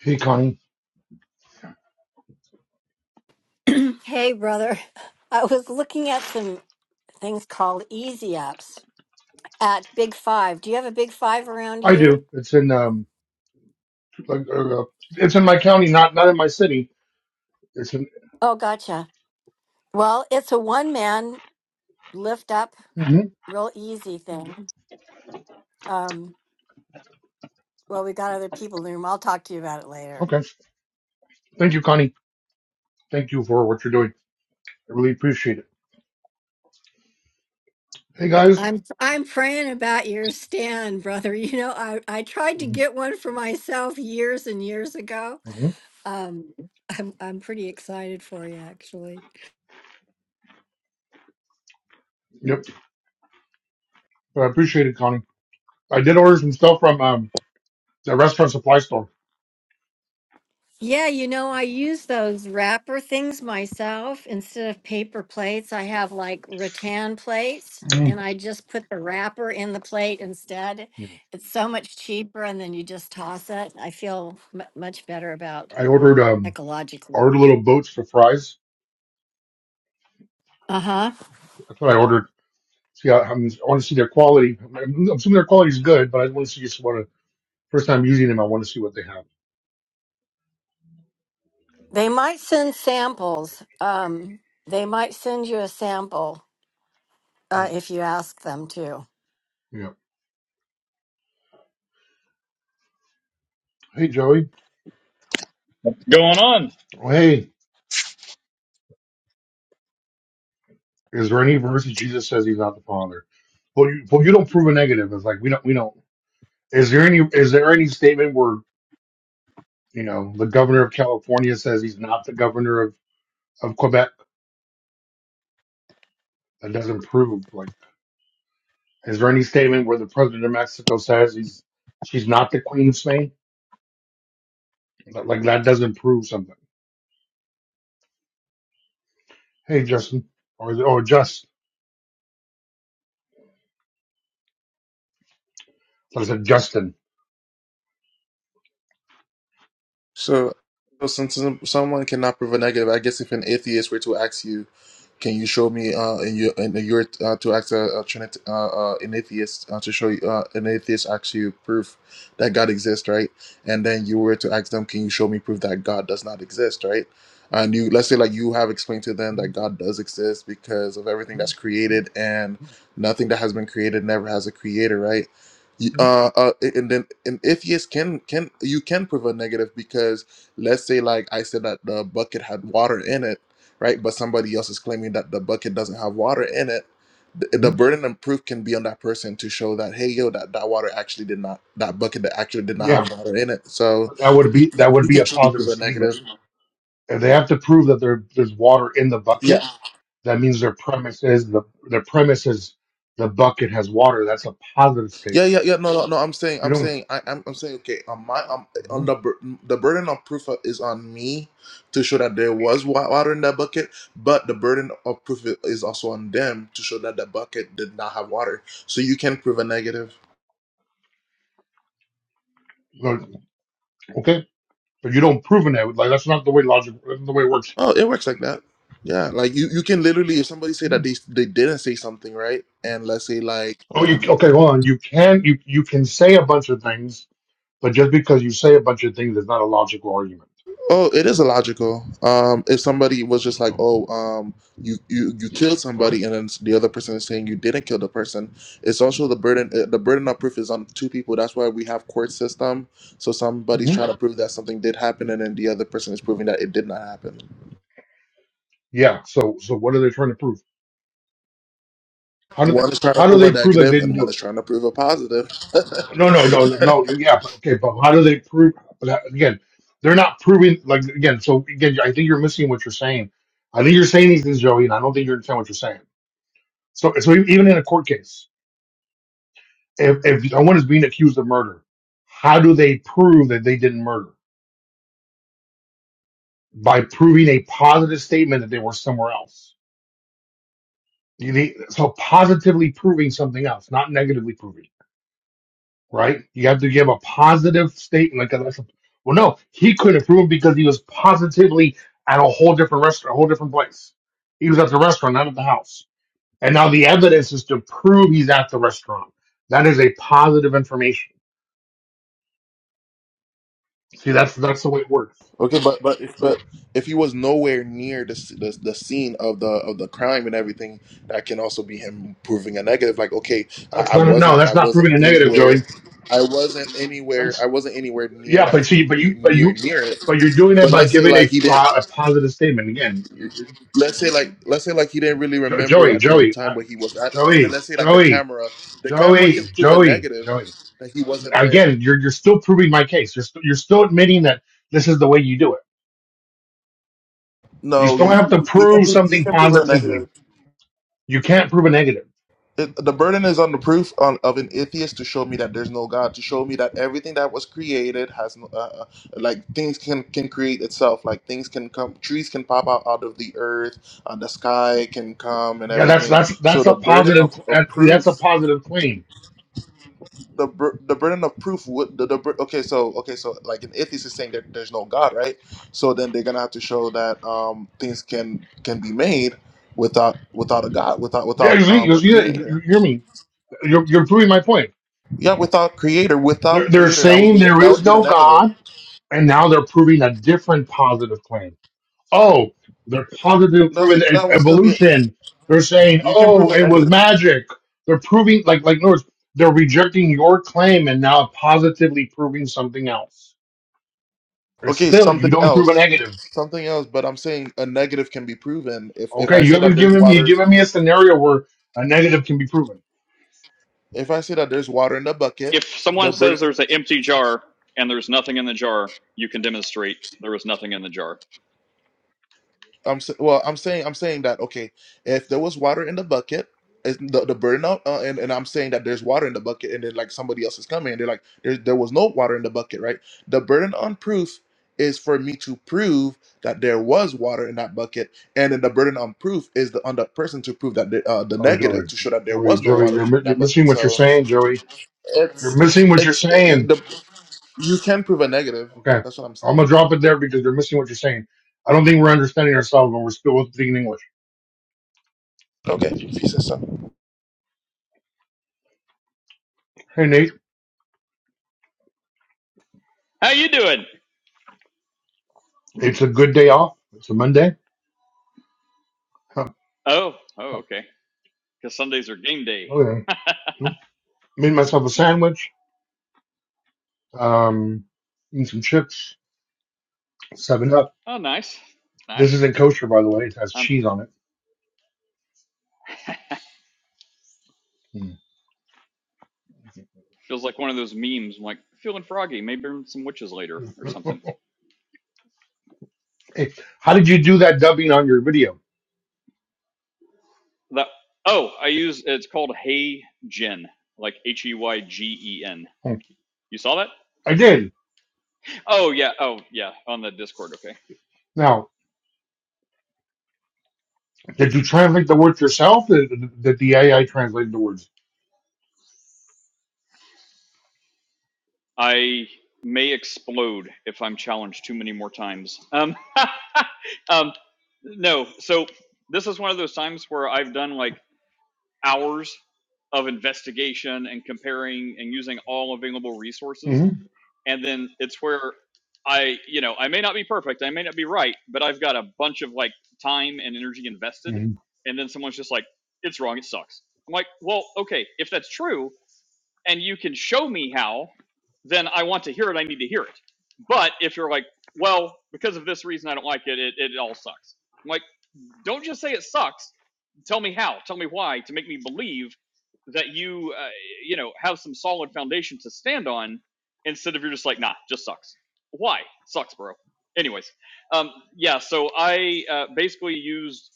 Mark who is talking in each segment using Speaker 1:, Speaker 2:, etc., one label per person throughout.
Speaker 1: Hey, Connie.
Speaker 2: Hey, brother. I was looking at some things called easy apps at Big Five. Do you have a Big Five around
Speaker 1: I
Speaker 2: you?
Speaker 1: do. It's in um, like, uh, it's in my county, not not in my city. It's in.
Speaker 2: Oh, gotcha. Well, it's a one man lift up,
Speaker 1: hmm
Speaker 2: real easy thing. Um, well, we got other people in the room. I'll talk to you about it later.
Speaker 1: Okay. Thank you, Connie. Thank you for what you're doing. I really appreciate it. Hey, guys.
Speaker 2: I'm I'm praying about your stand, brother. You know, I, I tried to get one for myself years and years ago.
Speaker 1: Mm-hmm.
Speaker 2: Um, I'm I'm pretty excited for you, actually.
Speaker 1: Yep. I appreciate it, Connie. I did order some stuff from um the restaurant supply store.
Speaker 2: Yeah, you know, I use those wrapper things myself instead of paper plates. I have like rattan plates
Speaker 1: Mm.
Speaker 2: and I just put the wrapper in the plate instead. It's so much cheaper and then you just toss it. I feel mu much better about
Speaker 1: I ordered um I
Speaker 2: ecologically.
Speaker 1: ordered little boats for fries.
Speaker 2: Uh-huh.
Speaker 1: That's what I ordered. See, I, I'm, I want to see their quality. I'm assuming their quality is good, but I want to see just what. to first time using them. I want to see what they have.
Speaker 2: They might send samples. Um, they might send you a sample uh,
Speaker 1: Well,
Speaker 2: if you ask them to.
Speaker 1: yeah. Hey, Joey.
Speaker 3: What's going on?
Speaker 1: Oh, hey. Is there any verse that Jesus says he's not the Father? Well, you, well, you don't prove a negative. It's like we don't, we don't. Is there any, is there any statement where you know the governor of California says he's not the governor of of Quebec? That doesn't prove. Like, is there any statement where the president of Mexico says he's she's not the queen of Spain? Like, like, that doesn't prove something. Hey, Justin, or is it- or just I said Justin.
Speaker 4: So, so since someone cannot prove a negative, I guess if an atheist were to ask you, can you show me uh, in your in your uh, to ask a, a Trinit uh, uh, an atheist uh, to show you uh, an atheist asks you proof that God exists, right? And then you were to ask them, can you show me proof that God does not exist, right? And you let's say like you have explained to them that God does exist because of everything that's created and nothing that has been created never has a creator, right? You- Uh, uh, and then an atheist can can you can prove a negative because let's say like I said that the bucket had water in it right? But somebody else is claiming that the bucket doesn't have water in it. The, the burden of proof can be on that person to show that, hey, yo, that, that water actually did not, that bucket that actually did not have
Speaker 1: Yeah,
Speaker 4: water in it. So
Speaker 1: but that would
Speaker 4: you,
Speaker 1: be
Speaker 4: you
Speaker 1: that would
Speaker 4: you
Speaker 1: be
Speaker 4: can
Speaker 1: a
Speaker 4: truly prove
Speaker 1: positive
Speaker 4: a
Speaker 1: statement.
Speaker 4: negative.
Speaker 1: if they have to prove that there there's water in the
Speaker 4: Yeah,
Speaker 1: bucket, that means their premise is the their premise is the bucket has water. That's a positive
Speaker 4: yeah,
Speaker 1: statement.
Speaker 4: yeah, yeah. No, no, no. I'm saying,
Speaker 1: You
Speaker 4: I'm
Speaker 1: don't
Speaker 4: saying, I, I'm, I'm saying, okay, on my, um,
Speaker 1: uh-huh.
Speaker 4: on the, bur- the burden of proof is on me to show that there was wa- water in that bucket, but the burden of proof is also on them to show that the bucket did not have water. So you can prove a negative.
Speaker 1: no, okay, so you don't prove it. Like that's not the way logic, that's not the way it works.
Speaker 4: Oh, it works like that. Yeah, like you, you can literally if somebody say that they they didn't say something right, and let's say like
Speaker 1: Oh, you
Speaker 4: um
Speaker 1: okay? Hold on. You can you you can say a bunch of things, but just because you say a bunch of things is not a logical argument.
Speaker 4: oh it is illogical. Um, if somebody was just like
Speaker 1: Oh,
Speaker 4: oh um you you you killed
Speaker 1: Okay.
Speaker 4: somebody, and then the other person is saying you didn't kill the person, it's also the burden uh, the burden of proof is on two people. That's why we have court system. So somebody's
Speaker 1: hmm
Speaker 4: trying to prove that something did happen, and then the other person is proving that it did not happen.
Speaker 1: Yeah. So so what are they trying to prove? How do they
Speaker 4: One is trying to
Speaker 1: how do
Speaker 4: prove a
Speaker 1: they prove that they
Speaker 4: negative,
Speaker 1: didn't
Speaker 4: and
Speaker 1: do
Speaker 4: one
Speaker 1: it?
Speaker 4: is trying to prove a positive.
Speaker 1: No, no, no, no. Yeah, but okay, but how do they prove? But that- again, they're not proving. Like again, so again, I think you're missing what you're saying. I think you're saying these things, Joey, and I don't think you understand what you're saying. So, so e, even in a court case, if if someone is being accused of murder, how do they prove that they didn't murder? By proving a positive statement that they were somewhere else. You need so positively proving something else, not negatively proving. right? You have to give a positive statement like that's a- well, no, he couldn't prove because he was positively at a whole different restaurant, a whole different place. He was at the restaurant, not at the house. And now the evidence is to prove he's at the restaurant. That is a positive information. See, that's that's the way it works.
Speaker 4: Okay, but but if but if he was nowhere near the, s- the the scene of the of the crime and everything, that can also be him proving a negative. Like, okay, I,
Speaker 1: That's
Speaker 4: I
Speaker 1: not no,
Speaker 4: wasn't
Speaker 1: that's
Speaker 4: I
Speaker 1: not
Speaker 4: wasn't
Speaker 1: proving a negative,
Speaker 4: anywhere,
Speaker 1: Joey.
Speaker 4: I wasn't anywhere, I
Speaker 1: That's
Speaker 4: wasn't anywhere near
Speaker 1: yeah, but
Speaker 4: that
Speaker 1: see, but
Speaker 4: near
Speaker 1: you, but
Speaker 4: near
Speaker 1: you,
Speaker 4: near it.
Speaker 1: but you're doing it
Speaker 4: But
Speaker 1: by
Speaker 4: let's say
Speaker 1: giving a
Speaker 4: like he
Speaker 1: pro,
Speaker 4: didn't.
Speaker 1: a positive statement. Again, you're, you're
Speaker 4: Let's say like let's say like he didn't really
Speaker 1: Jo-
Speaker 4: remember
Speaker 1: Joey,
Speaker 4: at the
Speaker 1: Joey, uh,
Speaker 4: time where he was at, and then
Speaker 1: Joey,
Speaker 4: let's say like the
Speaker 1: Joey,
Speaker 4: camera, the camera
Speaker 1: Joey,
Speaker 4: can prove a
Speaker 1: Joey,
Speaker 4: negative
Speaker 1: Joey.
Speaker 4: that he wasn't there.
Speaker 1: again, you're you're still proving my case. You're st- you're still admitting that this is the way you do it. You
Speaker 4: No,
Speaker 1: still
Speaker 4: you,
Speaker 1: have to
Speaker 4: you can
Speaker 1: prove
Speaker 4: prove you
Speaker 1: something
Speaker 4: can prove a negative.
Speaker 1: positively. You can't prove a negative.
Speaker 4: it, the burden is on the proof on, of an atheist to show me that there's no God, to show me that everything that was created has no, uh, uh, like things can can create itself, like things can come, trees can pop out out of the earth, uh, the sky can come and
Speaker 1: Yeah, that's
Speaker 4: everything.
Speaker 1: that's
Speaker 4: So
Speaker 1: that's
Speaker 4: the
Speaker 1: a
Speaker 4: burden
Speaker 1: positive.
Speaker 4: of, of
Speaker 1: That's, that's a
Speaker 4: proof,
Speaker 1: positive claim.
Speaker 4: the bur- the burden of proof would the, the bur- okay so okay so like an atheist is saying that there's no God, right? So then they're gonna have to show that um, things can can be made without without a God, without
Speaker 1: Yeah, you,
Speaker 4: without
Speaker 1: see-
Speaker 4: um,
Speaker 1: you,
Speaker 4: a
Speaker 1: see that? you,
Speaker 4: creator
Speaker 1: you hear me? You're, you're proving my point.
Speaker 4: Yeah, without creator,
Speaker 1: They're,
Speaker 4: without
Speaker 1: they're
Speaker 4: creator, that would
Speaker 1: saying
Speaker 4: be the,
Speaker 1: there
Speaker 4: that
Speaker 1: is
Speaker 4: would be the
Speaker 1: no
Speaker 4: negative.
Speaker 1: God, and now they're proving a different positive claim. oh, they're positive proven
Speaker 4: Doesn't
Speaker 1: it's
Speaker 4: that would still be
Speaker 1: evolution. They're saying,
Speaker 4: you can
Speaker 1: oh,
Speaker 4: prove a
Speaker 1: it was
Speaker 4: negative.
Speaker 1: magic. They're proving, like, like, in other words, they're rejecting your claim and now positively proving something else. It's
Speaker 4: Okay,
Speaker 1: still,
Speaker 4: something
Speaker 1: you don't prove a
Speaker 4: else,
Speaker 1: negative.
Speaker 4: something else. But I'm saying a negative can be proven. If if
Speaker 1: Okay,
Speaker 4: I
Speaker 1: you
Speaker 4: say that
Speaker 1: haven't
Speaker 4: there's
Speaker 1: given me,
Speaker 4: water,
Speaker 1: given me a scenario where a negative can be proven.
Speaker 4: if I say that there's water in the bucket,
Speaker 3: If someone
Speaker 4: the bur-
Speaker 3: says there's an empty jar and there's nothing in the jar, you can demonstrate there was nothing in the jar.
Speaker 4: I'm s- well. I'm saying I'm saying that okay. If there was water in the bucket, is the the burden of uh, and and I'm saying that there's water in the bucket, and then like somebody else is coming, and they're like, there there was no water in the bucket, right? The burden on proof is for me to prove that there was water in that bucket, and then the burden on proof is the on the person to prove that the, uh, the
Speaker 1: Oh, Joey,
Speaker 4: negative to show that there
Speaker 1: Joey,
Speaker 4: was no
Speaker 1: Joey,
Speaker 4: water
Speaker 1: you're,
Speaker 4: in
Speaker 1: mi- you're
Speaker 4: that
Speaker 1: missing
Speaker 4: bucket.
Speaker 1: what you're
Speaker 4: So
Speaker 1: saying, Joey. You're
Speaker 4: it's
Speaker 1: missing what you're
Speaker 4: it's uh,
Speaker 1: saying.
Speaker 4: the you can prove a negative.
Speaker 1: Okay,
Speaker 4: That's what I'm
Speaker 1: I'm gonna
Speaker 4: saying.
Speaker 1: drop it there because you're missing what you're saying. I don't think we're understanding ourselves when we're still speaking English.
Speaker 4: Okay, you said so.
Speaker 1: Hey, Nate.
Speaker 3: How you doing?
Speaker 1: It's a good day off. It's a Monday. Huh.
Speaker 3: Oh, oh,
Speaker 1: huh,
Speaker 3: okay. Because Sundays are game day.
Speaker 1: Okay. Nope. Made myself a sandwich. Um, and some chips. Seven up.
Speaker 3: oh, nice,
Speaker 1: This
Speaker 3: nice.
Speaker 1: isn't kosher, by the way. It has
Speaker 3: Um,
Speaker 1: cheese on it. Mm.
Speaker 3: feels like one of those memes. I'm like feeling froggy. Maybe burn some witches later or
Speaker 1: Mhm.
Speaker 3: something.
Speaker 1: Hey, how did you do that dubbing on your video?
Speaker 3: That. Oh, I use it's called Hey Gen, like H E Y G E N.
Speaker 1: Hmm.
Speaker 3: You saw that?
Speaker 1: I did.
Speaker 3: Oh yeah. Oh yeah. On the Discord. Okay.
Speaker 1: Now, did you translate the words yourself? Did, did the AI translate the words?
Speaker 3: I may explode if I'm challenged too many more times. Um, um, no, so this is one of those times where I've done like hours of investigation and comparing and using all available resources.
Speaker 1: hmm
Speaker 3: And then it's where I, you know, I may not be perfect, I may not be right, but I've got a bunch of like time and energy invested.
Speaker 1: hmm
Speaker 3: And then someone's just like, it's wrong, it sucks. I'm like, well, okay, if that's true, and you can show me how, then I want to hear it. I need to hear it. But if you're like, well, because of this reason, I don't like it, it, it all sucks. I'm like, don't just say it sucks. Tell me how. Tell me why to make me believe that you, uh, you know, have some solid foundation to stand on instead of you're just like, nah, just sucks. Why? Sucks, bro. Anyways, um, yeah, so I uh, basically used,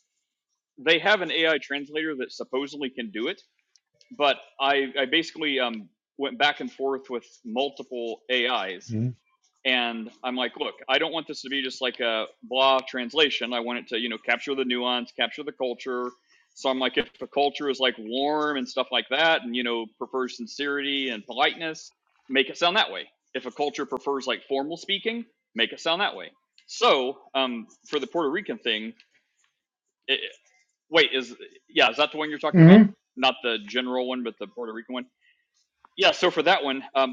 Speaker 3: they have an AI translator that supposedly can do it but I, I basically um, went back and forth with multiple AIs.
Speaker 1: hmm
Speaker 3: And I'm like, look, I don't want this to be just like a blah translation. I want it to, you know, capture the nuance, capture the culture. So I'm like, if the culture is like warm and stuff like that, and you know, prefers sincerity and politeness, make it sound that way. If a culture prefers like formal speaking, make it sound that way. So um, for the Puerto Rican thing, it, wait, is yeah, is that the one you're talking about?
Speaker 1: hmm
Speaker 3: Not the general one, but the Puerto Rican one. Yeah, so for that one, um,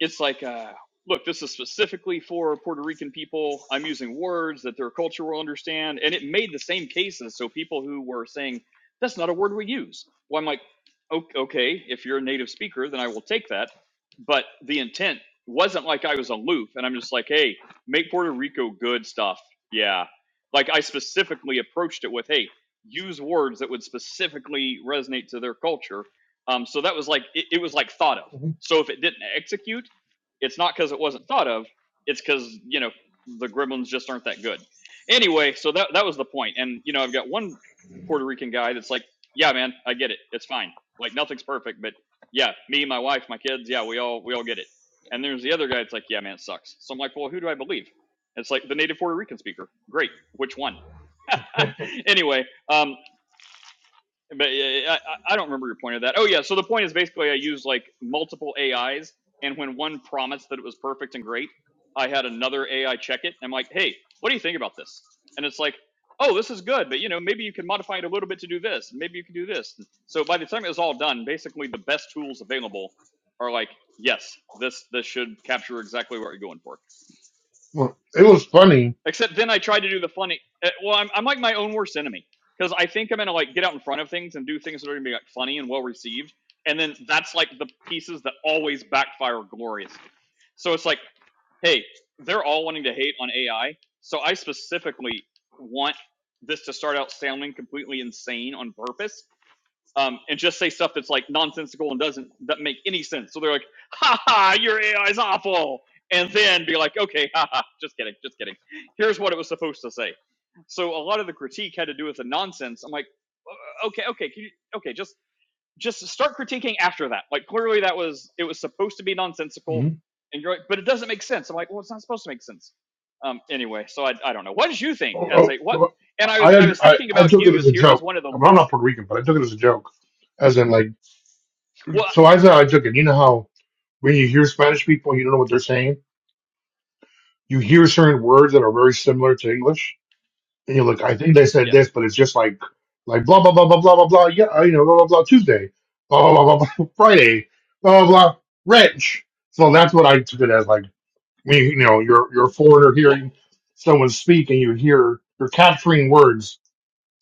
Speaker 3: it's like uh, look this is specifically for puerto rican people i'm using words that their culture will understand and it made the same cases so people who were saying that's not a word we use well i'm like "O- okay if you're a native speaker then i will take that but the intent wasn't like i was aloof and i'm just like hey make puerto rico good stuff yeah like i specifically approached it with hey use words that would specifically resonate to their culture um, so that was like it, it was like thought of
Speaker 1: hmm
Speaker 3: so if it didn't execute it's not because it wasn't thought of. It's because you know the Gremlins just aren't that good. Anyway, so that that was the point. And you know, I've got one Puerto Rican guy that's like, "Yeah, man, I get it. It's fine. Like nothing's perfect, but yeah, me, my wife, my kids, yeah, we all we all get it." And there's the other guy that's like, "Yeah, man, it sucks." So I'm like, "Well, who do I believe?" It's like the native Puerto Rican speaker. Great. Which one? anyway, um, but yeah, yeah, I, I don't remember your point of that. Oh yeah, so the point is basically I used like multiple AIs, and when one promised that it was perfect and great, I had another AI check it. And I'm like, hey, what do you think about this? And it's like, oh, this is good, but you know, maybe you can modify it a little bit to do this. Maybe you can do this. So by the time it was all done, basically the best tools available are like, yes, this this should capture exactly what you're going for.
Speaker 1: Well, it was funny.
Speaker 3: Except then I tried to do the funny. uh, Well, I'm, I'm like my own worst enemy because I think I'm gonna like get out in front of things and do things that are gonna be like funny and well received, and then that's like the pieces that always backfire gloriously. So it's like, hey, they're all wanting to hate on AI, so I specifically want this to start out sounding completely insane on purpose um, and just say stuff that's like nonsensical and doesn't that make any sense. So they're like, "Ha ha, your AI is awful," and then be like, "Okay, ha ha, just kidding, just kidding. Here's what it was supposed to say." So a lot of the critique had to do with the nonsense. I'm like, "Uh, "Okay, okay, can you, okay, just just start critiquing after that." Like clearly that was it was supposed to be nonsensical,
Speaker 1: hmm
Speaker 3: and you're like, "But it doesn't make sense." I'm like, "Well, it's not supposed to make sense." Um, anyway, so I I don't know. What did you think as
Speaker 1: Oh,
Speaker 3: a what?
Speaker 1: oh,
Speaker 3: And I was
Speaker 1: I,
Speaker 3: I was
Speaker 1: I
Speaker 3: thinking
Speaker 1: I
Speaker 3: about
Speaker 1: took it
Speaker 3: you
Speaker 1: as
Speaker 3: as
Speaker 1: a
Speaker 3: here as
Speaker 1: joke.
Speaker 3: one of the
Speaker 1: I mean, I'm
Speaker 3: list.
Speaker 1: not Puerto Rican, but I took it as a joke, as in like.
Speaker 3: Well,
Speaker 1: So as I took it, you know how when you hear Spanish people, you don't know what they're saying. You hear certain words that are very similar to English, and you're like, I think they said
Speaker 3: Yeah.
Speaker 1: this, but it's just like like blah blah blah blah blah blah blah. Yeah, uh, you know blah blah blah Tuesday, blah blah blah, blah, blah Friday, blah blah blah wrench. So that's what I took it as like when you, you know you're you're a foreigner
Speaker 3: Well,
Speaker 1: hearing someone speak and you hear you're capturing words.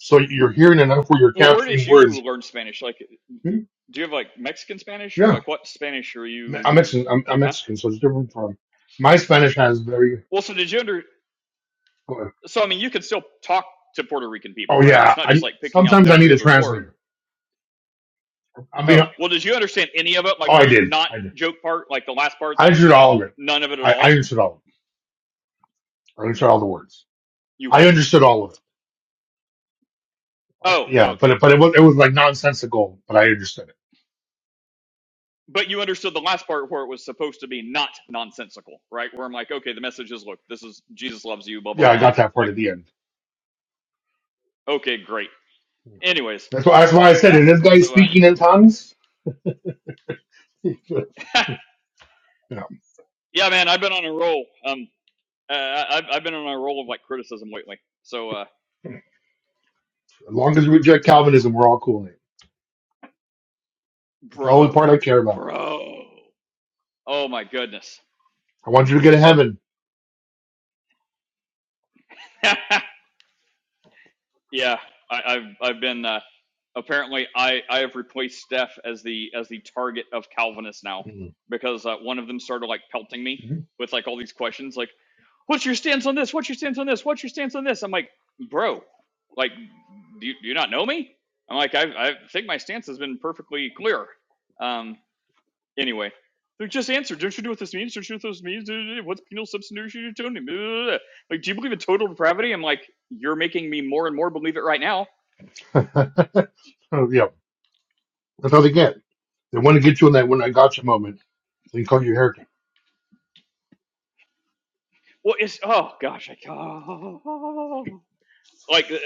Speaker 1: So you're hearing enough where you're
Speaker 3: well, where did
Speaker 1: capturing
Speaker 3: you
Speaker 1: words.
Speaker 3: learn Spanish? Like,
Speaker 1: Hmm,
Speaker 3: do you have like Mexican Spanish or
Speaker 1: Yeah,
Speaker 3: like what Spanish are
Speaker 1: I'm
Speaker 3: you?
Speaker 1: Mexican. I'm, I'm
Speaker 3: Huh?
Speaker 1: Mexican, so it's different from my Spanish has very
Speaker 3: Well, so did you under?
Speaker 1: But-
Speaker 3: So I mean, you can still talk to Puerto Rican people,
Speaker 1: Oh
Speaker 3: right? It's
Speaker 1: yeah,
Speaker 3: not just
Speaker 1: I
Speaker 3: like picking out
Speaker 1: sometimes I need
Speaker 3: every
Speaker 1: a
Speaker 3: other word.
Speaker 1: translator. I mean,
Speaker 3: Oh, well, did you understand any of it?
Speaker 1: oh,
Speaker 3: Like the
Speaker 1: I did,
Speaker 3: not
Speaker 1: I did.
Speaker 3: joke part, like the last part,
Speaker 1: I understood all of it.
Speaker 3: none of it at
Speaker 1: I, I
Speaker 3: all.
Speaker 1: understood all of it. I understood all the words.
Speaker 3: You
Speaker 1: I
Speaker 3: what?
Speaker 1: understood all of it. I,
Speaker 3: Oh, oh,
Speaker 1: yeah, but
Speaker 3: okay.
Speaker 1: but it was it was like nonsensical, but I understood it.
Speaker 3: But you understood the last part where it was supposed to be not nonsensical, right? Where I'm like, okay, the message is, look, this is Jesus loves you, blah blah
Speaker 1: Yeah, I
Speaker 3: blah.
Speaker 1: got that part
Speaker 3: Like,
Speaker 1: at the end.
Speaker 3: okay, great. Anyways,
Speaker 1: That's why that's why I said
Speaker 3: yeah.
Speaker 1: it. This guy
Speaker 3: So,
Speaker 1: speaking
Speaker 3: uh,
Speaker 1: in tongues. yeah, as
Speaker 3: Yeah, man, I've been on a roll. Um, uh, I- have I've been on a roll of like criticism lately. So, uh,
Speaker 1: long as we reject
Speaker 3: uh
Speaker 1: Calvinism, we're all cool. Nate. It's the only
Speaker 3: bro,
Speaker 1: part I care about.
Speaker 3: bro, oh my goodness.
Speaker 1: I want you to get to heaven.
Speaker 3: Yeah, I, I've I've been uh, apparently I I have replaced Steph as the as the target of Calvinists now
Speaker 1: Mhm.
Speaker 3: because uh, one of them started like pelting me with like all these questions like, what's your stance on this? What's your stance on this? What's your stance on this? I'm like, bro, like, do you, do you not know me? I'm like, I I think my stance has been perfectly clear. Um, Anyway, like, just answer. Don't you know what this means? Don't you know what this means? What's penal substitution atonement? Blah, Like, do you believe in total depravity? I'm like, you're making me more and more believe it right now.
Speaker 1: So, yeah, that's how they get. They want to get you in that when I got you moment. So you call you a heretic.
Speaker 3: Well, it's oh gosh, I oh, like uh,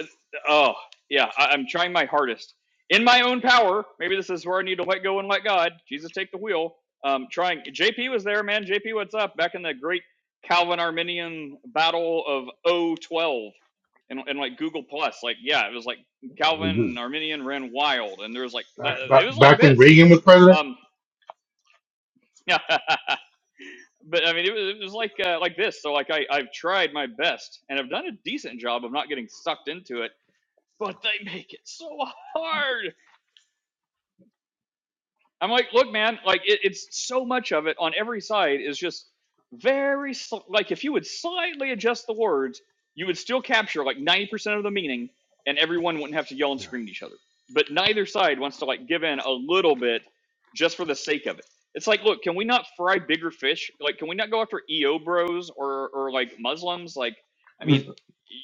Speaker 3: oh yeah I, i'm trying my hardest in my own power maybe this is where i need to let go and let god jesus take the wheel um trying jp was there man jp what's up back in the great calvin arminian battle of oh 012 and, and like google plus like yeah it was like calvin and arminian ran wild and there was like that,
Speaker 1: back
Speaker 3: it
Speaker 1: back,
Speaker 3: was like
Speaker 1: back when
Speaker 3: this
Speaker 1: Reagan was president.
Speaker 3: um yeah but i mean it was, it was like uh, like this so like I, i've tried my best and i've done a decent job of not getting sucked into it but they make it so hard. I'm like, look, man, like it, it's so much of it on every side is just very sl- like if you would slightly adjust the words, you would still capture like 90% of the meaning, and everyone wouldn't have to yell and scream at each other. But neither side wants to like give in a little bit just for the sake of it. It's like, look, can we not fry bigger fish? Like, can we not go after EO bros or or like Muslims? Like, I
Speaker 1: Yeah.
Speaker 3: mean,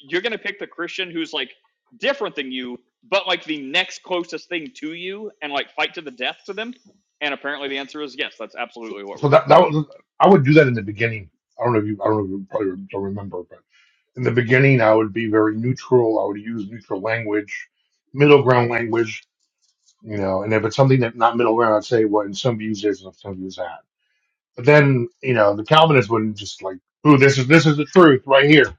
Speaker 3: you're gonna pick the Christian who's like different than you, but like the next closest thing to you, and like fight to the death to them and apparently the answer is yes, that's
Speaker 1: So,
Speaker 3: absolutely what we're
Speaker 1: so
Speaker 3: doing.
Speaker 1: that that was I would do that in the beginning. I don't know if you I don't know if you probably don't remember, but in the beginning I would be very neutral. I would use neutral language, middle ground language, you know. And if it's something that's not middle ground, I'd say what in some views is and in some views that. But then you know the Calvinists wouldn't just like, ooh, this is this is the truth right here.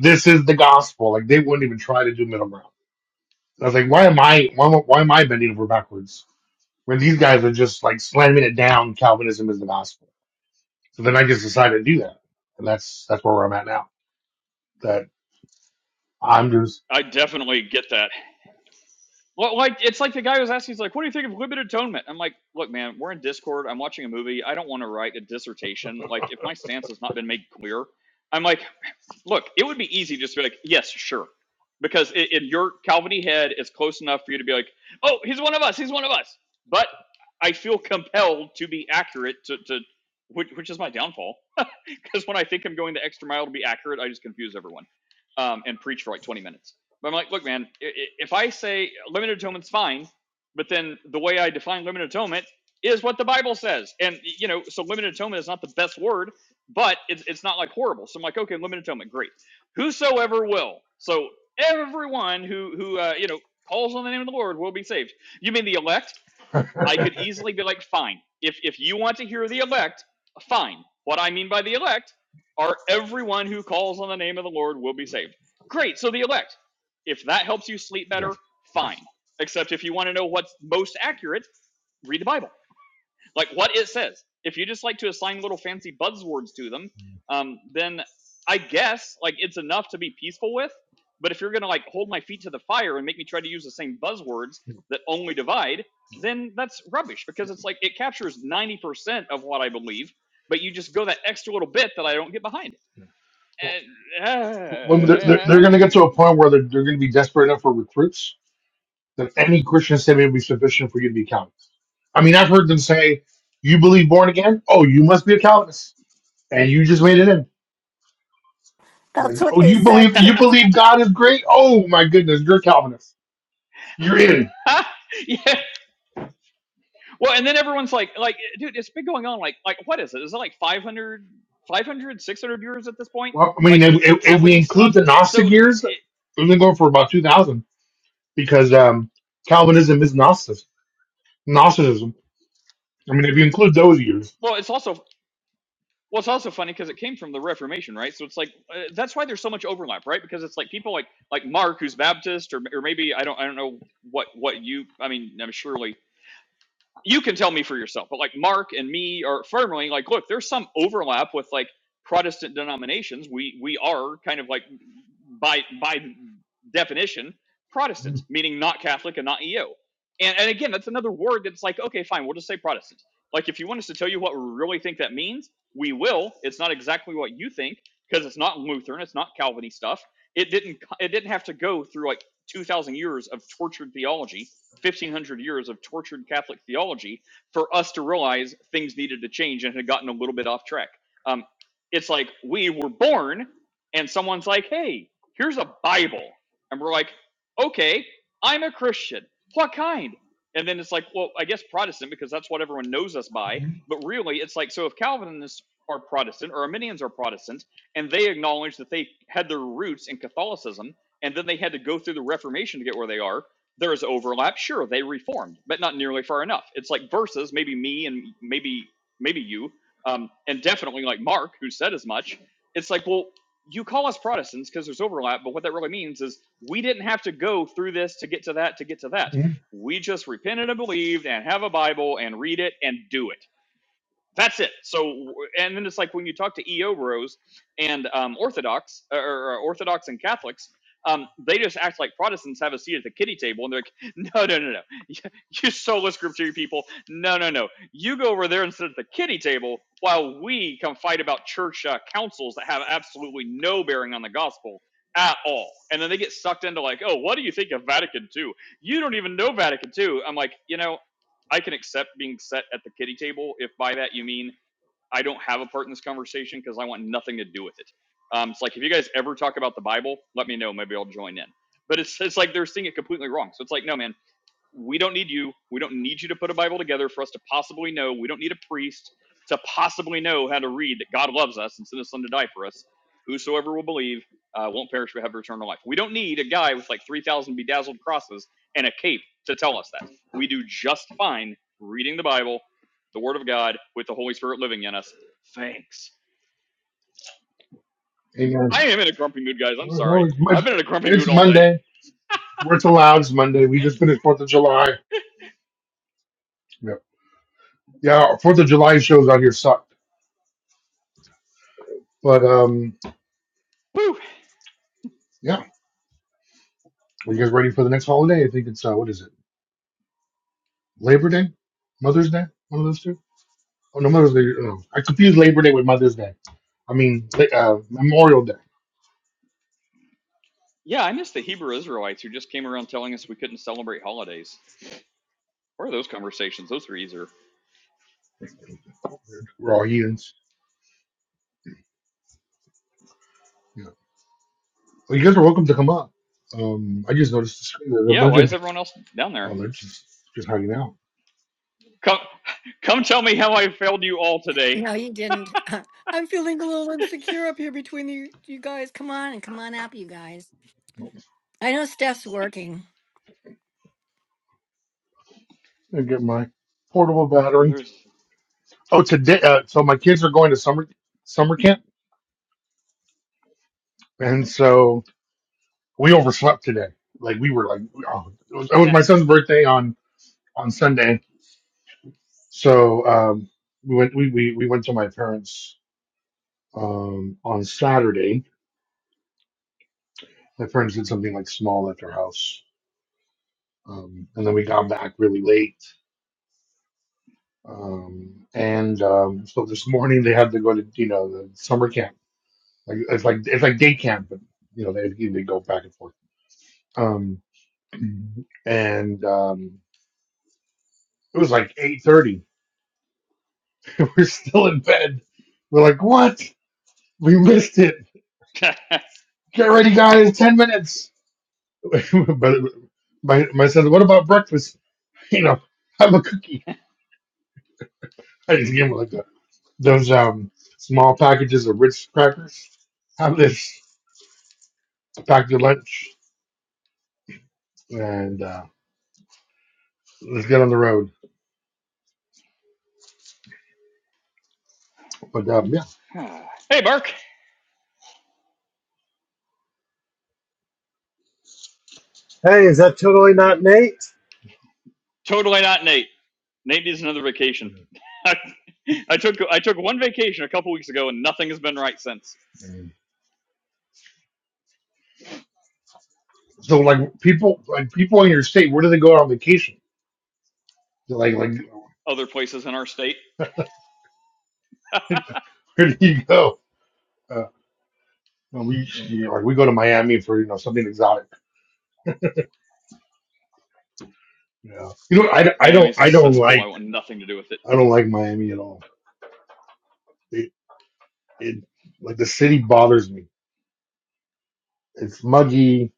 Speaker 1: This is the gospel. Like they wouldn't even try to do middle ground. And I was like, why am I why, am- why am I bending over backwards? where these guys are just like slamming it down Calvinism is the gospel. So then I just decided to do that. And that's that's where I'm at now. That I'm just
Speaker 3: I definitely get that. Well, like it's like the guy was asking, he's like, "What do you think of limited atonement?" I'm like, "Look, man, we're in Discord. I'm watching a movie. I don't want to write a dissertation. Like, if my stance has not been made clear, I'm like, look, it would be easy just to be like, yes, sure, because in your Calviny head, it's close enough for you to be like, oh, he's one of us. He's one of us. But I feel compelled to be accurate to, to which, which is my downfall because when I think I'm going the extra mile to be accurate, I just confuse everyone um, and preach for like 20 minutes. But I'm like, look, man, if I say limited atonement's fine, but then the way I define limited atonement is what the Bible says, and you know, so limited atonement is not the best word, but it's it's not like horrible. So I'm like, okay, limited atonement, great. Whosoever will, so everyone who who uh, you know calls on the name of the Lord will be saved. You mean the elect? I could easily be like, fine, if, if you want to hear the elect, fine. What I mean by the elect are everyone who calls on the name of the Lord will be saved. Great, so the elect. If that helps you sleep
Speaker 1: yeah,
Speaker 3: better,
Speaker 1: yeah.
Speaker 3: fine. Except if you want to know what's most accurate, read the Bible like what it says. If you just like to assign little fancy buzzwords to them, um, then I guess like it's enough to be peaceful with. But if you're gonna like hold my feet to the fire and make me try to use the same buzzwords that only divide, then that's rubbish because it's like it captures 90% of what I believe, but you just go that extra little bit that I don't get behind.
Speaker 1: yeah. Well,
Speaker 3: And, uh,
Speaker 1: well, they're, they're, they're going to get to a point where they're, they're going to be desperate enough for recruits that any Christian statement will be sufficient for you to be Calvinist. I mean, I've heard them say, "You believe born again? Oh, you must be a Calvinist, and you just made it in."
Speaker 2: That's
Speaker 1: Like,
Speaker 2: what
Speaker 1: oh,
Speaker 2: they
Speaker 1: you
Speaker 2: said
Speaker 1: believe
Speaker 2: to
Speaker 1: you believe God is great? Oh my goodness, you're a Calvinist. You're in
Speaker 3: uh, yeah, Well, and then everyone's like, like, eh, dude, it's been going on. Like, like, what is it? Is it like five hundred, five hundred, six hundred 500, viewers at this point?
Speaker 1: Well, I mean,
Speaker 3: Like
Speaker 1: if, if if we
Speaker 3: Calviny
Speaker 1: include
Speaker 3: stuff.
Speaker 1: the
Speaker 3: So,
Speaker 1: Gnostic years,
Speaker 3: it,
Speaker 1: we've been going for about 2,000 because um, Calvinism is Gnostic, Gnosticism. I mean, if you include those years.
Speaker 3: well, it's also, well, it's also funny because it came from the Reformation, right? So it's like uh, that's why there's so much overlap, right? Because it's like people like like Mark, who's Baptist, or or maybe I don't I don't know what what you. I mean, I'm surely you can tell me for yourself, but like Mark and me are firmly like, look, there's some overlap with like Protestant denominations. We we are kind of like by by definition Protestants, meaning not Catholic and not EO. And and again, that's another word that's like, okay, fine, we'll just say Protestant. Like if you want us to tell you what we really think that means, we will. It's not exactly what you think because it's not Lutheran, it's not Calvinist stuff. It didn't it didn't have to go through like 2000 years of tortured theology 1500 years of tortured Catholic theology for us to realize things needed to change and had gotten a little bit off track. Um, it's like we were born and someone's like, hey, here's a Bible. And we're like, okay, I'm a Christian. What kind? And then it's like, well, I guess Protestant because that's what everyone knows us by.
Speaker 1: Mhm.
Speaker 3: But really, it's like, so if Calvinists are Protestant or Arminians are Protestant, and they acknowledge that they had their roots in Catholicism, and then they had to go through the Reformation to get where they are there is overlap. Sure, they reformed, but not nearly far enough. It's like versus maybe me and maybe maybe you, um, and definitely like Mark, who said as much. It's like, well, you call us Protestants because there's overlap, but what that really means is we didn't have to go through this to get to that to get to that. We just repented and believed and have a Bible and read it and do it that's it. So, and then it's like when you talk to EO bros and um, Orthodox uh, or, or Orthodox and Catholics, um, they just act like Protestants have a seat at the kiddie table, and they're like, "No, no, no, no, you soulless group theory people, no, no, no, you go over there and sit at the kiddie table while we come fight about church uh, councils that have absolutely no bearing on the gospel." At all, and then they get sucked into like, oh, what do you think of Vatican II? You don't even know Vatican II. I'm like, you know, I can accept being set at the kitty table if by that you mean I don't have a part in this conversation because I want nothing to do with it. Um, it's like if you guys ever talk about the Bible, let me know. Maybe I'll join in. But it's it's like they're seeing it completely wrong. So it's like, no, man, we don't need you. We don't need you to put a Bible together for us to possibly know. We don't need a priest to possibly know how to read that God loves us and sent his son to die for us. Whosoever will believe uh, won't perish but have eternal life. We don't need a guy with like 3,000 bedazzled crosses and a cape to tell us that. We do just fine reading the Bible, the Word of God, with the Holy Spirit living in us. Thanks. I
Speaker 1: Amen.
Speaker 3: am in a grumpy mood, guys. I'm
Speaker 1: Well, no,
Speaker 3: sorry.
Speaker 1: it's,
Speaker 3: I've been
Speaker 1: Mon-
Speaker 3: in a grumpy mood
Speaker 1: it's
Speaker 3: all day.
Speaker 1: Monday. We're it's allowed. It's Monday. We just finished 4th of July. Yeah, yeah 4th of July shows out here suck. But um,
Speaker 3: Whew.
Speaker 1: yeah, are you guys ready for the next holiday? I think it's, uh, what is it? Labor Day? Mother's Day? One of those two? Oh, no Mother's Day. Oh, I confuse Labor Day with Mother's Day. I mean, like, uh, Memorial Day.
Speaker 3: Yeah, I miss the Hebrew Israelites who just came around telling us we couldn't celebrate holidays. Where are those conversations? Those are easier.
Speaker 1: We're all humans. Yeah. Well, you guys are welcome to come up. Um, I just noticed the screen. There's a
Speaker 3: Yeah,
Speaker 1: bunch
Speaker 3: why
Speaker 1: of
Speaker 3: is
Speaker 1: people.
Speaker 3: everyone else down there?
Speaker 1: Oh, they're just just hanging out.
Speaker 3: Come, come tell me how I failed you all today.
Speaker 2: No, you didn't. I'm feeling a little insecure up here between you, you guys. Come on and come on up, you guys. I know Steph's working.
Speaker 1: I get my portable
Speaker 3: Well,
Speaker 1: battery.
Speaker 3: there's.
Speaker 1: Oh, today. Uh, so my kids are going to summer summer camp, and so we overslept today. Like we were like, oh, it, was, it was my son's birthday on on Sunday, so um, we went we, we we went to my parents um on Saturday My friends did something like small at their house, um, and then we got back really late. Um, and um, so this morning they had to go to you know the summer camp. Like it's like it's like day camp, but you know they they go back and forth. Um, and um, it was like eight thirty. We're still in bed. We're like, what? We missed it.
Speaker 3: hey,
Speaker 1: Get ready, guys. Ten minutes. but my my son, what about breakfast? You know, have a cookie. I just gave him like a those um, small packages of Ritz crackers. Have this, pack your lunch, and uh, let's get on the road. But um, yeah,
Speaker 3: Mark.
Speaker 5: Hey, is that totally not Nate?
Speaker 3: Totally not Nate. Nate needs another vacation. I, I took I took one vacation a couple weeks ago, and nothing has been right since.
Speaker 1: Mm. so like people, like people in your state, where do they go on vacation? They're like, like
Speaker 3: Other places in our state,
Speaker 1: where do you go? Uh, well, we you know, like we go to Miami for you know something exotic. Yeah, you know, I, I don't
Speaker 3: Miami's a
Speaker 1: I don't
Speaker 3: cesspool. I
Speaker 1: like
Speaker 3: want nothing to do with it
Speaker 1: I don't like Miami at all. It, it like the city bothers me. It's muggy.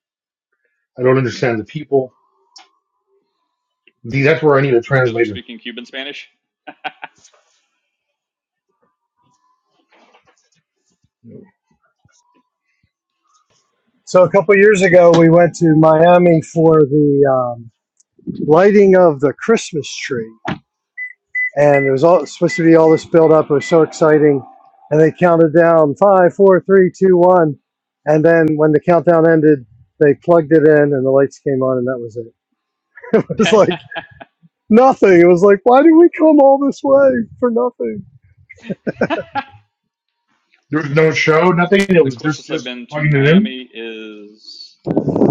Speaker 1: I don't understand the people. See, that's where I need a
Speaker 3: because they're
Speaker 1: translator.
Speaker 3: speaking Cuban Spanish.
Speaker 5: So a couple years ago, we went to Miami for the um, lighting of the Christmas tree, and there was all supposed to be all this build up. It was so exciting, and they counted down five, four, three, two, one, and then when the countdown ended, they plugged it in and the lights came on, and that was it. It was
Speaker 3: the
Speaker 5: like nothing. It was like, why did we come all this way for nothing?
Speaker 1: There was no show, nothing. It was just
Speaker 3: closest I've
Speaker 1: just
Speaker 3: been to
Speaker 1: plugging it in.
Speaker 3: Miami is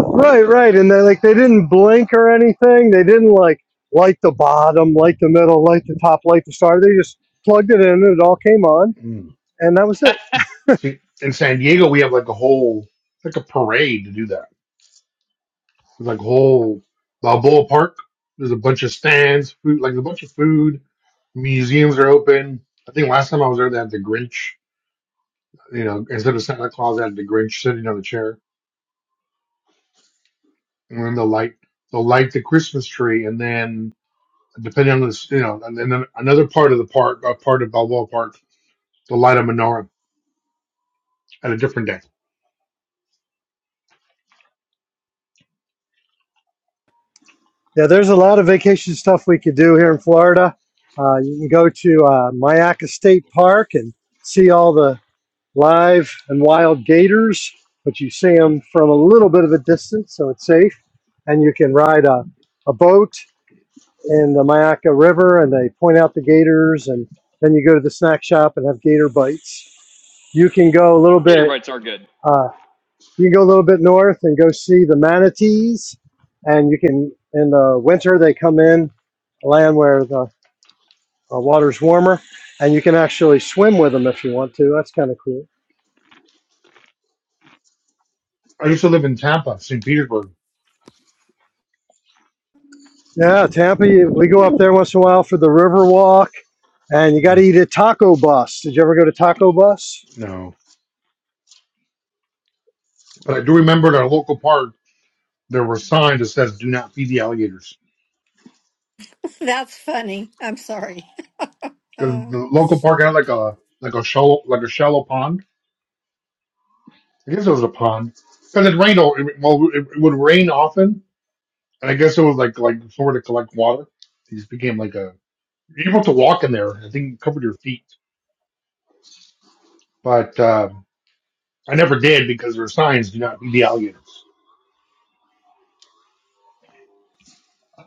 Speaker 5: Right, right. And they like they didn't blink or anything. They didn't like light the bottom, light the middle, light the top, light the star. They just plugged it in and it all came on
Speaker 1: Mm.
Speaker 5: and that was it.
Speaker 1: See, in San Diego, we have like a whole it's like a parade to do that. It's like a whole Balboa Park. There's a bunch of stands, food, like a bunch of food. Museums are open. I think last time I was there, they had the Grinch. You know, instead of Santa Claus, they had the Grinch sitting on the chair, and then they'll light they'll light the Christmas tree, and then depending on this, you know, and then another part of the park, a part of Balboa Park, they'll light a menorah at a different day.
Speaker 5: Yeah, there's a lot of vacation stuff we could do here in Florida. Uh, you can go to uh, Mayaca State Park and see all the live and wild gators, but you see them from a little bit of a distance, so it's safe. And you can ride a, a boat and the Mayaca River, and they point out the gators, and then you go to the snack shop and have gator bites. You can go a little
Speaker 3: Gator
Speaker 5: bit,
Speaker 3: bites are good.
Speaker 5: uh, you can go a little bit north and go see the manatees, and you can in the winter they come in land where the uh, water's warmer, and you can actually swim with them if you want to. That's kind of cool.
Speaker 1: I used to live in Tampa, St. Petersburg.
Speaker 5: Yeah, Tampa, you, we go up there once in a while for the river walk, and you got to
Speaker 1: Mm,
Speaker 5: eat at Taco Bus. Did you ever go to Taco Bus?
Speaker 1: No, but I do remember at our local park there were signs that says "Do not feed the alligators"
Speaker 2: That's funny. I'm sorry.
Speaker 1: because
Speaker 2: Uh,
Speaker 1: the local park had like a like a shallow like a shallow pond. I guess it was a pond because it rained. all- It, well, it, it would rain often, and I guess it was like like somewhere to collect water. It just became like a you're supposed to walk in there. I think it covered your feet, but uh, I never did because there were signs "Do not feed the alligators."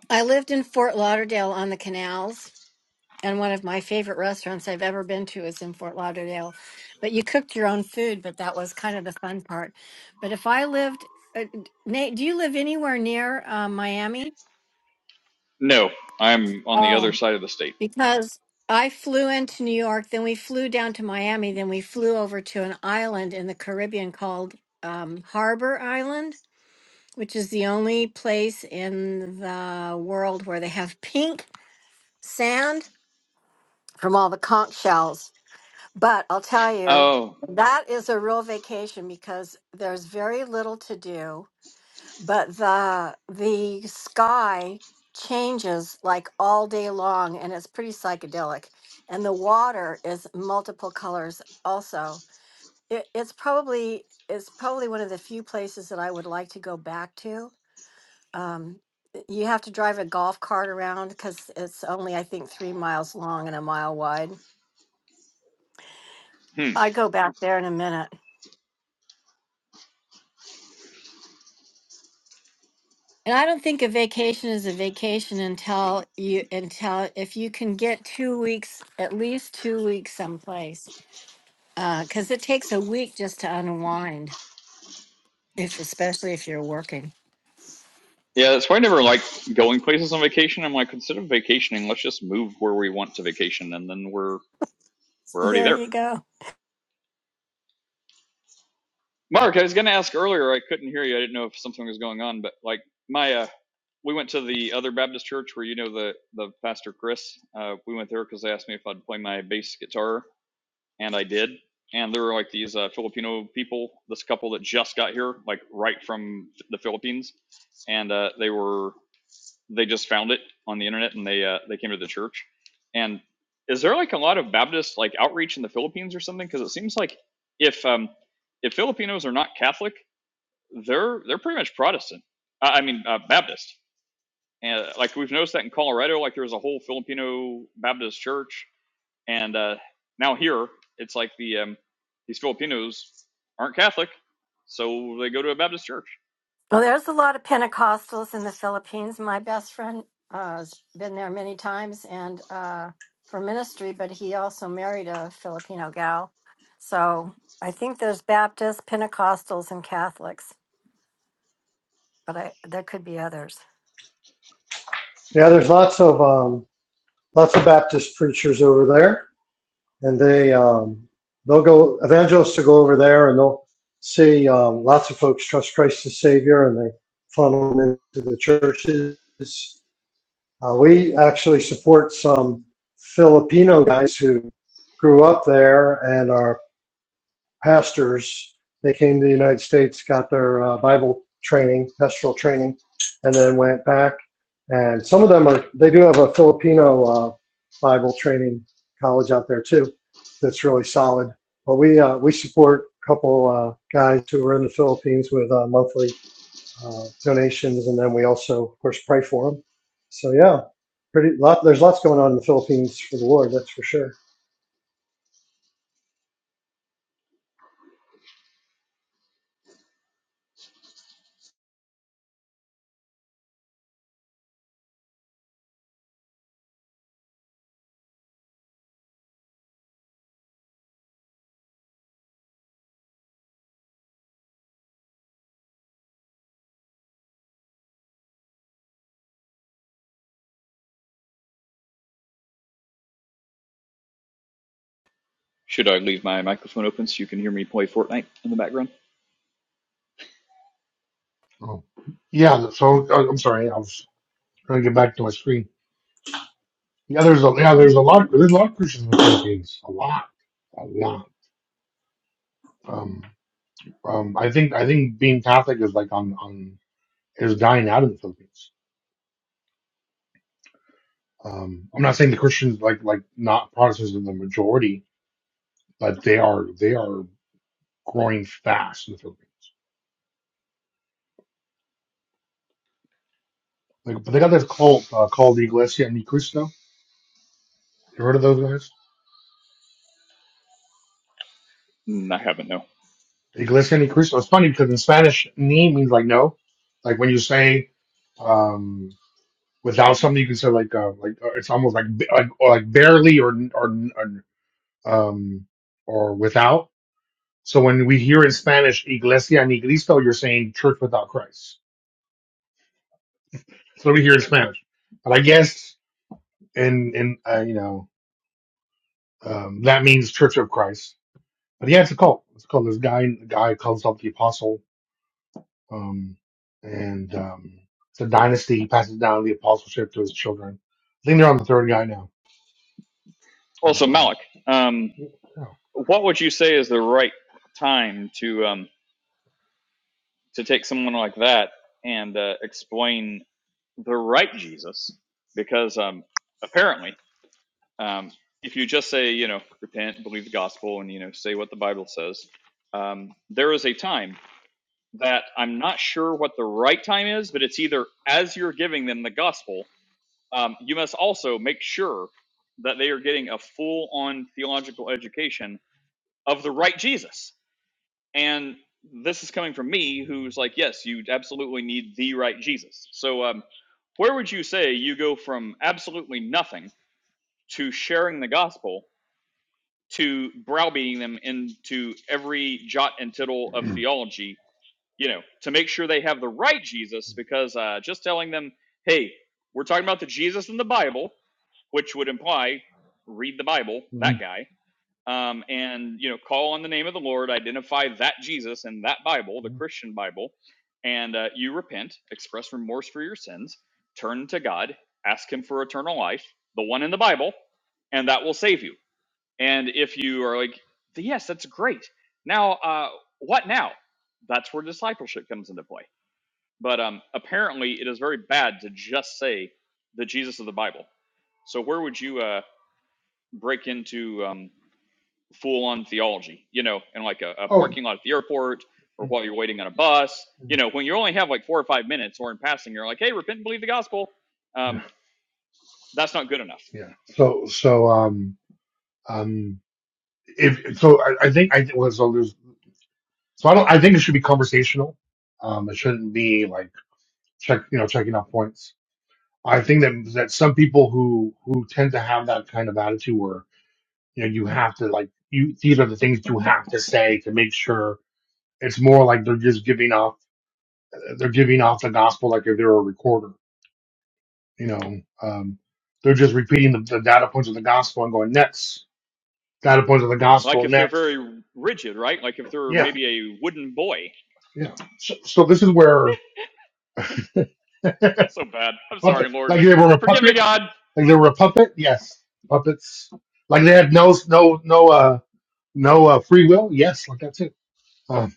Speaker 2: I lived in Fort Lauderdale on the canals, and one of my favorite restaurants I've ever been to is in Fort Lauderdale. But you cooked your own food, but that was kind of the fun part. But if I lived, uh, Nate, do you live anywhere near uh, Miami?
Speaker 3: No, I'm on the other side of the state.
Speaker 2: because I flew into New York, then we flew down to Miami, then we flew over to an island in the Caribbean called um, Harbor Island, which is the only place in the world where they have pink sand from all the conch shells. But I'll tell you,
Speaker 3: Oh,
Speaker 2: that is a real vacation because there's very little to do but the the sky changes like all day long and it's pretty psychedelic and the water is multiple colors also it, it's probably it's probably one of the few places that i would like to go back to um, y- you have to drive a golf cart around because it's only i think three miles long and a mile wide
Speaker 3: hmm.
Speaker 2: i go back there in a minute And I don't think a vacation is a vacation until you until if you can get two weeks, at least two weeks someplace. Because it takes a week just to unwind, if especially if you're working.
Speaker 3: Yeah, that's why I never like going places on vacation. I'm like, instead of vacationing, let's just move where we want to vacation, and then we're we're already
Speaker 2: There
Speaker 3: there.
Speaker 2: you go.
Speaker 3: Mark, I was gonna ask earlier. I couldn't hear you. I didn't know if something was going on, but like my uh, we went to the other Baptist church where you know the the pastor Chris. Uh, we went there because they asked me if I'd play my bass guitar and I did. And there were like these uh, Filipino people, this couple that just got here, like right from the Philippines, and uh, they were they just found it on the internet and they uh, they came to the church. And is there like a lot of Baptist like outreach in the Philippines or something? Because it seems like if um, if Filipinos are not Catholic, they're they're pretty much Protestant. I I mean uh, Baptist. And uh, like we've noticed that in Colorado, like there's a whole Filipino Baptist church and uh, now here, it's like the um, these Filipinos aren't Catholic, so they go to a Baptist church.
Speaker 2: Well, there's a lot of Pentecostals in the Philippines. My best friend uh, has been there many times and uh, for ministry, but he also married a Filipino gal. So I think there's Baptists, Pentecostals, and Catholics, but I, there could be others.
Speaker 5: Yeah, there's lots of um, lots of Baptist preachers over there, and they um, they'll go evangelists will go over there, and they'll see um, lots of folks trust Christ as Savior, and they funnel them into the churches. Uh, we actually support some Filipino guys who grew up there and are pastors. They came to the United States, got their uh, Bible training, pastoral training, and then went back. And some of them are, they do have a Filipino uh, Bible training college out there too that's really solid. But we, uh, we support a couple uh, guys who are in the Philippines with uh, monthly uh, donations. And then we also, of course, pray for them. So yeah, pretty lot. There's lots going on in the Philippines for the Lord, that's for sure.
Speaker 3: Should I leave my microphone open so you can hear me play Fortnite in the background?
Speaker 1: Oh, yeah, so I- I'm sorry. I was trying to get back to my screen. Yeah, there's a yeah, there's a lot there's a lot of Christians in the Philippines. A lot, a lot. Um, um, I think I think being Catholic is like on on is dying out in the Philippines. Um, I'm not saying the Christians like like not Protestants are the majority, but they are they are growing fast in the Philippines. Like, but they got this cult uh, called the Iglesia Ni Cristo. You heard of those guys?
Speaker 3: Mm, I haven't, no.
Speaker 1: Iglesia Ni Cristo. It's funny because in Spanish, "ni" means like no. Like when you say, um. without something you consider like uh, like uh, it's almost like b- like or like barely or, or or um or without. So when we hear in Spanish Iglesia ni Cristo, you're saying church without Christ. So we hear in Spanish, but I guess in in uh, you know um, that means Church of Christ. But yeah, it's a cult. It's called this guy. The guy calls himself the apostle, um, and um, it's a dynasty. He passes down the apostleship to his children. I think they're on the third guy now.
Speaker 3: Also,
Speaker 1: Um,
Speaker 3: Malik, um, what would you say is the right time to um, to take someone like that and uh, explain the right Jesus? Because um, apparently, um, if you just say, you know, repent, believe the gospel, and you know, say what the Bible says, um, there is a time that I'm not sure what the right time is, but it's either as you're giving them the gospel, um, you must also make sure that they are getting a full on theological education of the right Jesus. And this is coming from me, who's like, yes, you absolutely need the right Jesus. So, um, where would you say you go from absolutely nothing to sharing the gospel to browbeating them into every jot and tittle of theology you know, to make sure they have the right Jesus, because uh, just telling them, hey, we're talking about the Jesus in the Bible, which would imply read the Bible, that
Speaker 1: yeah.
Speaker 3: guy, um, and, you know, call on the name of the Lord, identify that Jesus in that Bible, the Christian Bible, and uh, you repent, express remorse for your sins, turn to God, ask Him for eternal life, the one in the Bible, and that will save you and if you are like, yes, that's great. Now, uh, what now? That's where discipleship comes into play. But um, apparently, it is very bad to just say the Jesus of the Bible. So where would you uh, break into um, full-on theology? You know, in like a, a
Speaker 1: Oh,
Speaker 3: parking lot at the airport, or while you're waiting on a bus. You know, when you only have like four or five minutes, or in passing, you're like, "Hey, repent and believe the gospel."
Speaker 1: yeah,
Speaker 3: Um, that's not good enough.
Speaker 1: yeah. So, so, um, um, if so, I, I think I was so there's so I don't. I think it should be conversational. Um, it shouldn't be like check, you know, checking off points. I think that that some people who who tend to have that kind of attitude, where you know, you have to like you. These are the things you have to say to make sure. It's more like they're just giving off. They're giving off the gospel like if they're a recorder. You know, um, they're just repeating the, the data points of the gospel and going next got a bunch of the
Speaker 3: Like
Speaker 1: gospel
Speaker 3: if they're
Speaker 1: next.
Speaker 3: very rigid, right? Like if they're
Speaker 1: Yeah,
Speaker 3: maybe a wooden boy
Speaker 1: yeah. So, so this is where
Speaker 3: That's so bad. I'm sorry,
Speaker 1: puppet,
Speaker 3: Lord.
Speaker 1: like they were a
Speaker 3: Forgive me,
Speaker 1: puppet,
Speaker 3: God.
Speaker 1: like they were a puppet. Yes, puppets. Like they had no, no, no, uh, no uh, free will. Yes, like that too. Um,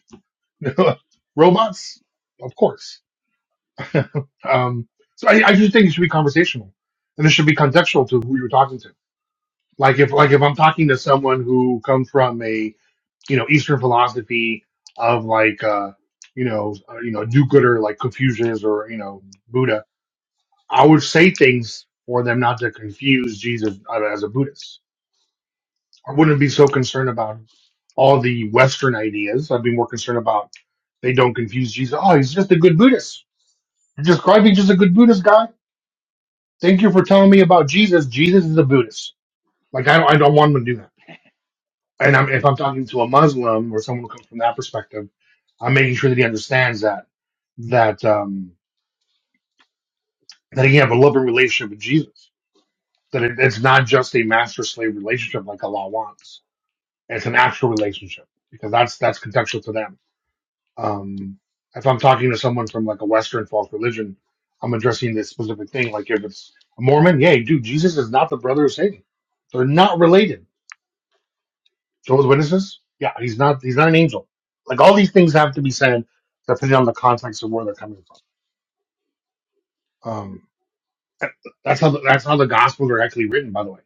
Speaker 1: robots, of course. Um, so I, I just think it should be conversational, and it should be contextual to who you're talking to. Like if, like if I'm talking to someone who comes from a you know Eastern philosophy of like uh, you know uh, you know do gooder like Confucius or you know Buddha, I would say things for them not to confuse Jesus uh, as a Buddhist. I wouldn't be so concerned about all the Western ideas. I'd be more concerned about they don't confuse Jesus. Oh, he's just a good Buddhist. You're describing just a good Buddhist guy. Thank you for telling me about Jesus. Jesus is a Buddhist. Like I don't, I don't want him to do that. and I'm, if I'm talking to a Muslim or someone who comes from that perspective, I'm making sure that he understands that that um, that he can have a loving relationship with Jesus. That it, it's not just a master slave relationship like Allah wants. It's an actual relationship because that's that's contextual to them. Um, if I'm talking to someone from like a Western false religion, I'm addressing this specific thing. Like if it's a Mormon, yeah, dude, Jesus is not the brother of Satan. They're not related Jehovah's Witnesses? Yeah, he's not he's not an angel. Like all these things have to be said depending on the context of where they're coming from. Um, that- that's how the, that's how the gospels are actually written. By the way,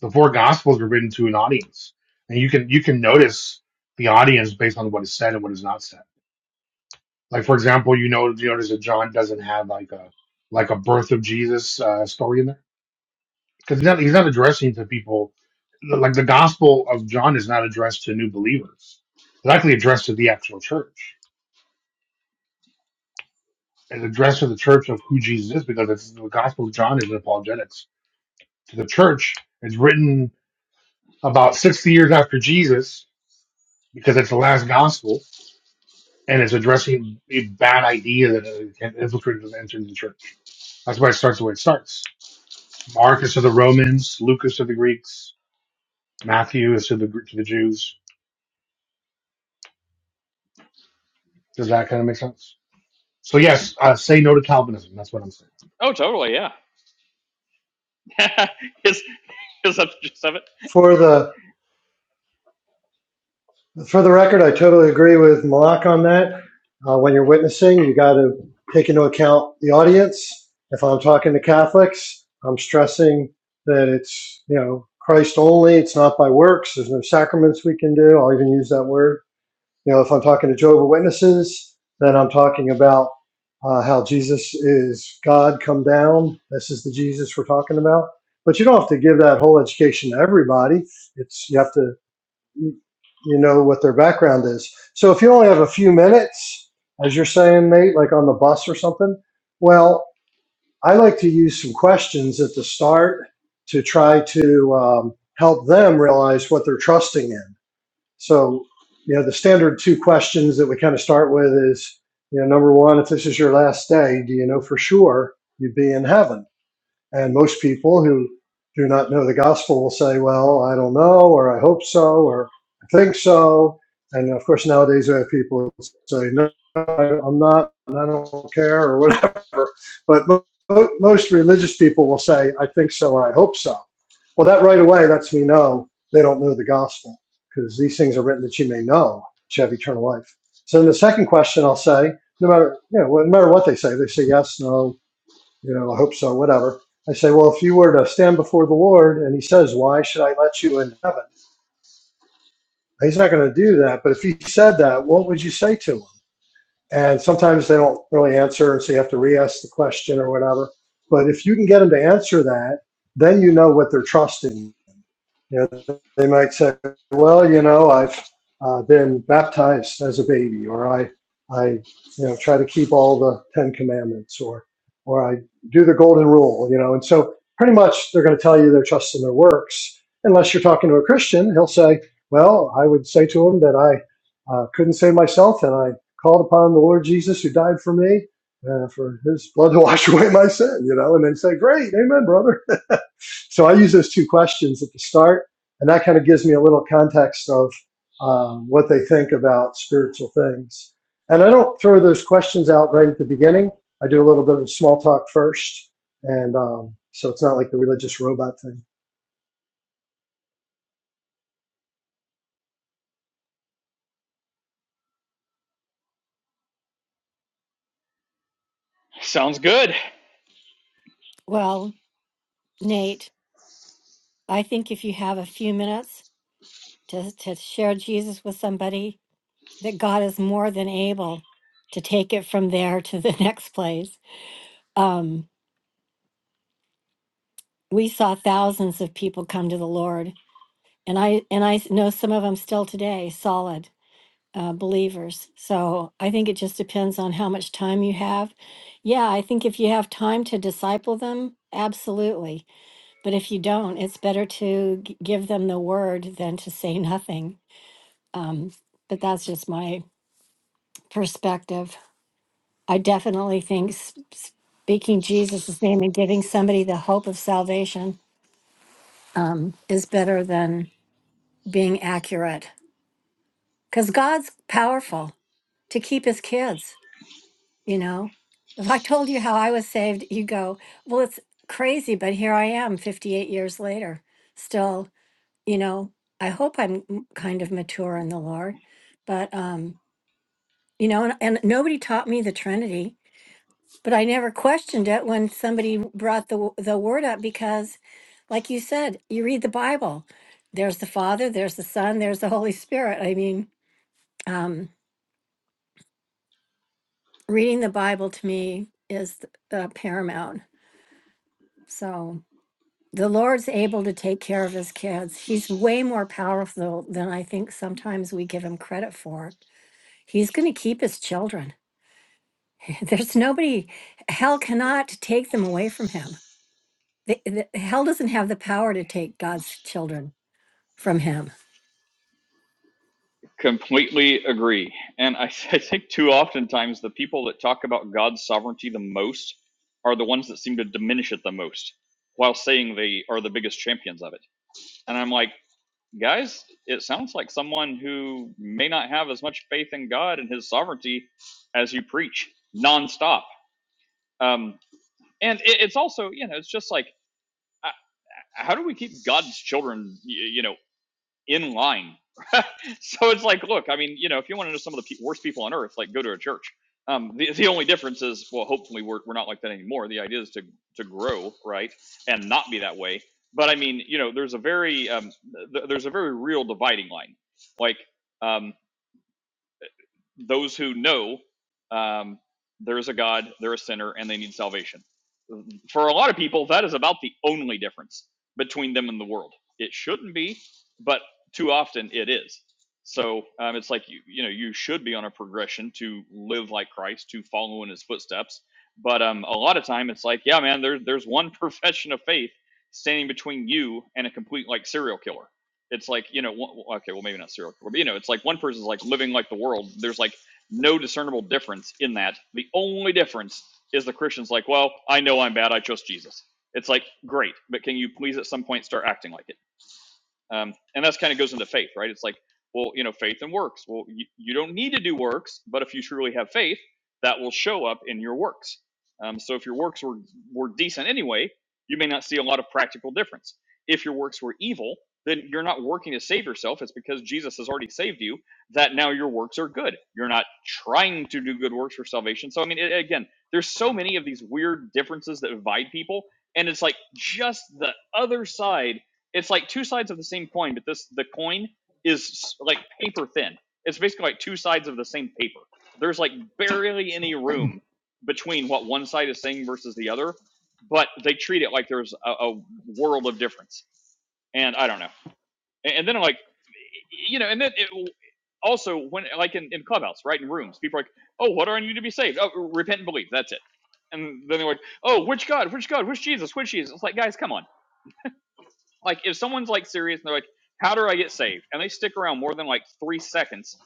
Speaker 1: the four gospels were written to an audience, and you can you can notice the audience based on what is said and what is not said. Like for example, you know you notice that John doesn't have like a like a birth of Jesus uh, story in there because he's not he's not addressing to people like the gospel of John is not addressed to new believers. It's actually addressed to the actual church and addressed to the church of who Jesus is because it's the Gospel of John is an apologetics to the church. It's written about 60 years after Jesus because it's the last gospel and it's addressing a bad idea that had infiltrated and entered the church. That's why it starts the way it starts. Mark is to the Romans, Luke is to the Greeks, Matthew is to the to the Jews. Does that kind of make sense? So yes, uh, say no to Calvinism. That's what I'm saying.
Speaker 3: Oh, totally. Yeah. Is is that the gist of it
Speaker 5: For the For the record, I totally agree with Malak on that. Uh, when you're witnessing, you got to take into account the audience. If I'm talking to Catholics, I'm stressing that it's, you know, Christ only. It's not by works. There's no sacraments we can do. I'll even use that word. You know, if I'm talking to Jehovah Witnesses, then I'm talking about uh, how Jesus is God come down. This is the Jesus we're talking about. But you don't have to give that whole education to everybody. It's you have to you know what their background is. So if you only have a few minutes, as you're saying, Nate, like on the bus or something, well, I like to use some questions at the start to try to um, help them realize what they're trusting in. So, you know, the standard two questions that we kind of start with is, you know, number one, if this is your last day, do you know for sure you'd be in heaven? And most people who do not know the gospel will say, well, I don't know, or I hope so, or I think so. And of course, nowadays we have people who say, no, I- am not, and I don't care, or whatever. But most religious people will say, I think so, or I hope so. Well, that right away lets me know they don't know the gospel, because these things are written that you may know, that you have eternal life. So in the second question, I'll say, no matter, you know, no matter what they say, they say yes, no, you know, I hope so, whatever. I say, well, if you were to stand before the Lord and he says, why should I let you in heaven? He's not going to do that. But if he said that, what would you say to him? And sometimes they don't really answer. So you have to re ask the question or whatever. But if you can get them to answer that, then you know what they're trusting yeah, they might say, "Well, you know, I've uh, been baptized as a baby, or I, I, you know, try to keep all the Ten Commandments, or, or I do the Golden Rule, you know." And so, pretty much, they're going to tell you their trust in their works. Unless you're talking to a Christian, he'll say, "Well, I would say to him that I uh, couldn't save myself, and I called upon the Lord Jesus who died for me." Uh, for his blood to wash away my sin, you know, and they say, "Great, amen, brother." So I use those two questions at the start, and that kind of gives me a little context of um, what they think about spiritual things. And I don't throw those questions out right at the beginning. I do a little bit of small talk first, and um, so it's not like the religious robot thing.
Speaker 3: sounds good.
Speaker 2: Well, Nate, I think if you have a few minutes to, to share Jesus with somebody, that God is more than able to take it from there to the next place. Um, we saw thousands of people come to the Lord, and I and I know some of them still today, solid uh, believers. So I think it just depends on how much time you have. Yeah, I think if you have time to disciple them, absolutely But if you don't, it's better to g- give them the word than to say nothing. Um, but that's just my perspective. I definitely think s- speaking Jesus' name and giving somebody the hope of salvation um, is better than being accurate because God's powerful to keep his kids, you know? If I told you how I was saved, you go, well, it's crazy, but here I am 58 years later, still. you know, I hope I'm m- kind of mature in the Lord, but um, you know, and, and nobody taught me the Trinity, but I never questioned it when somebody brought the w- the word up because, like you said, you read the Bible. There's the Father, there's the Son, there's the Holy Spirit. I mean, um, reading the Bible to me is uh, paramount. So the Lord's able to take care of his kids. He's way more powerful than I think sometimes we give him credit for. He's going to keep his children. There's nobody, hell cannot take them away from him. The, the, hell doesn't have the power to take God's children from him.
Speaker 3: Completely agree. And I, I think too oftentimes the people that talk about God's sovereignty the most are the ones that seem to diminish it the most, while saying they are the biggest champions of it. And I'm like, guys, it sounds like someone who may not have as much faith in God and His sovereignty as you preach nonstop. Um, and it, it's also, you know, it's just like. how do we keep God's children, you know, in line? so it's like, look, I mean, you know, if you want to know some of the pe- worst people on earth, like go to a church. Um, the, the only difference is, well, hopefully we're, we're not like that anymore. The idea is to to grow, right, and not be that way. But I mean, you know, there's a very um, th- there's a very real dividing line. Like um, those who know um, there is a God, they're a sinner, and they need salvation for a lot of people, that is about the only difference between them and the world. It shouldn't be, but too often it is. So um, it's like you, you know, you should be on a progression to live like Christ, to follow in His footsteps. But um, a lot of time, it's like, yeah, man, there's there's one profession of faith standing between you and a complete like serial killer. It's like, you know, one, okay, well maybe not serial killer, but you know, it's like one person's like living like the world. There's like no discernible difference in that. The only difference is the Christian's like, well, I know I'm bad. I trust Jesus. It's like, great, but can you please at some point start acting like it? Um, and that's kind of goes into faith, right? It's like, well, you know, faith and works. Well, you, you don't need to do works, but if you truly have faith, that will show up in your works. Um, so if your works were, were decent anyway, you may not see a lot of practical difference. If your works were evil, then you're not working to save yourself. It's because Jesus has already saved you that now your works are good. You're not trying to do good works for salvation. So, I mean, it, again, there's so many of these weird differences that divide people. And it's like just the other side it's like two sides of the same coin, but this the coin is like paper thin. It's basically like two sides of the same paper. There's like barely any room between what one side is saying versus the other, but they treat it like there's a, a world of difference. And I don't know. And, and then I'm like, you know, and then it, also when like in, in clubhouse, right in rooms, people are like, oh, what are you to be saved? Oh, repent and believe. That's it. And then they're like, oh, which God, which God, which Jesus, which Jesus? It's like, guys, come on like if someone's like serious and they're like, "How do I get saved?" and they stick around more than like three seconds,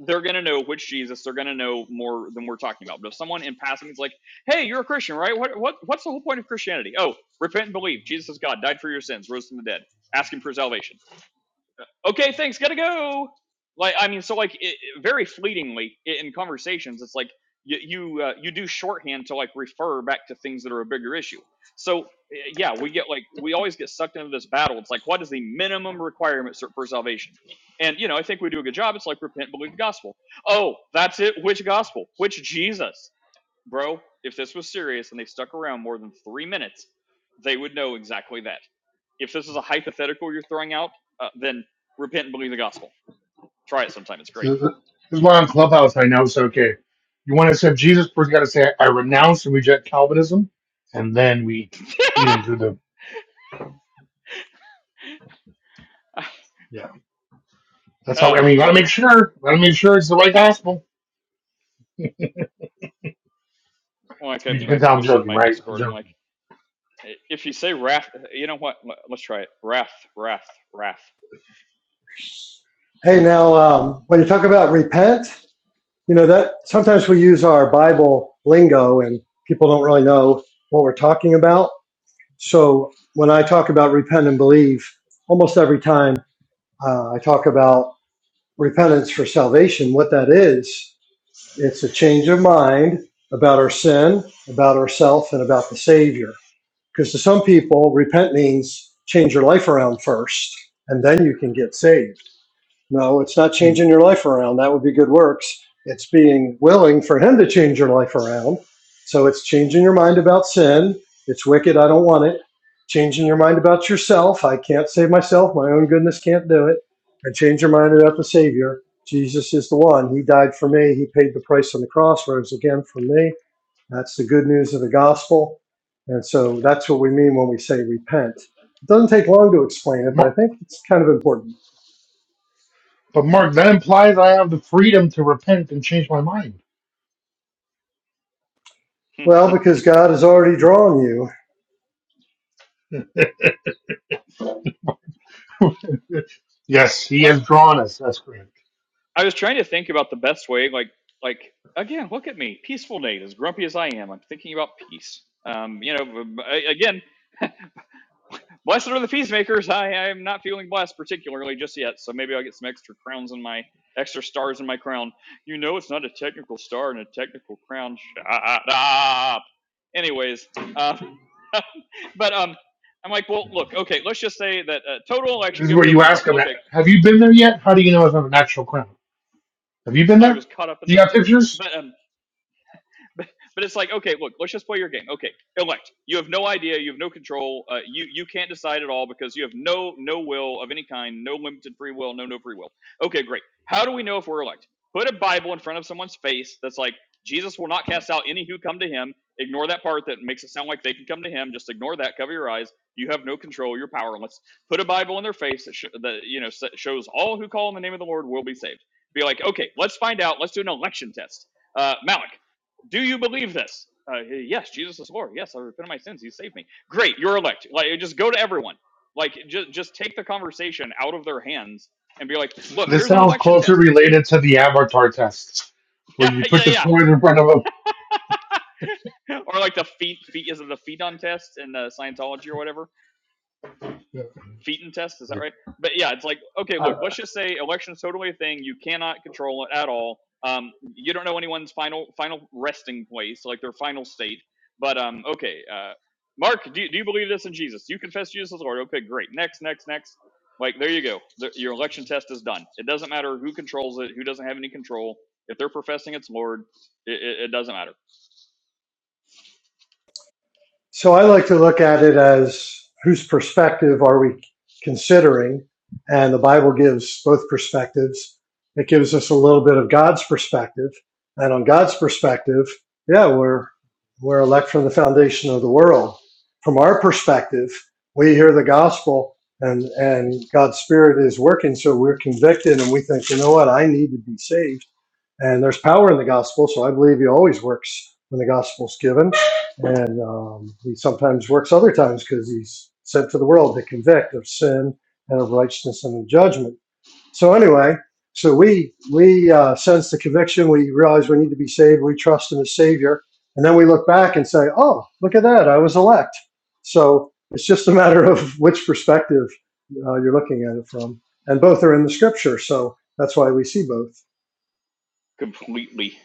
Speaker 3: they're gonna know which Jesus. They're gonna know more than we're talking about. But if someone in passing is like, "Hey, you're a Christian, right? What what what's the whole point of Christianity? Oh, repent and believe. Jesus is God, died for your sins, rose from the dead. Ask Him for salvation." okay, thanks, gotta go. Like, I mean, so like, it, very fleetingly in conversations, it's like you you, uh, you do shorthand to like refer back to things that are a bigger issue. So uh, yeah, we get like we always get sucked into this battle. It's like, what is the minimum requirement for salvation? And you know, I think we do a good job. It's like repent, believe the gospel. Oh, that's it. Which gospel? Which Jesus? Bro, if this was serious and they stuck around more than three minutes, they would know exactly that. If this is a hypothetical you're throwing out, uh, then repent and believe the gospel. Try it sometime. It's
Speaker 1: This
Speaker 3: great.
Speaker 1: is this is why on Clubhouse I know it's okay. You want to accept Jesus, first you got to say, I renounce and reject Calvinism, and then we lead them through the. Yeah. That's how, I
Speaker 3: oh,
Speaker 1: mean, you got to
Speaker 3: boy.
Speaker 1: make sure, got to make sure it's the right gospel.
Speaker 3: Like I,
Speaker 1: You
Speaker 3: I
Speaker 1: can tell I'm
Speaker 3: posted in
Speaker 1: joking,
Speaker 3: my
Speaker 1: right? I'm
Speaker 3: Discord, I'm like,
Speaker 1: joking.
Speaker 3: if you say wrath, you know what? Let- us try it. Wrath, wrath, wrath.
Speaker 5: Hey, now um, when you talk about repent, you know that sometimes we use our Bible lingo, and people don't really know what we're talking about. So when I talk about repent and believe, almost every time uh, I talk about repentance for salvation, what that is, it's a change of mind about our sin, about ourself, and about the Savior. Because to some people, repent means change your life around first, and then you can get saved. No, it's not changing your life around. That would be good works. It's being willing for Him to change your life around. So it's changing your mind about sin. It's wicked. I don't want it. Changing your mind about yourself. I can't save myself. My own goodness can't do it. And change your mind about the Savior. Jesus is the one. He died for me. He paid the price on the cross, rose again for me. That's the good news of the gospel. And so that's what we mean when we say repent. It doesn't take long to explain
Speaker 1: But
Speaker 5: it, but I
Speaker 1: Mark,
Speaker 5: think it's kind of important.
Speaker 1: but Mark, that implies I have the freedom to repent and change my mind.
Speaker 5: Well, because God has already drawn you.
Speaker 1: yes, he has drawn us. That's correct.
Speaker 3: I was trying to think about the best way, like, like again, look at me, peaceful Nate, as grumpy as I am. I'm thinking about peace. Um, you know, again, Blessed are the peacemakers. I, am not feeling blessed particularly just yet, so maybe I'll get some extra crowns in my extra stars in my crown. You know, it's not a technical star and a technical crown. Shut up. Anyways, um, but um, I'm like, well, look, okay, let's just say that uh, total
Speaker 1: This
Speaker 3: election,
Speaker 1: is
Speaker 3: you have
Speaker 1: where
Speaker 3: no
Speaker 1: you ask
Speaker 3: control.
Speaker 1: him,
Speaker 3: Okay,
Speaker 1: have you been there yet? How do you know it's not an actual crown? Have you been
Speaker 3: I
Speaker 1: there?
Speaker 3: was caught up in
Speaker 1: You
Speaker 3: the,
Speaker 1: got pictures?
Speaker 3: but um, but, but it's like okay look let's just play your game okay elect you have no idea you have no control uh, you you can't decide at all because you have no no will of any kind no limited free will no no free will okay great how do we know if we're elect put a bible in front of someone's face that's like jesus will not cast out any who come to him ignore that part that makes it sound like they can come to him just ignore that cover your eyes you have no control you're powerless put a bible in their face that, sh- that you know shows all who call in the name of the lord will be saved be like okay let's find out let's do an election test uh, Malik. Do you believe this? Uh, yes, Jesus is Lord. Yes, I repent of my sins. He saved me. Great, you're elect. Like, just go to everyone. Like, just just take the conversation out of their hands and be like, look,
Speaker 1: This
Speaker 3: here's an
Speaker 1: sounds
Speaker 3: election
Speaker 1: closer
Speaker 3: test.
Speaker 1: related to the avatar test, where
Speaker 3: yeah,
Speaker 1: you put
Speaker 3: yeah,
Speaker 1: the
Speaker 3: yeah.
Speaker 1: toys in front of them.
Speaker 3: Or like the feet, feet is it the feet on test in uh, Scientology or whatever?
Speaker 1: Yeah,
Speaker 3: Feeton test. Is that
Speaker 1: Like,
Speaker 3: right? But yeah, it's like, okay, look, let's just say election's totally a thing. You cannot control it at all. Um, you don't know anyone's final final resting place, like their final state. But um, okay, uh, Mark, do you, do you believe this in Jesus? You confess Jesus as Lord. Okay, great. Next, next, next. Like there you go. The, your election test is done. It doesn't matter who controls it, who doesn't have any control. If they're professing it's Lord, it, it, it doesn't matter
Speaker 5: So I like to look at it as whose perspective are we considering? And the Bible gives both perspectives. It gives us a little bit of God's perspective. And on God's perspective, yeah, we're, we're elect from the foundation of the world. From our perspective, we hear the gospel and, and God's spirit is working. So we're convicted and we think, you know what? I need to be saved And there's power in the gospel, so I believe he always works when the gospel's given. And um, he sometimes works other times because he's sent to the world to convict of sin and of righteousness and of judgment. So anyway, so we we uh, sense the conviction. We realize we need to be saved. We trust in the Savior, and then we look back and say, "Oh, look at that! I was elect." So it's just a matter of which perspective uh, you're looking at it from, and both are in the Scripture. So that's why we see both.
Speaker 3: completely.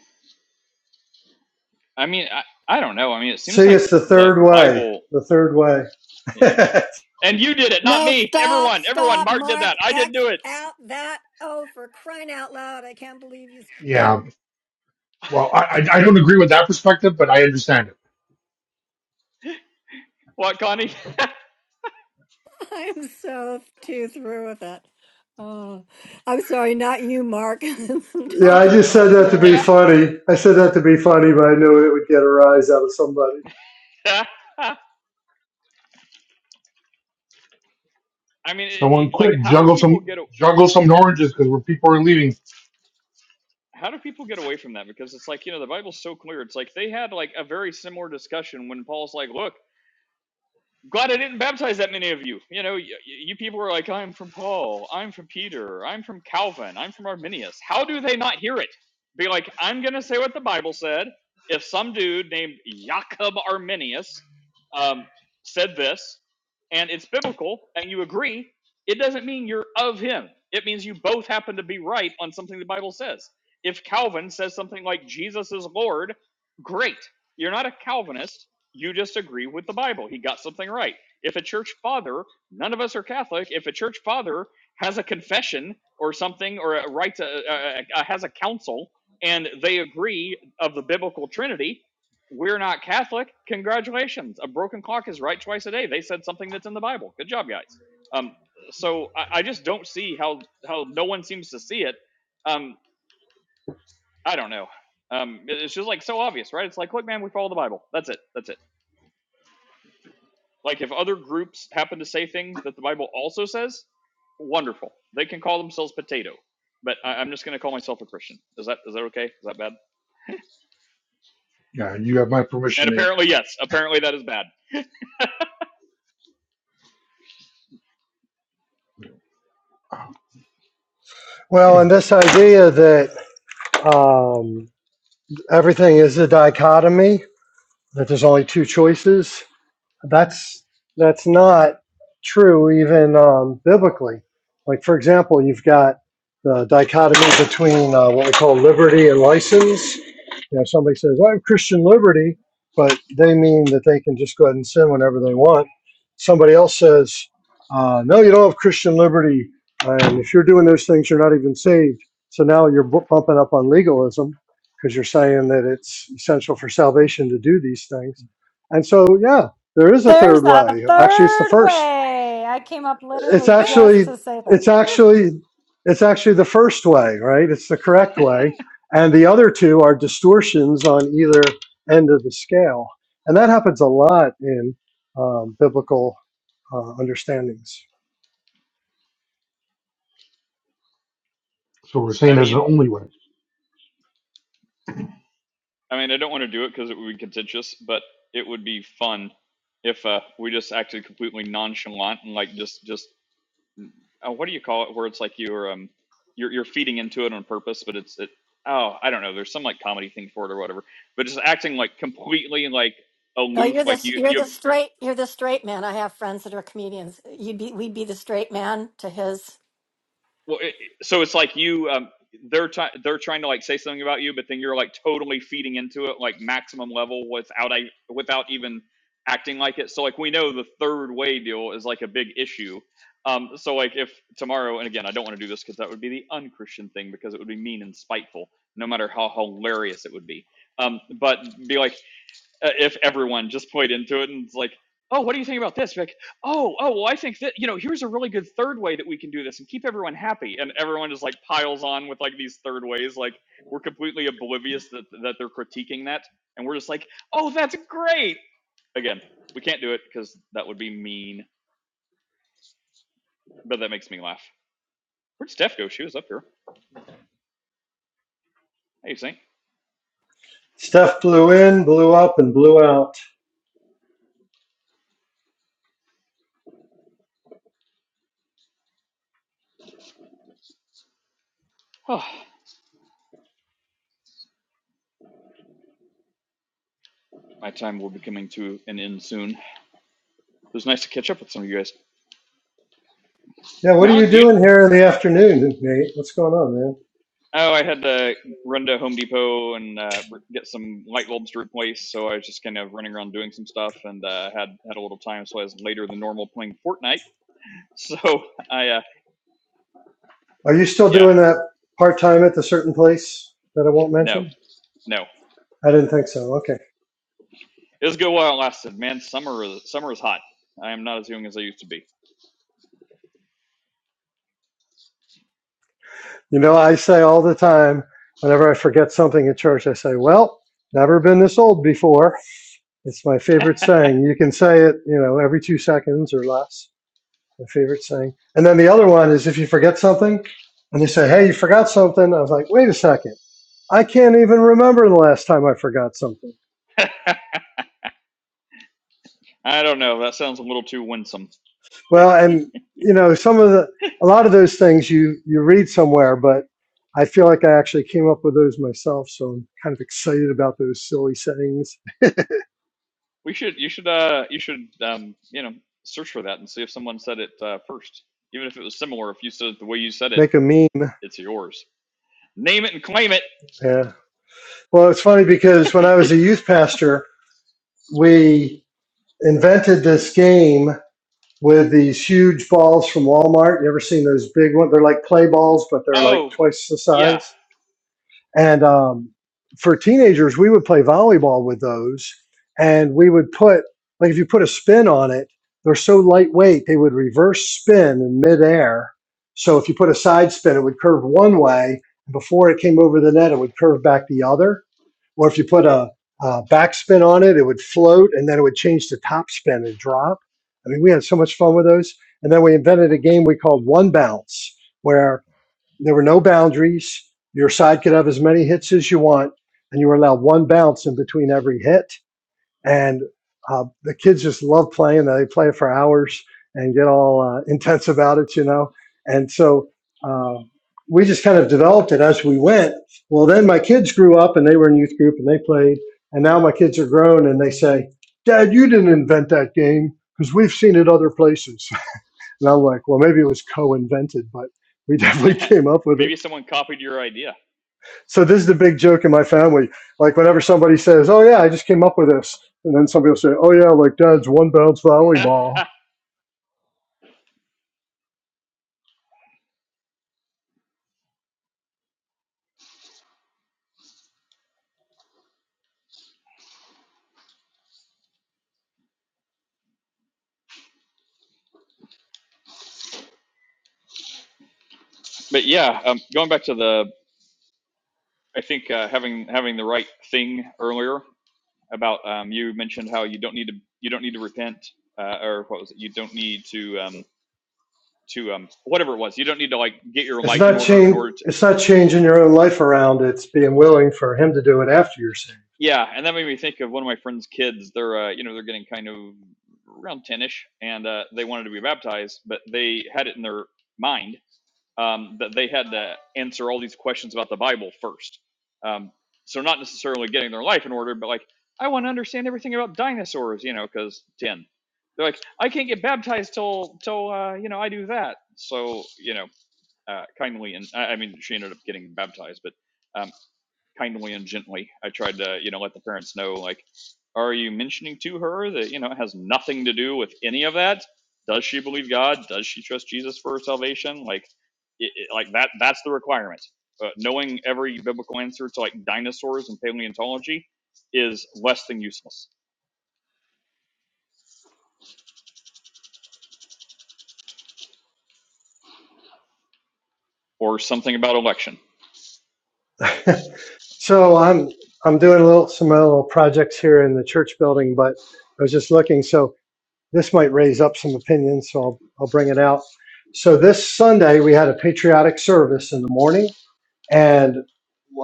Speaker 3: I mean, I, I don't know. I mean, it seems
Speaker 5: See,
Speaker 3: like
Speaker 5: it's the
Speaker 3: the
Speaker 5: third way.
Speaker 3: Bible.
Speaker 5: The third way. yeah,
Speaker 3: And you did it, not
Speaker 2: No,
Speaker 3: me.
Speaker 2: stop,
Speaker 3: Everyone, everyone.
Speaker 2: stop,
Speaker 3: Mark did
Speaker 2: Mark.
Speaker 3: that. I didn't
Speaker 2: X
Speaker 3: do it.
Speaker 2: out that. Oh, for crying out loud. I can't believe you said that.
Speaker 1: yeah. Well, I I I don't agree with that perspective, but I understand it.
Speaker 3: What, Connie?
Speaker 2: I'm so too through with it. Oh, I'm sorry, not you, Mark. I'm
Speaker 5: I
Speaker 2: talking
Speaker 5: just said
Speaker 2: about
Speaker 5: that to be
Speaker 3: Yeah.
Speaker 2: Yes.
Speaker 5: funny. I said that to be funny, but I knew it would get a rise out of somebody.
Speaker 3: I mean, it,
Speaker 1: Someone
Speaker 3: it- like,
Speaker 1: quick
Speaker 3: how do
Speaker 1: juggle
Speaker 3: people
Speaker 1: some
Speaker 3: get a, uh,
Speaker 1: juggle some oranges because where people are leaving.
Speaker 3: how do people get away from that? Because it's like you know the Bible's so clear. It's like they had like a very similar discussion when Paul's like, "Look, glad I didn't baptize that many of you. You know, you, you people were like, I'm from Paul, I'm from Peter, I'm from Calvin, I'm from Arminius. How do they not hear it? Be like, I'm going to say what the Bible said. If some dude named Jacob Arminius um, said this, and it's biblical, and you agree, it doesn't mean you're of him. It means you both happen to be right on something the Bible says. If Calvin says something like Jesus is Lord, great. You're not a Calvinist you just agree with the Bible. He got something right. If a church father, none of us are Catholic, if a church father has a confession or something, or a right to, uh, uh, uh, has a council, and they agree of the biblical Trinity, we're not Catholic. Congratulations. A broken clock is right twice a day. They said something that's in the Bible. Good job, guys. Um, so I, I just don't see how how no one seems to see it. Um, I don't know. Um, it's just like so obvious, right? It's like, look, man, we follow the Bible. That's it. That's it. Like if other groups happen to say things that the Bible also says, wonderful. They can call themselves potato, but I, I'm just going to call myself a Christian. Is that is that okay? Is that bad?
Speaker 1: Yeah, you have my
Speaker 3: And
Speaker 1: permission, Nate.
Speaker 3: apparently, yes. Apparently, that is bad.
Speaker 5: Well, and
Speaker 1: Mm.
Speaker 5: this idea that um, everything is a dichotomy, that there's only two choices, that's that's not true even um, biblically. Like for example, you've got the dichotomy between uh, what we call liberty and license. You know, somebody says, well, "I'm Christian liberty," but they mean that they can just go ahead and sin whenever they want. Somebody else says, uh, "No, you don't have Christian liberty, and if you're doing those things, you're not even saved." So now you're bumping up on legalism because you're saying that it's essential for salvation to do these things. And so, yeah, there is a
Speaker 6: There's
Speaker 5: third
Speaker 6: a
Speaker 5: way. Actually, it's the
Speaker 6: third
Speaker 5: first.
Speaker 6: way. I came up
Speaker 5: It's
Speaker 6: literally just
Speaker 5: actually
Speaker 6: to say that.
Speaker 5: it's actually it's actually the first way, right? It's the correct way, and the other two are distortions on either end of the scale, and that happens a lot in um, biblical uh, understandings.
Speaker 1: So we're saying
Speaker 3: I
Speaker 1: there's an
Speaker 3: mean,
Speaker 1: only way.
Speaker 3: I mean, I don't want to do it because it would be contentious, but it would be fun if uh, we just acted completely nonchalant and like just just oh, what do you call it? Where it's like you're um you're you're feeding into it on purpose, but it's it. Oh, I don't know. There's some like comedy thing for it or whatever. But just acting like completely like
Speaker 2: Oh, you're
Speaker 3: aloof,
Speaker 2: the
Speaker 3: like you
Speaker 2: you're
Speaker 3: you
Speaker 2: the
Speaker 3: have
Speaker 2: straight you're the straight man. I have friends that are comedians. You'd be we'd be the straight man to his
Speaker 3: Well, it, so it's like you, um, they're trying, they're trying to like say something about you, but then you're like totally feeding into it, like maximum level without, I, without even acting like it. So like we know the third way deal is like a big issue. Um, so like if tomorrow, and again, I don't want to do this because that would be the unchristian thing because it would be mean and spiteful, no matter how hilarious it would be. Um, but be like, uh, if everyone just played into it and it's like, oh, what do you think about this? You're like, oh, oh, well, I think that you know, here's a really good third way that we can do this and keep everyone happy. And everyone just like piles on with like these third ways. Like we're completely oblivious that that they're critiquing that, and we're just like, oh, that's great. Again, we can't do it because that would be mean, but that makes me laugh. Where'd Steph go? She was up here. Hey, Saint.
Speaker 5: Steph blew in, blew up, and blew out.
Speaker 3: Oh, my time will be coming to an end soon. It was nice to catch up with some of you guys.
Speaker 5: Yeah, what are
Speaker 3: Mount,
Speaker 5: you
Speaker 3: do you know?
Speaker 5: doing here in the afternoon, Nate? What's going on, man?
Speaker 3: Oh, I had to run to Home Depot and uh, r- get some light bulbs to replace, so I was just kind of running around doing some stuff and uh, had had a little time, so I was later than normal playing Fortnite. So I, uh,
Speaker 5: Are you still
Speaker 3: yeah,
Speaker 5: doing that part time at the certain place that I won't
Speaker 3: no,
Speaker 5: mention?
Speaker 3: no,
Speaker 5: I didn't think so. Okay.
Speaker 3: it was a good while it lasted. Man, summer is summer is hot. I am not as young as I used to be.
Speaker 5: You know, I say all the time, whenever I forget something in church, I say, well, never been this old before. It's my favorite saying. You can say it, you know, every two seconds or less. My favorite saying. And then the other one is if you forget something and they say, hey, you forgot something. I was like, wait a second. I can't even remember the last time I forgot something.
Speaker 3: I don't know. That sounds a little too winsome.
Speaker 5: Well, and, you know, some of the, a lot of those things you, you read somewhere, but I feel like I actually came up with those myself. So I'm kind of excited about those silly sayings
Speaker 3: We should, you should, uh, you should, um, you know, search for that and see if someone said it uh, first. Even if it was similar, if you said it the way you said it,
Speaker 5: make a meme.
Speaker 3: it's yours. Name it and claim it.
Speaker 5: Yeah. Well, it's funny because when I was
Speaker 3: If
Speaker 5: a youth pastor, we invented this game with these huge balls from Walmart. You ever seen those big ones? They're like play balls, but they're like
Speaker 3: oh
Speaker 5: twice the
Speaker 3: yeah,
Speaker 5: size. And um, for teenagers, we would play volleyball with those, and we would put like if you put a spin on it, they're so lightweight they would reverse spin in midair. So if you put a side spin, it would curve one way. Before it came over the net, it would curve back the other Or if you put a, a backspin on it, it would float and then it would change to top spin and drop. I mean, we had so much fun with those. And then we invented a game we called One Bounce, where there were no boundaries. Your side could have as many hits as you want, and you were allowed one bounce in between every hit and uh, the kids just love playing. They play for hours and get all uh, intense about it, you know. And so uh, we just kind of developed it as we went. Well, then my kids grew up and they were in youth group and they played. And now my kids are grown and they say, "Dad, you didn't invent that game because we've seen it other places." And I'm like, "Well, maybe it was co-invented, but we definitely came up with it."
Speaker 3: maybe someone copied your idea.
Speaker 5: So this is the big joke in my family. Like whenever somebody says, "Oh yeah, I just came up with this," and then somebody will say, "Oh yeah, like Dad's one bounce volleyball."
Speaker 3: but yeah, um, going back to the, I think uh, having having the right thing earlier about um, you mentioned how you don't need to you don't need to repent uh, or what was it? You don't need to um, to um, whatever it was. You don't need to like get your
Speaker 5: It's
Speaker 3: life in
Speaker 5: not
Speaker 3: order in
Speaker 5: change.
Speaker 3: order to
Speaker 5: It's not changing your own life around. It's being willing for him to do it after you're
Speaker 3: yeah. And that made me think of one of my friend's kids. They're uh, you know they're getting kind of around 10ish and uh, they wanted to be baptized but they had it in their mind um, that they had to answer all these questions about the Bible first. Um, so not necessarily getting their life in order, but like I want to understand everything about dinosaurs, you know, because ten. They're like, I can't get baptized till till uh, you know I do that. So you know, uh, kindly and I, I mean she ended up getting baptized, but um, kindly and gently. I tried to, you know, let the parents know, like, are you mentioning to her that, you know, it has nothing to do with any of that? Does she believe God? Does she trust Jesus for her salvation? Like, it, it- like that, that's the requirement. Uh, knowing every biblical answer to like dinosaurs and paleontology is less than useless. Or something about election.
Speaker 5: saved. so I'm I'm doing a little some uh, little projects here in the church building, but I was just looking. So this might raise up some opinions. So I'll I'll bring it out. So this Sunday we had a patriotic service in the morning, and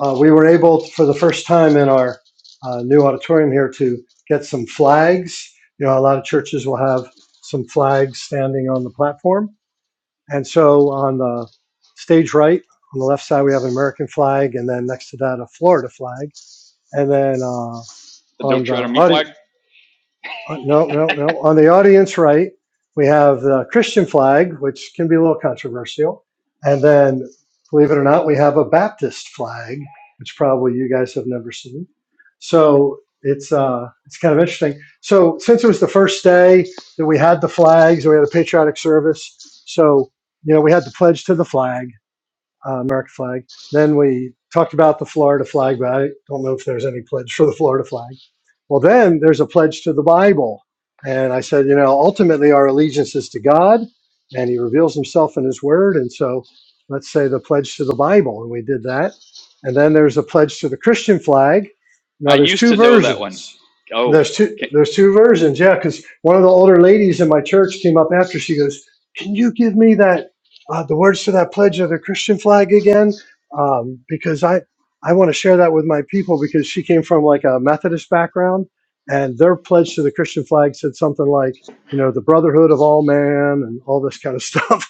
Speaker 5: uh, we were able, to, for the first time in our uh, new auditorium here, to get some flags. You know, a lot of churches will have some flags standing on the platform. And so on the stage right, on the left side, we have an American flag, and then next to that, a Florida flag. And then uh, on
Speaker 3: Don't tread on me
Speaker 5: the
Speaker 3: flag.
Speaker 5: uh, No, no, no. On the audience right, we have the Christian flag, which can be a little controversial. And then, believe it or not, we have a Baptist flag, which probably you guys have never seen. So it's uh, it's kind of interesting. So since it was the first day that we had the flags, we had a patriotic service. So you know, we had the pledge to the flag uh, American flag. Then we talked about the Florida flag, but I don't know if there's any pledge for the Florida flag. Well, then there's a pledge to the Bible. And I said, you know, ultimately our allegiance is to God, and He reveals Himself in His Word. And so let's say the pledge to the Bible. And we did that. And then there's a pledge to the Christian flag.
Speaker 3: I
Speaker 5: Now there's
Speaker 3: used
Speaker 5: two
Speaker 3: to know that one.
Speaker 5: versions.
Speaker 3: Oh,
Speaker 5: There's two there's two versions, yeah, because one of the older ladies in my church came up after she goes, Can you give me that uh, the words to that pledge of the Christian flag again, um, because I I want to share that with my people because she came from like a Methodist background, and their pledge to the Christian flag said something like, you know, the brotherhood of all man and all this kind of stuff.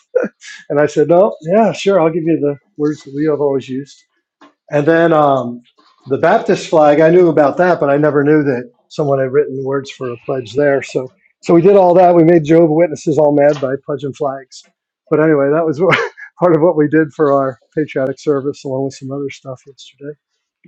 Speaker 5: and I said, no, yeah, sure, I'll give you the words that we have always used. And then um, the Baptist flag, I knew about that, but I never knew that someone had written words for a pledge there. So, so we did all that. We made Jehovah Witnesses all mad by pledging flags. But anyway, that was what, part of what we did for our patriotic service, along with some other stuff yesterday.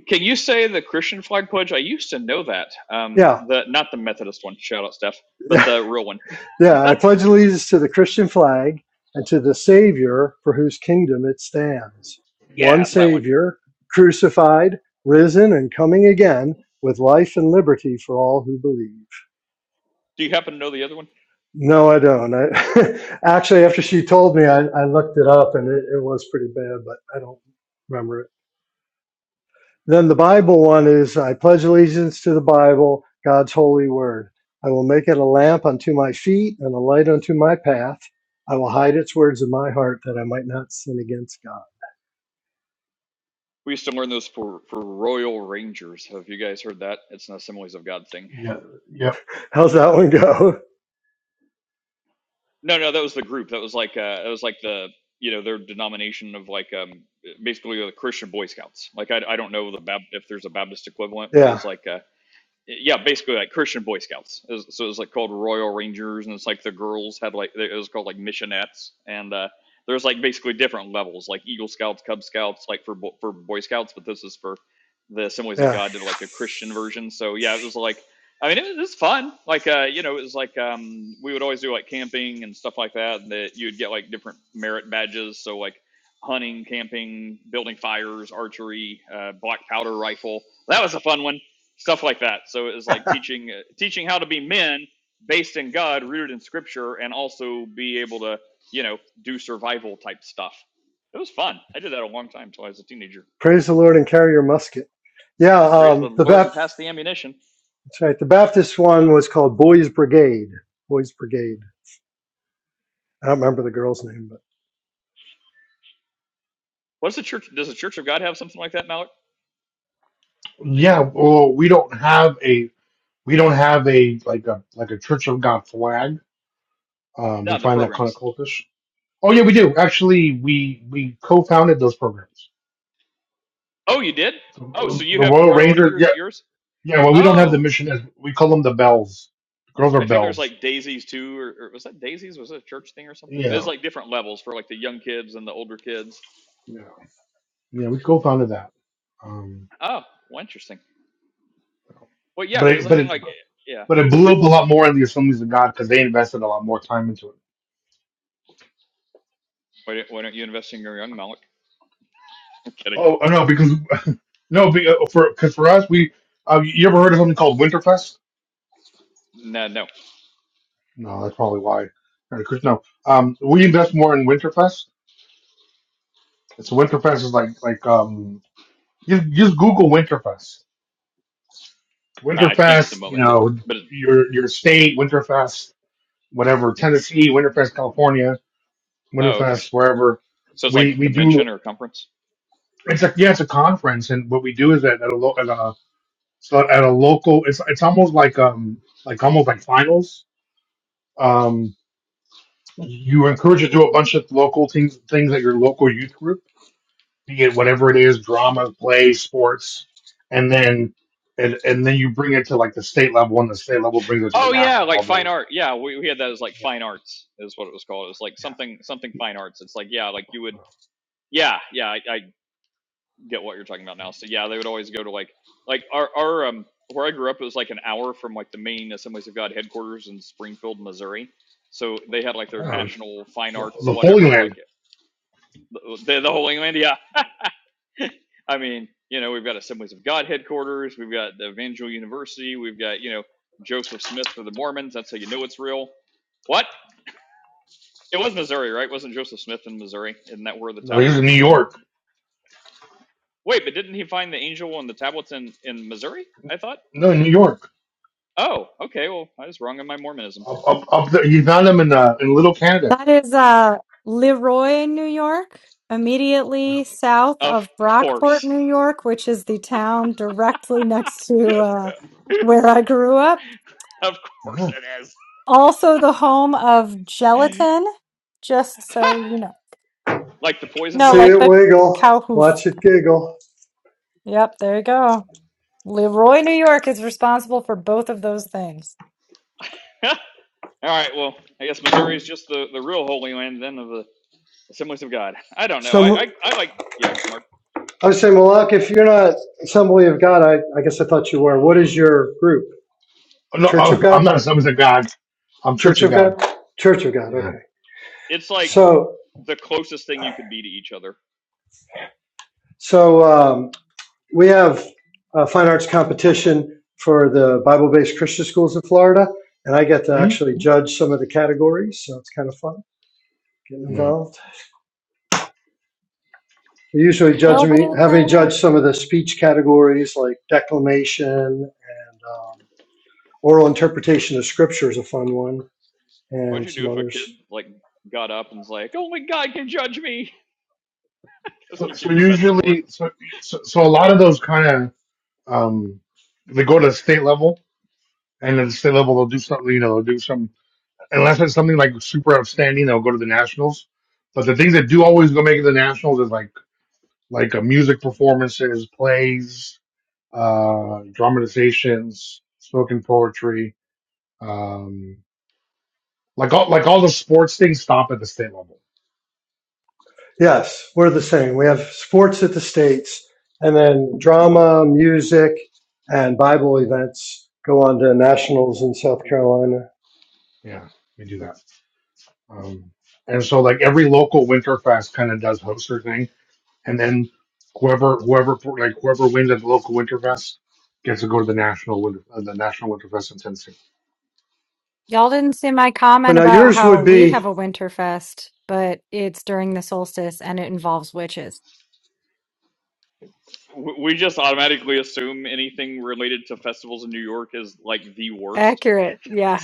Speaker 3: Can you say the Christian flag pledge? I used to know that. Um,
Speaker 5: Yeah,
Speaker 3: the not the Methodist one. Shout out, Steph, but the real one.
Speaker 5: yeah. I pledge allegiance to the Christian flag and to the Savior for whose kingdom it stands. One
Speaker 3: Yes, that one.
Speaker 5: Savior, crucified, risen, and coming again, with life and liberty for all who believe.
Speaker 3: Do you happen to know the other one?
Speaker 5: No, I don't. I actually, after she told me, I, I looked it up and it, it was pretty bad, but I don't remember it. Then the Bible one is I pledge allegiance to the Bible, God's holy word. I will make it a lamp unto my feet and a light unto my path. I will hide its words in my heart that I might not sin against God.
Speaker 3: We used to learn those for for Royal Rangers. Have you guys heard that? It's an Assemblies of God thing.
Speaker 1: Yeah, yeah,
Speaker 5: How's that one go?
Speaker 3: No, no, that was the group. That was like uh, that was like the you know their denomination of like um basically the Christian Boy Scouts. Like I I don't know the Bap- if there's a Baptist equivalent, but
Speaker 5: yeah,
Speaker 3: it's like uh, yeah, basically like Christian Boy Scouts. It was, so it was like called Royal Rangers, and it's like the girls had like it was called like missionettes, and uh, there's like basically different levels, like Eagle Scouts, Cub Scouts, like for bo- for Boy Scouts, but this is for the Assemblies of
Speaker 5: yeah.
Speaker 3: God did like a Christian version. So yeah, it was like I mean it was fun. Like uh, you know, it was like um, we would always do like camping and stuff like that, and that you'd get like different merit badges. So like hunting, camping, building fires, archery, uh, black powder rifle. That was a fun one stuff like that. So it was like teaching uh, teaching how to be men based in God, rooted in Scripture, and also be able to you know do survival type stuff. It was fun. I did that a long time until I was a teenager.
Speaker 5: Praise the Lord and carry your musket. Yeah,
Speaker 3: Praise the
Speaker 5: um, the
Speaker 3: Lord and
Speaker 5: Bap-
Speaker 3: pass the ammunition.
Speaker 5: that's right, the Baptist one was called Boys Brigade. Boys Brigade I don't remember the girl's name, but
Speaker 3: What's the church? Does the Church of God have something like that, Malik?
Speaker 1: yeah. Well, we don't have a we don't have a like a like a Church of God flag. Um, we
Speaker 3: No, the
Speaker 1: find that kind of
Speaker 3: programs.
Speaker 1: cultish. Oh yeah, we do. Actually, we we co-founded those programs.
Speaker 3: Oh, you did? Oh,
Speaker 1: The
Speaker 3: so you
Speaker 1: the
Speaker 3: have
Speaker 1: Royal
Speaker 3: Royal
Speaker 1: Rangers, yeah,
Speaker 3: Rangers at yours?
Speaker 1: yeah. Well, we don't have the
Speaker 3: Oh,
Speaker 1: mission as we call them the Bells. girls are
Speaker 3: I think there's
Speaker 1: Bells.
Speaker 3: like Daisies too, or, or was that Daisies? Was it a church thing or something? There's
Speaker 1: Yeah,
Speaker 3: like different levels for like the young kids and the older kids.
Speaker 1: yeah, yeah. We co-founded that, um,
Speaker 3: Oh, well, interesting. Well, yeah,
Speaker 1: but
Speaker 3: because
Speaker 1: it,
Speaker 3: I
Speaker 1: but
Speaker 3: mean,
Speaker 1: it
Speaker 3: like, yeah.
Speaker 1: but it blew up a lot more in the Assemblies of God because they invested a lot more time into it.
Speaker 3: Why don't, why don't you invest in your young Malik? I'm kidding.
Speaker 1: Oh no, because no, be- uh, for because for us, we uh, you ever heard of something called Winterfest?
Speaker 3: No, no,
Speaker 1: No, that's probably why. Hare Krishna. No, um, we invest more in Winterfest. It's Winterfest is like like um, you just Google Winterfest
Speaker 3: I can't at the
Speaker 1: Winterfest, you
Speaker 3: moment. But,
Speaker 1: know,
Speaker 3: but it,
Speaker 1: your your state, Winterfest, whatever, Tennessee, Winterfest, California,
Speaker 3: oh, okay.
Speaker 1: Winterfest, wherever.
Speaker 3: So it's like
Speaker 1: We
Speaker 3: a
Speaker 1: we
Speaker 3: convention
Speaker 1: do.
Speaker 3: or a conference.
Speaker 1: It's like yeah, it's a conference, and what we do is at, at a lo- at a so at a local. It's it's almost like um like almost like finals. Um, you encourage to do a bunch of local things things at your local youth group, be it whatever it is, drama, play, sports, and then. And, and then you bring it to like the state level, and the state level brings it to the
Speaker 3: Oh yeah,
Speaker 1: national
Speaker 3: like fine
Speaker 1: level.
Speaker 3: art. Yeah, we, we had that as like
Speaker 1: Yeah.
Speaker 3: fine arts is what it was called. It was like
Speaker 1: yeah.
Speaker 3: something something fine arts. It's like yeah, like you would yeah yeah I, I get what you're talking about now. So yeah, they would always go to like like our our um where I grew up it was like an hour from like the main Assemblies of God headquarters in Springfield, Missouri. So they had like their
Speaker 1: Yeah, it's
Speaker 3: national fine
Speaker 1: the,
Speaker 3: arts
Speaker 1: the Holy
Speaker 3: whatever like
Speaker 1: Land.
Speaker 3: the, the whole England. Yeah, I mean, you know, we've got Assemblies of God headquarters, we've got the Evangel University, we've got you know Joseph Smith for the Mormons. That's how you know it's real. What? It was Missouri, right? Wasn't Joseph Smith in Missouri? Isn't that where the
Speaker 1: No, he's
Speaker 3: tablets
Speaker 1: in New
Speaker 3: were from?
Speaker 1: York.
Speaker 3: Wait, but didn't he find the angel on the tablets in in Missouri? I thought.
Speaker 1: No, in New York.
Speaker 3: Oh, okay. Well, I was wrong in my Mormonism.
Speaker 1: Up, up, up there. You found him in uh, in Little Canada.
Speaker 6: That is uh, Leroy, New York, immediately south
Speaker 3: Of
Speaker 6: of Brockport,
Speaker 3: course.
Speaker 6: New York, which is the town directly next to uh, where I grew up.
Speaker 3: of course
Speaker 1: Yeah.
Speaker 3: it is.
Speaker 6: Also, the home of gelatin, just so you know.
Speaker 3: like the poison
Speaker 6: No,
Speaker 5: see
Speaker 6: like
Speaker 5: it
Speaker 3: gelatin.
Speaker 6: the
Speaker 5: wiggle,
Speaker 6: cow hoof.
Speaker 5: watch it giggle.
Speaker 6: Yep, there you go. Leroy, New York is responsible for both of those things.
Speaker 3: All right. Well, I guess Missouri is just the, the real Holy Land then of the Assemblies of God. I don't know. I,
Speaker 5: Some
Speaker 3: I, I like, yeah, Mark.
Speaker 5: I would say, Malak, if you're not Assembly of God, I, I guess I thought you were. What is your group?
Speaker 1: Oh, No,
Speaker 5: Church of
Speaker 1: uh, I'm
Speaker 5: God?
Speaker 1: not a Seventh of God. I'm Church
Speaker 5: Church
Speaker 1: of
Speaker 5: of God?
Speaker 1: God.
Speaker 5: Church of God.
Speaker 1: Yeah.
Speaker 5: Okay.
Speaker 3: It's like
Speaker 1: yeah.
Speaker 5: So
Speaker 3: the closest thing you could be to each other.
Speaker 5: so um, we have a fine arts competition for the Bible-based Christian schools in Florida, and I get to
Speaker 1: Hmm?
Speaker 5: actually judge some of the categories, so it's kind of fun getting
Speaker 1: No.
Speaker 5: involved. They usually
Speaker 3: Well,
Speaker 5: judge
Speaker 6: Nobody
Speaker 5: me, have me
Speaker 6: knows.
Speaker 5: judge some of the speech categories like declamation and uh, oral interpretation of scripture is a fun one,
Speaker 3: What'd
Speaker 5: and
Speaker 3: you do
Speaker 5: some
Speaker 3: if a
Speaker 5: others.
Speaker 3: kid like got up and was like, "Only God can judge me"? Because
Speaker 1: So,
Speaker 3: you gave
Speaker 1: so
Speaker 3: him a bad score.
Speaker 1: usually, so, so, so a lot of those kind of, um, they go to the state level, and at the state level, they'll do something, you know, they'll do some, unless it's something like super outstanding, they'll go to the nationals. But the things that do always go make it to the nationals is like like uh, music performances, plays, uh, dramatizations, spoken poetry, um, like all like all the sports things stop at the state level.
Speaker 5: Yes, we're the same. We have sports at the states, and then drama, music, and Bible events go on to nationals in South
Speaker 1: Yeah,
Speaker 5: Carolina.
Speaker 1: yeah, we do that. Um, and so like every local Winterfest kind of does host their thing, and then whoever whoever like whoever wins at the local Winterfest gets to go to the national winter uh, the national Winterfest in Tennessee.
Speaker 6: Y'all didn't see my
Speaker 5: But
Speaker 6: comment
Speaker 5: now
Speaker 6: about
Speaker 5: yours
Speaker 6: how
Speaker 5: would
Speaker 6: we
Speaker 5: be,
Speaker 6: have a Winterfest, but it's during the solstice and it involves witches.
Speaker 3: W- We just automatically assume anything related to festivals in New York is like the worst.
Speaker 6: Accurate. Yeah.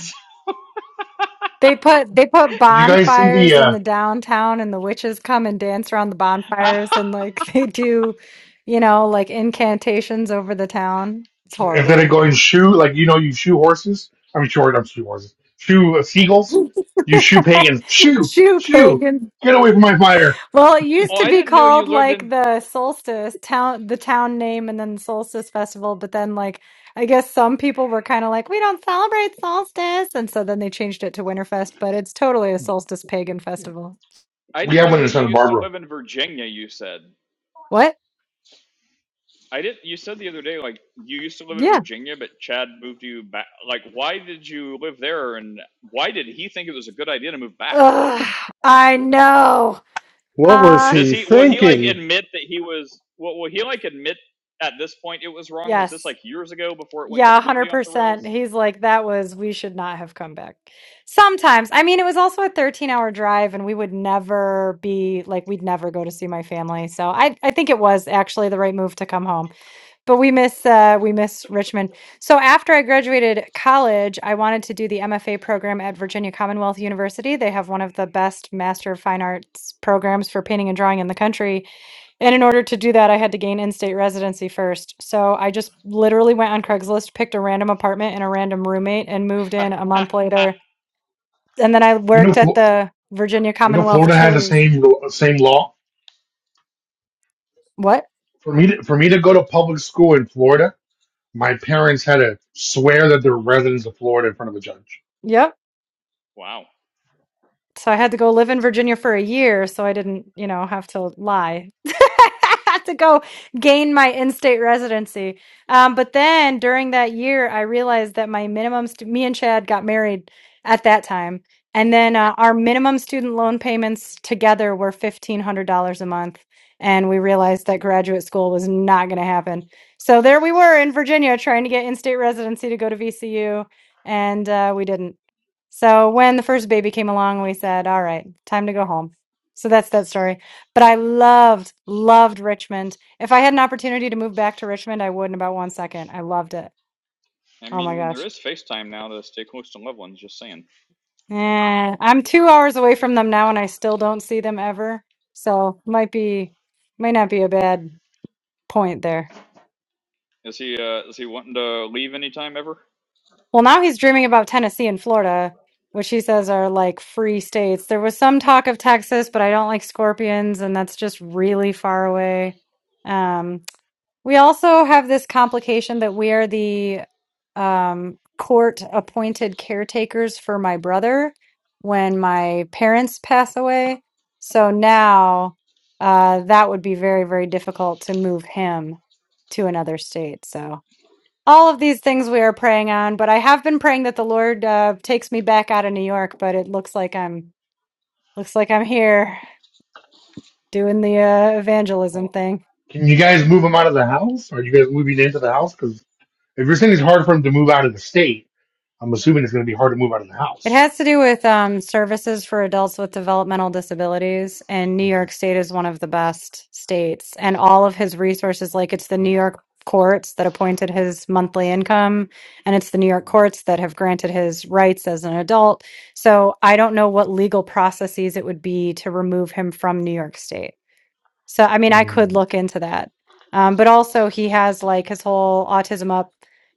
Speaker 6: They put they put
Speaker 1: Did you guys see the?
Speaker 6: bonfires
Speaker 1: uh,
Speaker 6: in the downtown and the witches come and dance around the bonfires and
Speaker 3: oh,
Speaker 6: like they do, you know, like incantations over the town. It's
Speaker 1: If they
Speaker 6: horrible.
Speaker 1: go and shoe, like you know, you shoe horses. I mean, sure, not shoe horses. Shoe uh, seagulls. You shoe pagans. Shoo,
Speaker 6: Jew
Speaker 1: shoo.
Speaker 6: pagans
Speaker 1: Get away from my fire.
Speaker 6: Well, it used to
Speaker 3: I
Speaker 6: be
Speaker 3: didn't know you
Speaker 6: called
Speaker 3: lived
Speaker 6: like
Speaker 3: in.
Speaker 6: the Solstice town, the town name, and then Solstice Festival. But then, like, I guess some people were kind of like, we don't celebrate solstice. And so then they changed it to Winterfest, but it's totally a solstice pagan festival.
Speaker 3: I
Speaker 1: We
Speaker 3: didn't
Speaker 1: have
Speaker 3: know
Speaker 1: one in
Speaker 3: that you
Speaker 1: Santa
Speaker 3: used to
Speaker 1: Barbara.
Speaker 3: live in Virginia. You said.
Speaker 6: What?
Speaker 3: I did. You said the other day, like you used to live in
Speaker 6: Yeah.
Speaker 3: Virginia, but Chad moved you back. Like, why did you live there, and why did he think it was a good idea to move back?
Speaker 6: Ugh, I know.
Speaker 5: what was
Speaker 6: Uh,
Speaker 3: Does
Speaker 5: he
Speaker 3: he? Will he like
Speaker 5: thinking?
Speaker 3: admit that he was? Will, will he like admit at this point it was wrong? Was this
Speaker 6: yes.
Speaker 3: like years ago before it went
Speaker 6: Yeah,
Speaker 3: completely off the
Speaker 6: 100%.
Speaker 3: rails?
Speaker 6: He's like, that was, we should not have come back. Sometimes. I mean, it was also a 13 hour drive, and we would never be like, we'd never go to see my family. So I, I think it was actually the right move to come home. But we miss, uh, we miss Richmond. So after I graduated college, I wanted to do the MFA program at Virginia Commonwealth University. They have one of the best Master of Fine Arts programs for painting and drawing in the country. And in order to do that, I had to gain in-state residency first. So I just literally went on Craigslist, picked a random apartment and a random roommate, and moved in a month later. And then I
Speaker 1: You know,
Speaker 6: worked at
Speaker 1: Flo-
Speaker 6: the Virginia
Speaker 1: you know,
Speaker 6: Commonwealth
Speaker 1: Florida had the
Speaker 6: Chili's.
Speaker 1: same same law.
Speaker 6: What?
Speaker 1: For me, to, for me to go to public school in Florida, my parents had to swear that they're residents of Florida in front of a judge.
Speaker 6: Yep.
Speaker 3: wow.
Speaker 6: So I had to go live in Virginia for a year so I didn't, you know, have to lie. I had to go gain my in-state residency. Um, but then during that year, I realized that my minimum, stu- me and Chad got married at that time. And then uh, our minimum student loan payments together were $1,500 a month. And we realized that graduate school was not going to happen. So there we were in Virginia trying to get in state residency to go to VCU. And uh, we didn't. So when the first baby came along, we said, all right, time to go home. So that's that story. But I loved, loved Richmond. If I had an opportunity to move back to Richmond, I would in about one second. I loved it.
Speaker 3: I
Speaker 6: Oh my
Speaker 3: mean, there
Speaker 6: gosh.
Speaker 3: is FaceTime now to stay close to loved ones. Just saying.
Speaker 6: Eh, I'm two hours away from them now and I still don't see them ever. So might be, might not be a bad point there.
Speaker 3: Is he? Uh, is he wanting to leave anytime ever?
Speaker 6: Well, now he's dreaming about Tennessee and Florida, which he says are like free states. There was some talk of Texas, but I don't like scorpions, and that's just really far away. Um, we also have this complication that we are the um, court appointed caretakers for my brother when my parents pass away. So now uh, that would be very, very difficult to move him to another state. So all of these things we are praying on but i have been praying that the lord uh, takes me back out of new york but it looks like i'm looks like i'm here doing the uh, evangelism
Speaker 1: Well,
Speaker 6: thing
Speaker 1: Can you guys move them out of the house? Are you guys moving into the house? Because if you're saying it's hard for them to move out of the state, I'm assuming it's going to be hard to move out of the
Speaker 6: It
Speaker 1: house.
Speaker 6: has to do with um, services for adults with developmental disabilities, and New York State is one of the best states. And all of his resources, like it's the New
Speaker 1: Okay.
Speaker 6: York courts that appointed his monthly income, and it's the New York courts that have granted his rights as an adult. So I don't know what legal processes it would be to remove him from New York State. So, I mean, I could
Speaker 1: Mm,
Speaker 6: look into that. Um, but also, he has like his whole Autism Up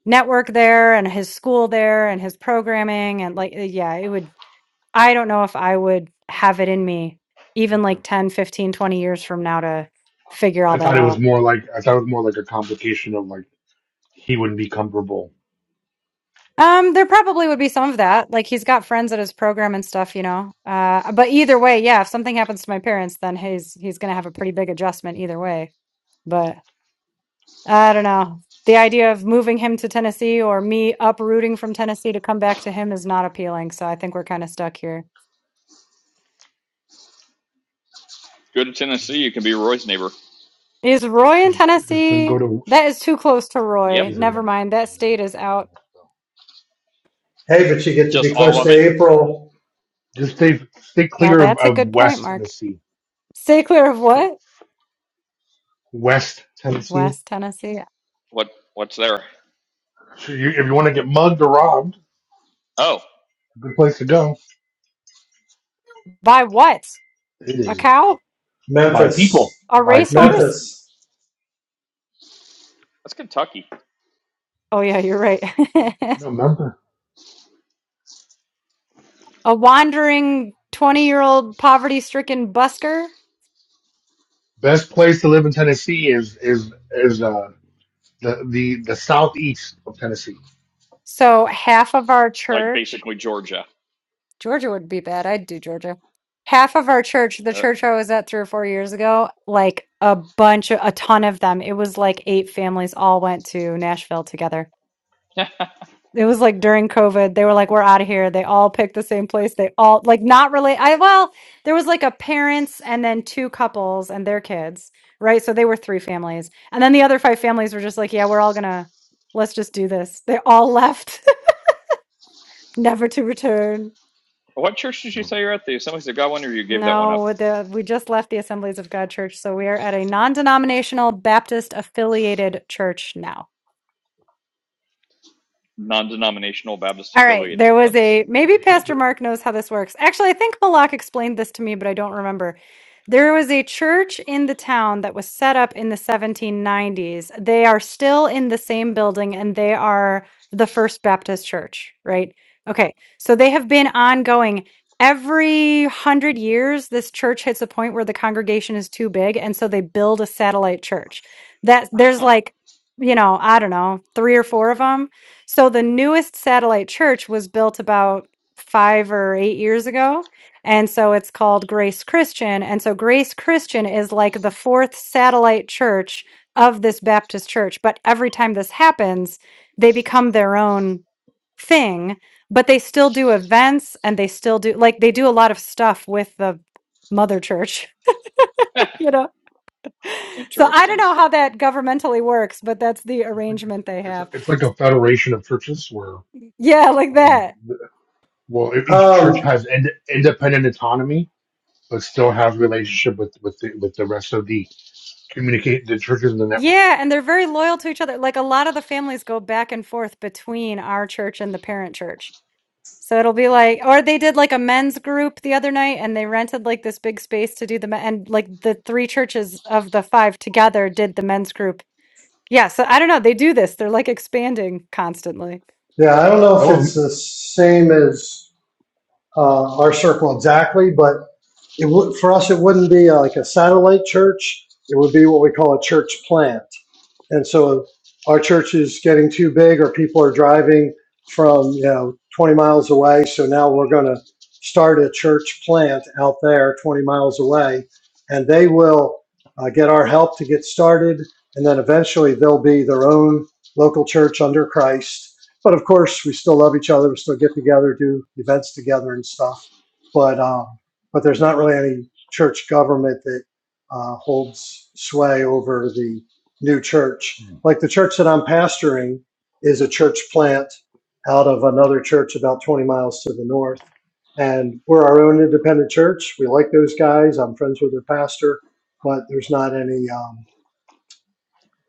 Speaker 6: network there and his school there and his programming. And like, uh, yeah, it would, I don't know if I would have it in me even
Speaker 1: okay.
Speaker 6: like 10 15 20 years from now to figure
Speaker 1: I
Speaker 6: all
Speaker 1: thought
Speaker 6: that
Speaker 1: it was
Speaker 6: out.
Speaker 1: more like I thought it was more like a complication of like he wouldn't be comfortable.
Speaker 6: Um, there probably would be some of that. Like he's got friends at his program and stuff, you know. Uh, but either way, yeah, if something happens to my parents, then he's he's gonna have a pretty big adjustment either way. But I don't know. The idea of moving him to Tennessee or me uprooting from Tennessee to come back to him is not appealing. So I think we're kind of stuck here.
Speaker 3: Go to Tennessee. You can be Roy's neighbor.
Speaker 6: Is Roy in
Speaker 1: Just just don't go
Speaker 6: Tennessee?
Speaker 1: to
Speaker 6: That is too close to
Speaker 3: Yep.
Speaker 6: Roy.
Speaker 1: He's a mess.
Speaker 6: Never mind.
Speaker 1: He's
Speaker 6: That
Speaker 1: a mess.
Speaker 6: state is
Speaker 1: He's
Speaker 6: out.
Speaker 1: a mess,
Speaker 5: Hey, but you get
Speaker 1: bro.
Speaker 5: to
Speaker 3: Just
Speaker 5: be
Speaker 3: all
Speaker 5: close
Speaker 3: of it.
Speaker 5: to April.
Speaker 1: just stay stay
Speaker 6: Now
Speaker 1: clear of,
Speaker 6: that's a
Speaker 1: of
Speaker 6: good point,
Speaker 1: West
Speaker 6: Mark.
Speaker 1: Tennessee.
Speaker 6: Stay clear of what?
Speaker 1: West Tennessee.
Speaker 6: West Tennessee.
Speaker 3: What? What's there?
Speaker 1: So you, if you want to get mugged or robbed,
Speaker 3: Oh.
Speaker 1: a good place to go
Speaker 6: By what?
Speaker 1: It
Speaker 6: A
Speaker 1: is
Speaker 6: cow?
Speaker 1: by people.
Speaker 5: Memphis,
Speaker 6: A
Speaker 1: By people.
Speaker 6: racehorse?
Speaker 5: Memphis.
Speaker 3: That's Kentucky,
Speaker 6: Oh, yeah, you're right.
Speaker 1: No, remember.
Speaker 6: a wandering 20 year old poverty stricken busker.
Speaker 1: Best place to live in Tennessee is is is uh the the, the southeast of Tennessee.
Speaker 6: So half of our
Speaker 3: like
Speaker 6: church
Speaker 3: basically Georgia.
Speaker 6: Georgia would be bad. I'd do Georgia. Half of our church, the
Speaker 3: Uh,
Speaker 6: church I was at three or four years ago, like a bunch of, a ton of them. It was like eight families all went to Nashville together. It was like during COVID, they were like, we're out of here. They all picked the same place. They all, like, not really. I, well, there was like a parents and then two couples and their kids, right? So they were three families. And then the other five families were just like, yeah, we're all gonna, let's just do this. They all left, never to return.
Speaker 3: what church did you say you're at? The Assemblies of God one, or you gave that one up?
Speaker 6: No, the we just left the Assemblies of God Church, so we are at a non-denominational Baptist affiliated church now.
Speaker 3: Non-denominational Baptist
Speaker 6: All right.
Speaker 3: affiliated.
Speaker 6: There was
Speaker 3: That's
Speaker 6: a maybe
Speaker 3: interesting.
Speaker 6: Pastor Mark knows how this works. Actually, I think Malak explained this to me, but I don't remember. There was a church in the town that was set up in the 1790s. They are still in the same building and they are the First Baptist Church, right? Okay. So they have been ongoing. Every hundred years, this church hits a point where the congregation is too big. And so they build a satellite church. That there's
Speaker 3: Huh.
Speaker 6: like, you know, I don't know, three or four of them so the newest satellite church was built about five or eight years ago. And so it's called Grace Christian. And so Grace Christian is like the fourth satellite church of this Baptist church. But every time this happens, they become their own thing, but they still do events and they still do like they do a lot of stuff with the mother church, you know? So I don't
Speaker 3: interesting.
Speaker 6: know how that governmentally works, but that's the
Speaker 1: It's like
Speaker 6: arrangement they
Speaker 1: it's, it's
Speaker 6: have.
Speaker 1: it's like a federation of churches where,
Speaker 6: Yeah, like that.
Speaker 1: um, th- well, each church
Speaker 5: Um,
Speaker 1: has ind- independent autonomy, but still has relationship with with the, with the rest of the communicate the churches in the network.
Speaker 6: Yeah, and they're very loyal to each other. Like a lot of the families go back and forth between our church and the parent church. So it'll be like, or they did like a men's group the other night and they rented like this big space to do the men, and like the three churches of the five together did the men's group. Yeah, so I don't know. They do this, they're like expanding constantly.
Speaker 5: Yeah, I don't know
Speaker 1: That
Speaker 5: if
Speaker 1: was
Speaker 5: it's the same as uh, our circle exactly, but it would, for us, it wouldn't be like a satellite church. It would be what we call a church plant. And so our church is getting too big or people are driving from, you know, 20 miles away. So now we're going to start a church plant out there 20 miles away and they will uh, get our help to get started. And then eventually they'll be their own local church under Christ. But of course, we still love each other. We still get together, do events together and stuff. But, uh, but there's not really any church government that uh, holds sway over the new church. Like the church that I'm pastoring is a church plant out of another church about 20 miles to the north. And we're our own independent church. We like those guys. I'm friends with their pastor, but there's not any um,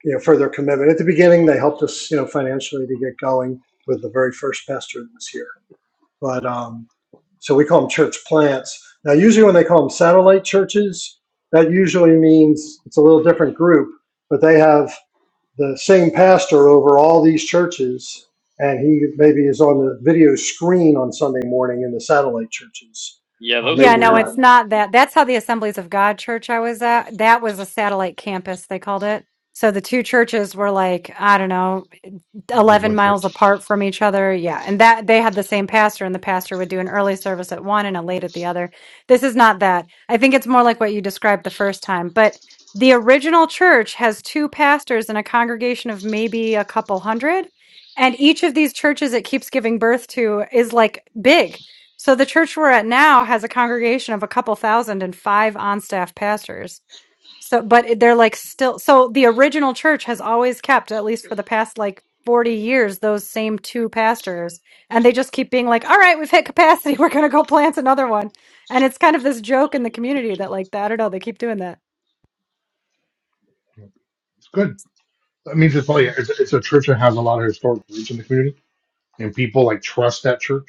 Speaker 5: you know further commitment. At the beginning, they helped us you know financially to get going with the very first pastor that was here but um, so we call them church plants. Now, usually when they call them satellite churches, that usually means it's a little different group, but they have the same pastor over all these churches, and he maybe is on the video screen on Sunday morning in the satellite churches.
Speaker 3: Yeah,
Speaker 5: Uh,
Speaker 3: those are
Speaker 6: Yeah,
Speaker 5: maybe
Speaker 6: no,
Speaker 5: not.
Speaker 3: weird.
Speaker 6: it's not that. That's how the Assemblies of God church I was at, that was a satellite campus, they called it. So the two churches were like, I don't know,
Speaker 1: the
Speaker 6: 11
Speaker 1: one church.
Speaker 6: miles apart from each other. Yeah. And that they had the same pastor, and the pastor would do an early service at one and a late at the other. This is not that. I think it's more like what you described the first time. But the original church has two pastors and a congregation of maybe a couple hundred. And each of these churches it keeps giving birth to is like big. So the church we're at now has a congregation of a couple thousand and five on-staff pastors. So, but they're like still, so the original church has always kept, at least for the past like 40 years, those same two pastors. And they just keep being like, all right, we've hit capacity. We're going to go plant another one. And it's kind of this joke in the community that like, I don't know, they keep doing that.
Speaker 1: It's good. That means it's probably it's, it's a church that has a lot of historic roots in the community, and people like trust that church,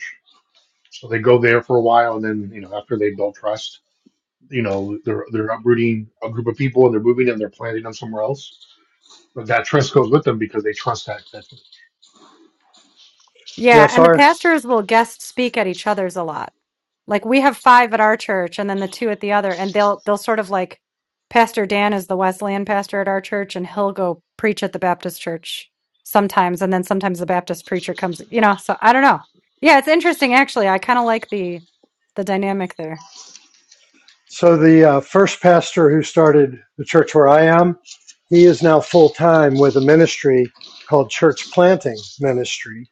Speaker 1: so they go there for a while, and then you know after they build trust, you know they're they're uprooting a group of people and they're moving and they're planting them somewhere else But that trust goes with them because they trust that. That
Speaker 6: Yeah,
Speaker 5: Yes,
Speaker 6: and the
Speaker 5: our
Speaker 6: pastors will guest speak at each other's a lot. Like we have five at our church and then the two at the other, and they'll they'll sort of like Pastor Dan is the Wesleyan pastor at our church, and he'll go preach at the Baptist church sometimes, and then sometimes the Baptist preacher comes, you know, so I don't know. Yeah, it's interesting actually. I kind of like the the dynamic there.
Speaker 5: so the uh, first pastor who started the church where I am, he is now full time with a ministry called Church Planting Ministry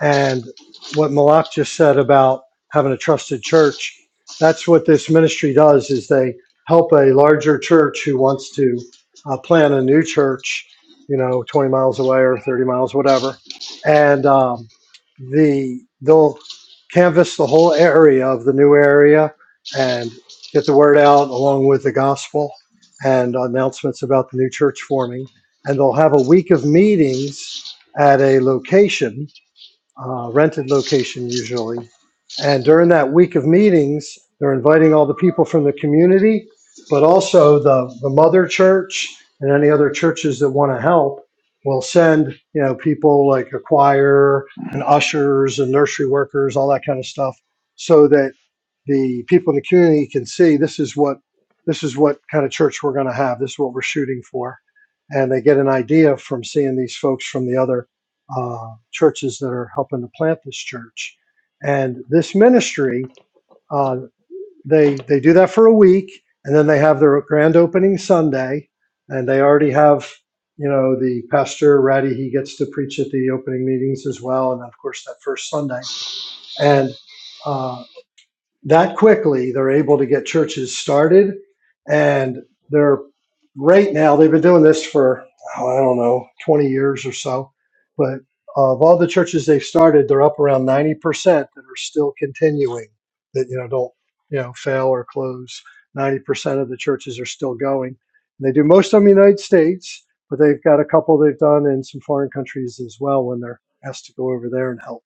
Speaker 5: And what Malak just said about having a trusted church, that's what this ministry does is they help a larger church who wants to uh, plant a new church, you know, 20 miles away or 30 miles, whatever. And um, the they'll canvass the whole area of the new area and get the word out along with the gospel and announcements about the new church forming. And they'll have a week of meetings at a location uh, rented location usually. And during that week of meetings, they're inviting all the people from the community, but also the, the mother church and any other churches that want to help will send, you know, people like a choir and ushers and nursery workers, all that kind of stuff, so that the people in the community can see this is what this is what kind of church we're going to have. This is what we're shooting for. And they get an idea from seeing these folks from the other uh, churches that are helping to plant this church. And this ministry, uh, they they do that for a week, and then they have their grand opening Sunday, and they already have you know the pastor ready. He gets to preach at the opening meetings as well, and then of course that first Sunday. And uh, that quickly they're able to get churches started and they're right now they've been doing this for oh, i don't know 20 years or so but of all the churches they've started they're up around 90% that are still continuing that you know don't you know fail or close 90% of the churches are still going and they do most of them in the united states but they've got a couple they've done in some foreign countries as well when they're asked to go over there and help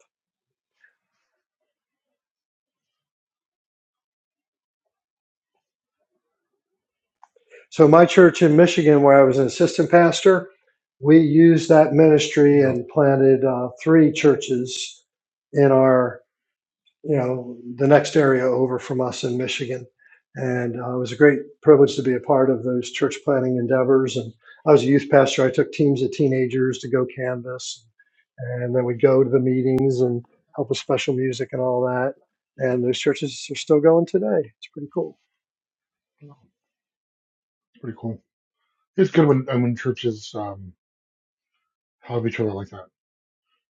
Speaker 5: So my church in Michigan, where I was an assistant pastor, we used that
Speaker 1: you
Speaker 5: ministry
Speaker 1: know,
Speaker 5: and planted uh, three churches in our, you know, the next area over from us in Michigan. And uh, it was a great privilege to be a part of those church planting endeavors. And I was a youth pastor. I took teams of teenagers to go canvas, and then we'd go to the meetings and help with special music and all that. And those churches are still going today. It's pretty cool.
Speaker 1: it's pretty cool. It's good when and when churches um, help each other like that.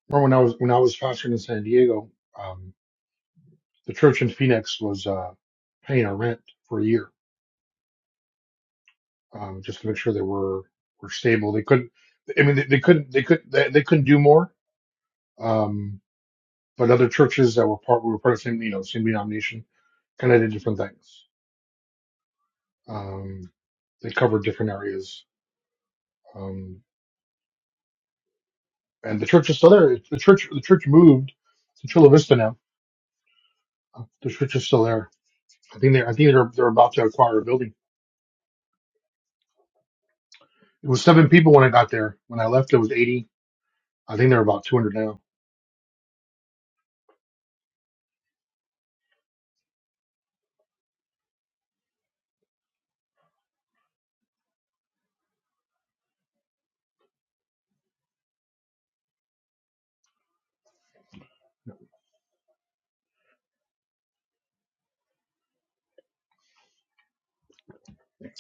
Speaker 1: Remember when I was when I was pastoring in San Diego, um, the church in Phoenix was uh, paying our rent for a year um, just to make sure they were were stable. They couldn't. I mean, they, they couldn't. They could. They, they couldn't do more. Um, but other churches that were part were part of the same you know same denomination kind of did different things. Um, they covered different areas. Um, and the church is still there. It's- The church the church moved to Chula Vista now. The church is still there. I think they I think they're they're about to acquire a building. It was seven people when I got there. When I left, it was eighty. I think they're about two hundred now.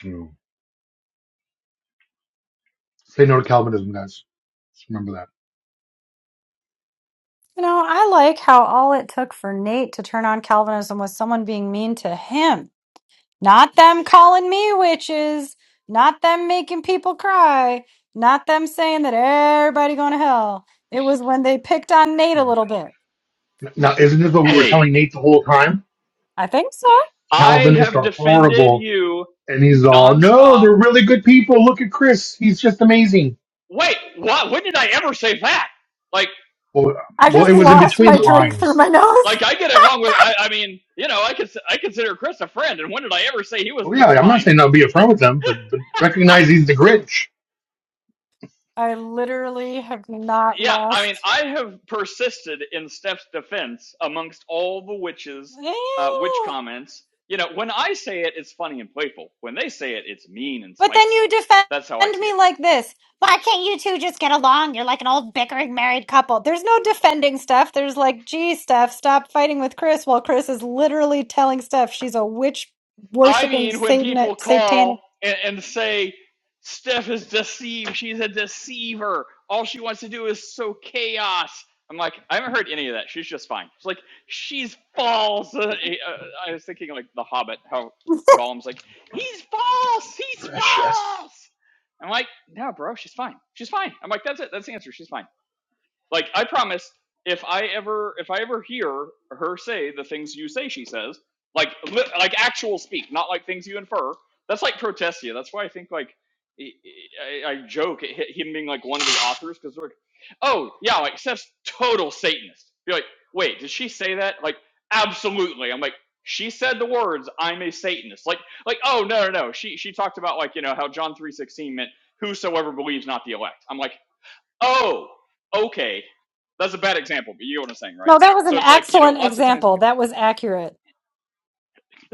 Speaker 1: Mm. Say no to Calvinism, guys. Just remember that.
Speaker 6: You know, I like how all it took for Nate to turn on Calvinism was someone being mean to him. Not them calling me witches. Not them making people cry. Not them saying that everybody going to hell. It was when they picked on Nate a little
Speaker 1: Yeah.
Speaker 6: bit.
Speaker 1: Now, isn't this what we were
Speaker 3: Hey,
Speaker 1: telling Nate the whole time?
Speaker 6: I think so.
Speaker 3: I
Speaker 1: Calvinists
Speaker 3: have
Speaker 1: are
Speaker 3: defended
Speaker 1: horrible,
Speaker 3: you
Speaker 1: and he's all, "No,
Speaker 3: nonstop.
Speaker 1: they're really good people. Look at Chris; he's just amazing."
Speaker 3: Wait, what? When did I ever say that? Like,
Speaker 1: Well,
Speaker 6: I
Speaker 1: well, it
Speaker 6: just
Speaker 1: was in
Speaker 6: lost
Speaker 1: between
Speaker 6: my
Speaker 1: the
Speaker 6: drink through
Speaker 1: lines.
Speaker 6: my nose.
Speaker 3: like I get along with. I, I mean, you know, I cons- I consider Chris a friend, and when did I ever say he was
Speaker 1: Well, yeah,
Speaker 3: just
Speaker 1: I'm not
Speaker 3: fine?
Speaker 1: saying I'll be a friend with them, but, but recognize he's the Grinch.
Speaker 6: I literally have not
Speaker 3: yeah, I mean,
Speaker 6: lost.
Speaker 3: I have persisted in Steph's defense amongst all the witches, uh, witch comments. You know, when I say it, it's funny and playful. When they say it, it's mean and
Speaker 6: But then
Speaker 3: spiteful.
Speaker 6: you
Speaker 3: That's how I
Speaker 6: defend
Speaker 3: see it.
Speaker 6: me like this. Why can't you two just get along? You're like an old bickering married couple. There's no defending Steph. There's like, gee, Steph, stop fighting with Chris while Chris is literally telling Steph she's a witch
Speaker 3: I
Speaker 6: worshiping
Speaker 3: mean, when
Speaker 6: Satan
Speaker 3: people call
Speaker 6: satanic.
Speaker 3: and, and say, Steph is deceived, she's a deceiver, all she wants to do is sow chaos. I'm like, I haven't heard any of that. She's just fine. She's like, she's false. Uh, uh, I was thinking, like, The Hobbit, how Gollum's like, he's false, he's
Speaker 1: precious.
Speaker 3: false. I'm like, no, bro, she's fine. She's fine. I'm like, that's it. That's the answer. She's fine. Like I promise, if I ever if I ever hear her say the things you say she says, like li- like actual speak, not like things you infer. That's like Protestia. That's why I think like I, I I joke at him being like one of the authors because like, oh yeah, like Seth's total Satanist. Be like, wait, did she say that? Like, absolutely. I'm like, she said the words, "I'm a Satanist." Like, like oh no no no. She she talked about like you know how John three sixteen meant whosoever believes not the elect. I'm like Oh, okay. That's a bad example, but you know what I'm saying, right?
Speaker 6: No, that was an
Speaker 3: So it's like, you know,
Speaker 6: excellent
Speaker 3: lots of times
Speaker 6: example. That was accurate.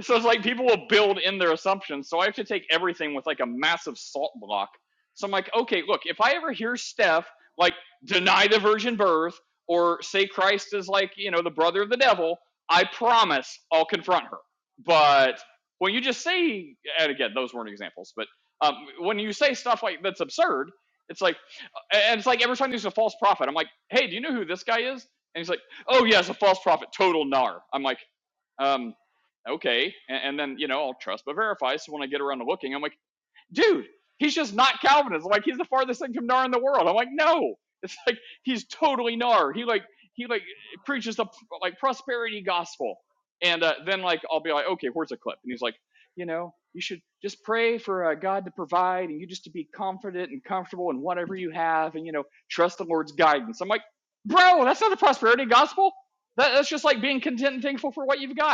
Speaker 3: so it's like people will build in their assumptions. So I have to take everything with like a massive salt block. So I'm like, okay, look, if I ever hear Steph like deny the virgin birth or say Christ is like, you know, the brother of the devil, I promise I'll confront her. But when you just say, and again, those weren't examples, but um, when you say stuff like that's absurd, it's like, and it's like every time there's a false prophet, I'm like, hey, do you know who this guy is? And he's like, oh, yes, a false prophet, total nar. I'm like, um, okay. And, and then, you know, I'll trust but verify. So when I get around to looking, I'm like, dude, he's just not Calvinist. I'm Like he's the farthest thing from NAR in the world. I'm like, no, it's like he's totally NAR. He like he like preaches the like prosperity gospel. And uh, then like I'll be like, okay, where's a clip? And he's like, you know, you should just pray for uh, God to provide, and you just to be confident and comfortable in whatever you have, and you know, trust the Lord's guidance. I'm like, bro, that's not the prosperity gospel. That, that's just like being content and thankful for what you've got.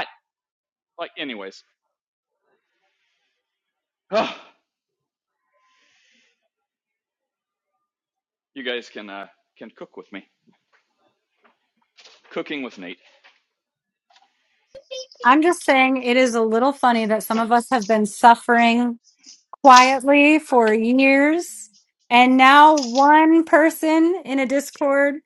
Speaker 3: Like, anyways, oh, you guys can uh, can cook with me. Cooking with Nate.
Speaker 6: I'm just saying it is a little funny that some of us have been suffering quietly for years. And now one person in a Discord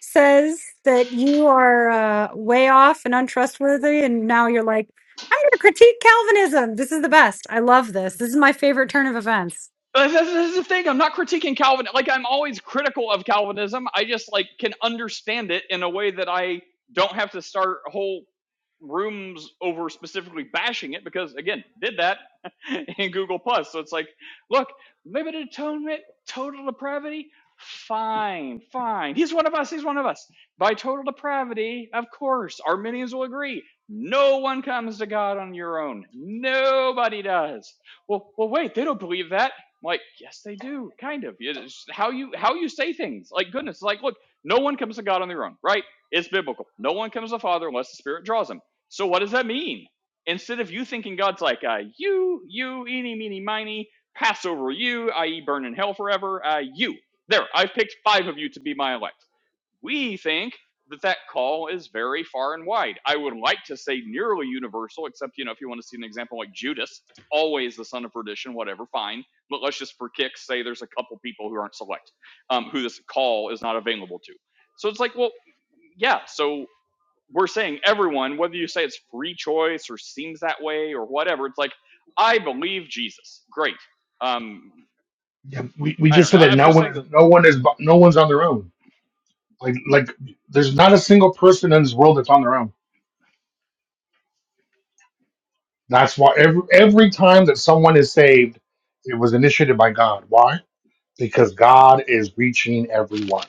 Speaker 6: says that you are uh, way off and untrustworthy. And now you're like, I'm going to critique Calvinism. This is the best. I love this. This is my favorite turn of events.
Speaker 3: This is the thing. I'm not critiquing Calvin. Like I'm always critical of Calvinism. I just like can understand it in a way that I don't have to start whole rooms over specifically bashing it because again, did that in Google Plus. So it's like, look, limited atonement, total depravity. Fine, fine. He's one of us. He's one of us. By total depravity, of course, Arminians will agree. No one comes to God on your own. Nobody does. Well, well, wait. They don't believe that I'm like, yes, they do, kind of. yeah, It's how you how you say things. Like goodness, like look, no one comes to God on their own, right? It's biblical. No one comes to the Father unless the Spirit draws them. So what does that mean? Instead of you thinking God's like, uh, you, you, eeny, meeny, miny, pass over you, i.e., burn in hell forever, uh, you. There, I've picked five of you to be my elect. We think that that call is very far and wide. I would like to say nearly universal, except, you know, if you want to see an example like Judas, always the son of perdition, whatever, fine. But let's just for kicks say there's a couple people who aren't select, um, who this call is not available to. So it's like, well, yeah, so we're saying everyone, whether you say it's free choice or seems that way or whatever, it's like, I believe Jesus. Great. Um,
Speaker 1: Yeah, we, we
Speaker 3: I
Speaker 1: just
Speaker 3: don't know.
Speaker 1: said that
Speaker 3: I'm
Speaker 1: no
Speaker 3: just
Speaker 1: one
Speaker 3: saying
Speaker 1: is
Speaker 3: that
Speaker 1: no one is no one's on their own. Like like there's not a single person in this world that's on their own. That's why every every time that someone is saved, it was initiated by God. Why? Because God is reaching everyone.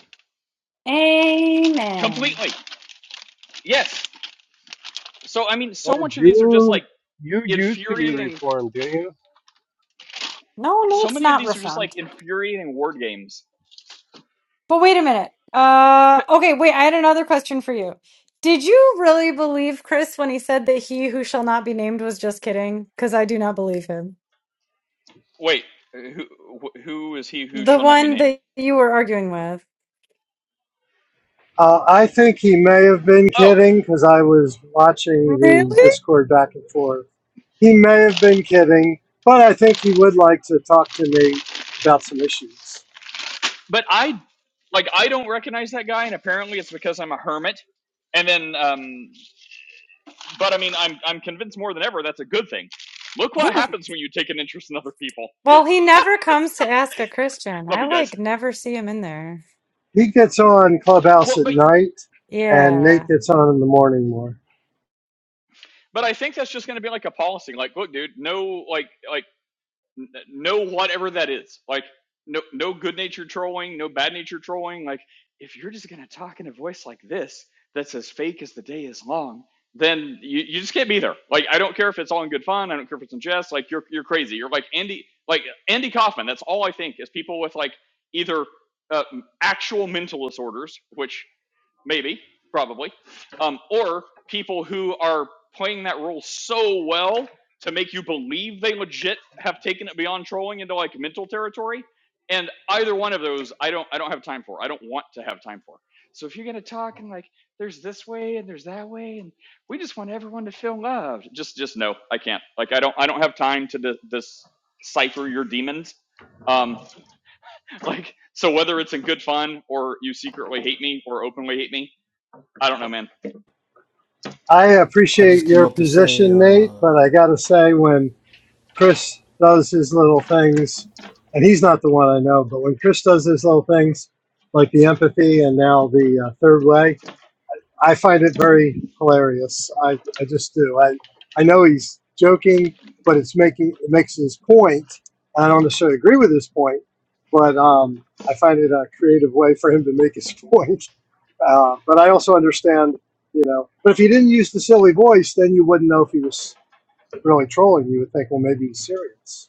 Speaker 6: Amen.
Speaker 3: completely. Yes. So, I mean,
Speaker 7: Well,
Speaker 3: so much of these are just
Speaker 7: you
Speaker 3: like,
Speaker 7: you used to be
Speaker 3: infuriating.
Speaker 7: reformed, didn't you?
Speaker 6: No,
Speaker 3: So
Speaker 6: Nate's
Speaker 3: many of
Speaker 6: not
Speaker 3: these are just like
Speaker 6: reformed.
Speaker 3: infuriating word games.
Speaker 6: But wait a minute. Uh, okay, wait, I had another question for you. Did you really believe Chris when he said that he who shall not be named was just kidding? Because I do not believe him.
Speaker 3: Wait, who who is he who
Speaker 6: The
Speaker 3: shall not be
Speaker 6: one
Speaker 3: named?
Speaker 6: that you were arguing with.
Speaker 5: Uh, I think he may have been
Speaker 3: Oh,
Speaker 5: kidding because I was watching the
Speaker 6: Really?
Speaker 5: Discord back and forth. He may have been kidding, but I think he would like to talk to Nate about some issues.
Speaker 3: but I like I don't recognize that guy, and apparently it's because I'm a hermit. And then, um, but I mean, I'm I'm convinced more than ever that's a good thing. Look what
Speaker 6: Hey.
Speaker 3: happens when you take an interest in other people.
Speaker 6: Well, he never comes to ask a Christian.
Speaker 3: Love
Speaker 6: I
Speaker 3: you guys.
Speaker 6: like never see him in there.
Speaker 5: He gets on Clubhouse
Speaker 3: Well,
Speaker 5: at
Speaker 3: but
Speaker 5: night, and Nate
Speaker 6: Yeah.
Speaker 5: gets on in the morning more.
Speaker 3: but I think that's just going to be like a policy. Like, look, dude, no, like like n- no whatever that is like no no good natured trolling no bad natured trolling like if you're just going to talk in a voice like this that's as fake as the day is long then you, you just can't be there like i don't care if it's all in good fun i don't care if it's in jest like you're you're crazy you're like andy like andy kaufman that's all i think is people with like either uh, actual mental disorders which maybe, probably, um, or people who are playing that role so well to make you believe they legit have taken it beyond trolling into like mental territory. And either one of those, I don't, I don't have time for. I don't want to have time for. So if you're gonna talk and like, there's this way and there's that way, and we just want everyone to feel loved. Just, just no, I can't. Like, I don't, I don't have time to dis- decipher your demons. Um, like, so whether it's in good fun or you secretly hate me or openly hate me, I don't know, man.
Speaker 5: I
Speaker 8: I
Speaker 5: appreciate
Speaker 8: just came
Speaker 5: your
Speaker 8: up to say
Speaker 5: position,
Speaker 8: uh,
Speaker 5: Nate, but I got to say, when Chris does his little things, and he's not the one I know, but when Chris does his little things, like the empathy and now the uh, third way, I find it very hilarious. I, I just do. I, I know he's joking, but it's making it makes his point, and I don't necessarily agree with his point, but um, I find it a creative way for him to make his point. Uh, but I also understand, you know. But if he didn't use the silly voice, then you wouldn't know if he was really trolling. You would think, well, maybe he's serious.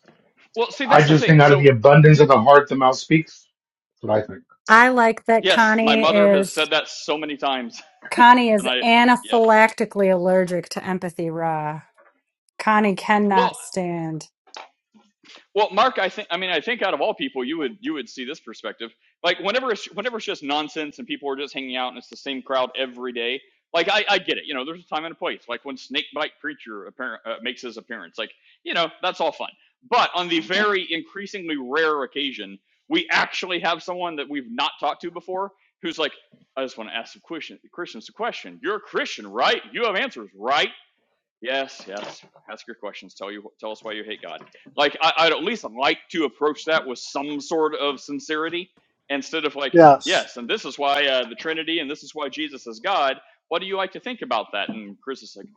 Speaker 3: Well, see,
Speaker 1: I
Speaker 3: that's the
Speaker 1: just
Speaker 3: thing.
Speaker 1: think out of
Speaker 3: So,
Speaker 1: the abundance of the heart, the mouth speaks. That's what I think.
Speaker 6: I like that
Speaker 3: yes, my
Speaker 6: Connie
Speaker 3: mother has
Speaker 6: is
Speaker 3: said that so many times,
Speaker 6: Connie is
Speaker 3: and I, yeah.
Speaker 6: anaphylactically allergic to empathy raw. Connie
Speaker 3: Well,
Speaker 6: cannot stand.
Speaker 3: Well, Mark, I think I mean I think out of all people, you would you would see this perspective. Like whenever it's, whenever it's just nonsense and people are just hanging out and it's the same crowd every day. Like I, I get it. You know, there's a time and a place. Like when Snakebite Preacher apparent, uh, makes his appearance. Like you know, that's all fun. But on the very increasingly rare occasion, we actually have someone that we've not talked to before who's like, I just want to ask some question, Christians a question. You're a Christian, right? You have answers, right? Yes, yes. Ask your questions. Tell you, tell us why you hate God. Like I, I'd at least like to approach that with some sort of sincerity instead of like,
Speaker 5: Yes,
Speaker 3: yes, and this is why uh, the Trinity, and this is why Jesus is God. What do you like to think about that? And Chris is like,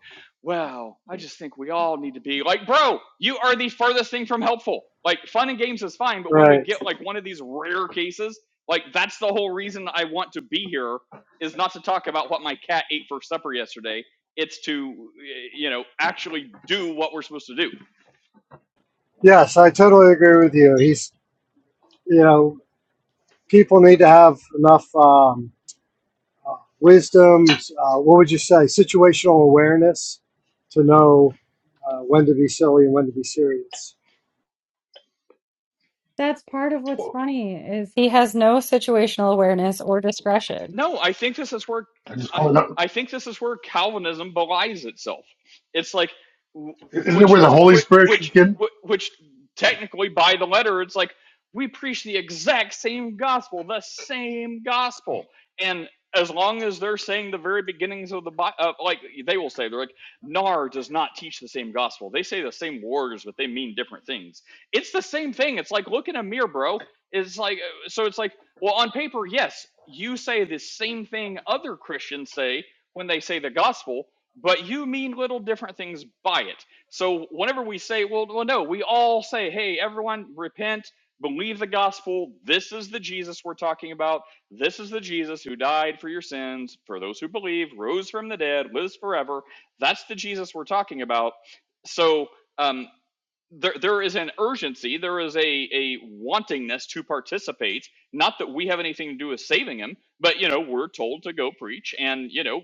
Speaker 3: well, I just think we all need to be like, bro, you are the furthest thing from helpful. Like fun and games is fine, but when we
Speaker 5: right.
Speaker 3: get like one of these rare cases, like that's the whole reason I want to be here is not to talk about what my cat ate for supper yesterday it's to eh, you know actually do what we're supposed to do
Speaker 5: Yes, I totally agree with you. He's, you know, people need to have enough. Um, Wisdoms. uh, what would you say? Situational awareness to know uh, when to be silly and when to be serious.
Speaker 6: That's part of what's
Speaker 1: Well,
Speaker 6: funny is he has no situational awareness or discretion.
Speaker 3: No, I think this is where
Speaker 1: I just call
Speaker 3: I
Speaker 1: it. Out.
Speaker 3: I think this is where Calvinism belies itself. It's like
Speaker 1: Isn't it
Speaker 3: which
Speaker 1: where the Holy
Speaker 3: which
Speaker 1: Spirit
Speaker 3: which
Speaker 1: can?
Speaker 3: which technically by the letter it's like we preach the exact same gospel, the same gospel. And as long as they're saying the very beginnings of the Bible, uh, like they will say, they're like, NAR does not teach the same gospel. They say the same words, but they mean different things. It's the same thing. It's like, look in a mirror, bro. It's like, uh, so it's like, well, on paper, yes, you say the same thing other Christians say when they say the gospel, but you mean little different things by it. So whenever we say, well, well no, we all say, hey, everyone, repent, believe the gospel. This is the Jesus we're talking about. This is the Jesus who died for your sins, for those who believe, rose from the dead, lives forever. That's the Jesus we're talking about. So, um, there there is an urgency, there is a a wantingness to participate. Not that we have anything to do with saving him, but you know we're told to go preach, and you know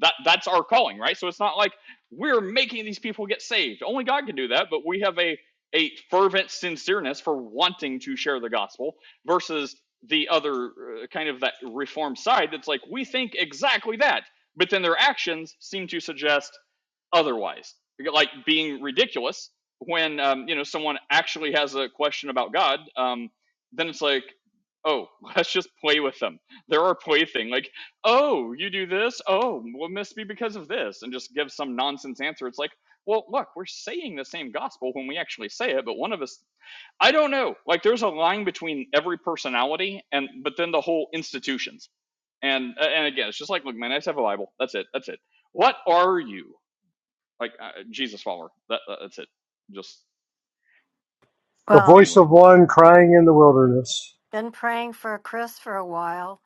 Speaker 3: that that's our calling, right? So it's not like we're making these people get saved. Only God can do that, but we have a a fervent sincereness for wanting to share the gospel versus the other uh, kind of that reform side that's like we think exactly that, but then their actions seem to suggest otherwise, like being ridiculous when um, you know someone actually has a question about God, um, then it's like, oh, let's just play with them. They're our plaything. Like, oh, you do this. Oh, well, it must be because of this, and just give some nonsense answer. It's like, well, look, we're saying the same gospel when we actually say it, but one of us, I don't know. Like, there's a line between every personality and, but then the whole institutions. And uh, and again, it's just like, look, man, I just have a Bible. That's it. That's it. What are you? Like, uh, Jesus follower. That, uh, that's it. Just
Speaker 5: The
Speaker 2: Well,
Speaker 5: voice
Speaker 3: anyway.
Speaker 5: of one crying in the wilderness.
Speaker 2: been praying for Chris for a while,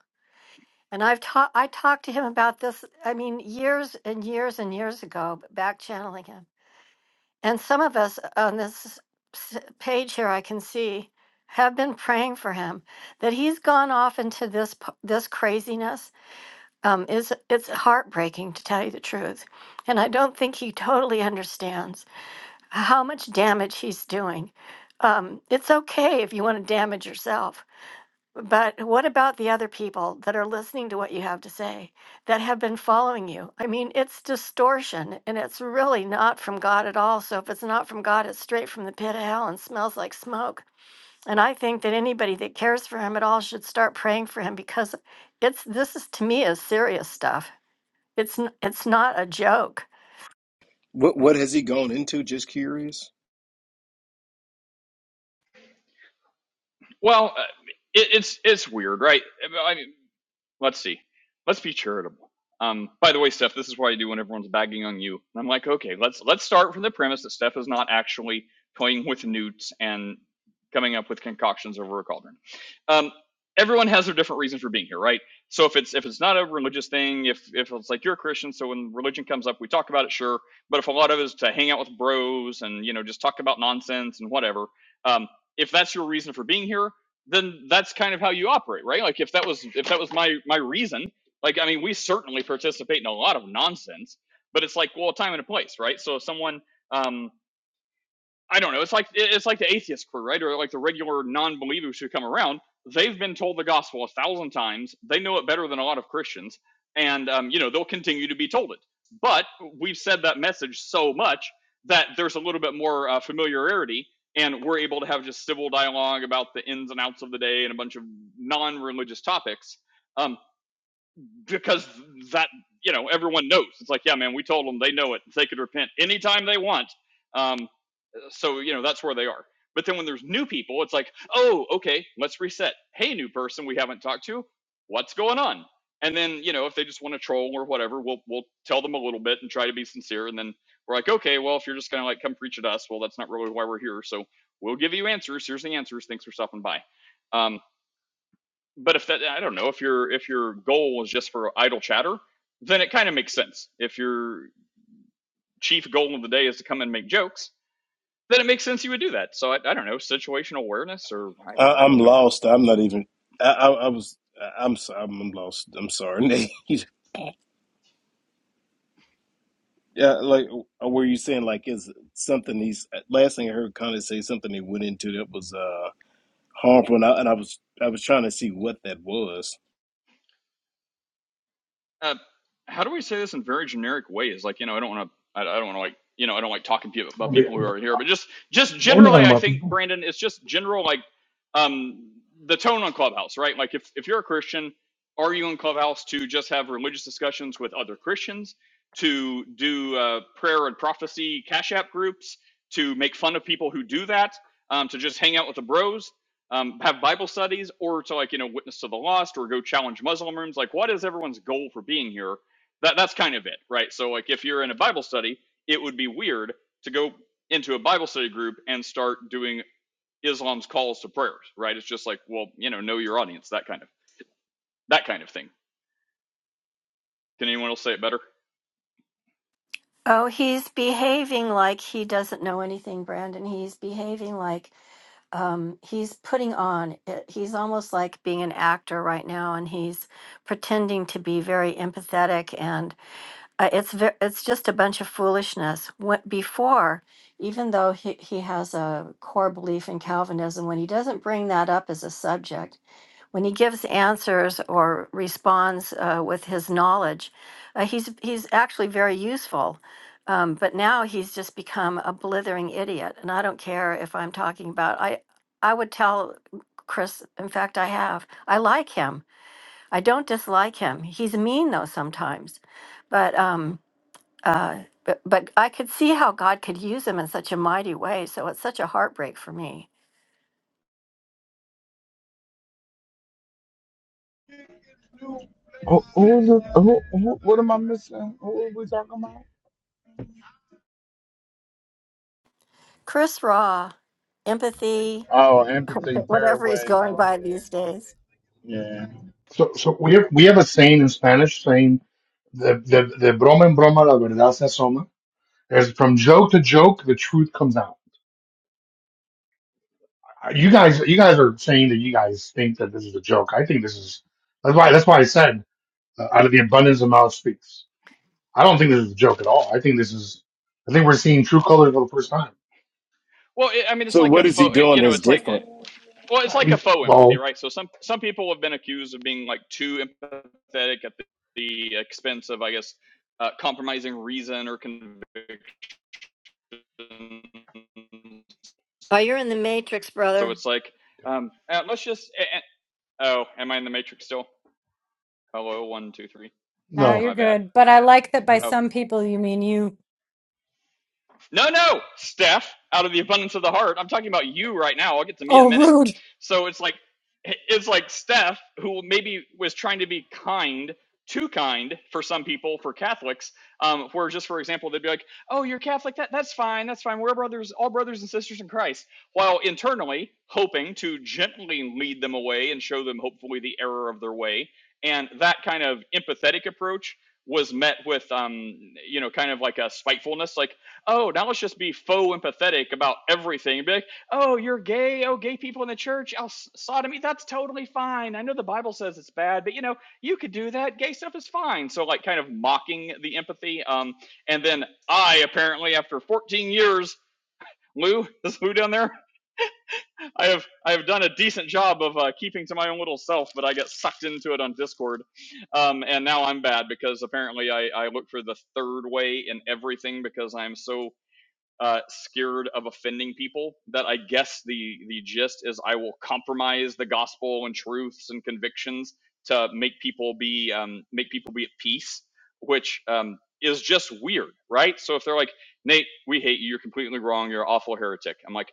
Speaker 2: and I've talked. I talked to him about this. I mean, years and years and years ago, back channeling him. And some of us on this s- page here, I can see, have been praying for him that he's gone off into this p- this craziness. Um, is it's heartbreaking to tell you the truth, and I don't think he totally understands how much damage he's doing. Um, it's okay if you want to damage yourself But what about the other people that are listening to what you have to say that have been following you? I mean, it's distortion and it's really not from God at all. So if it's not from God, it's straight from the pit of hell and smells like smoke. And I think that anybody that cares for him at all should start praying for him because it's this is to me is serious stuff. It's n- it's not a joke.
Speaker 9: What what has he gone into? Just curious.
Speaker 3: Well, uh, it, it's it's weird, right? I mean, let's see. Let's be charitable. Um, by the way, Steph, this is what I do when everyone's bagging on you. And I'm like, okay, let's let's start from the premise that Steph is not actually toying with newts and coming up with concoctions over a cauldron. Um, everyone has their different reasons for being here, right? So if it's if it's not a religious thing, if if it's like you're a Christian, so when religion comes up, we talk about it, sure. But if a lot of it is to hang out with bros and you know just talk about nonsense and whatever, um, if that's your reason for being here, then that's kind of how you operate, right? Like if that was if that was my my reason, like I mean, we certainly participate in a lot of nonsense, but it's like well, time and a place, right? So if someone um, I don't know. It's like it's like the atheist crew, right? Or like the regular non-believers who come around. They've been told the gospel a thousand times. They know it better than a lot of Christians, and um, you know they'll continue to be told it. But we've said that message so much that there's a little bit more uh, familiarity, and we're able to have just civil dialogue about the ins and outs of the day and a bunch of non-religious topics um, because that you know everyone knows. It's like, yeah, man, we told them they know it. They could repent anytime they want. Um, so you know that's where they are but then when there's new people it's like oh okay let's reset hey new person we haven't talked to what's going on and then you know if they just want to troll or whatever we'll we'll tell them a little bit and try to be sincere and then we're like okay well if you're just going to like come preach at us well that's not really why we're here so we'll give you answers here's the answers thanks for stopping by um but if that i don't know if your if your goal is just for idle chatter then it kind of makes sense if your chief goal of the day is to come and make jokes then it makes sense you would do that. So I, I don't know, situational awareness, or
Speaker 9: I,
Speaker 3: I, I
Speaker 9: I'm
Speaker 3: don't know.
Speaker 9: lost. I'm not even. I, I, I was. I- I'm. so- I'm I'm lost. I'm sorry, Nate. yeah, like uh, were you saying like is something he's last thing I heard Connie say something he went into that was uh harmful, and I, and I was I was trying to see what that was.
Speaker 3: Uh, how do we say this in very generic ways? Like, you know, I don't want to, I, I don't want to like, you know, I don't like talking about
Speaker 1: We're
Speaker 3: people who are here, but just, just
Speaker 1: not
Speaker 3: generally,
Speaker 1: talking
Speaker 3: I
Speaker 1: about, people?
Speaker 3: think Brandon, it's just general, like, um, the tone on Clubhouse, right? Like, if if you're a Christian, are you in Clubhouse to just have religious discussions with other Christians, to do uh, prayer and prophecy cash app groups, to make fun of people who do that, um, to just hang out with the bros? um, have Bible studies or to like, you know, witness to the lost or go challenge Muslim rooms. Like, what is everyone's goal for being here? That that's kind of it, right? So like if you're in a Bible study, it would be weird to go into a Bible study group and start doing Islam's calls to prayers, right? It's just like, well, you know, know your audience, that kind of that kind of thing. Can anyone else say it better?
Speaker 2: Oh, he's behaving like he doesn't know anything, Brandon. He's behaving like um he's putting on it, he's almost like being an actor right now and he's pretending to be very empathetic and uh, it's ve- it's just a bunch of foolishness what before even though he, he has a core belief in calvinism when he doesn't bring that up as a subject when he gives answers or responds uh, with his knowledge, uh, he's he's actually very useful. Um, but now he's just become a blithering idiot, and I don't care if I'm talking about. I I would tell Chris. In fact, I have. I like him. I don't dislike him. He's mean though sometimes, but um uh. But, but I could see how God could use him in such a mighty way. So it's such a heartbreak for me.
Speaker 10: Who, who, is it- who, who, what am I missing? Who are we talking about?
Speaker 2: Chris Raw, empathy,
Speaker 10: Oh, empathy, third
Speaker 2: whatever he's
Speaker 10: way.
Speaker 2: going
Speaker 10: Oh,
Speaker 2: by these days.
Speaker 10: yeah. Yeah.
Speaker 1: So, so we have, we have a saying in Spanish saying the, the, the broma en broma la verdad se asoma. There's from joke to joke, the truth comes out. You guys, you guys are saying that you guys think that this is a joke. I think this is, that's why, that's why I said uh, out of the abundance of mouth speaks. I don't think this is a joke at all. I think this is, I think we're seeing true colors for the first time.
Speaker 3: Well, it, I mean, it's
Speaker 9: So
Speaker 3: like
Speaker 9: what
Speaker 3: a
Speaker 9: is he
Speaker 3: fo- it-
Speaker 9: doing
Speaker 3: you know,
Speaker 9: that's
Speaker 3: it's like
Speaker 9: different?
Speaker 3: well, it's
Speaker 1: Uh,
Speaker 3: like a
Speaker 1: he's-
Speaker 3: faux empathy,
Speaker 1: well,
Speaker 3: right? So some some people have been accused of being like too empathetic at the, the expense of, I guess, uh, compromising reason or conviction.
Speaker 2: Oh, you're in the Matrix,
Speaker 3: So
Speaker 2: brother.
Speaker 3: it's like, um, uh, let's just. a- oh, am I in the matrix still? Hello, one, two, three.
Speaker 6: Now
Speaker 3: Am
Speaker 1: no,
Speaker 6: you're
Speaker 3: I bad?
Speaker 6: good, but I like that by
Speaker 1: no,
Speaker 3: Oh,
Speaker 6: some people you mean you.
Speaker 3: No, no, Steph, out of the abundance of the heart. I'm talking about you right now. I'll get to me in a
Speaker 6: Oh,
Speaker 3: minute.
Speaker 6: rude.
Speaker 3: So it's like it's like Steph, who maybe was trying to be kind, too kind for some people, for Catholics, um, where just for example, they'd be like, "Oh, you're Catholic. That that's fine. That's fine. We're brothers, all brothers and sisters in Christ." While internally hoping to gently lead them away and show them hopefully the error of their way, and that kind of empathetic approach was met with um, you know kind of like a spitefulness, like oh, now let's just be faux empathetic about everything. Be like, oh, you're gay. Oh, gay people in the church. Oh, s- sodomy. That's totally fine. I know the Bible says it's bad, but you know, you could do that. Gay stuff is fine. So, like, kind of mocking the empathy. Um, and then I apparently, after 14 years, Lou, is Lou down there? I have I have done a decent job of uh, keeping to my own little self, but I get sucked into it on Discord, um, and now I'm bad because apparently I, I look for the third way in everything because I'm so uh, scared of offending people. That I guess the the gist is I will compromise the gospel and truths and convictions to make people be um, make people be at peace, which um, is just weird, right? So if they're like, Nate, we hate you. You're completely wrong. You're an awful heretic. I'm like,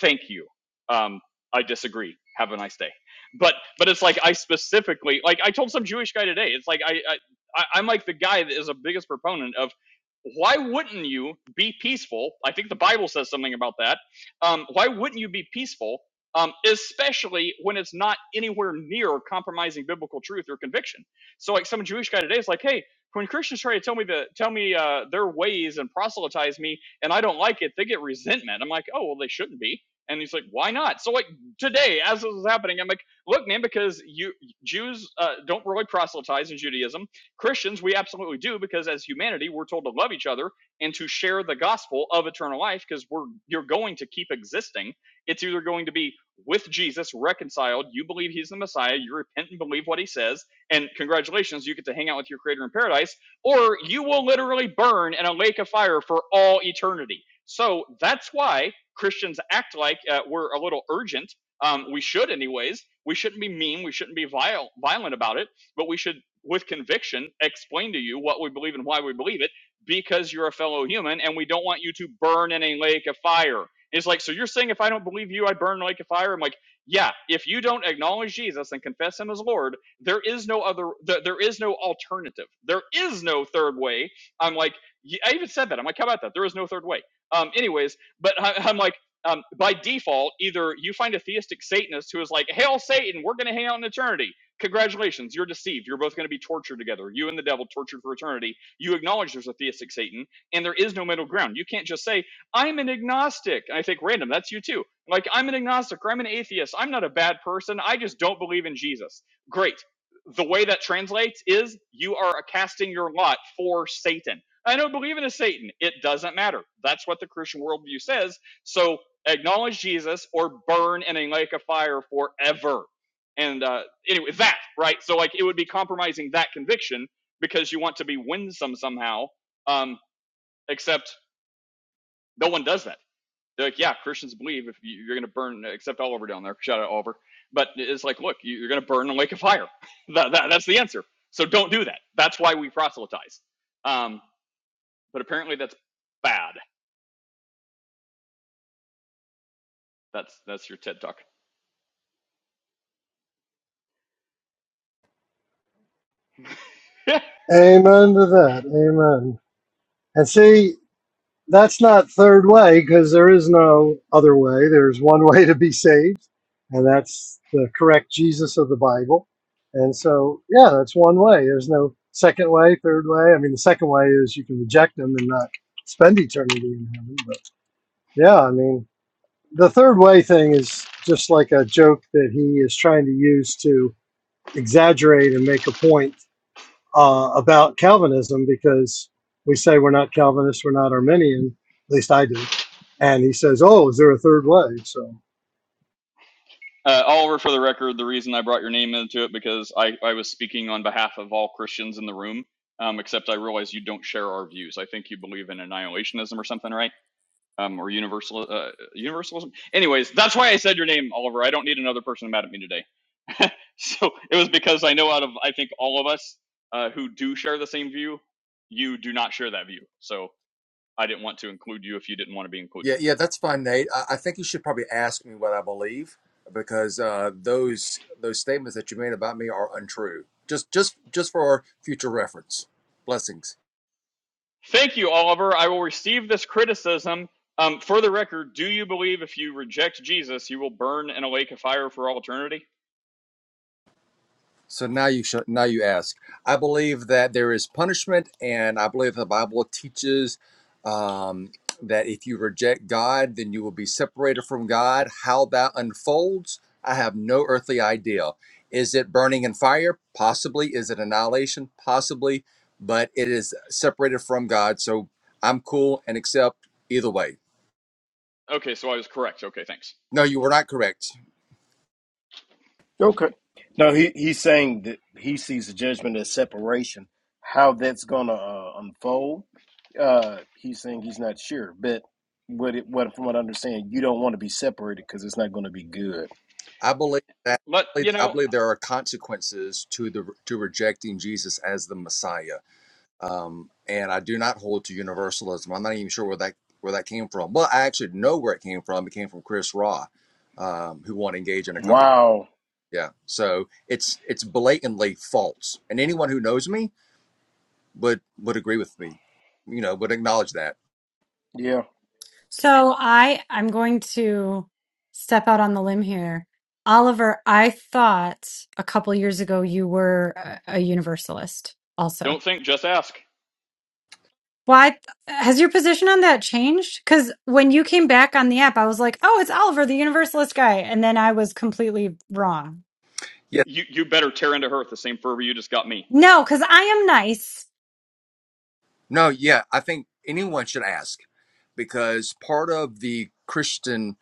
Speaker 3: thank you. Um, I disagree. Have a nice day. But but it's like I specifically like I told some Jewish guy today. It's like I, I I- I'm like the guy that is the biggest proponent of why wouldn't you be peaceful? I think the Bible says something about that. Um, why wouldn't you be peaceful, um, especially when it's not anywhere near compromising biblical truth or conviction? So, like some Jewish guy today is like, hey, when Christians try to tell me the tell me uh, their ways and proselytize me, and I don't like it, they get resentment. I'm like, oh well, they shouldn't be. And he's like, why not? So like today, as this is happening, I'm like, look, man, because you Jews uh, don't really proselytize in Judaism Christians, we absolutely do because as humanity, we're told to love each other and to share the gospel of eternal life because we're you're going to keep existing. It's either going to be with Jesus reconciled, you believe he's the Messiah, you repent and believe what he says, and congratulations, you get to hang out with your creator in paradise, or you will literally burn in a lake of fire for all eternity. So that's why Christians act like uh, we're a little urgent. Um, we should, anyways. We shouldn't be mean. We shouldn't be vile, violent about it but we should, with conviction, explain to you what we believe and why we believe it because you're a fellow human and we don't want you to burn in a lake of fire. It's like, so you're saying if I don't believe you, I burn in a lake of fire? I'm like, yeah, if you don't acknowledge Jesus and confess him as Lord, there is no other, there is no alternative. There is no third way. I'm like, y- i am like I even said that. I'm like, how about that? There is no third way. Um, anyways, but I, I'm like, um, by default, either you find a theistic Satanist who is like, Hail Satan, we're going to hang out in eternity, Congratulations, you're deceived. You're both going to be tortured together. You and the devil tortured for eternity. You acknowledge there's a theistic Satan, and there is no middle ground. You can't just say, I'm an agnostic. And I think, random, that's you too. Like, I'm an agnostic or I'm an atheist. I'm not a bad person. I just don't believe in Jesus. Great. The way that translates is you are casting your lot for Satan. I don't believe in a Satan. It doesn't matter. That's what the Christian worldview says. So acknowledge Jesus or burn in a lake of fire forever and uh, anyway, that right. So like, it would be compromising that conviction because you want to be winsome somehow. Um, except no one does that. They're like, yeah, Christians believe if you, you're going to burn, except Oliver down there. Shout out Oliver. But it's like, look, you- are going to burn in the lake of fire. that, that, that's the answer. So don't do that. That's why we proselytize. Um, but apparently that's bad. That's that's your TED talk.
Speaker 5: Amen to that. Amen. And see, that's not third way because there is no other way. There's one way to be saved, and that's the correct Jesus of the Bible. And so, yeah, that's one way. There's no second way, third way. I mean, the second way is you can reject him and not spend eternity in heaven. but Yeah, I mean, the third way thing is just like a joke that he is trying to use to exaggerate and make a point uh, about Calvinism because we say we're not Calvinist, we're not Arminian, at least I do. And he says, Oh, is there a third way? So,
Speaker 3: Uh, Oliver, for the record, the reason I brought your name into it because I, I was speaking on behalf of all Christians in the room, um, except I realize you don't share our views. I think you believe in annihilationism or something, right? Um, or universal uh, universalism. Anyways, that's why I said your name, Oliver. I don't need another person mad at me today. so it was because I know out of I think all of us uh, who do share the same view, you do not share that view. So I didn't want to include you if you didn't want to be included.
Speaker 11: Yeah, yeah, that's fine, Nate. I, I think you should probably ask me what I believe because uh, those those statements that you made about me are untrue. Just just just for future reference. Blessings.
Speaker 3: Thank you, Oliver. I will receive this criticism. Um, for the record, do you believe if you reject Jesus, you will burn in a lake of fire for all eternity?
Speaker 11: So now you should, now you ask. I believe that there is punishment, and I believe the Bible teaches um, that if you reject God, then you will be separated from God. How that unfolds, I have no earthly idea. Is it burning in fire? Possibly. Is it annihilation? Possibly. But it is separated from God, so I'm cool and accept either way.
Speaker 3: Okay, so I was correct. Okay, thanks.
Speaker 11: No, you were not correct.
Speaker 9: Okay. No, he he's saying that he sees the judgment as separation. How that's gonna uh, unfold, uh, he's saying he's not sure. But what it what from what I understand, you don't want to be separated because it's not going to be good.
Speaker 11: I believe that
Speaker 3: Let
Speaker 11: I believe,
Speaker 3: you
Speaker 11: I
Speaker 3: know.
Speaker 11: believe there are consequences to the to rejecting Jesus as the Messiah, um, and I do not hold to universalism. I'm not even sure where that where that came from. Well, I actually know where it came from. It came from Chris Raw, um, who won't engage in a conversation.
Speaker 9: Wow.
Speaker 11: Yeah, so it's it's blatantly false, and anyone who knows me would would agree with me, you know, would acknowledge that.
Speaker 9: Yeah.
Speaker 6: So I I'm going to step out on the limb here. Oliver, I thought a couple years ago you were a, a universalist also.
Speaker 3: Don't think, just ask.
Speaker 6: Why has your position on that changed? Cuz when you came back on the app I was like, "Oh, it's Oliver, the universalist guy." And then I was completely wrong.
Speaker 3: You you better tear into her with the same fervor you just got me.
Speaker 6: No, cuz I am nice.
Speaker 11: No, yeah, I think anyone should ask because part of the Christian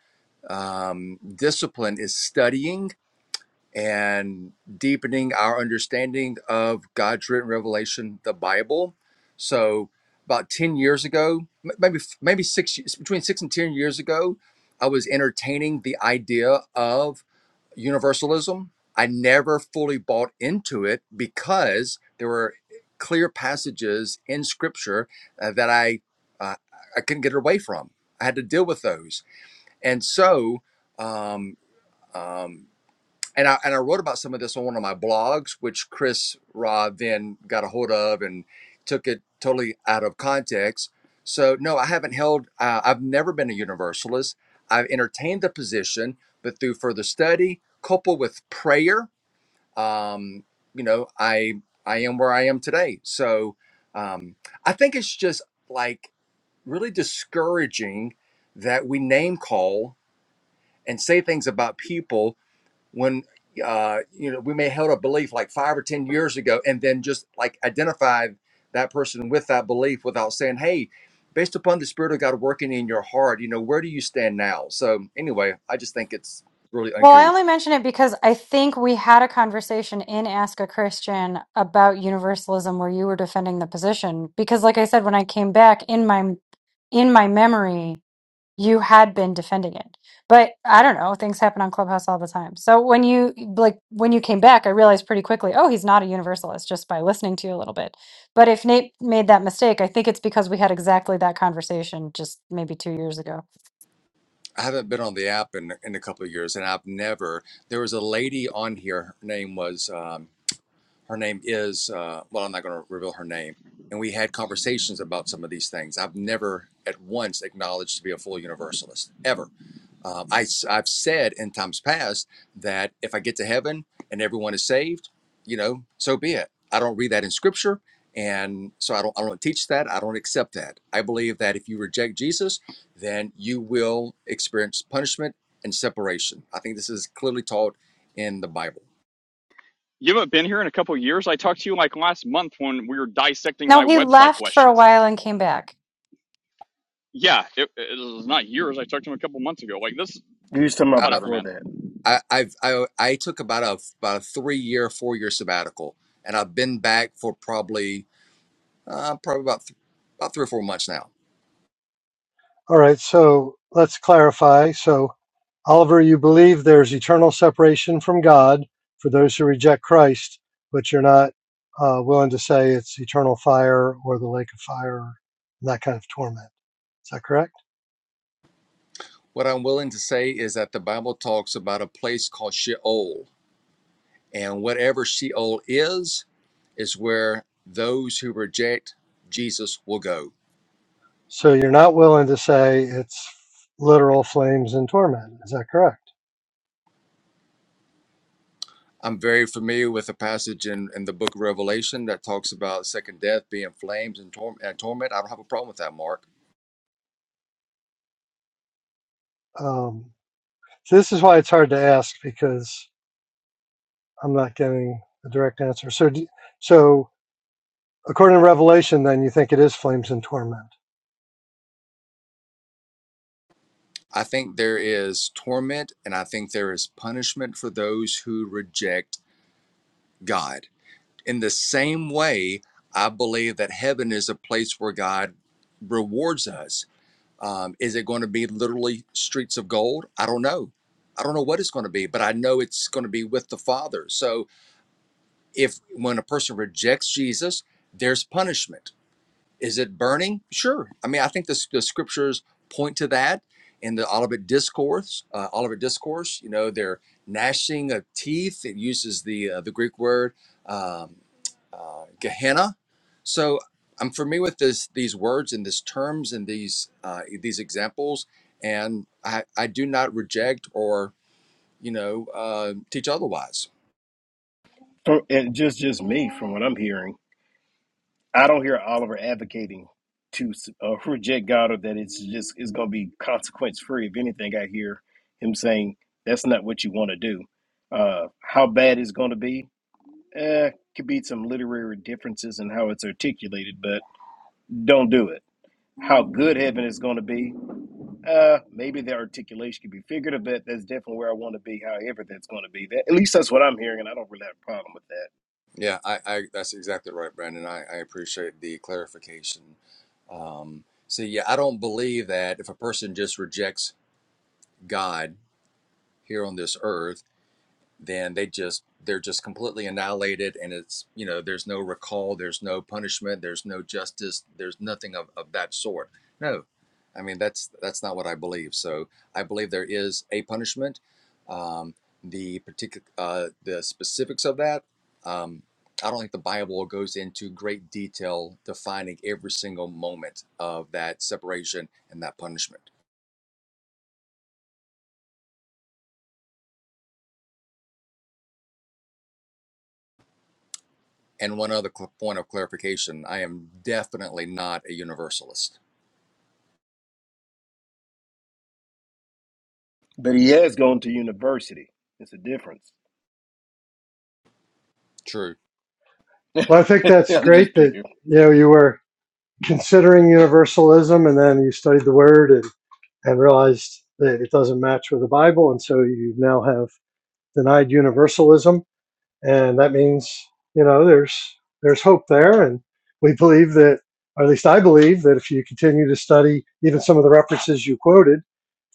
Speaker 11: um, discipline is studying and deepening our understanding of God's written revelation, the Bible. So, about 10 years ago, m- maybe maybe six between six and 10 years ago, I was entertaining the idea of universalism. I never fully bought into it because there were clear passages in Scripture uh, that I uh, I couldn't get away from. I had to deal with those, and so um, um, and I and I wrote about some of this on one of my blogs, which Chris Ra then got a hold of and took it totally out of context. So no, I haven't held. Uh, I've never been a universalist. I've entertained the position, but through further study, coupled with prayer, um, you know, I I am where I am today. So um, I think it's just like really discouraging that we name call and say things about people when uh, you know we may held a belief like five or ten years ago, and then just like identified that person with that belief without saying, "Hey, based upon the Spirit of God working in your heart, you know where do you stand now?" So anyway, I just think it's really
Speaker 6: Well, I only
Speaker 11: uncouth.
Speaker 6: mention it because I think we had a conversation in Ask a Christian about universalism where you were defending the position because like I said when I came back in my in my memory you had been defending it. But I don't know, things happen on Clubhouse all the time. So when you like when you came back I realized pretty quickly, oh, he's not a universalist just by listening to you a little bit. But if Nate made that mistake, I think it's because we had exactly that conversation just maybe 2 years ago.
Speaker 11: I haven't been on the app in, in a couple of years, and I've never. There was a lady on here. Her name was. Um, her name is. Uh, well, I'm not going to reveal her name. And we had conversations about some of these things. I've never at once acknowledged to be a full universalist ever. Uh, I, have said in times past that if I get to heaven and everyone is saved, you know, so be it. I don't read that in scripture. And so I don't, I don't teach that. I don't accept that. I believe that if you reject Jesus, then you will experience punishment and separation. I think this is clearly taught in the Bible.
Speaker 3: You haven't been here in a couple of years. I talked to you like last month when we were dissecting
Speaker 6: No,
Speaker 3: my
Speaker 6: he
Speaker 3: website
Speaker 6: left for a
Speaker 3: questions.
Speaker 6: while and came back.
Speaker 3: Yeah, it, it was not years. I talked to him a couple months ago. Like this,
Speaker 9: You was talking about
Speaker 11: I,
Speaker 3: whatever,
Speaker 9: before
Speaker 3: man.
Speaker 9: that,
Speaker 11: I, I've, I, I took about a, about a three year, four year sabbatical and I've been back for probably, uh, probably about, th- about three or four months now
Speaker 5: all right, so let's clarify. So, Oliver, you believe there's eternal separation from God for those who reject Christ, but you're not uh, willing to say it's eternal fire or the lake of fire and that kind of torment. Is that correct?
Speaker 11: What I'm willing to say is that the Bible talks about a place called Sheol, and whatever Sheol is, is where those who reject Jesus will go.
Speaker 5: So you're not willing to say it's literal flames and torment. Is that correct?
Speaker 11: I'm very familiar with a passage in, in the book of Revelation that talks about second death being flames and, tor- and torment. I don't have a problem with that, Mark.
Speaker 5: Um, so this is why it's hard to ask because I'm not getting a direct answer. So, do, so according to Revelation, then you think it is flames and torment.
Speaker 11: I think there is torment and I think there is punishment for those who reject God. In the same way, I believe that heaven is a place where God rewards us Um, is it going to be literally streets of gold? I don't know. I don't know what it's going to be, but I know it's going to be with the Father. So if when a person rejects Jesus, there's punishment. Is it burning? Sure. I mean, I think the, the scriptures point to that in the Olivet Discourse. Uh, Olivet Discourse, you know, they're gnashing of teeth. It uses the uh, the Greek word um, Gehenna. So I'm familiar with this, these words and these terms and these uh, these examples, and I, I do not reject or you know uh, teach otherwise.
Speaker 9: So, and just just me from what I'm hearing. I don't hear Oliver advocating to uh, reject God or that it's just it's going to be consequence free. If anything, I hear him saying that's not what you want to do. Uh, how bad it's going to be eh, could be some literary differences in how it's articulated, but don't do it. How good heaven is going to be, uh, maybe the articulation could be figurative, but that's definitely where I want to be. However, that's going to be that. At least that's what I'm hearing, and I don't really have a problem with that.
Speaker 11: Yeah, I, I that's exactly right, Brandon. I, I appreciate the clarification. Um, so yeah, I don't believe that if a person just rejects God here on this earth. then they just they're just completely annihilated and it's you know there's no recall there's no punishment there's no justice there's nothing of, of that sort no i mean that's that's not what i believe so i believe there is a punishment um, the particular uh, the specifics of that um, i don't think the bible goes into great detail defining every single moment of that separation and that punishment and one other cl- point of clarification i am definitely not a universalist
Speaker 9: But he has gone to university. It's a difference.
Speaker 11: True.
Speaker 5: Well, I think that's
Speaker 9: I'm
Speaker 5: great
Speaker 9: just
Speaker 5: that
Speaker 9: picking.
Speaker 5: you know you were considering universalism, and then you studied the Word and and realized that it doesn't match with the Bible, and so you now have denied universalism, and that means you know there's there's hope there, and we believe that, or at least I believe that if you continue to study even some of the references you quoted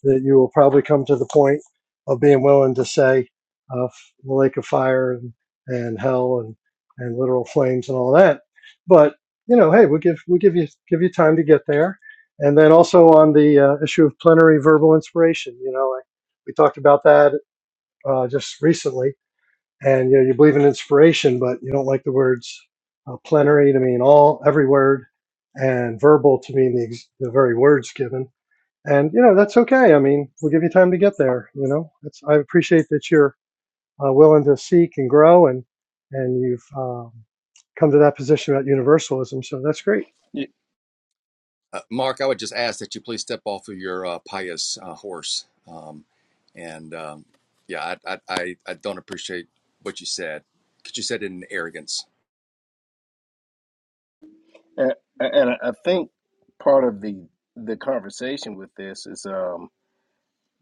Speaker 5: that you will probably come to the point of being willing to say uh, the lake of fire and, and hell and, and literal flames and all that. But you know, hey, we'll give we'll give you give you time to get there. And then also on the uh, issue of plenary verbal inspiration, you know, I, we talked about that uh, just recently. And you know, you believe in inspiration, but you don't like the words uh, plenary to mean all every word, and verbal to mean the, ex- the very words given and you know that's okay i mean we'll give you time to get there you know it's, i appreciate that you're uh, willing to seek and grow and and you've um, come to that position about universalism so that's great
Speaker 9: Yeah,
Speaker 11: Uh, Mark, I would just ask that you please step off of your uh, pious uh, horse. Um, and um, yeah, I, I, I, I don't appreciate what you said because you said it in arrogance.
Speaker 9: And, and I I think part of the the conversation with this is, um,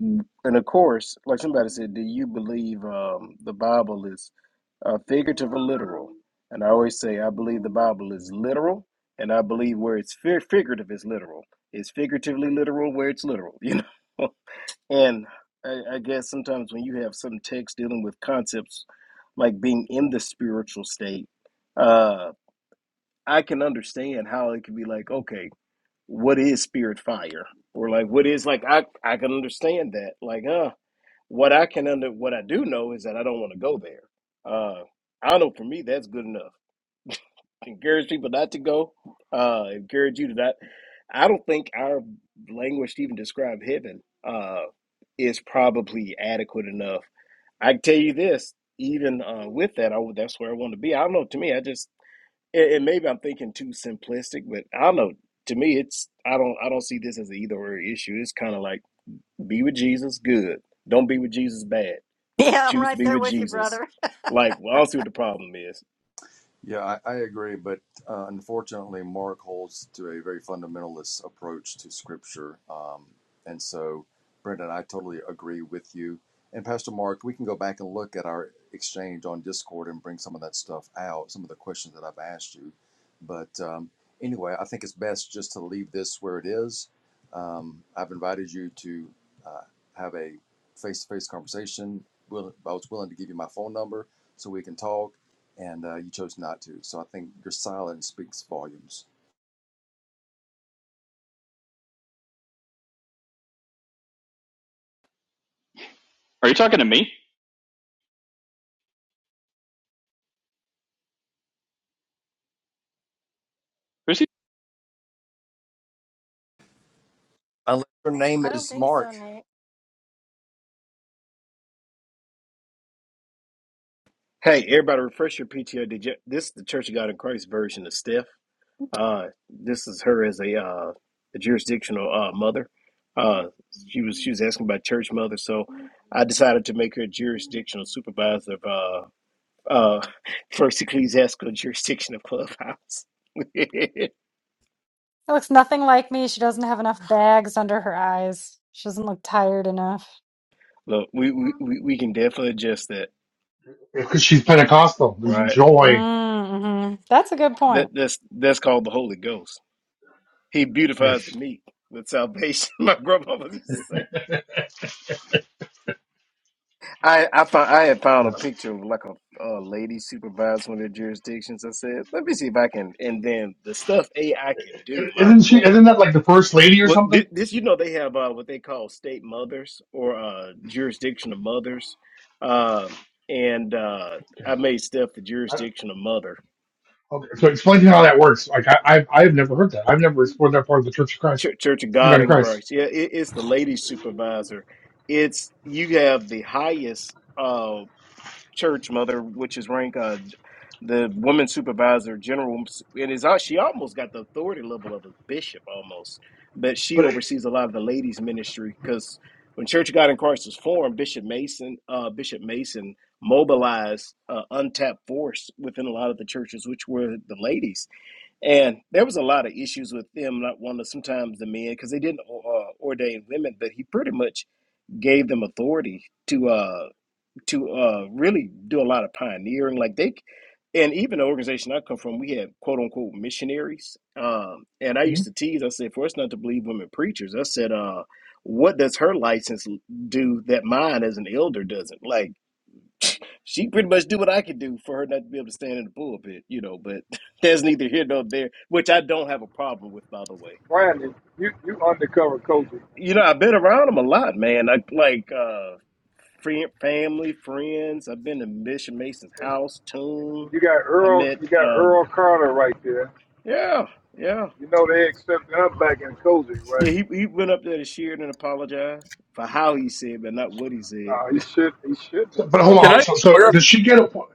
Speaker 9: and of course, like somebody said, do you believe um, the Bible is uh, figurative or literal? And I always say, I believe the Bible is literal, and I believe where it's fi- figurative is literal. It's figuratively literal where it's literal, you know. and I, I guess sometimes when you have some text dealing with concepts like being in the spiritual state. uh, I can understand how it could be like, okay, what is spirit fire? Or like what is like I I can understand that. Like, uh, what I can under what I do know is that I don't want to go there. Uh I don't know for me that's good enough. Encourage people not to go. Uh encourage you to not I don't think our language to even describe heaven uh is probably adequate enough. I can tell you this, even uh with that, I that's where I want to be. I don't know, to me, I just and, and maybe I'm thinking too simplistic, but I don't know. To me, it's I don't I don't see this as an either or issue. It's kind of like be with Jesus, good. Don't be with Jesus, bad.
Speaker 2: Yeah, I'm
Speaker 9: Choose to
Speaker 2: right
Speaker 9: be
Speaker 2: there
Speaker 9: with
Speaker 2: with you,
Speaker 9: Jesus.
Speaker 2: brother.
Speaker 9: Like, well, I don't see what the problem is.
Speaker 11: Yeah, I, I agree, but uh, unfortunately, Mark holds to a very fundamentalist approach to Scripture, um, and so Brendan, I totally agree with you. And Pastor Mark, we can go back and look at our exchange on Discord and bring some of that stuff out, some of the questions that I've asked you. But um, anyway, I think it's best just to leave this where it is. Um, I've invited you to uh, have a face-to-face conversation. Will, I was willing to give you my phone number so we can talk and uh, you chose not to. So I think your silence speaks volumes.
Speaker 3: Are you talking to me? Who's he?
Speaker 11: Unless your name
Speaker 2: I don't
Speaker 11: is
Speaker 2: think
Speaker 11: Mark.
Speaker 2: so, Nate.
Speaker 9: Hey, everybody, refresh your PTO. Did you, this is the Church of God in Christ version of Steph. Uh, this is her as a uh, a jurisdictional uh, mother. Uh, she was she was asking about church mother, so I decided to make her a jurisdictional supervisor of uh, uh, first ecclesiastical jurisdiction of Clubhouse.
Speaker 6: It looks nothing like me. She doesn't have enough bags under her eyes. She doesn't look tired enough.
Speaker 9: Look, we, we, we we can definitely adjust that,
Speaker 1: because she's Pentecostal. There's
Speaker 9: right?
Speaker 1: joy.
Speaker 6: Mm-hmm. That's a good
Speaker 9: That
Speaker 6: point.
Speaker 9: that's that's called the Holy Ghost. He beautifies
Speaker 1: Yes.
Speaker 9: the meat with salvation. My grandmother used to say. I I found I had found
Speaker 1: yeah.
Speaker 9: a picture of like a, a lady supervised one of the jurisdictions. I said, let me see if I can. And then the stuff AI can do, my
Speaker 1: Isn't she,
Speaker 9: lord.
Speaker 1: isn't that like the first lady or
Speaker 9: Well, thi-
Speaker 1: something?
Speaker 9: this you know they have uh, what they call state mothers or uh, jurisdictional mothers, um, and uh, I made Steph the jurisdictional mother,
Speaker 1: Okay, so explain to me how that works. Like I, I've I've never heard that. I've never explored that part of the Church of Christ,
Speaker 9: Church, Church of
Speaker 1: Church of
Speaker 9: God
Speaker 1: God in
Speaker 9: in Christ.
Speaker 1: Christ.
Speaker 9: Yeah, it, it's the lady supervisor. It's you have the highest. church mother, which is rank uh, the woman supervisor general, and is al- she almost got the authority level of a bishop almost, but she
Speaker 1: But
Speaker 9: oversees a lot of the ladies ministry because when Church of God in Christ was formed, Bishop Mason, uh, Bishop Mason mobilized uh, untapped force within a lot of the churches, which were the ladies, and there was a lot of issues with them not wanting to sometimes the men because they didn't uh, ordain women, but he pretty much gave them authority to. Uh, to uh, really do a lot of pioneering. Like they, and even the organization I come from, we had quote unquote missionaries. Um, and I
Speaker 1: hmm?
Speaker 9: used to tease. I said, for us not to believe women preachers, I said, uh, what does her license do that mine as an elder doesn't? Like she pretty much do what I could do for her not to be able to stand in the pulpit, you know. But there's neither here nor there, which I don't have a problem with, by the way.
Speaker 12: Brandon, you you undercover coaching,
Speaker 9: You know, I've been around them a lot, man. I like. uh fri- family, friends. I've been to Bishop Mason's
Speaker 12: and
Speaker 9: house, tomb.
Speaker 12: you got
Speaker 9: I
Speaker 12: Earl,
Speaker 9: met,
Speaker 12: you got
Speaker 9: uh,
Speaker 12: Earl Carter right there.
Speaker 9: yeah, yeah.
Speaker 12: You know they accepted him back in coaching, right?
Speaker 9: Yeah, he, he went up there to Sheridan and apologized for how he said, but not what he
Speaker 12: No,
Speaker 9: said.
Speaker 12: he should he shouldn't
Speaker 1: so,
Speaker 12: have,
Speaker 1: but hold
Speaker 12: but
Speaker 13: Can
Speaker 1: on.
Speaker 13: I
Speaker 1: So so
Speaker 13: clar-
Speaker 12: right?
Speaker 1: does she get appo-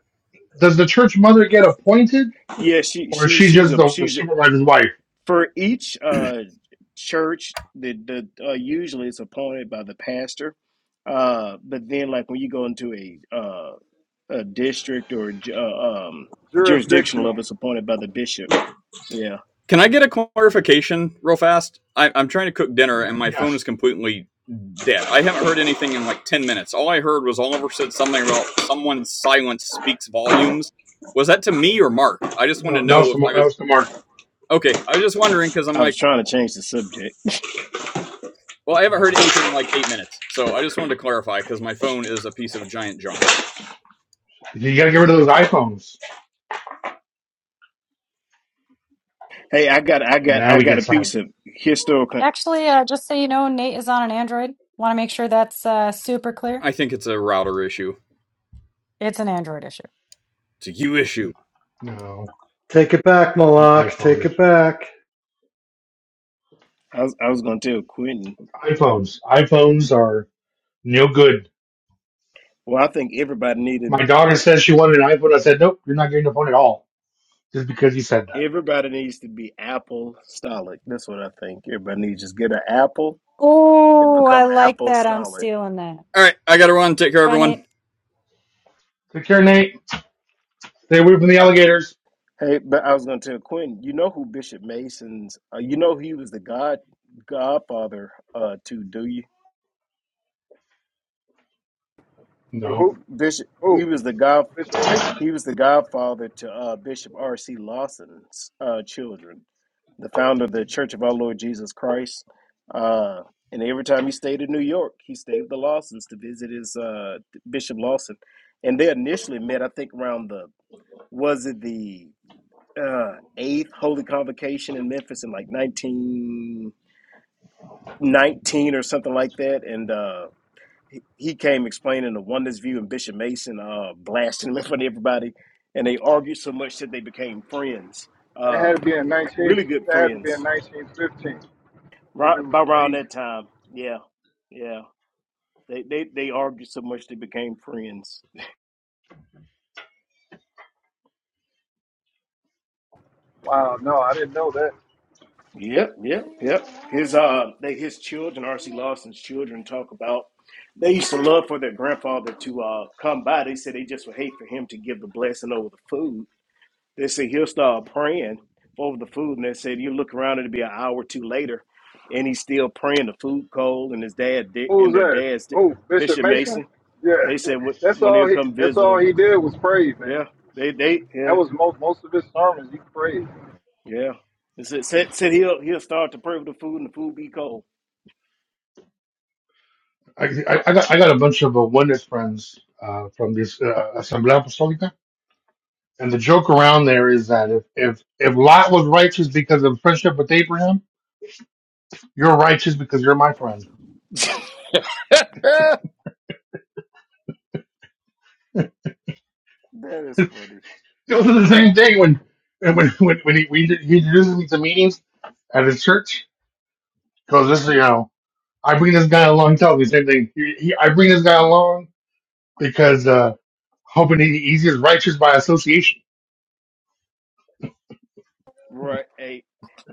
Speaker 1: does the church mother get appointed,
Speaker 9: yeah, she
Speaker 1: or is
Speaker 9: she
Speaker 1: she
Speaker 9: she's
Speaker 1: just
Speaker 9: a
Speaker 1: the, the
Speaker 9: she's a,
Speaker 1: supervisor's wife?
Speaker 9: for each uh church the the uh, usually it's appointed by the pastor, uh. But then like when you go into a uh a district or a ju- uh, um jurisdictional
Speaker 12: Jurisdictional.
Speaker 9: level, it's appointed by the bishop. Yeah,
Speaker 13: can I get a clarification real fast? I, I'm trying to cook dinner and my phone
Speaker 1: Yes.
Speaker 13: is completely dead. I haven't heard anything in like ten minutes. All I heard was Oliver said something about someone's silence speaks volumes. Was that to me or Mark? I just want to
Speaker 1: No, that was
Speaker 13: know
Speaker 1: the
Speaker 13: if
Speaker 1: mar-
Speaker 13: I
Speaker 1: that
Speaker 13: was
Speaker 1: was the mark.
Speaker 13: okay. I was just wondering because I'm
Speaker 9: I was
Speaker 13: like,
Speaker 9: trying to change the subject.
Speaker 13: well, I haven't heard
Speaker 1: No.
Speaker 13: anything in like eight minutes, so I just wanted to clarify because my phone is a piece of giant junk.
Speaker 1: You got to get rid of those iPhones.
Speaker 9: Hey, I got, I got,
Speaker 1: Now
Speaker 9: I
Speaker 1: we
Speaker 9: got a
Speaker 1: get silent.
Speaker 9: piece of historical.
Speaker 6: Actually, uh, just so you know, Nate is on an Android. Want to make sure that's uh, super clear.
Speaker 13: I think it's a router issue.
Speaker 6: It's an Android issue.
Speaker 13: It's a you issue.
Speaker 1: No,
Speaker 5: take it back
Speaker 1: an
Speaker 5: malak
Speaker 1: iPhone
Speaker 5: take it
Speaker 1: issue.
Speaker 5: back
Speaker 9: I was, I was going to tell Quentin.
Speaker 1: iPhones. iPhones are no good.
Speaker 9: Well, I think everybody needed,
Speaker 1: My daughter says she wanted an iPhone. I said, nope, you're not getting a phone at all, just because you said that.
Speaker 9: everybody needs to be apostolic. That's what I think. Everybody needs to just get an apple and
Speaker 6: Oh, I
Speaker 9: become
Speaker 6: like that. I'm
Speaker 9: apostolic.
Speaker 6: stealing that.
Speaker 13: All right, I gotta run. Take care,
Speaker 6: Bye,
Speaker 13: everyone.
Speaker 6: Nate.
Speaker 1: Take care, Nate. Stay away from the alligators.
Speaker 9: Hey, but I was going to tell Quentin. You know who Bishop Mason's? Uh, you know he was the God, Godfather uh, to. Do you,
Speaker 12: So
Speaker 1: No,
Speaker 12: who
Speaker 9: Bishop? He
Speaker 12: who?
Speaker 9: was the God.
Speaker 12: Bishop Mason.
Speaker 9: He was the Godfather to uh, Bishop R. C. Lawson's uh, children. the founder of the Church of Our Lord Jesus Christ. Uh, and every time he stayed in New York, he stayed with the Lawsons to visit his uh, Bishop Lawson. And they initially met, I think, around the was it the uh, eighth Holy Convocation in Memphis in like 1919 or something like that. And uh, he he came explaining the oneness view, and Bishop Mason uh, blasting him in front of everybody. And they argued so much that they became friends,
Speaker 12: That had
Speaker 9: uh,
Speaker 12: to be in nineteen.
Speaker 9: really good
Speaker 12: That had to be
Speaker 9: friends
Speaker 12: in nineteen fifteen. If
Speaker 9: Right
Speaker 12: it was
Speaker 9: by
Speaker 12: the
Speaker 9: around
Speaker 12: eighth.
Speaker 9: that time. Yeah. Yeah. They they they argued so much they became friends.
Speaker 12: Wow, no, I didn't know that.
Speaker 9: Yep, yep, yep. His uh they his children, RC Lawson's children talk about they used to love for their grandfather to uh come by. They said they just would hate for him to give the blessing over the food. They said he'll start praying over the food and they said you look around it'll be an hour or two later and he's still praying the food cold and his dad di- and
Speaker 12: Who's
Speaker 9: their
Speaker 12: that?
Speaker 9: dad's di-
Speaker 12: Oh, Bishop
Speaker 9: Bishop
Speaker 12: Mason.
Speaker 9: Mason.
Speaker 12: Yeah,
Speaker 9: They said when
Speaker 12: that's
Speaker 9: when he'll
Speaker 12: all he.
Speaker 9: come
Speaker 12: That's
Speaker 9: visit
Speaker 12: all
Speaker 9: them.
Speaker 12: he did was pray, man.
Speaker 9: Yeah, they they
Speaker 12: That
Speaker 9: yeah
Speaker 12: was most most of his sermons. He prayed.
Speaker 9: yeah. It said said, said he'll he'll start to pray for the food and the food be cold.
Speaker 1: I, I, I got I got a bunch of uh, oneness friends uh, from this uh, Asamblea Apostolica, and the joke around there is that if if if Lot was righteous because of friendship with Abraham, you're righteous because you're my friend.
Speaker 9: that is funny,
Speaker 1: It was the same thing when and when when, when he, we, he introduces me to meetings at his church because this you know I bring this guy along. He tells me the same thing. He, he, I bring this guy along because uh, hoping he, he's just righteous by association.
Speaker 9: right? Hey,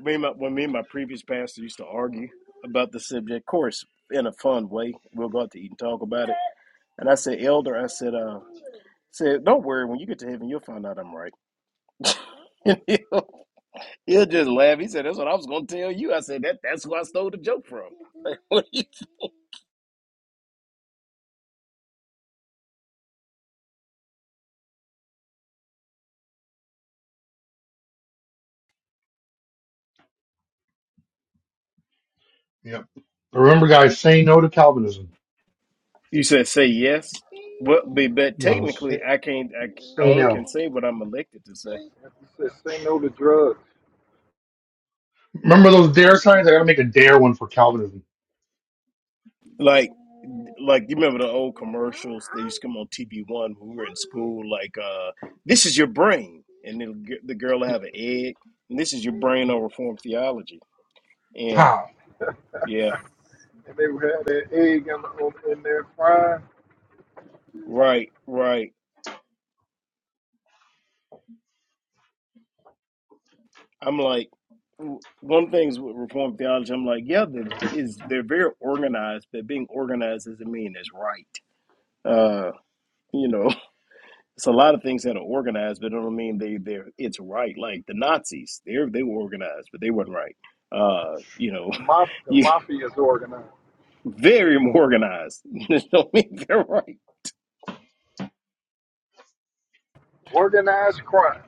Speaker 9: me and my, when me and my previous pastor used to argue about the subject, of course, in a fun way, we'll go out to eat and talk about it. And I said, Elder, I said, uh, said, don't worry, when you get to heaven, you'll find out I'm right. he'll, he'll just laugh. He said, that's what I was gonna tell you. I said that that's who I stole the joke from.
Speaker 1: Yep. But remember, guys, say no to Calvinism.
Speaker 9: You said say yes. Well, but, but
Speaker 1: No, stay,
Speaker 9: technically, I can't. I, I
Speaker 1: stay
Speaker 9: only can
Speaker 1: now.
Speaker 9: say what I'm elected to say.
Speaker 12: As he said, say no to drugs.
Speaker 1: Remember those dare signs? I gotta make a dare one for Calvinism.
Speaker 9: Like, like you remember the old commercials that used to come on TV One when we were in school? Like, uh, this is your brain, and it'll, g- the girl will have
Speaker 1: Yep.
Speaker 9: an egg, and this is your brain on reform theology. And
Speaker 1: Pow.
Speaker 9: yeah,
Speaker 12: And they had that egg in, in their frying.
Speaker 9: right, right. I'm like, w- one thing's with reform theology. I'm like, yeah, they is they're very organized, but being organized doesn't mean it's right. Uh, you know. it's a lot of things that are organized, but it don't mean they they're it's right. Like the Nazis, they are they were organized, but they weren't right. Uh, you know,
Speaker 12: The, maf- the
Speaker 9: you
Speaker 12: mafia is organized.
Speaker 9: very organized. don't mean they're right.
Speaker 12: Organized crime.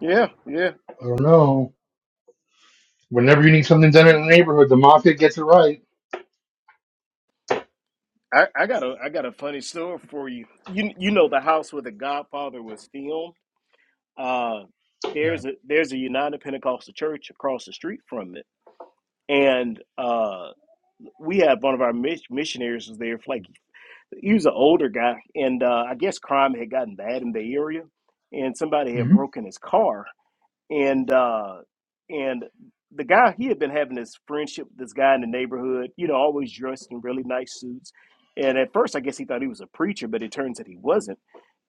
Speaker 9: Yeah, yeah.
Speaker 1: I don't know. Whenever you need something done in a neighborhood, the mafia gets it right.
Speaker 9: I, I got a I got a funny story for you. You you know the house where The Godfather was filmed. Uh,
Speaker 1: Yeah.
Speaker 9: there's a there's a United Pentecostal Church across the street from it, and uh, we had one of our mis- missionaries was there for like he was an older guy, and uh, I guess crime had gotten bad in the area, and somebody had
Speaker 1: hmm
Speaker 9: broken his car, and uh, and the guy he had been having this friendship with this guy in the neighborhood, you know, always dressed in really nice suits, and at first I guess he thought he was a preacher, but it turns out he wasn't.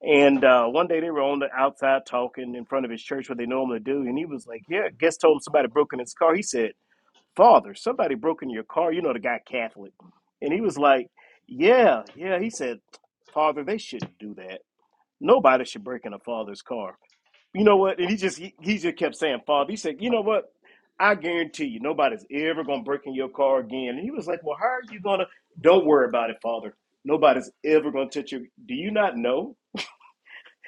Speaker 9: And uh, one day they were on the outside talking in front of his church, what they normally do, and he was like, "Yeah," guess told him somebody broke in his car. He said father, somebody broke into your car. You know, the guy Catholic. And he was like, yeah, yeah. He said, father, they shouldn't do that. Nobody should break in a father's car. You know what? And he just, he, he just kept saying, father, he said, you know what? I guarantee you, nobody's ever going to break in your car again. And he was like, well, how are you going to? Don't worry about it, father. Nobody's ever going to touch you. Do you not know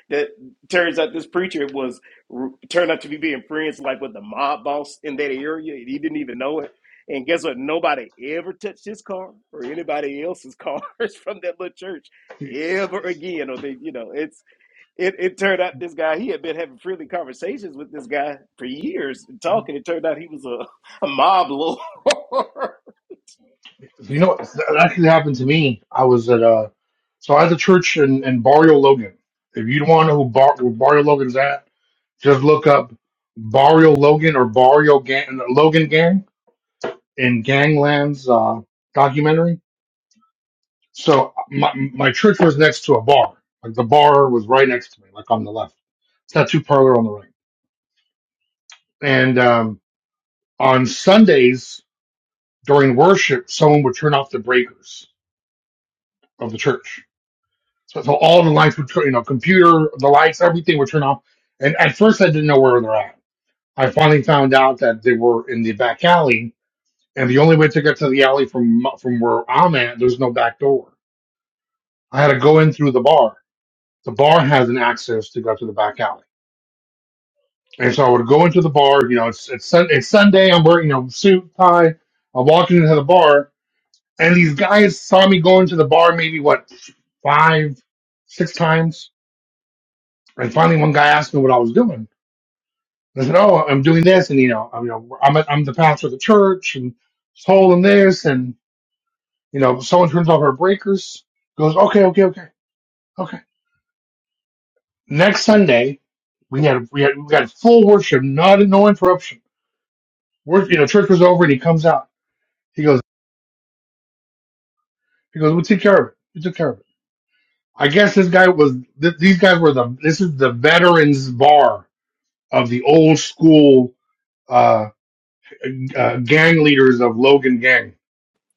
Speaker 9: that turns out this preacher was turned out to be being friends like with the mob boss in that area and he didn't even know it and guess what nobody ever touched his car or anybody else's cars from that little church ever again or they you know it's it, it turned out this guy he had been having friendly conversations with this guy for years and talking it turned out he was a, a mob lord
Speaker 1: You know, what? that actually happened to me. I was at uh, so I had a church in, in Barrio Logan. If you don't want to know who Bar, where Barrio Logan's at, just look up Barrio Logan or Barrio Gang, Logan Gang in Gangland's uh, documentary. So my my church was next to a bar. Like the bar was right next to me, like on the left. tattoo parlor on the right. And um, on Sundays during worship, someone would turn off the breakers of the church. So, so all the lights would turn, you know, computer, the lights, everything would turn off. And at first, I didn't know where they're at. I finally found out that they were in the back alley, and the only way to get to the alley from from where I'm at, there's no back door. I had to go in through the bar. The bar has an access to go to the back alley And so I would go into the bar. You know, it's it's, sun, it's Sunday. I'm wearing you know suit tie. I'm walking into the bar, and these guys saw me go into the bar maybe what five, six times. And finally, one guy asked me what I was doing. I said, "Oh, I'm doing this, and you know, I'm you know, I'm, a, I'm the pastor of the church, and holding this, and you know, someone turns off our breakers, goes, okay, okay, okay, okay. Next Sunday, we had we had we got full worship, not no interruption. Worship, you know, church was over, and he comes out. He goes. He goes, "We took care of it. We took care of it." I guess this guy was. Th- these guys were the. This is the veterans bar of the old school uh, uh, gang leaders of Logan Gang,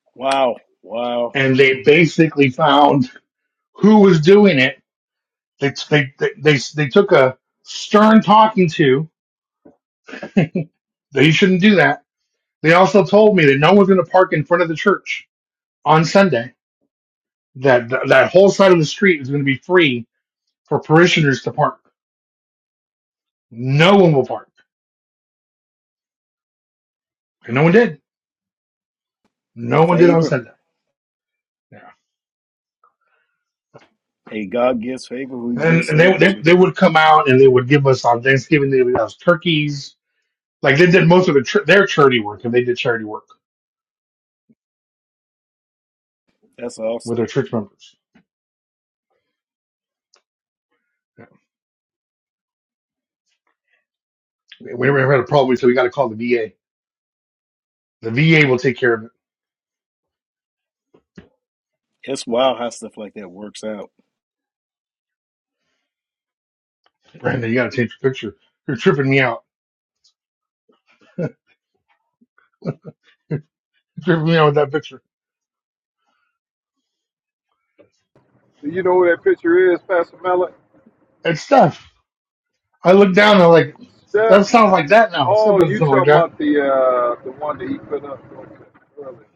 Speaker 9: wow wow
Speaker 1: and they basically found who was doing it. They they they they, they took a stern talking to that you shouldn't do that. They also told me that no one's going to park in front of the church on Sunday. That that that whole side of the street is going to be free for parishioners to park. No one will park, and no one did No one did on
Speaker 9: favor
Speaker 1: Sunday. Yeah.
Speaker 9: hey god gives favor who he
Speaker 1: And,
Speaker 9: gives
Speaker 1: and they,
Speaker 9: favor
Speaker 1: they
Speaker 9: to
Speaker 1: they would come out and they would give us on Thanksgiving they would give us turkeys. Like they did most of the chur- their charity work and they did charity work
Speaker 9: that's awesome
Speaker 1: with their church members. Yeah. We never had a problem, so we got to call the VA. The VA will take care of it.
Speaker 9: It's wild how stuff like that works out.
Speaker 1: Brandon, you got to change your picture. You're tripping me out. You're tripping me out with that picture.
Speaker 12: Do you know who that picture is, Pastor Mellon?
Speaker 1: It's stuff. I look down and I'm like,
Speaker 12: Step.
Speaker 1: that sounds like that now. Stuff
Speaker 12: Oh,
Speaker 1: doesn't
Speaker 12: you
Speaker 1: sound like
Speaker 12: talking
Speaker 1: that.
Speaker 12: about the uh, the one that he put up earlier.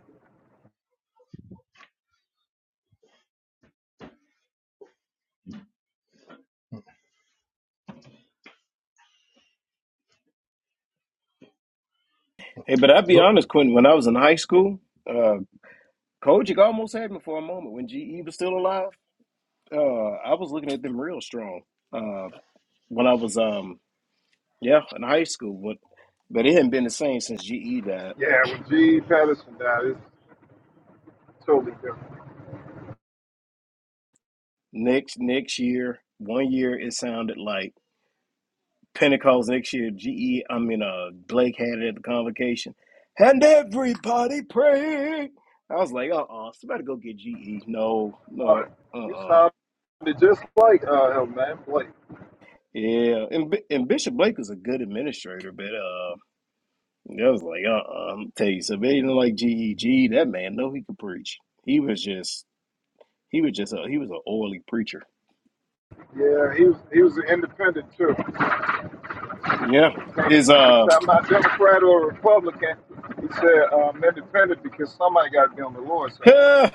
Speaker 9: Hey, but I'll be honest, Quentin, when I was in high school, uh, Kojic almost had me for a moment. When GE was still alive, uh, I was looking at them real strong. Uh, when I was, um, yeah, in high school. But, but it hadn't been the same since GE died.
Speaker 12: Yeah, when G. Patterson died, it's totally different.
Speaker 9: Next next year, one year, it sounded like Pentecost. Next year, GE, I mean, uh, Blake had it at the convocation. And everybody praying. I was like, uh-uh, somebody go get GE. No,
Speaker 12: Uh,
Speaker 9: no,
Speaker 12: you
Speaker 9: uh-uh.
Speaker 12: sounded just like uh, him, man, Blake.
Speaker 9: Yeah, and B- and Bishop Blake was a good administrator, but uh, I was like, uh, uh I'm tell you, so anything like GEG, that man, know he could preach. He was just, he was just, a, he was an oily preacher.
Speaker 12: Yeah, he was he was an independent too.
Speaker 9: Yeah,
Speaker 12: taking
Speaker 9: his
Speaker 12: it. He
Speaker 9: uh,
Speaker 12: said, I'm not Democrat or Republican. He said, I'm independent because somebody got to be on the Lord's side.
Speaker 9: because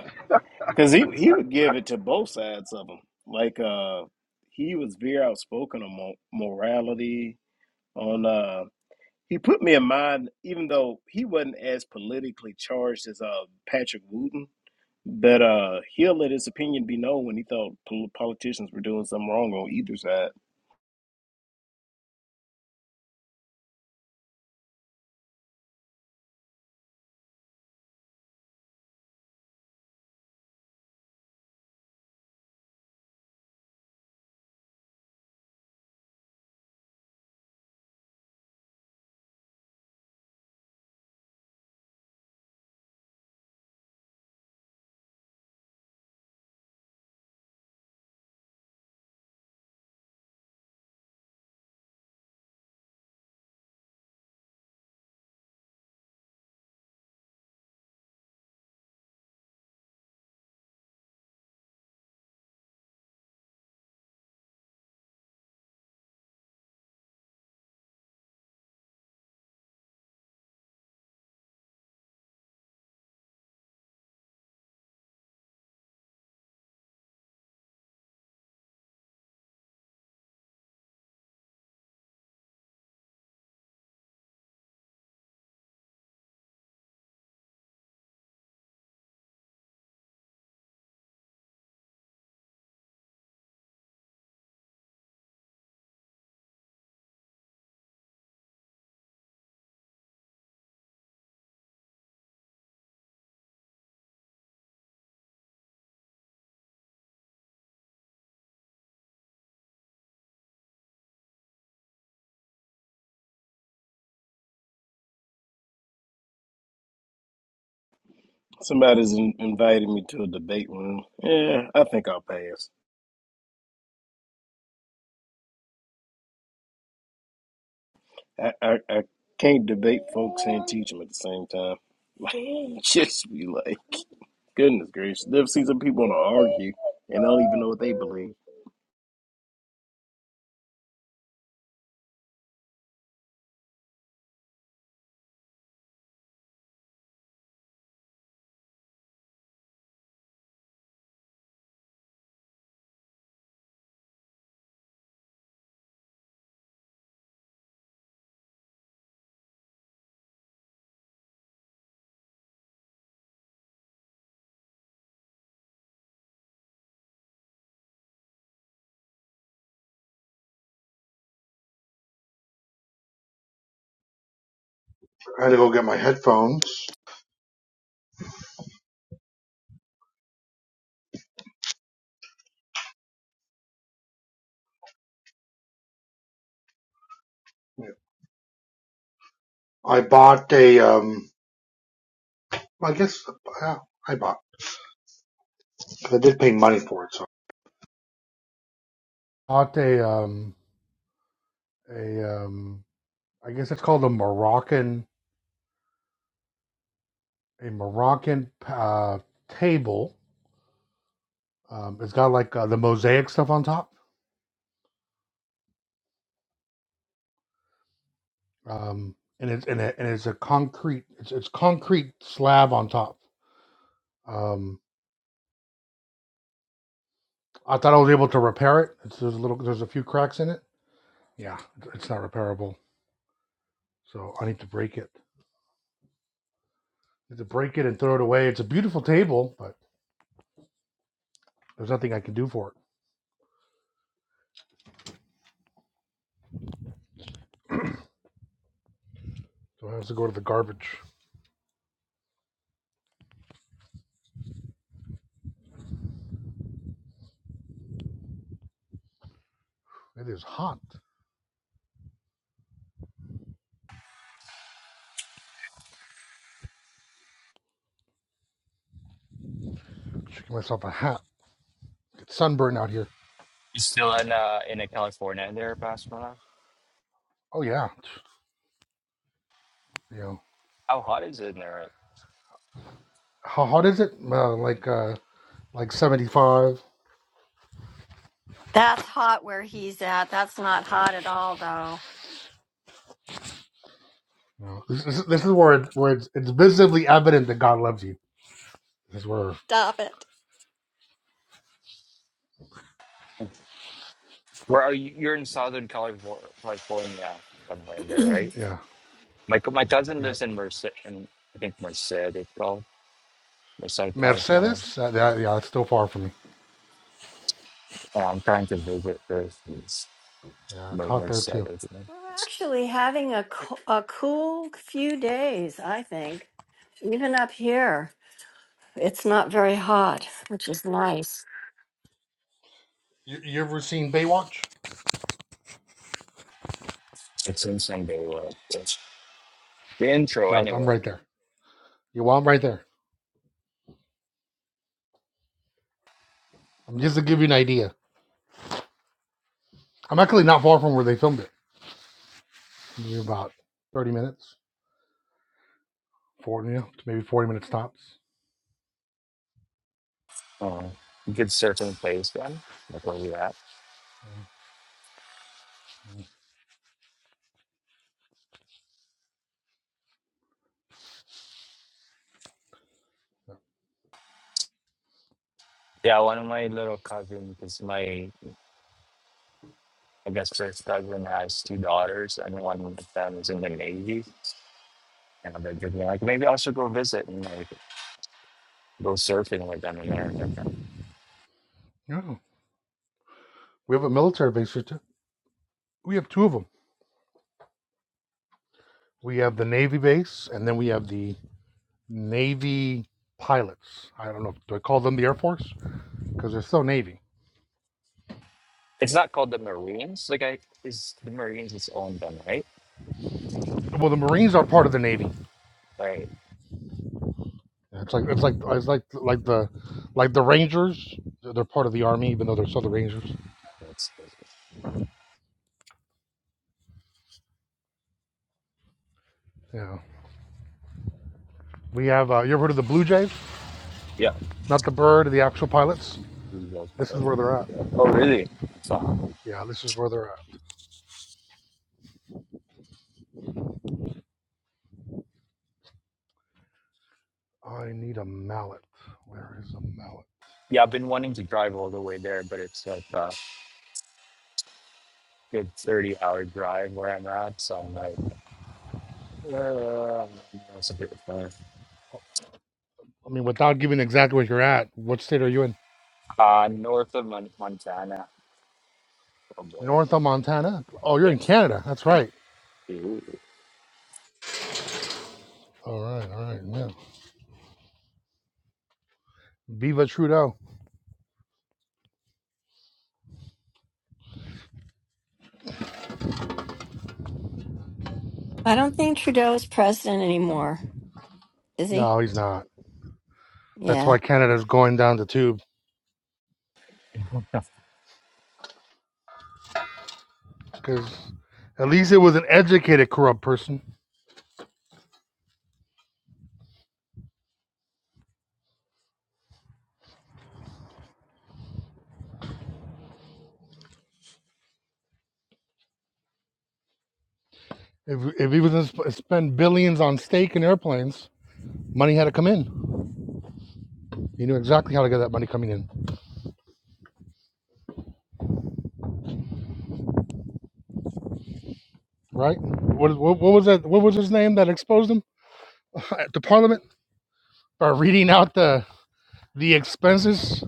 Speaker 9: he he would give it to both sides of him. Like uh, he was very outspoken on mo- morality. On uh, he put me in mind, even though he wasn't as politically charged as uh Patrick Wooten that uh he'll let his opinion be known when he thought pol- politicians were doing something wrong on either side. Somebody's in- invited me to a debate room. Yeah, I think I'll pass. I I, I can't debate folks and teach them at the same time. Just be like, goodness gracious, I've seen some people want to argue and don't even know what they believe.
Speaker 1: I had to go get my headphones. I bought a um. I guess Yeah, I bought. 'cause I did pay money for it, so bought a um a um I guess it's called a Moroccan a Moroccan uh, table. Um, it's got like uh, the mosaic stuff on top, um, and it's and, it, and it's a concrete it's, it's concrete slab on top. Um, I thought I was able to repair it. It's, there's a little there's a few cracks in it. Yeah, it's not repairable, so I need to break it. I need to break it and throw it away. It's a beautiful table, but there's nothing I can do for it. So I have to go to the garbage. It is hot. Should give myself a hat. It's sunburn out here.
Speaker 14: It's still in uh in uh, California there, Pastor.
Speaker 1: Oh yeah, you know
Speaker 14: How hot is it in there?
Speaker 1: how hot is it? Uh, like uh, like seventy five.
Speaker 2: That's hot where he's at. That's not hot at all, though.
Speaker 1: You know, this, this, this is where it's, where it's, it's visibly evident that God loves you. This is where
Speaker 2: Stop it.
Speaker 14: Where are you? You're in Southern California, California somewhere in there, right?
Speaker 1: yeah
Speaker 14: My co- my cousin
Speaker 1: yeah
Speaker 14: lives in Merced, in, I think Merced it's called Merced, California.
Speaker 1: Mercedes. Uh, that, yeah, it's still far from me.
Speaker 14: And I'm trying to visit this it's
Speaker 1: Yeah, it's
Speaker 14: Mer-
Speaker 1: hot there
Speaker 14: Merced,
Speaker 1: too.
Speaker 14: isn't it?
Speaker 2: We're actually having a, co- a cool few days, I think. Even up here, it's not very hot, which is nice.
Speaker 1: You, you ever seen Baywatch?
Speaker 14: It's in San Diego. The intro,
Speaker 1: Right, I'm
Speaker 14: anyway.
Speaker 1: right there. You want right there. I'm just to give you an idea. I'm actually not far from where they filmed it. Maybe about thirty minutes, forty, you know, maybe forty minutes tops.
Speaker 14: Uh, good surfing place, then. That's where we at.
Speaker 1: Mm-hmm.
Speaker 14: Yeah, one of my little cousins, because my I guess her cousin has two daughters, and one of them is in the Navy. And they're just like, maybe I should go visit and like go surfing with them in there.
Speaker 1: Yeah, we have a military base here too. We have two of them. We have the Navy base, and then we have the Navy pilots. I don't know. Do I call them the Air Force? Because they're still Navy.
Speaker 14: It's not called the Marines. Like, I is the Marines its own them, right?
Speaker 1: Well, the Marines are part of the Navy.
Speaker 14: Right.
Speaker 1: It's like it's like it's like like the like the Rangers. They're part of the Army, even though they're still the Rangers.
Speaker 14: That's
Speaker 1: Yeah. We have. Uh, you ever heard of the Blue Jays?
Speaker 14: yeah.
Speaker 1: Not the bird, the actual pilots.
Speaker 14: we go for
Speaker 1: This is
Speaker 14: it.
Speaker 1: where they're at.
Speaker 14: Yeah. Oh, really? So,
Speaker 1: Yeah, this is where they're at. I need a mallet. Where is a mallet?
Speaker 14: yeah, I've been wanting to drive all the way there, but it's like a good thirty-hour drive where I'm at. So I'm like, uh, it's a bit far.
Speaker 1: I mean, without giving exactly where you're at, what state are you in?
Speaker 14: Uh, north of Mon- Montana. Oh, boy.
Speaker 1: North of Montana? Oh, you're
Speaker 14: Yeah.
Speaker 1: in Canada. That's right.
Speaker 14: Ooh.
Speaker 1: All right, all right, yeah. Viva Trudeau.
Speaker 2: I don't think Trudeau is president anymore. Is he?
Speaker 1: No, he's not. That's
Speaker 2: Yeah.
Speaker 1: why Canada's going down the tube because at least it was an educated corrupt person. If, if he was going to sp- spend billions on steak and airplanes, money had to come in. He knew exactly how to get that money coming in, right? What, what, what was that? What was his name that exposed him at the parliament by reading out the the expenses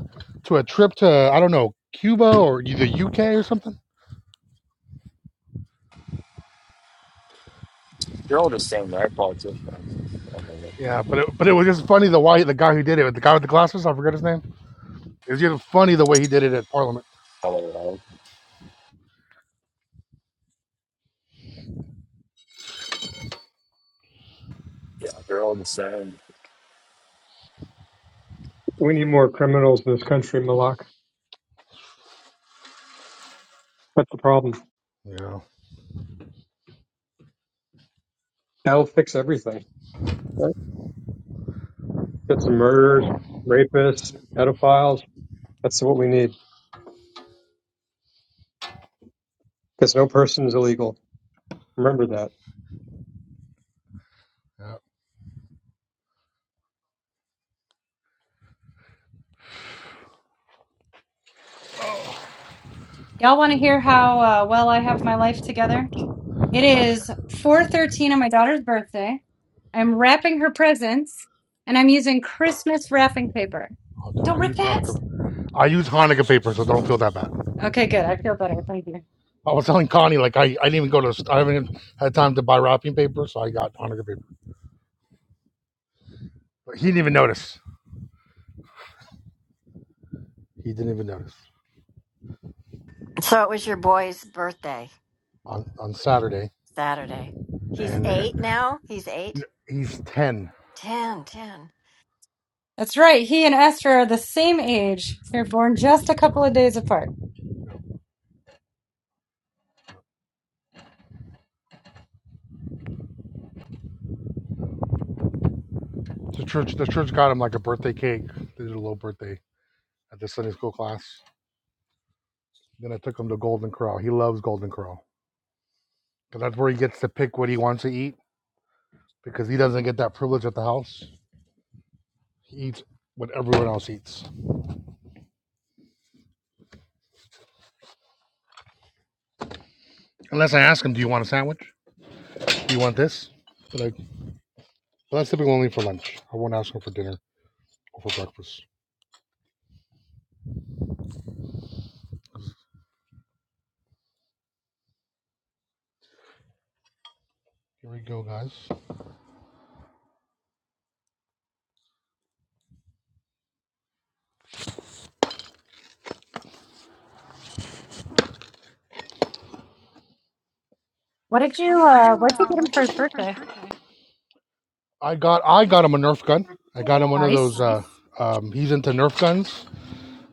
Speaker 1: to a trip to I don't know Cuba or the UK or something?
Speaker 14: They're all the same, right? Politicians.
Speaker 1: Yeah, but it, but it was just funny the why the guy who did it, the guy with the glasses, I forget his name It's just funny the way he did it at Parliament.
Speaker 14: Colorado. Yeah, they're all the same.
Speaker 15: We need more criminals in this country, Malak. That's the problem.
Speaker 1: Yeah.
Speaker 15: That'll fix everything. Right? Get some murderers, rapists, pedophiles. That's what we need. Because no person is illegal. Remember that.
Speaker 1: Yeah.
Speaker 6: Y'all want to hear how uh, well I have my life together? It is 4:13 on my daughter's birthday. I'm wrapping her presents, and I'm using Christmas wrapping paper.
Speaker 1: Oh, dude, I
Speaker 6: Don't rip
Speaker 1: used
Speaker 6: that.
Speaker 1: Hanukkah. I used Hanukkah paper, so don't feel that bad.
Speaker 6: Okay, good. I feel better. Thank you.
Speaker 1: I was telling Connie like I, I didn't even go to st- I haven't even had time to buy wrapping paper, so I got Hanukkah paper. But he didn't even notice. He didn't even notice
Speaker 2: So it was your boy's birthday
Speaker 1: on on Saturday,
Speaker 2: Saturday. He's
Speaker 1: and uh,
Speaker 2: eight now. He's eight.
Speaker 1: he's ten.
Speaker 2: Ten, ten.
Speaker 6: That's right. He and Esther are the same age. They're born just a couple of days apart.
Speaker 1: The church the church got him like a birthday cake. They did a little birthday at the Sunday school class. Then I took him to Golden Corral. He loves Golden Corral because that's where he gets to pick what he wants to eat because he doesn't get that privilege at the house. He eats what everyone else eats. Unless I ask him, do you want a sandwich? Do you want this? But, I, but that's typically only for lunch. I won't ask him for dinner or for breakfast. Here we go, guys.
Speaker 6: What did you uh what did you get him for his birthday?
Speaker 1: I got I got him a Nerf gun. I got him one of those.
Speaker 6: Nice.
Speaker 1: Uh, um, he's into Nerf guns,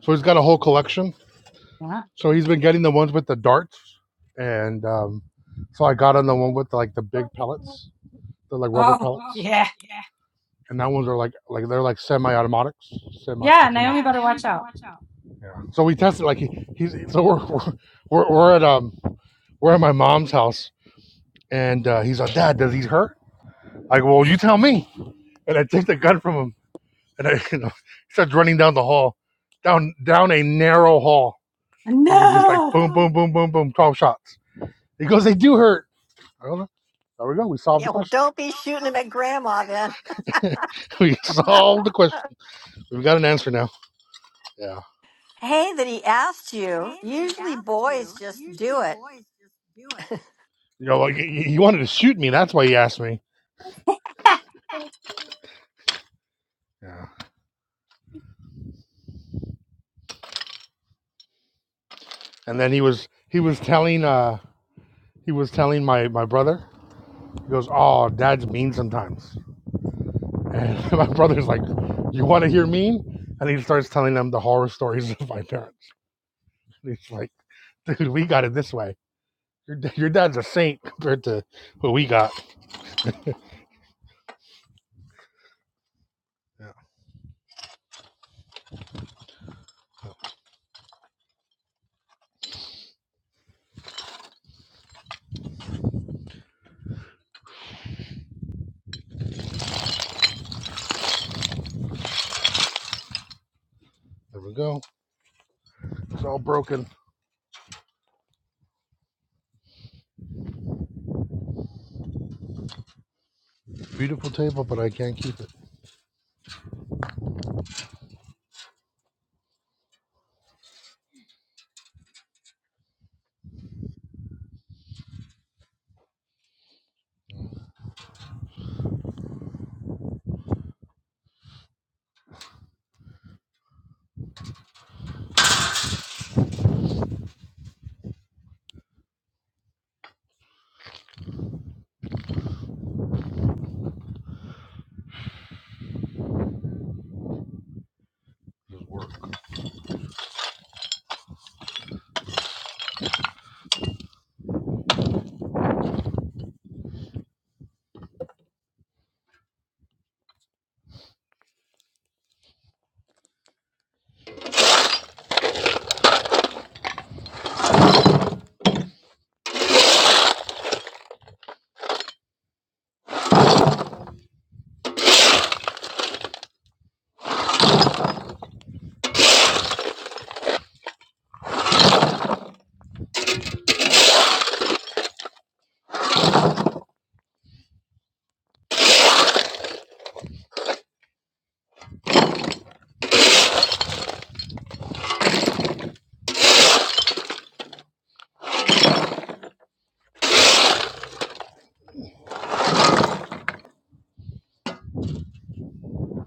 Speaker 1: so he's got a whole collection.
Speaker 6: Yeah.
Speaker 1: So he's been getting the ones with the darts, and um, so I got him the one with the, like the big pellets. They're like rubber
Speaker 6: Oh,
Speaker 1: pellets.
Speaker 6: yeah.
Speaker 1: and that ones are like like they're like semi-automatics,
Speaker 6: Yeah,
Speaker 1: semi-automatics.
Speaker 6: Naomi better watch out.
Speaker 1: Yeah. So we tested like he, he's so we're, we're we're we're at um we're at my mom's house and uh, he's like, Dad, does he hurt? I go, Well, you tell me. And I take the gun from him and I you know he starts running down the hall, down down a narrow hall. It was just no. like
Speaker 6: No.
Speaker 1: boom, boom, boom, boom, boom, twelve shots. He goes, They do hurt. I don't know. There we go. We solved
Speaker 2: Yeah,
Speaker 1: the
Speaker 2: well,
Speaker 1: question.
Speaker 2: don't be shooting them at grandma then.
Speaker 1: we solved the question. We've got an answer now. Yeah.
Speaker 2: Hey, that he asked you. Usually boys just do it.
Speaker 1: You know, like he he wanted to shoot me. That's why he asked me. Yeah. And then he was he was telling uh he was telling my my brother. He goes, "Oh, Dad's mean sometimes." And my brother's like, "You want to hear mean?" And he starts telling them the horror stories of my parents. And he's like, "Dude, we got it this way. Your your dad's a saint compared to what we got." Yeah. There we go. It's all broken. Beautiful table, but I can't keep it. Doesn't work.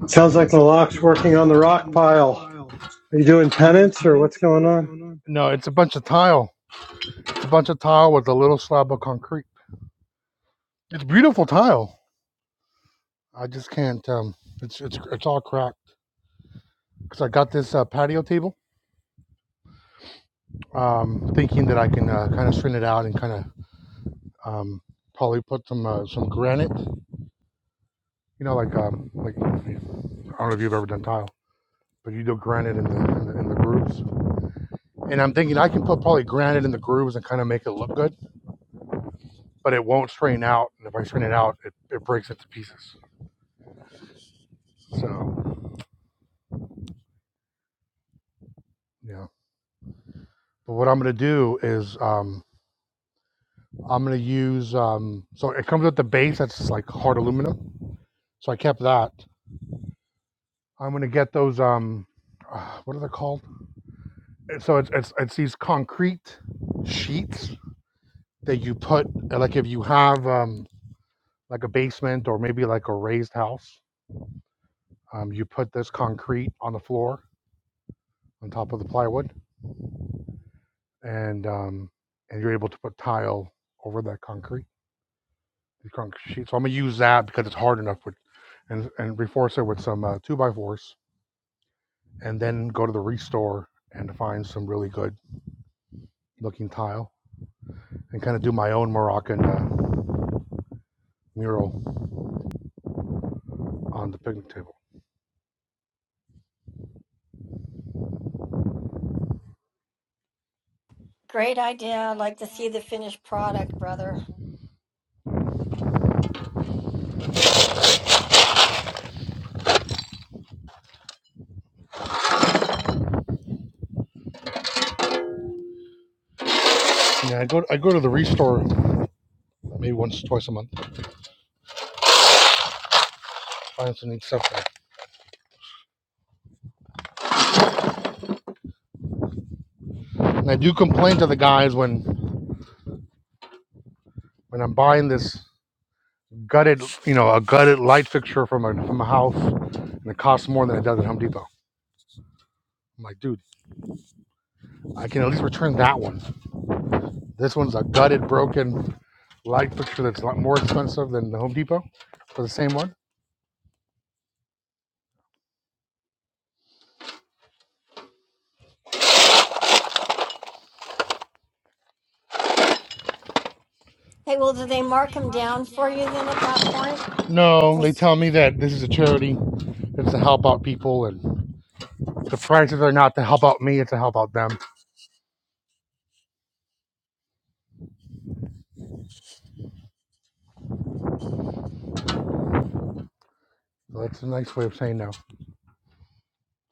Speaker 5: sounds like malak's working on the rock pile are you doing penance or what's going on
Speaker 1: No, it's a bunch of tile. It's a bunch of tile with a little slab of concrete. It's beautiful tile. I just can't. Um, it's it's it's all cracked because I got this uh, patio table, um, thinking that I can uh, kind of straighten it out and kind of um, probably put some uh, some granite. You know, like um, like I don't know if you've ever done tile, but you do granite in the in the, in the grooves. And I'm thinking I can put probably granite in the grooves and kind of make it look good, but it won't strain out. And if I strain it out, it, it breaks into pieces. So yeah. But what I'm gonna do is um, I'm gonna use um, so it comes with the base that's like hard aluminum So I kept that. I'm gonna get those. Um, uh, what are they called? So it's it's, it's these concrete sheets that you put uh, like if you have um, like a basement or maybe like a raised house, um, you put this concrete on the floor on top of the plywood, and um, and you're able to put tile over that concrete. The concrete sheet. So I'm gonna use that because it's hard enough with and and reforce it with some uh, two by fours, and then go to the restore and find some really good looking tile and kind of do my own Moroccan uh, mural on the picnic table.
Speaker 2: Great idea. I'd like to see the finished product, brother.
Speaker 1: Yeah, I go I go to the restore maybe once or twice a month. Find some neat stuff there. And I do complain to the guys when when I'm buying this gutted you know a gutted light fixture from a from a house and it costs more than it does at Home Depot. I'm like, dude, I can at least return that one. This one's a gutted, broken light fixture that's a lot more expensive than the Home Depot for the same one.
Speaker 2: Hey, well, do they mark them down for you then at that point?
Speaker 1: No,
Speaker 2: Like,
Speaker 1: they tell me that this is a charity. It's to help out people and The prices are not to help out me, it's to help out them. So that's a nice way of saying no.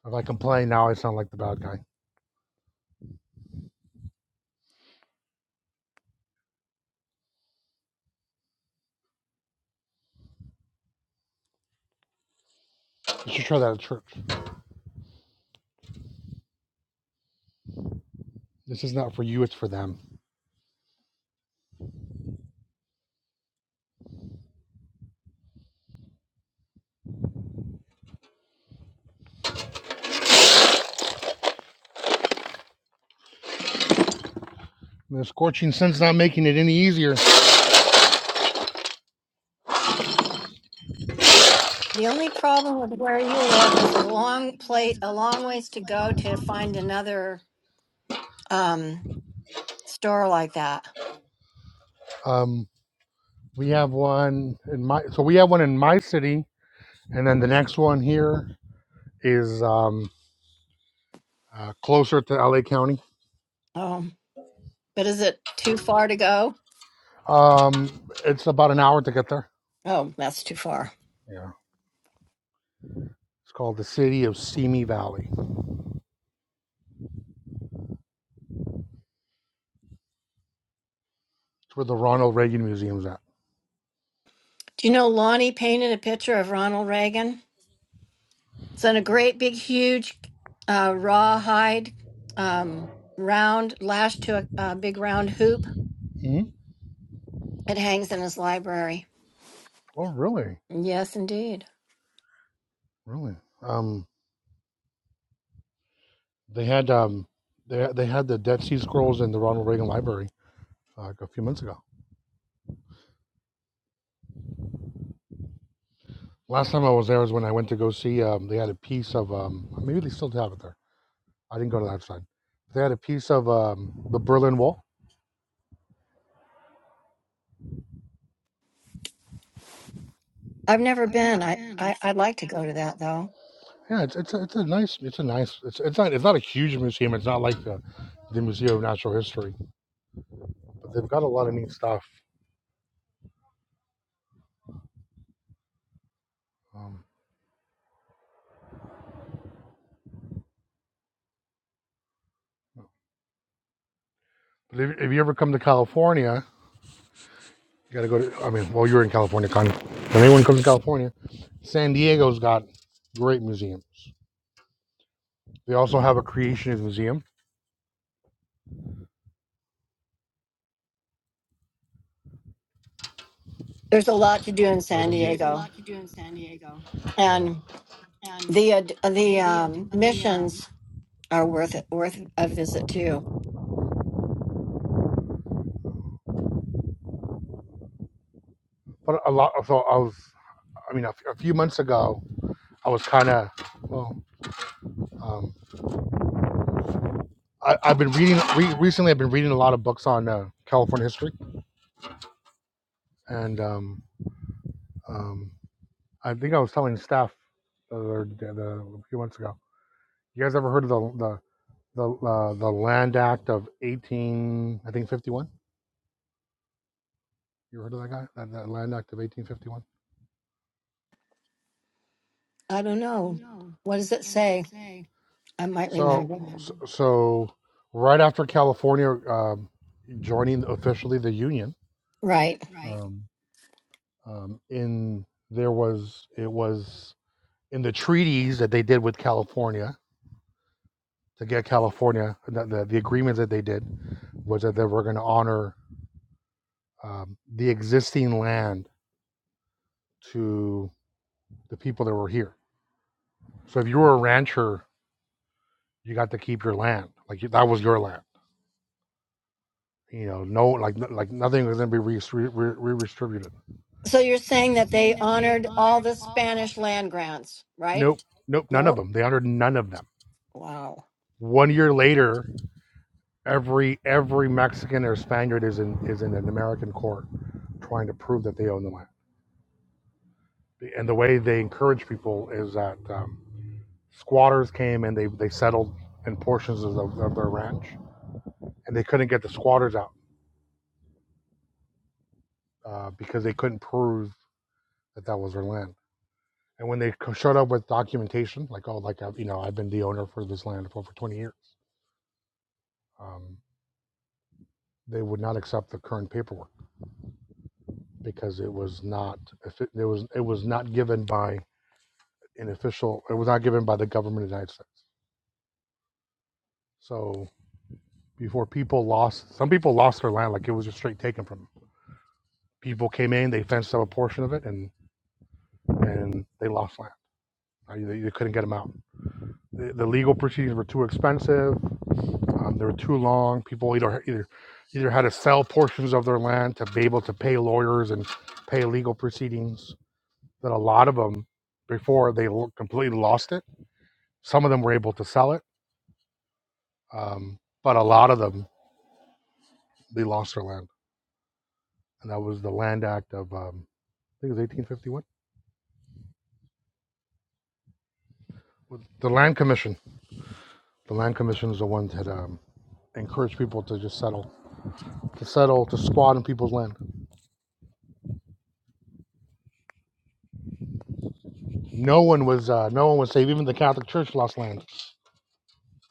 Speaker 1: If I complain now, I sound like the bad guy. You should try that at church. This is not for you, it's for them. And the scorching sun's not making it any easier.
Speaker 2: the only problem with where you live is a long plate, a long ways to go to find another um, store like that.
Speaker 1: Um, we have one in my, so we have one in my city, and then the next one here is um, uh, closer to LA County.
Speaker 2: Oh, but is it too far to go?
Speaker 1: Um, it's about an hour to get there.
Speaker 2: Oh, that's too far.
Speaker 1: Yeah. It's called the City of Simi Valley. It's where the Ronald Reagan Museum's at.
Speaker 2: Do you know Lonnie painted a picture of Ronald Reagan? It's in a great big huge uh, rawhide um, round lashed to a, a big round hoop.
Speaker 1: hmm
Speaker 2: It hangs in his library.
Speaker 1: Oh, really?
Speaker 2: Yes, indeed.
Speaker 1: Really? Um, They had um, they they had the Dead Sea Scrolls in the Ronald Reagan Library uh, a few months ago. Last time I was there was when I went to go see. Um, they had a piece of um, maybe they still have it there. I didn't go to that side. They had a piece of um, the Berlin Wall.
Speaker 2: I've never been. I, I I'd like to go to that though.
Speaker 1: Yeah, it's it's a, it's a nice it's a nice it's it's not it's not a huge museum. It's not like the the Museum of Natural History, but they've got a lot of neat stuff. Um, but if, if you ever come to California, you got to go to. I mean, well, you're in California, Connie. When anyone comes to California, San Diego's got great museums. They also have a creationist museum
Speaker 2: There's a lot to do in
Speaker 1: where
Speaker 2: San
Speaker 1: the U-
Speaker 2: Diego,
Speaker 1: yeah.
Speaker 2: and the ad the um, missions are worth it, worth a visit too.
Speaker 1: But a lot. So I was. I mean, a, f- a few months ago, I was kind of well. Um, I, I've been reading re- recently. I've been reading a lot of books on uh, California history, and um, um, I think I was telling staff the other day, the, a few months ago. You guys ever heard of the the the, uh, the Land Act of eighteen? I think fifty one. You ever heard of that guy? That, that Land Act of 1851.
Speaker 2: I don't know. What does it say? I might
Speaker 1: So,
Speaker 2: remember.
Speaker 1: s- so right after California um, joining officially the union,
Speaker 2: Right.
Speaker 1: Right. um, um, in there was it was in the treaties that they did with California to get California the the, the agreements that they did was that they were going to honor um, the existing land to the people that were here. So if you were a rancher, you got to keep your land like that was your land. You know, no, like like nothing was going to be re- re- re- redistributed
Speaker 2: So you're saying that they honored all the Spanish land grants, right?
Speaker 1: Nope, nope, none of
Speaker 2: No.
Speaker 1: them. They honored none of them.
Speaker 2: Wow.
Speaker 1: One year later, every every Mexican or Spaniard is in is in an American court trying to prove that they own the land. And the way they encourage people is that um, squatters came and they they settled in portions of, the, of their ranch, and they couldn't get the squatters out uh, because they couldn't prove that that was their land. And when they co- showed up with documentation, like oh, like I've, you know, I've been the owner for this land for over 20 years, um, they would not accept the current paperwork because it was not if it, it was it was not given by an official it was not given by the government of the United States. So before people lost some people lost their land like it was just straight taken from them. people came in they fenced up a portion of it and and they lost land. Uh, They You, couldn't get them out. The, the legal proceedings were too expensive. Um, they were too long. People either either either had to sell portions of their land to be able to pay lawyers and pay legal proceedings. That a lot of them before they completely lost it Some of them were able to sell it, um, but a lot of them they lost their land, and that was the Land Act of um, I think it was 1851. The Land Commission. The Land Commission is the one that um, encouraged people to just settle, to settle, to squat on people's land. No one was, uh, no one was safe. Even the Catholic Church lost land.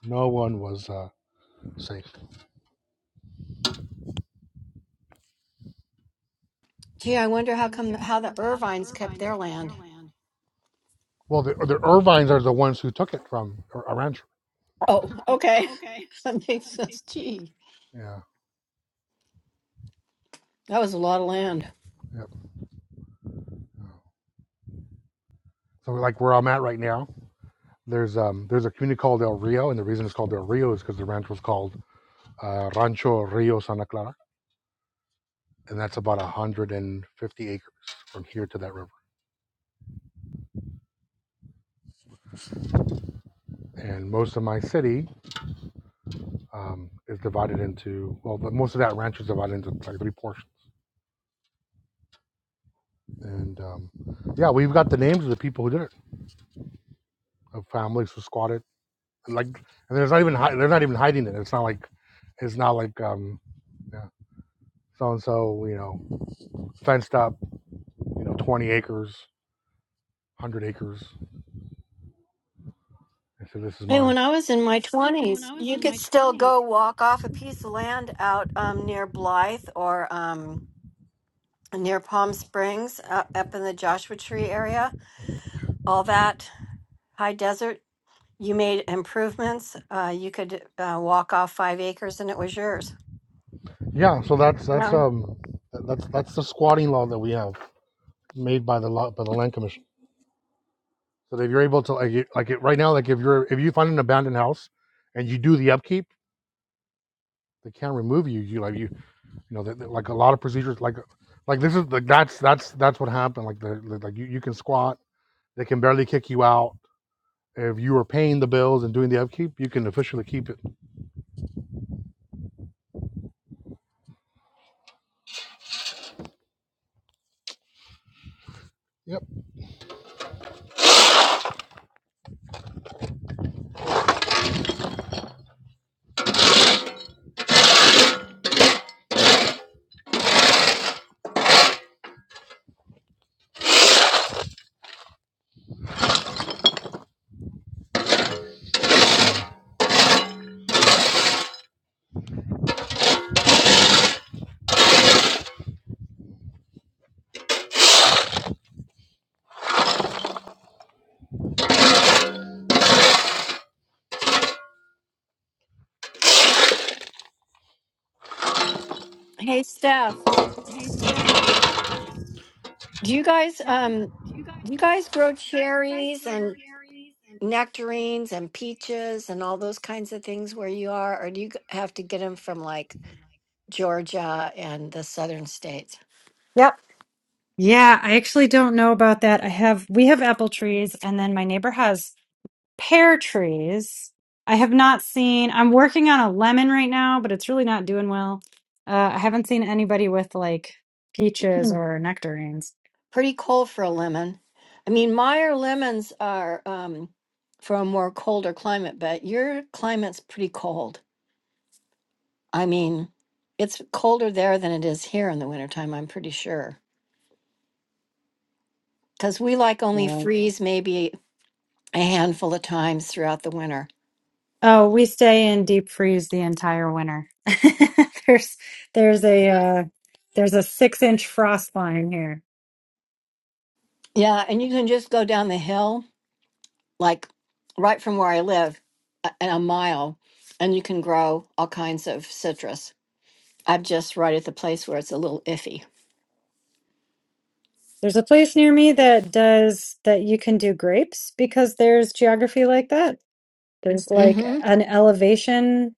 Speaker 1: No one was uh, safe.
Speaker 2: Gee, I wonder how come how the Irvines kept their land.
Speaker 1: Well, the, the Irvines are the ones who took it from Ar- Arancho.
Speaker 2: Oh, okay. That makes sense. Gee,
Speaker 1: Yeah,
Speaker 2: that was a lot of land.
Speaker 1: yep. So like where I'm at right now, there's um there's a community called El Rio, and the reason it's called El Rio is because the ranch was called uh, Rancho Rio Santa Clara, and that's about 150 acres from here to that river. And most of my city um, is divided into, well, but most of that ranch is divided into like three portions. And um, yeah, we've got the names of the people who did it, of families who squatted. And like, and there's not even hi- they're not even hiding it. It's not like, it's not like, um, yeah, so and so, you know, fenced up, you know, 20 acres, 100 acres. I said, this is
Speaker 2: Hey,
Speaker 1: mine
Speaker 2: when I was in my twenties, you could still go walk off a piece of land out um, near Blythe or um, near Palm Springs, uh, up in the Joshua Tree area. All that high desert. You made improvements. Uh, you could uh, walk off five acres, and it was yours.
Speaker 1: Yeah, so that's that's
Speaker 2: Yeah.
Speaker 1: um that- that's that's the squatting law that we have made by the law by the land commission. So that if you're able to like it- like it, right now, like if you're if you find an abandoned house and you do the upkeep, they can't remove you. You like you you know they, they- like a lot of procedures like like this is like that's that's that's what happened. Like the the- like you, you can squat, they can barely kick you out. If you are paying the bills and doing the upkeep, you can officially keep it. Yep,
Speaker 2: Hey, Steph. Do you guys um do you guys grow cherries and nectarines and peaches and all those kinds of things where you are, or do you g- have to get them from like Georgia and the southern states?
Speaker 6: Yep. Yeah, I actually don't know about that. I have we have apple trees and then my neighbor has pear trees. I have not seen. I'm working on a lemon right now, but it's really not doing well. Uh, I haven't seen anybody with like peaches or nectarines.
Speaker 2: Pretty cold for a lemon. I mean, Meyer lemons are um, for a more colder climate, but your climate's pretty cold. I mean, it's colder there than it is here in the wintertime, I'm pretty sure. Because we like only
Speaker 6: Right.
Speaker 2: freeze maybe a handful of times throughout the winter.
Speaker 6: Oh, we stay in deep freeze the entire winter. there's there's a uh, there's a six inch frost line here.
Speaker 2: Yeah, and you can just go down the hill, like right from where I live, a, a mile, and you can grow all kinds of citrus. I'm just right at the place where it's a little iffy.
Speaker 6: There's a place near me that does that you can do grapes because there's geography like that. There's like
Speaker 2: hmm
Speaker 6: an elevation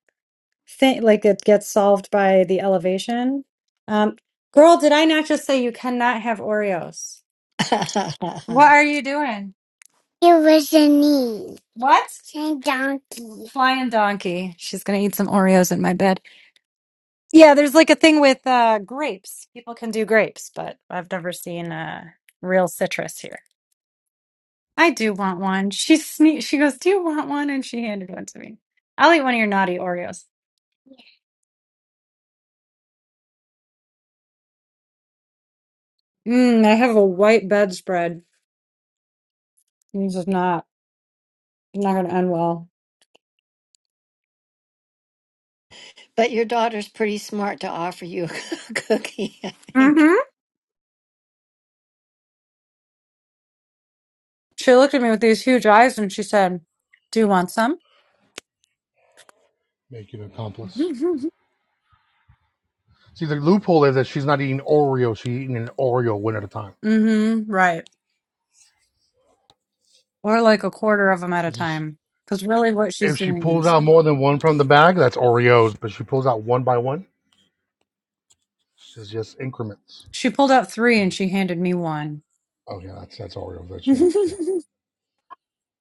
Speaker 6: thing like it gets solved by the elevation. Um, girl, did I not just say you cannot have Oreos? What are you doing? It was a knee. What? And donkey. Flying donkey. She's gonna eat some Oreos in my bed. Yeah, there's like a thing with uh grapes. People can do grapes, but I've never seen uh real citrus here. I do want one. She sne- she goes, Do you want one? And she handed one to me. I'll eat one of your naughty Oreos. Mm, I have a white bedspread. This is not. It's not going to end well.
Speaker 2: but your daughter's pretty smart to offer you a cookie, I think.
Speaker 6: Mm-hmm. She looked at me with these huge eyes and she said, Do you want some?
Speaker 1: make you an accomplice. See, the loophole is that she's not eating Oreo; she's eating an Oreo one at a time.
Speaker 6: Mm-hmm. Right. Or like a quarter of them at a time. Because really what
Speaker 1: if
Speaker 6: she's
Speaker 1: she
Speaker 6: doing
Speaker 1: pulls
Speaker 6: is
Speaker 1: out more than one from the bag, that's Oreos. But she pulls out one by one, it's just increments.
Speaker 6: she pulled out three and she handed me one.
Speaker 1: Oh yeah, that's that's Oreos. That's yeah, yeah,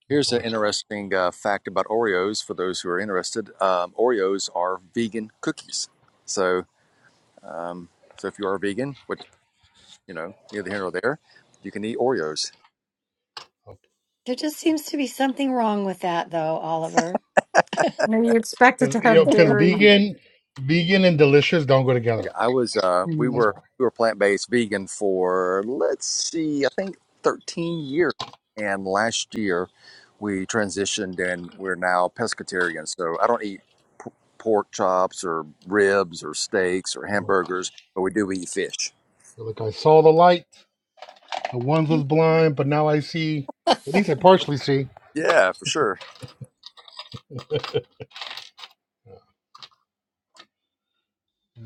Speaker 1: that's
Speaker 11: Here's an
Speaker 1: Oreos.
Speaker 11: interesting uh, fact about Oreos for those who are interested. Um, Oreos are vegan cookies. So, um, so if you are vegan, which you know, neither here nor there, you can eat Oreos.
Speaker 2: There just seems to be something wrong with that, though, Oliver.
Speaker 6: Now you expect it
Speaker 1: Because
Speaker 6: to
Speaker 1: you know,
Speaker 6: have
Speaker 1: because
Speaker 6: dairy.
Speaker 1: vegan, vegan and delicious don't go together.
Speaker 11: Yeah, I was. Uh, we
Speaker 6: Mm.
Speaker 1: That's
Speaker 11: were
Speaker 1: why.
Speaker 11: we were plant based vegan for let's see, I think thirteen years, and last year we transitioned and we're now pescatarian. So I don't eat p- pork chops or ribs or steaks or
Speaker 1: So,
Speaker 11: hamburgers, but we do eat fish.
Speaker 1: like like, I saw the light. The ones was
Speaker 2: You-
Speaker 1: blind, but now I see. At least I partially see.
Speaker 11: Yeah, for sure.
Speaker 1: You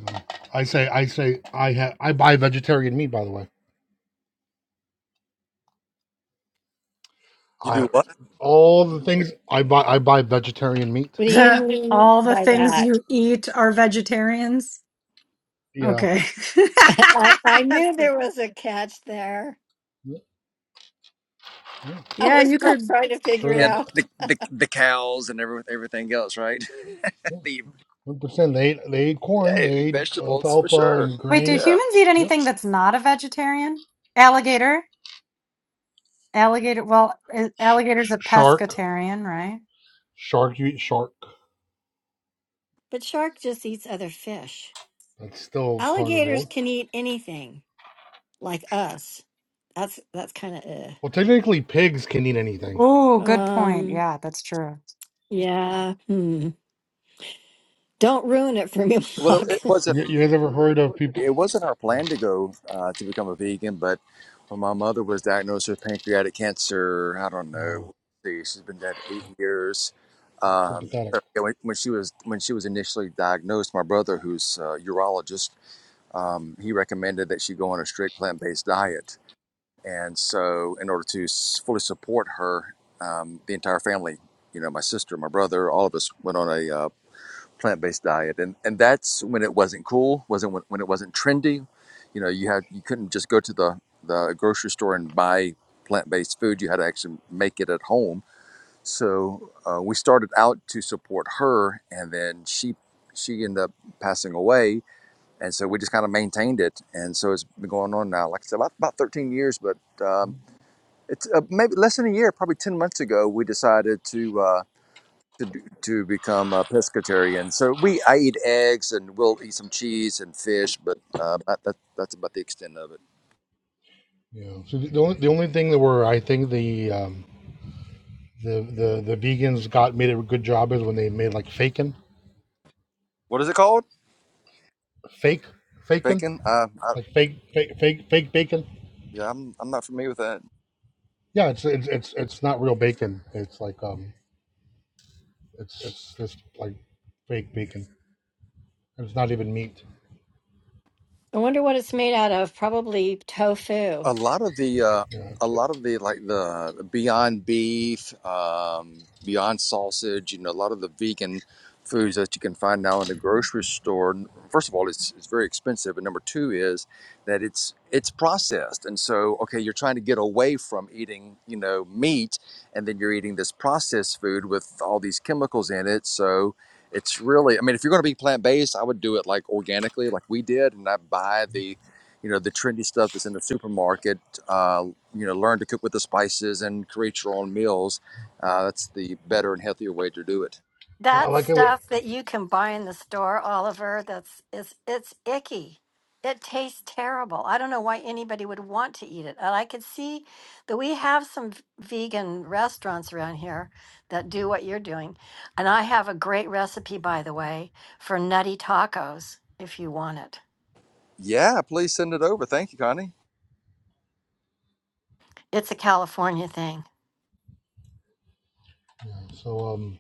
Speaker 1: I say, I say, I have. I buy vegetarian meat. By the way,
Speaker 11: You
Speaker 1: I
Speaker 11: do what?
Speaker 1: all the things I buy. I buy vegetarian meat.
Speaker 2: What do you mean
Speaker 6: All the
Speaker 2: by
Speaker 1: Cause
Speaker 6: things
Speaker 2: that?
Speaker 6: you eat are vegetarians.
Speaker 1: yeah,
Speaker 6: Okay.
Speaker 2: I, I
Speaker 6: That's
Speaker 2: knew
Speaker 6: good.
Speaker 2: there was a catch there.
Speaker 1: yeah, yeah.
Speaker 2: I
Speaker 6: Yeah,
Speaker 2: was
Speaker 6: you
Speaker 2: still
Speaker 6: could.
Speaker 2: trying to figure
Speaker 1: sure
Speaker 2: it
Speaker 11: Yeah,
Speaker 1: that
Speaker 2: out.
Speaker 11: the the, the cows and every, everything else, right?
Speaker 1: Yeah,
Speaker 11: the
Speaker 1: 100%. They they ate corn,
Speaker 11: yeah,
Speaker 1: they ate
Speaker 11: vegetables for
Speaker 1: alfalfa
Speaker 11: sure.
Speaker 1: and
Speaker 6: Wait, do
Speaker 1: grain.
Speaker 11: Yeah.
Speaker 6: humans eat
Speaker 1: Yep.
Speaker 6: anything that's not a vegetarian? Alligator? Alligator, well, i-
Speaker 1: Sh-
Speaker 6: alligator's
Speaker 1: sh-
Speaker 6: a
Speaker 1: shark.
Speaker 6: pescatarian, right?
Speaker 1: Shark, you eat shark.
Speaker 2: But shark just eats other fish.
Speaker 1: That's still
Speaker 2: Alligators
Speaker 1: carnivore.
Speaker 2: can eat anything, like us. That's that's kind of
Speaker 1: Well, technically, pigs can eat anything.
Speaker 6: Oh,
Speaker 2: uh.
Speaker 6: good point.
Speaker 2: Um.
Speaker 6: Yeah, that's true.
Speaker 2: Yeah. Hmm. Don't ruin it for me,
Speaker 11: Well, it,
Speaker 2: Block.
Speaker 11: it wasn't.
Speaker 1: You, you guys ever heard of people?
Speaker 11: It wasn't our plan to go uh, to become a vegan, but when my mother was diagnosed with pancreatic cancer, I don't
Speaker 1: Oh,
Speaker 11: know. Let's see, She's been dead eight years. Um, so,
Speaker 1: sympathetic.
Speaker 11: yeah, when, when she was when she was initially diagnosed, my brother, who's a urologist, um, he recommended that she go on a strict plant-based diet, and so in order to s- fully support her, um, the entire family, you know, my sister, my brother, all of us went on a uh, plant-based diet and and that's when it wasn't cool wasn't when, when it wasn't trendy you know you had you couldn't just go to the the grocery store and buy plant-based food you had to actually make it at home so uh, we started out to support her and then she she ended up passing away and so we just kind of maintained it and so it's been going on now like i said about, about 13 years but um, it's uh, maybe less than a year probably 10 months ago we decided to uh, to d- to become a pescatarian. So we I eat eggs and we'll eat some cheese and fish, but uh, that, that that's about the extent of it.
Speaker 1: Yeah. So the the only, the only thing that were, I think, the, um, the, the, the vegans got made a good job is when they made like fakin,
Speaker 11: What is it called?
Speaker 1: fake, fakin,
Speaker 11: Bacon? Uh, I,
Speaker 1: like fake, fake, fake, fake bacon.
Speaker 11: yeah, I'm I'm not familiar with that.
Speaker 1: Yeah, it's, it's, it's, it's not real bacon. It's like, um, It's it's just like fake bacon. It's not even meat.
Speaker 2: I wonder what it's made out of. Probably tofu.
Speaker 11: a lot of the uh,
Speaker 1: Yeah,
Speaker 11: a
Speaker 1: it's it.
Speaker 11: lot of the like the, the beyond beef um, beyond sausage you know a lot of the vegan foods that you can find now in the grocery store first of all it's, it's very expensive and number two is that it's it's processed and so okay you're trying to get away from eating you know meat and then you're eating this processed food with all these chemicals in it so it's really i mean if you're going to be plant-based i would do it like organically like we did and i buy the you know the trendy stuff that's in the supermarket uh, you know learn to cook with the spices and create your own meals uh, that's the better and healthier way to do it
Speaker 1: I
Speaker 2: That
Speaker 1: like it. When,
Speaker 2: stuff that you can buy in the store, Oliver, that's it's it's icky. It tastes terrible. I don't know why anybody would want to eat it. And I could see that we have some v- vegan restaurants around here that do what you're doing. And I have a great recipe, by the way, for nutty tacos if you want it.
Speaker 11: yeah please send it over thank you connie
Speaker 2: It's a California thing.
Speaker 1: yeah, so um,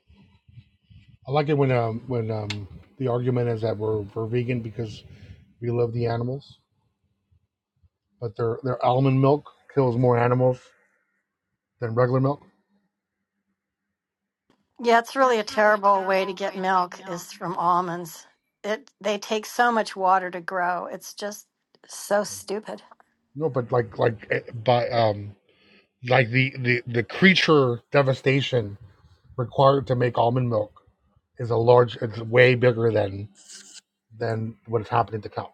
Speaker 1: I like it when um when um the argument is that we're we're vegan because we love the animals, but their their almond milk kills more animals than regular milk.
Speaker 2: Yeah, it's really a terrible way to get milk is from almonds. It they take so much water to grow. It's just so stupid.
Speaker 1: No, but like like eh, by um like the the the creature devastation required to make almond milk is a large it's way bigger than than what is happening to cows.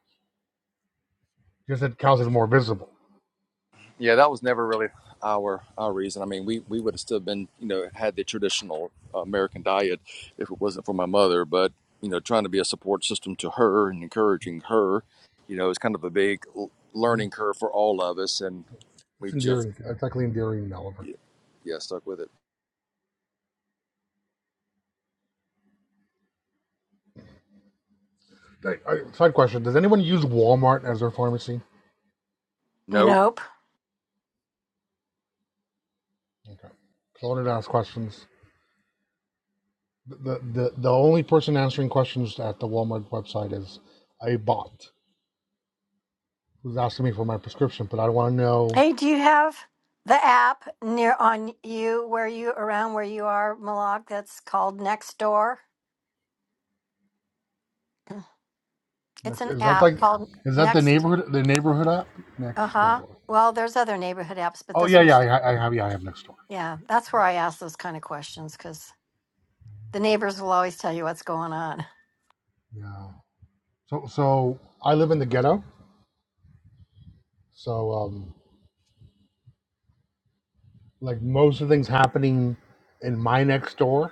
Speaker 1: Just that cows is more visible.
Speaker 11: yeah that was never really our our reason i mean we we would have still been you know had the traditional uh, american diet if it wasn't for my mother but you know trying to be a support system to her and encouraging her you know is kind of a big l-
Speaker 1: Yeah.
Speaker 11: learning curve for all of us and we
Speaker 1: It's
Speaker 11: just
Speaker 1: endearing. It's actually endearing, Oliver.
Speaker 11: yeah, yeah stuck with it
Speaker 1: Hey, I- Side question: Does anyone use Walmart as their pharmacy?
Speaker 11: Nope.
Speaker 2: Nope.
Speaker 1: Okay. So I wanted to ask questions. The, the the only person answering questions at the Walmart website is a bot who's asking me for my prescription, but I want to know
Speaker 2: Hey, do you have the app near on you where you around where you are, Malak? That's called Nextdoor. It's
Speaker 1: next.
Speaker 2: an
Speaker 1: Is that
Speaker 2: app
Speaker 1: like
Speaker 2: called
Speaker 1: is that the
Speaker 2: Next.
Speaker 1: neighborhood the neighborhood app
Speaker 2: Uh
Speaker 1: next
Speaker 2: huh.
Speaker 1: door?
Speaker 2: Well, there's other neighborhood apps, but
Speaker 1: Oh
Speaker 2: this
Speaker 1: yeah yeah
Speaker 2: one's
Speaker 1: I, I have yeah I have next door.
Speaker 2: yeah. That's where I ask those kind of questions because the neighbors will always tell you what's going on.
Speaker 1: Yeah. So so I live in the ghetto. So um like most of the things happening in my next door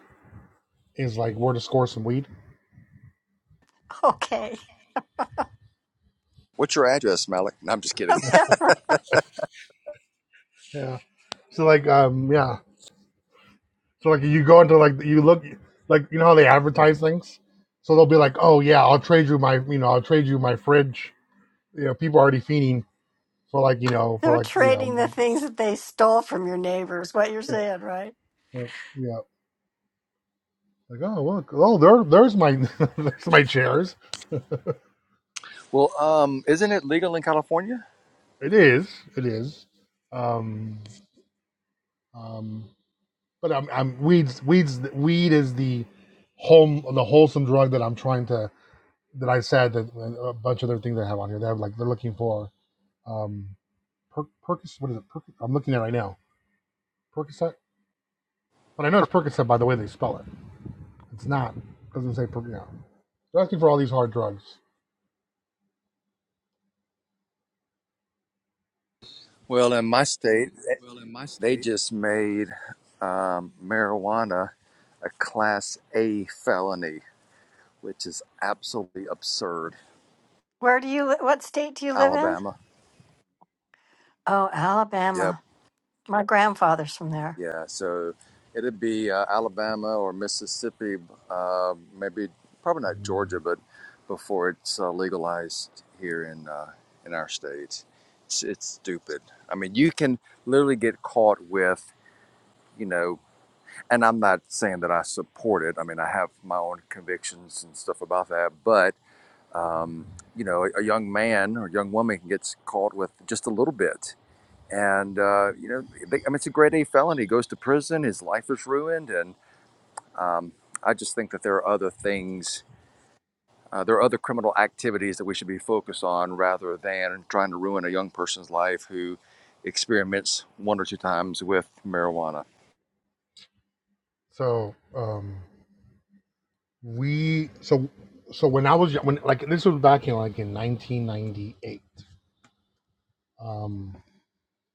Speaker 1: is like where to score some weed.
Speaker 2: Okay,
Speaker 11: What's your address, Malik? No, I'm just kidding.
Speaker 2: they're,
Speaker 1: Yeah. So like um yeah. So like you go into like you look like you know how they advertise things. So they'll be like, oh yeah, I'll trade you my you know I'll trade you my fridge. You know people are already fiending for like you know for
Speaker 2: they're
Speaker 1: like you know
Speaker 2: trading the things that they stole from your neighbors. What you're
Speaker 1: yeah
Speaker 2: saying, right?
Speaker 1: yeah. yeah. Like oh look oh there there's my there's my chairs.
Speaker 11: Well, um, isn't it legal in California?
Speaker 1: It is it is. Um um. But I'm I'm weeds weeds weed is the home the wholesome drug that I'm trying to that I said that a bunch of other things I have on here. They have like they're looking for um per, Percocet. What is it? Perc, I'm looking at it right now. Percocet, but I know it's Percocet by the way they spell it. It's not. It Doesn't say per. You know. They're asking for all these hard drugs.
Speaker 11: Well, in my state, they just made um, marijuana a Class A felony, which is absolutely absurd.
Speaker 2: Where do you? li- What state do you live in?
Speaker 11: Alabama.
Speaker 2: Oh,
Speaker 11: Yeah,
Speaker 2: Alabama. My grandfather's from there.
Speaker 11: Yeah, so it'd be uh, Alabama or Mississippi, uh, maybe probably not Georgia, but before it's uh, legalized here in uh, in our state, it's, it's stupid. I mean, you can literally get caught with, you know, and I'm not saying that I support it. I mean, I have my own convictions and stuff about that, but um, you know, a, a young man or young woman can get caught with just a little bit and uh, you know, I mean, it's a grade A felony. He goes to prison. His life is ruined, and um, I just think that there are other things. Uh, there are other criminal activities that we should be focused on rather than trying to ruin a young person's life who experiments one or two times with marijuana.
Speaker 1: So um we so so when I was when like this was back in like in 1998. Um,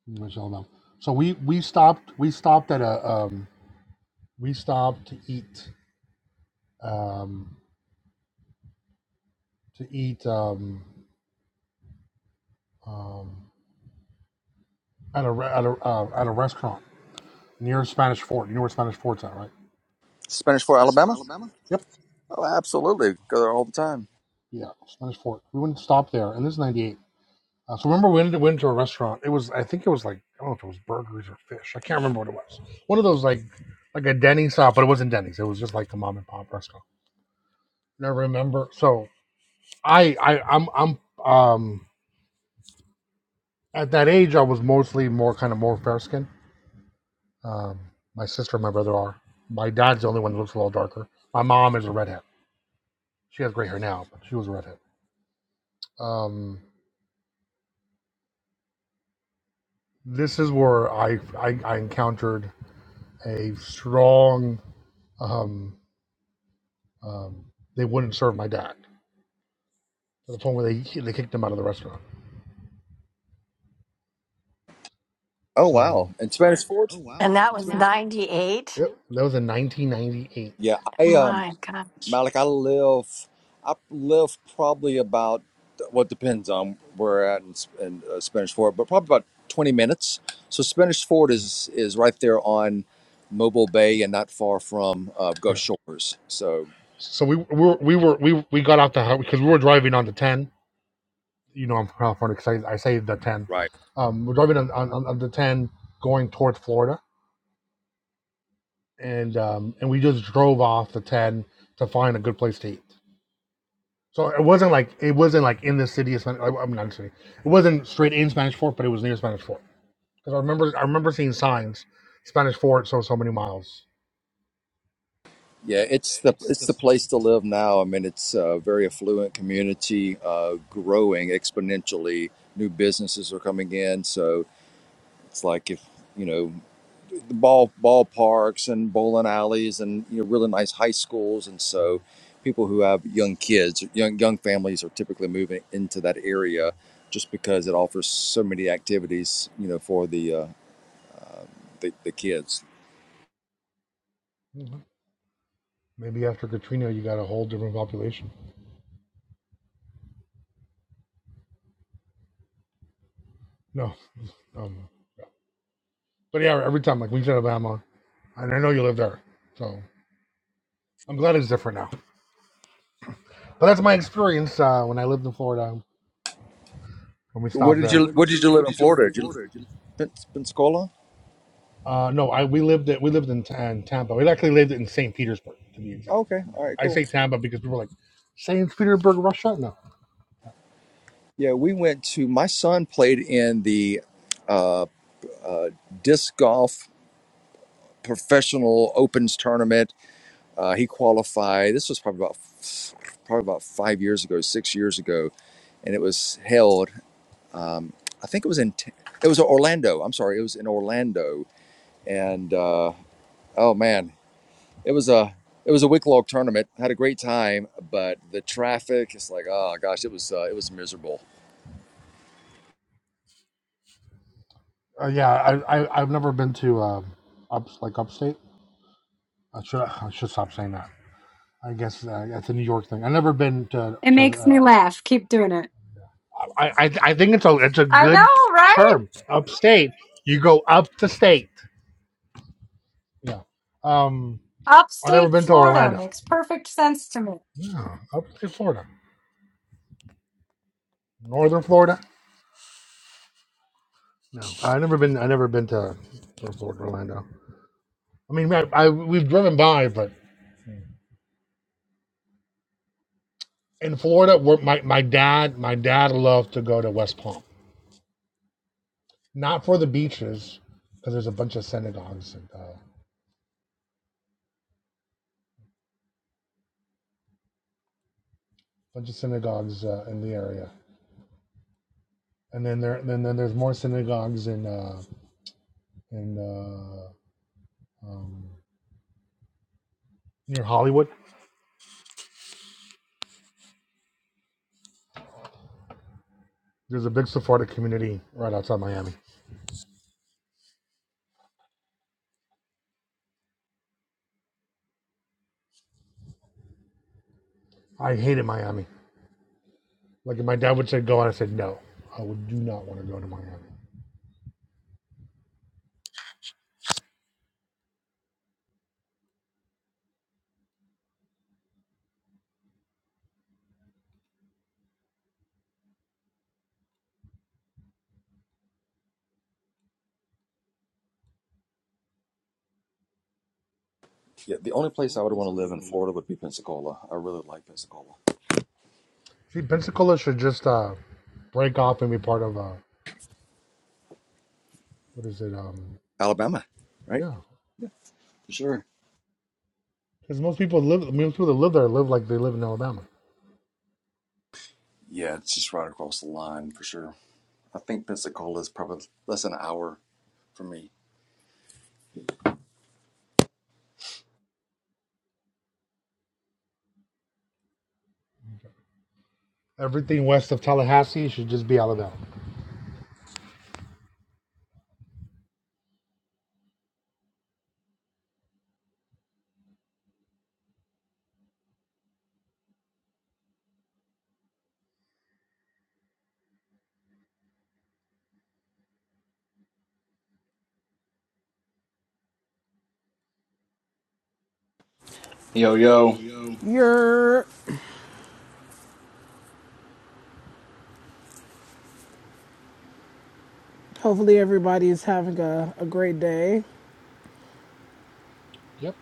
Speaker 1: which I don't know. So we we stopped we stopped at a um we stopped to eat um to eat um um at a re- at a uh, at a restaurant near Spanish Fort. You know where Spanish Fort's at, right?
Speaker 11: Spanish Fort, Alabama?
Speaker 1: Yep.
Speaker 11: Oh, absolutely. Go there all the time.
Speaker 1: Yeah, Spanish Fort. We wouldn't stop there, and this is '98. Uh, so remember, we went, went to a restaurant. It was, I think it was like I don't know if it was burgers or fish. I can't remember what it was. One of those like like a Denny's stop, but it wasn't Denny's. It was just like the mom and pop restaurant. And I remember. So I I I'm I'm um at that age I was mostly more kind of more fair skinned. Um, my sister and my brother are. My dad's the only one that looks a little darker. My mom is a redhead. She has gray hair now, but she was a redhead Um, this is where I, I, I encountered a strong, um, um, they wouldn't serve my dad to the point where they, they kicked him out of the restaurant.
Speaker 11: Oh, wow.
Speaker 1: So
Speaker 11: And Spanish Fort?
Speaker 2: And that was 98.
Speaker 1: yep, that was in 1998.
Speaker 11: Yeah, I um,
Speaker 2: My gosh.
Speaker 11: Malik, I live, I live probably about what depends on where we're at in, in uh, Spanish Fort, but probably about twenty minutes. So Spanish Fort is is right there on Mobile Bay and not far from uh, Gulf
Speaker 1: Yeah.
Speaker 11: Shores. So
Speaker 1: So we, we we were, we, we got out the house because we were driving on the 10. You know, I'm proud of because I, I saved the 10.
Speaker 11: right,
Speaker 1: Um, we're driving on, on, on the 10 going towards Florida. And, um, and we just drove off the 10 to find a good place to eat So it wasn't like it wasn't like in the city of Spanish. I'm not in the city. It wasn't straight in Spanish Fort, but it was near Spanish Fort. Because I remember I remember seeing signs, Spanish Fort, so so many miles.
Speaker 11: yeah, it's the it's the place to live now. I mean, it's a very affluent community, uh, growing exponentially. New businesses are coming in, so it's like if you know. the ball ballparks and bowling alleys and you know really nice high schools and so people who have young kids young young families are typically moving into that area just because it offers so many activities you know for the uh, the, the kids
Speaker 1: Mhm. Maybe after Katrina, you got a whole different population. No, um, but yeah, every time like we said Alabama, and I know you live there, so I'm glad it's different now. But that's my experience uh, when I lived in Florida. When we
Speaker 11: what
Speaker 1: stopped
Speaker 11: did
Speaker 1: there,
Speaker 11: you what did you live in Florida did you li- Pen- Pensacola
Speaker 1: Uh, no, I we lived at we lived in, in Tampa. We actually lived in St. Petersburg, to be exact.
Speaker 11: okay all right
Speaker 1: I, I
Speaker 11: cool
Speaker 1: say Tampa because people are like St. Petersburg, Russia. No,
Speaker 11: yeah we went to my son played in the uh, uh, disc golf professional opens tournament Uh, he qualified. This was probably about probably about five years ago, six years ago, and it was held. I think it was in T- it was Orlando. I'm sorry, it was in Orlando. And uh, oh man, it was a it was a week long tournament. Had a great time, but the traffic. It's like oh gosh, it was uh, it was miserable.
Speaker 1: uh, yeah, I, I I've never been to um, ups like upstate. I should I should stop saying that. I guess uh, that's a New York thing. I've never been to
Speaker 6: It
Speaker 1: to.
Speaker 6: makes
Speaker 1: Uh,
Speaker 6: me laugh. Keep doing it.
Speaker 1: I, I I think it's a it's a
Speaker 6: I
Speaker 1: good
Speaker 6: know, right?
Speaker 1: term. Upstate, you go up the state. Yeah. Um, I've never
Speaker 6: Upstate
Speaker 1: been to
Speaker 6: Florida
Speaker 1: Orlando.
Speaker 6: makes perfect sense to me.
Speaker 1: No, up to Florida, northern Florida. No, I've never been. i never been to to Florida, Orlando. I mean, I, I we've driven by, but in Florida, where my my dad my dad loved to go to West Palm, not for the beaches, because there's a bunch of synagogues and uh, bunch of synagogues uh, in the area, and then there then, then there's more synagogues in uh, in uh, um, near Hollywood. There's a big Sephardic community right outside Miami. I hated Miami. Like if my dad would say go, and I said no, I would do not want to go to Miami.
Speaker 11: Yeah, the only place I would want to live in Florida would be Pensacola. I really like Pensacola.
Speaker 1: See, Pensacola should just uh, break off and be part of uh, what is it? Um,
Speaker 11: Alabama, right?
Speaker 1: yeah,
Speaker 11: For sure.
Speaker 1: because most people live, most people that live there live like they live in Alabama.
Speaker 11: Yeah, it's just right across the line for sure. I think Pensacola is probably less than an hour for me.
Speaker 1: Everything west of Tallahassee should just be Alabama.
Speaker 10: Yo, yo.
Speaker 16: You're hopefully everybody is having a, a great day.
Speaker 1: Yep,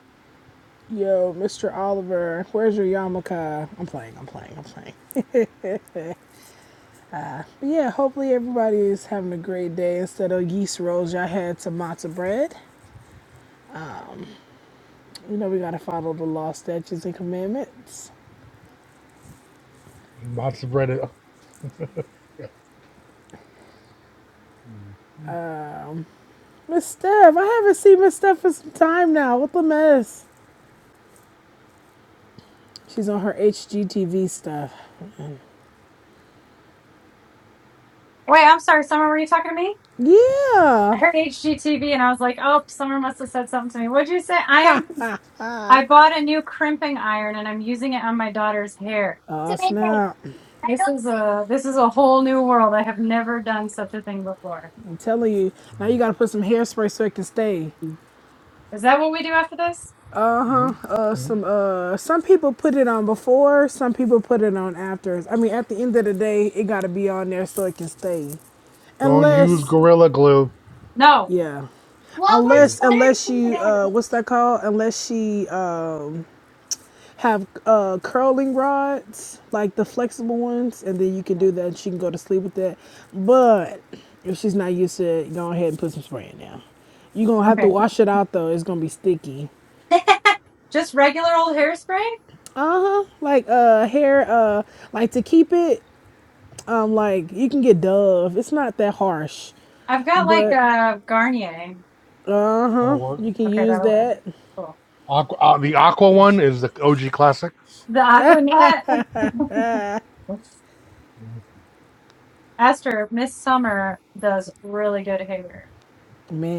Speaker 16: Yo, Mr. Oliver, where's your yarmulke? I'm playing, I'm playing, I'm playing. But yeah, hopefully everybody is having a great day. Instead of yeast rolls, y'all had some matzo bread. You know we gotta follow the law, statutes, and commandments.
Speaker 1: and lots of bread.
Speaker 16: Miss Steph, I haven't seen Miss Steph for some time now. What the mess? She's on her HGTV stuff.
Speaker 6: Wait, I'm sorry. Summer, were you talking to me? I
Speaker 16: Yeah.
Speaker 6: heard HGTV and I was like, oh, Summer must have said something to me. What'd you say? I am. I bought a new crimping iron and I'm using it on my daughter's hair. It's
Speaker 16: Oh
Speaker 6: a big thing.
Speaker 16: snap!
Speaker 6: I This don't- is a this is a whole new world. I have never done such a thing before.
Speaker 16: I'm telling you. Now you
Speaker 1: Mm-hmm.
Speaker 16: gotta put some hairspray so it can stay.
Speaker 6: Is that what we do after this?
Speaker 16: uh
Speaker 1: Mm-hmm.
Speaker 16: some uh some people put it on before, some people put it on after. I mean, at the end of the day, it got to be on there so it can stay.
Speaker 1: Don't use
Speaker 16: Unless,
Speaker 1: Gorilla Glue.
Speaker 6: No.
Speaker 16: yeah. Unless
Speaker 1: It's
Speaker 16: unless you uh what's that called? Unless she uh have uh curling rods, like the flexible ones, and then you can do that and she can go to sleep with that. But if she's not used to it, go ahead and put some spray in there. You're gonna have to
Speaker 6: Okay.
Speaker 16: wash it out though, it's gonna be sticky.
Speaker 6: Just regular old hairspray?
Speaker 16: Uh huh. Like uh hair uh like to keep it. Um, like you can get Dove. It's not that harsh,
Speaker 6: I've got like
Speaker 16: but
Speaker 6: a Garnier.
Speaker 16: uh
Speaker 1: not a
Speaker 16: huh,
Speaker 1: work.
Speaker 16: you can
Speaker 6: Okay,
Speaker 16: use
Speaker 6: that'll work.
Speaker 16: that.
Speaker 6: Cool.
Speaker 1: Aqua, uh, the Aqua one is the OG classic.
Speaker 6: The Aquanet.
Speaker 1: Mm-hmm.
Speaker 6: Esther, Miss Summer does really good hair.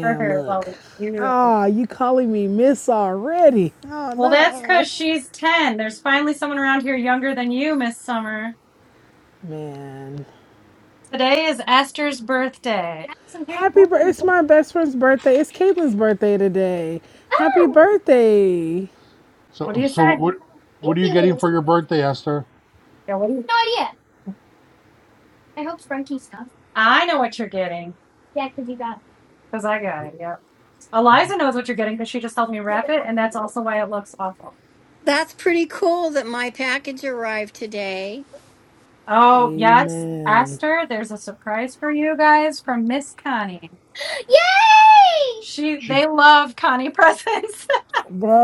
Speaker 6: Her hair is
Speaker 16: look.
Speaker 6: always beautiful.
Speaker 16: Ah, you calling me Miss already? Oh
Speaker 6: Well, that's
Speaker 16: no,
Speaker 6: because she's 10. There's finally someone around here younger than you, Miss Summer.
Speaker 16: man.
Speaker 6: Today is Esther's birthday. That's a very
Speaker 16: Happy birthday!
Speaker 6: important.
Speaker 16: It's my best friend's birthday. It's Caitlin's birthday today. Happy
Speaker 6: Oh,
Speaker 16: birthday.
Speaker 6: What do
Speaker 1: So,
Speaker 6: you say?
Speaker 1: so what? What
Speaker 6: Thank
Speaker 1: are you getting
Speaker 6: you.
Speaker 1: for your birthday, Esther?
Speaker 6: Yeah, what do you? No idea. I hope Frankie stuff. I know what you're getting Yeah, because you got it. because I got it. Yep. Eliza knows what you're getting because she just helped me wrap it, and that's also why it looks awful.
Speaker 2: That's pretty cool that my package arrived today.
Speaker 6: Oh yes,
Speaker 16: Amen,
Speaker 6: Esther, there's a surprise for you guys from Miss Connie. Yay! She
Speaker 1: She
Speaker 6: they love Connie presents.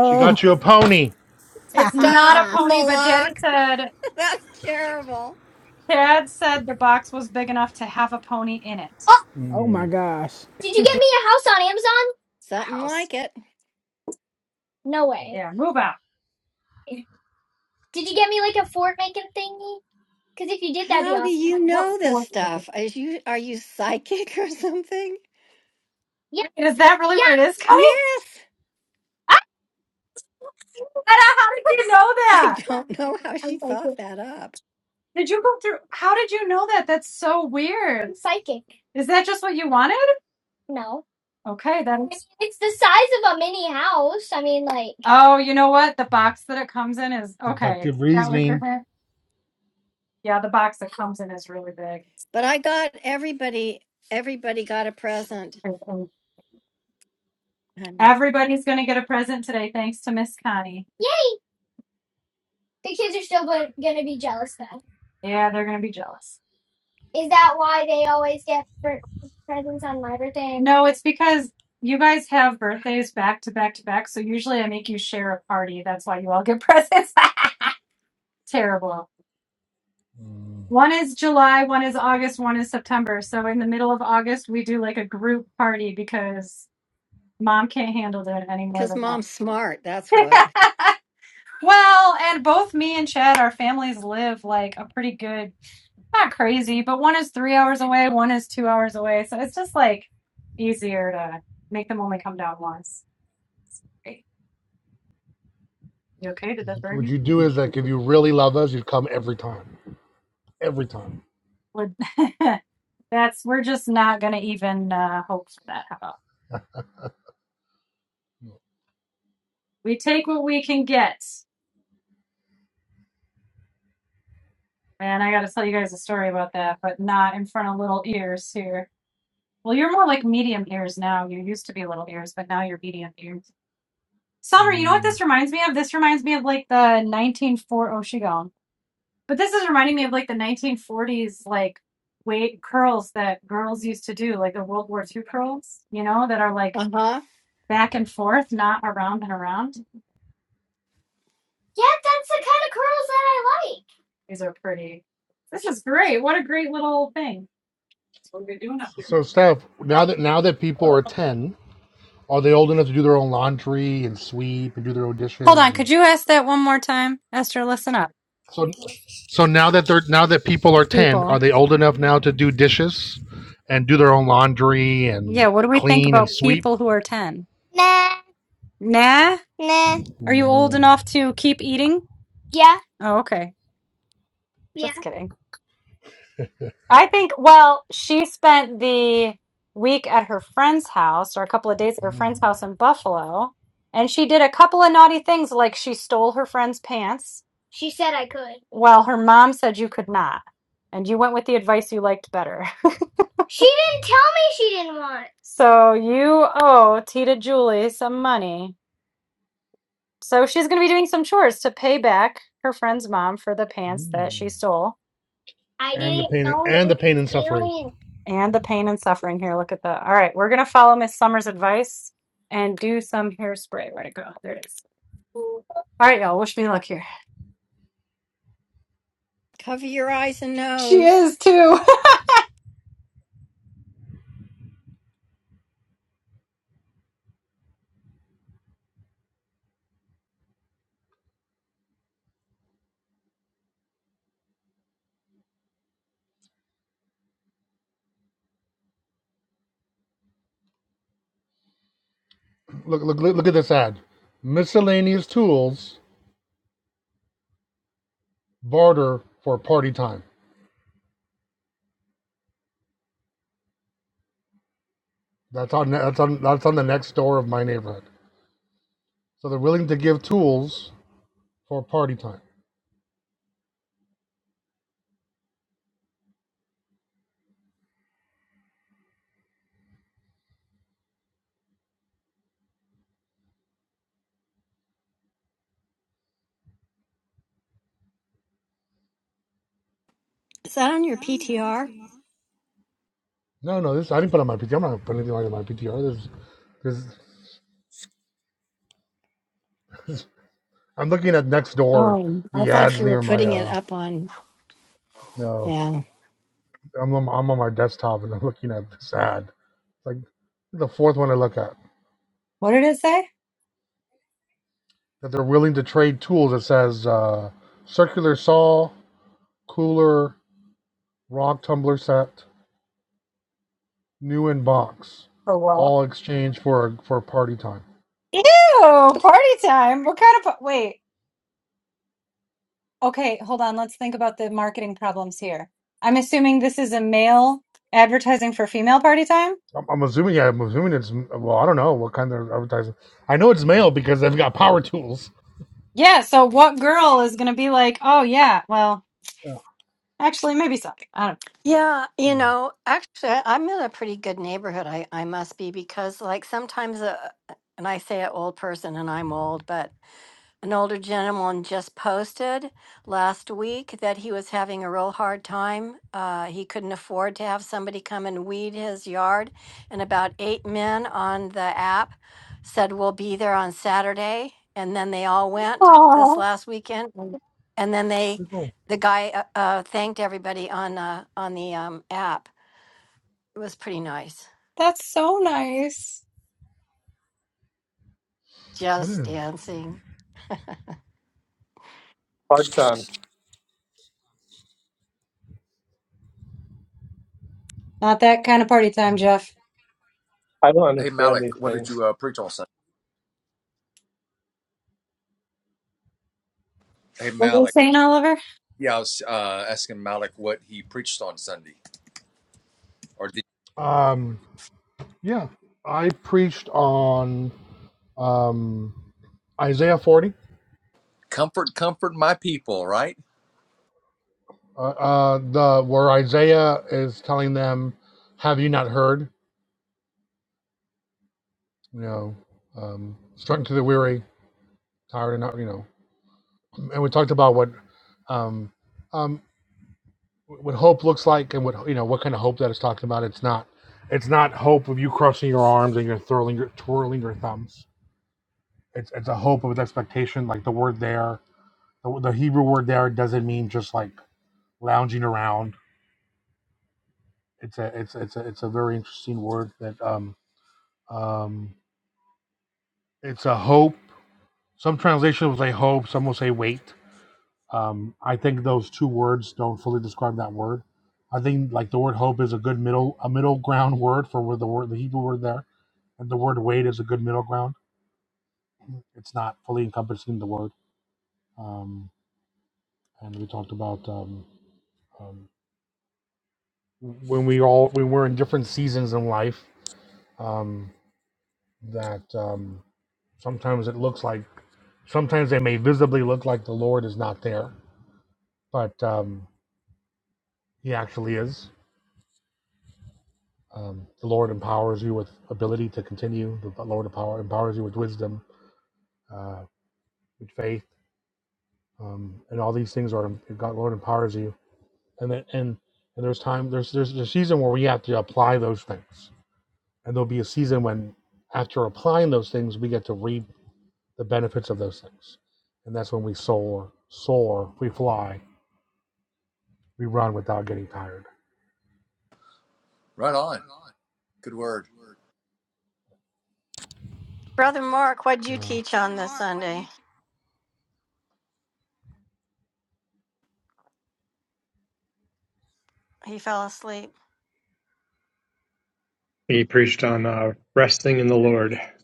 Speaker 1: she got you a pony.
Speaker 6: it's not
Speaker 2: Stop,
Speaker 6: a pony, but Daddy
Speaker 2: Malak.
Speaker 6: said
Speaker 2: That's terrible.
Speaker 6: Dad said the box was big enough to have a pony in it. Oh,
Speaker 16: Oh my
Speaker 1: Mm.
Speaker 16: gosh.
Speaker 6: did you
Speaker 1: Uh,
Speaker 6: get me a house on Amazon? A
Speaker 2: Something
Speaker 6: House.
Speaker 2: like it.
Speaker 6: No way. Yeah, move out. Did you get me like a fort making thingy? Because if you did, that'd be
Speaker 2: How do
Speaker 6: awesome.
Speaker 2: you
Speaker 6: What
Speaker 2: know this
Speaker 6: fort?
Speaker 2: stuff? Is you are you psychic or something?
Speaker 6: Yeah, Wait, is that really yeah. where it is, Connie?
Speaker 2: Yes.
Speaker 6: I How did you know
Speaker 2: I
Speaker 6: that?
Speaker 2: don't know how she
Speaker 6: I'm
Speaker 2: thought
Speaker 6: psychic.
Speaker 2: that up.
Speaker 6: Did you go through? How did you know that? That's so weird. I'm psychic. Is that just what you wanted? No. Okay, then. I mean, that's. it's the size of a mini house. I mean, like, Oh, you know what? The box that it comes in is okay.
Speaker 1: Deductive
Speaker 6: That was your
Speaker 1: reasoning.
Speaker 6: hint. Yeah, the box that comes in is really big.
Speaker 2: But I got everybody everybody got a present. And
Speaker 6: Everybody's going to get a present today, thanks to Miss Connie. yay! The kids are still going to be jealous, then. Yeah, they're gonna be jealous. Is that why they always get bir- presents on my birthday? No, it's because you guys have birthdays back to back to back, so usually I make you share a party. That's why you all get presents. Terrible.
Speaker 1: Mm.
Speaker 6: One is July, one is August, one is September. So in the middle of August, we do like a group party because mom can't handle it any more
Speaker 2: Cuz
Speaker 6: than that.
Speaker 2: mom's smart, that's what.
Speaker 6: Well, and both me and Chad, our families live like a pretty good, not crazy, but one is three hours away, one is two hours away. So it's just like easier to make them only come down once. Hey, you okay? Did that burn
Speaker 1: What
Speaker 6: you?
Speaker 1: you do is like if you really love us, you'd come every time. Every time.
Speaker 6: Would- That's, we're just not going to even uh, hope for that. How about we take what we can get? And I got to tell you guys a story about that, but not in front of little ears here. Well, you're more like medium ears now. You used to be little ears, but now you're medium ears. Summer, you know what
Speaker 1: Mm.
Speaker 6: this reminds me of? This reminds me of like the nineteen forties oh she gone. But this is reminding me of like the 1940s like weight curls that girls used to do, like the World War two curls, you know, that are like
Speaker 2: Uh-huh.
Speaker 6: back and forth, not around and around. Yeah, that's the kind of curls that I like. These are pretty. This is great. What a great little thing. That's What are we doing up here?
Speaker 1: So Steph, now that now that people are ten, are they old enough to do their own laundry and sweep and do their own
Speaker 6: Hold
Speaker 1: dishes
Speaker 6: on, could
Speaker 1: and
Speaker 6: you ask that one more time? Esther, listen up.
Speaker 1: so so now that they're now that people are ten, are
Speaker 6: People.
Speaker 1: they old enough now to do dishes and do their own laundry and
Speaker 6: Yeah, what do we think
Speaker 1: clean and
Speaker 6: about
Speaker 1: sweep?
Speaker 6: people who are 10? Nah? Nah. Are you old
Speaker 1: Mm.
Speaker 6: enough to keep eating? Yeah. Oh, okay. Yeah. Just kidding. I think, well, she spent the week at her friend's house or a couple of days at her friend's house in Buffalo. And she did a couple of naughty things, like she stole her friend's pants. She said I could. Well, her mom said you could not. And you went with the advice you liked better. She didn't tell me she didn't want. So you owe Tita Julie some money So she's going to be doing some chores to pay back her friend's mom for the pants that she
Speaker 1: Mm.
Speaker 6: stole I
Speaker 1: And the
Speaker 6: didn't
Speaker 1: pain
Speaker 6: know it
Speaker 1: and the
Speaker 6: was
Speaker 1: pain and suffering.
Speaker 6: stealing. and the pain and suffering here. Look at that. All right, we're going to follow Miss Summer's advice and do some hairspray. Where'd it go? There it is. All right, y'all. Wish me luck here.
Speaker 2: Cover your eyes and
Speaker 6: She
Speaker 2: nose.
Speaker 6: is too.
Speaker 1: Look, look, look, at this ad. Miscellaneous tools barter for party time. That's on that's on that's on the next door of my neighborhood. So they're willing to give tools for party time.
Speaker 2: Is that on your PTR?
Speaker 1: No, no, this I didn't put on my PTR. I'm not putting anything on my PTR. This, this, I'm looking at next door.
Speaker 2: Oh, I
Speaker 1: The
Speaker 2: thought
Speaker 1: ads
Speaker 2: you were
Speaker 1: near my
Speaker 2: putting it
Speaker 1: uh
Speaker 2: up on.
Speaker 1: no.
Speaker 2: Yeah.
Speaker 1: I'm on, I'm on my desktop and I'm looking at this ad. It's like the fourth one I look at
Speaker 6: What did it say?
Speaker 1: that they're willing to trade tools. It says uh, circular saw, cooler, Rock tumbler set, new in box,
Speaker 6: For what?
Speaker 1: all exchange for for party time.
Speaker 6: Ew! Party time. What kind of pa- wait? Okay, hold on. Let's think about the marketing problems here. I'm assuming this is a male advertising for female party time.
Speaker 1: I'm, I'm assuming, yeah, I'm assuming it's well, I don't know what kind of advertising. I know it's male because they've got power tools.
Speaker 6: Yeah, so what girl is gonna be like, oh yeah, well,
Speaker 1: Yeah,
Speaker 6: actually maybe some. I don't
Speaker 2: Yeah, you
Speaker 1: Hmm.
Speaker 2: know, actually, I- I'm in a pretty good neighborhood. I, I must be because, like, sometimes, uh, and I say an old person and I'm old, but an older gentleman just posted last week that he was having a real hard time. Uh, he couldn't afford to have somebody come and weed his yard. And about eight men on the app said, We'll be there on Saturday. And then they all went this
Speaker 6: Oh,
Speaker 2: last weekend. And and then they,
Speaker 1: pretty cool.
Speaker 2: the guy uh, uh, thanked everybody on, uh, on the um, app. It was pretty nice.
Speaker 6: that's so nice.
Speaker 1: It
Speaker 2: Just
Speaker 1: is.
Speaker 2: dancing.
Speaker 15: Hard time.
Speaker 6: Not that kind of party time, Jeff.
Speaker 15: I don't
Speaker 11: Hey
Speaker 15: understand
Speaker 11: Malik,
Speaker 15: these
Speaker 11: what did
Speaker 15: things.
Speaker 11: you uh, preach on Sunday? Hey
Speaker 6: What were you
Speaker 11: Malik,
Speaker 6: saying, Oliver?
Speaker 11: yeah, I was uh, asking Malik what he preached on Sunday, or did
Speaker 1: Um, yeah, I preached on um, Isaiah 40,
Speaker 11: comfort, comfort my people, right?
Speaker 1: uh, uh, the where Isaiah is telling them, "Have you not heard? You know, um, struck to the weary, tired and not, you know, and we talked about what um, um, what hope looks like and what you know what kind of hope that is talking about. It's not it's not hope of you crossing your arms and you're twirling your twirling your thumbs. It's it's a hope of an expectation. Like the word there, the, the Hebrew word there doesn't mean just like lounging around. It's a it's it's a, it's a very interesting word that um um it's a hope. Some translations will say hope. Some will say wait. Um, I think those two words don't fully describe that word. I think like the word hope is a good middle a middle ground word for where the word the Hebrew word there, and the word wait is a good middle ground. It's not fully encompassing the word. Um, and we talked about um, um, when we all when we're in different seasons in life um, that um, sometimes it looks like sometimes they may visibly look like the Lord is not there, but um, He actually is Um, the Lord empowers you with ability to continue. The Lord empower, empowers you with wisdom, uh, with faith, um, and all these things are God. Lord empowers you, and then and and there's time. There's there's a season where we have to apply those things, and there'll be a season when after applying those things, we get to reap the benefits of those things, and that's when we soar, soar, we fly, we run without getting tired.
Speaker 11: Right on, good word.
Speaker 2: Brother Mark, what'd you
Speaker 1: Uh,
Speaker 2: teach on this Sunday? He fell asleep.
Speaker 15: He preached on uh, resting in the Lord. That's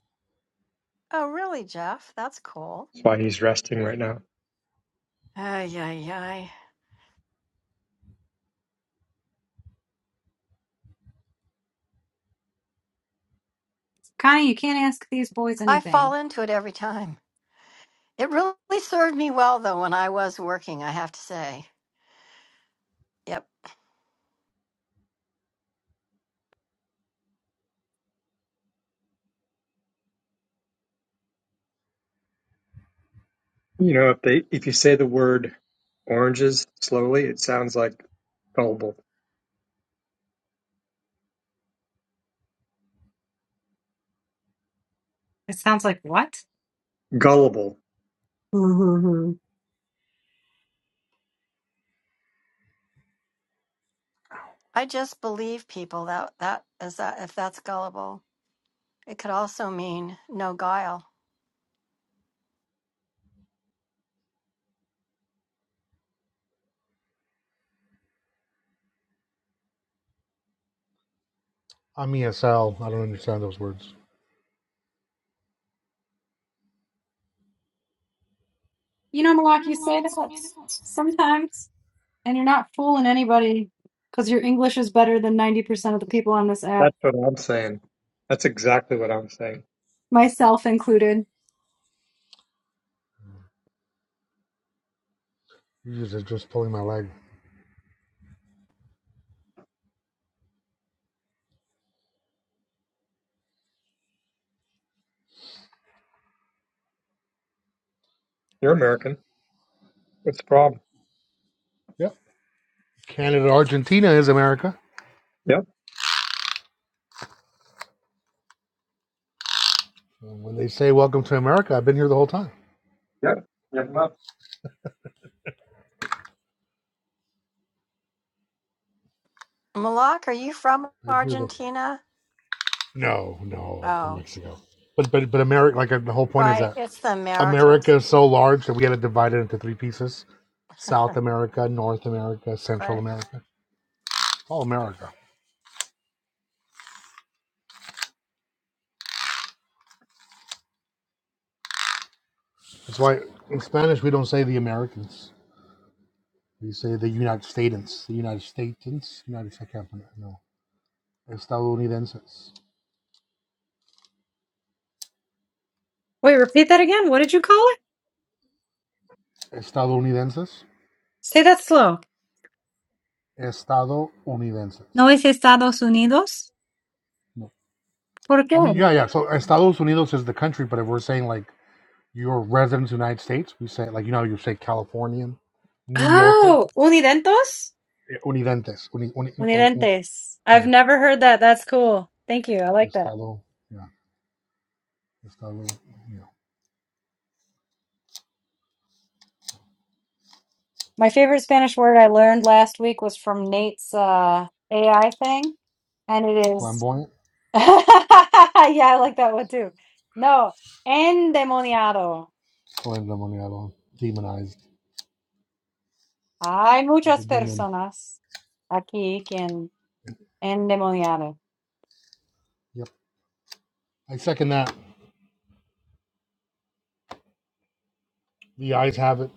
Speaker 2: Oh, really, Jeff? That's cool.
Speaker 15: why he's resting right now.
Speaker 2: Ay, ay, ay.
Speaker 6: Connie, you can't ask these boys
Speaker 2: I fall
Speaker 6: anything.
Speaker 2: into it every time. It really served me well, though, when I was working, I have to say. Yep.
Speaker 15: You know, if they if you say the word oranges slowly, it sounds like gullible.
Speaker 6: It sounds like what?
Speaker 15: Gullible.
Speaker 6: Mm-hmm.
Speaker 2: I just believe people that, that is that, if that's gullible, it could also mean no guile.
Speaker 1: I'm ESL. I don't understand those words.
Speaker 6: You know, Malak, you say that sometimes, and you're not fooling anybody because your English is better than 90% of the people on this app,
Speaker 15: That's what I'm saying. That's exactly what I'm saying.
Speaker 6: myself included.
Speaker 1: You just just pulling my leg.
Speaker 15: You're American. What's the problem?
Speaker 1: Yep. Canada, Argentina is America.
Speaker 15: Yep.
Speaker 1: And when they say "Welcome to America," I've been here the whole time.
Speaker 15: Yeah, yeah, well,
Speaker 2: Malak, are you from
Speaker 1: i Been here the
Speaker 2: Argentina?
Speaker 1: no, no, from
Speaker 2: Oh,
Speaker 1: Mexico. But but but America, like uh, the whole point is
Speaker 2: right.
Speaker 1: that
Speaker 2: It's the
Speaker 1: America
Speaker 2: Americas.
Speaker 1: is so large that we had to divide it into three pieces: South America, North America, Central
Speaker 2: Right.
Speaker 1: America. All America. That's why in Spanish we don't say the Americans. We say the United Statens, the United Statens, United. I can't pronounce. it, No, estadounidenses,
Speaker 6: Wait, repeat that again. What did you call it?
Speaker 1: estadounidenses,
Speaker 6: Say that slow.
Speaker 1: estadounidenses.
Speaker 6: ¿No es Estados Unidos?
Speaker 1: No.
Speaker 6: ¿Por
Speaker 1: I mean,
Speaker 6: qué?
Speaker 1: yeah, yeah. So uh, Estados Unidos is the country, but if we're saying like you're a resident of the United States, we say like you know you say Californian, New Yorker,
Speaker 6: Oh, unidentos?
Speaker 1: eh, unidentes, uni, uni, uh, uh, uh,
Speaker 6: Unidentes. I've
Speaker 1: yeah,
Speaker 6: never heard that. That's cool. Thank you. I like that.
Speaker 1: Estado, yeah, Estado, yeah,
Speaker 6: My favorite Spanish word I learned last week was from Nate's uh, AI thing, and it is.
Speaker 1: flamboyant,
Speaker 6: yeah, I like that one too. No, endemoniado.
Speaker 1: flamboyant, demonized
Speaker 6: Hay
Speaker 1: with the
Speaker 6: muchas
Speaker 1: demon.
Speaker 6: personas aquí quien endemoniado.
Speaker 1: Yep, I second that. The eyes have it.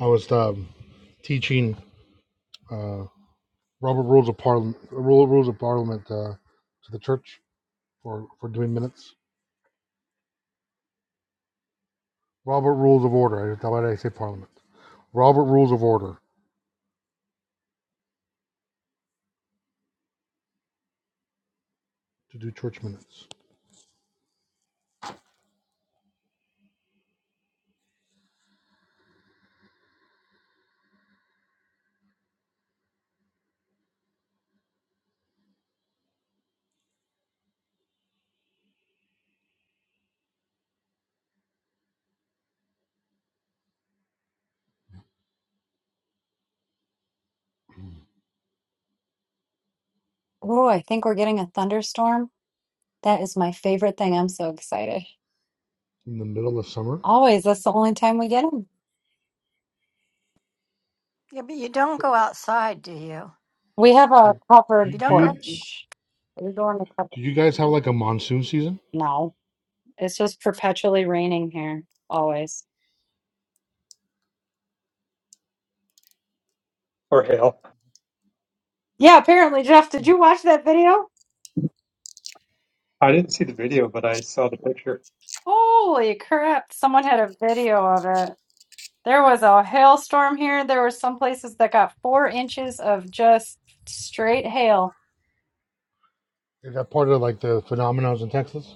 Speaker 1: I was um, teaching uh, Robert Rules of Parliament, Rule Rules of Parliament uh, to the church for for doing minutes. Robert Rules of Order. I- Why I say Parliament? Robert Rules of Order to do church minutes
Speaker 6: Oh, I think we're getting a thunderstorm. That is my favorite thing. I'm so excited.
Speaker 1: in the middle of summer.
Speaker 6: Always. That's the only time we get them.
Speaker 2: Yeah, but you don't
Speaker 1: So,
Speaker 2: go outside, do you?
Speaker 6: We have a
Speaker 1: Like, do you,
Speaker 6: covered
Speaker 2: You
Speaker 1: do
Speaker 2: don't
Speaker 1: you
Speaker 2: go.
Speaker 1: do
Speaker 6: porch. We're going to cover.
Speaker 1: you guys have like a monsoon season?
Speaker 6: No, it's just perpetually raining here. Always.
Speaker 15: or hail.
Speaker 6: Yeah, apparently, Jeff, did you watch that video?
Speaker 15: I didn't see the video, but I saw the picture.
Speaker 6: Holy crap. Someone had a video of it. There was a hailstorm here. There were some places that got four inches of just straight hail.
Speaker 1: Is that part of like the phenomenons in Texas?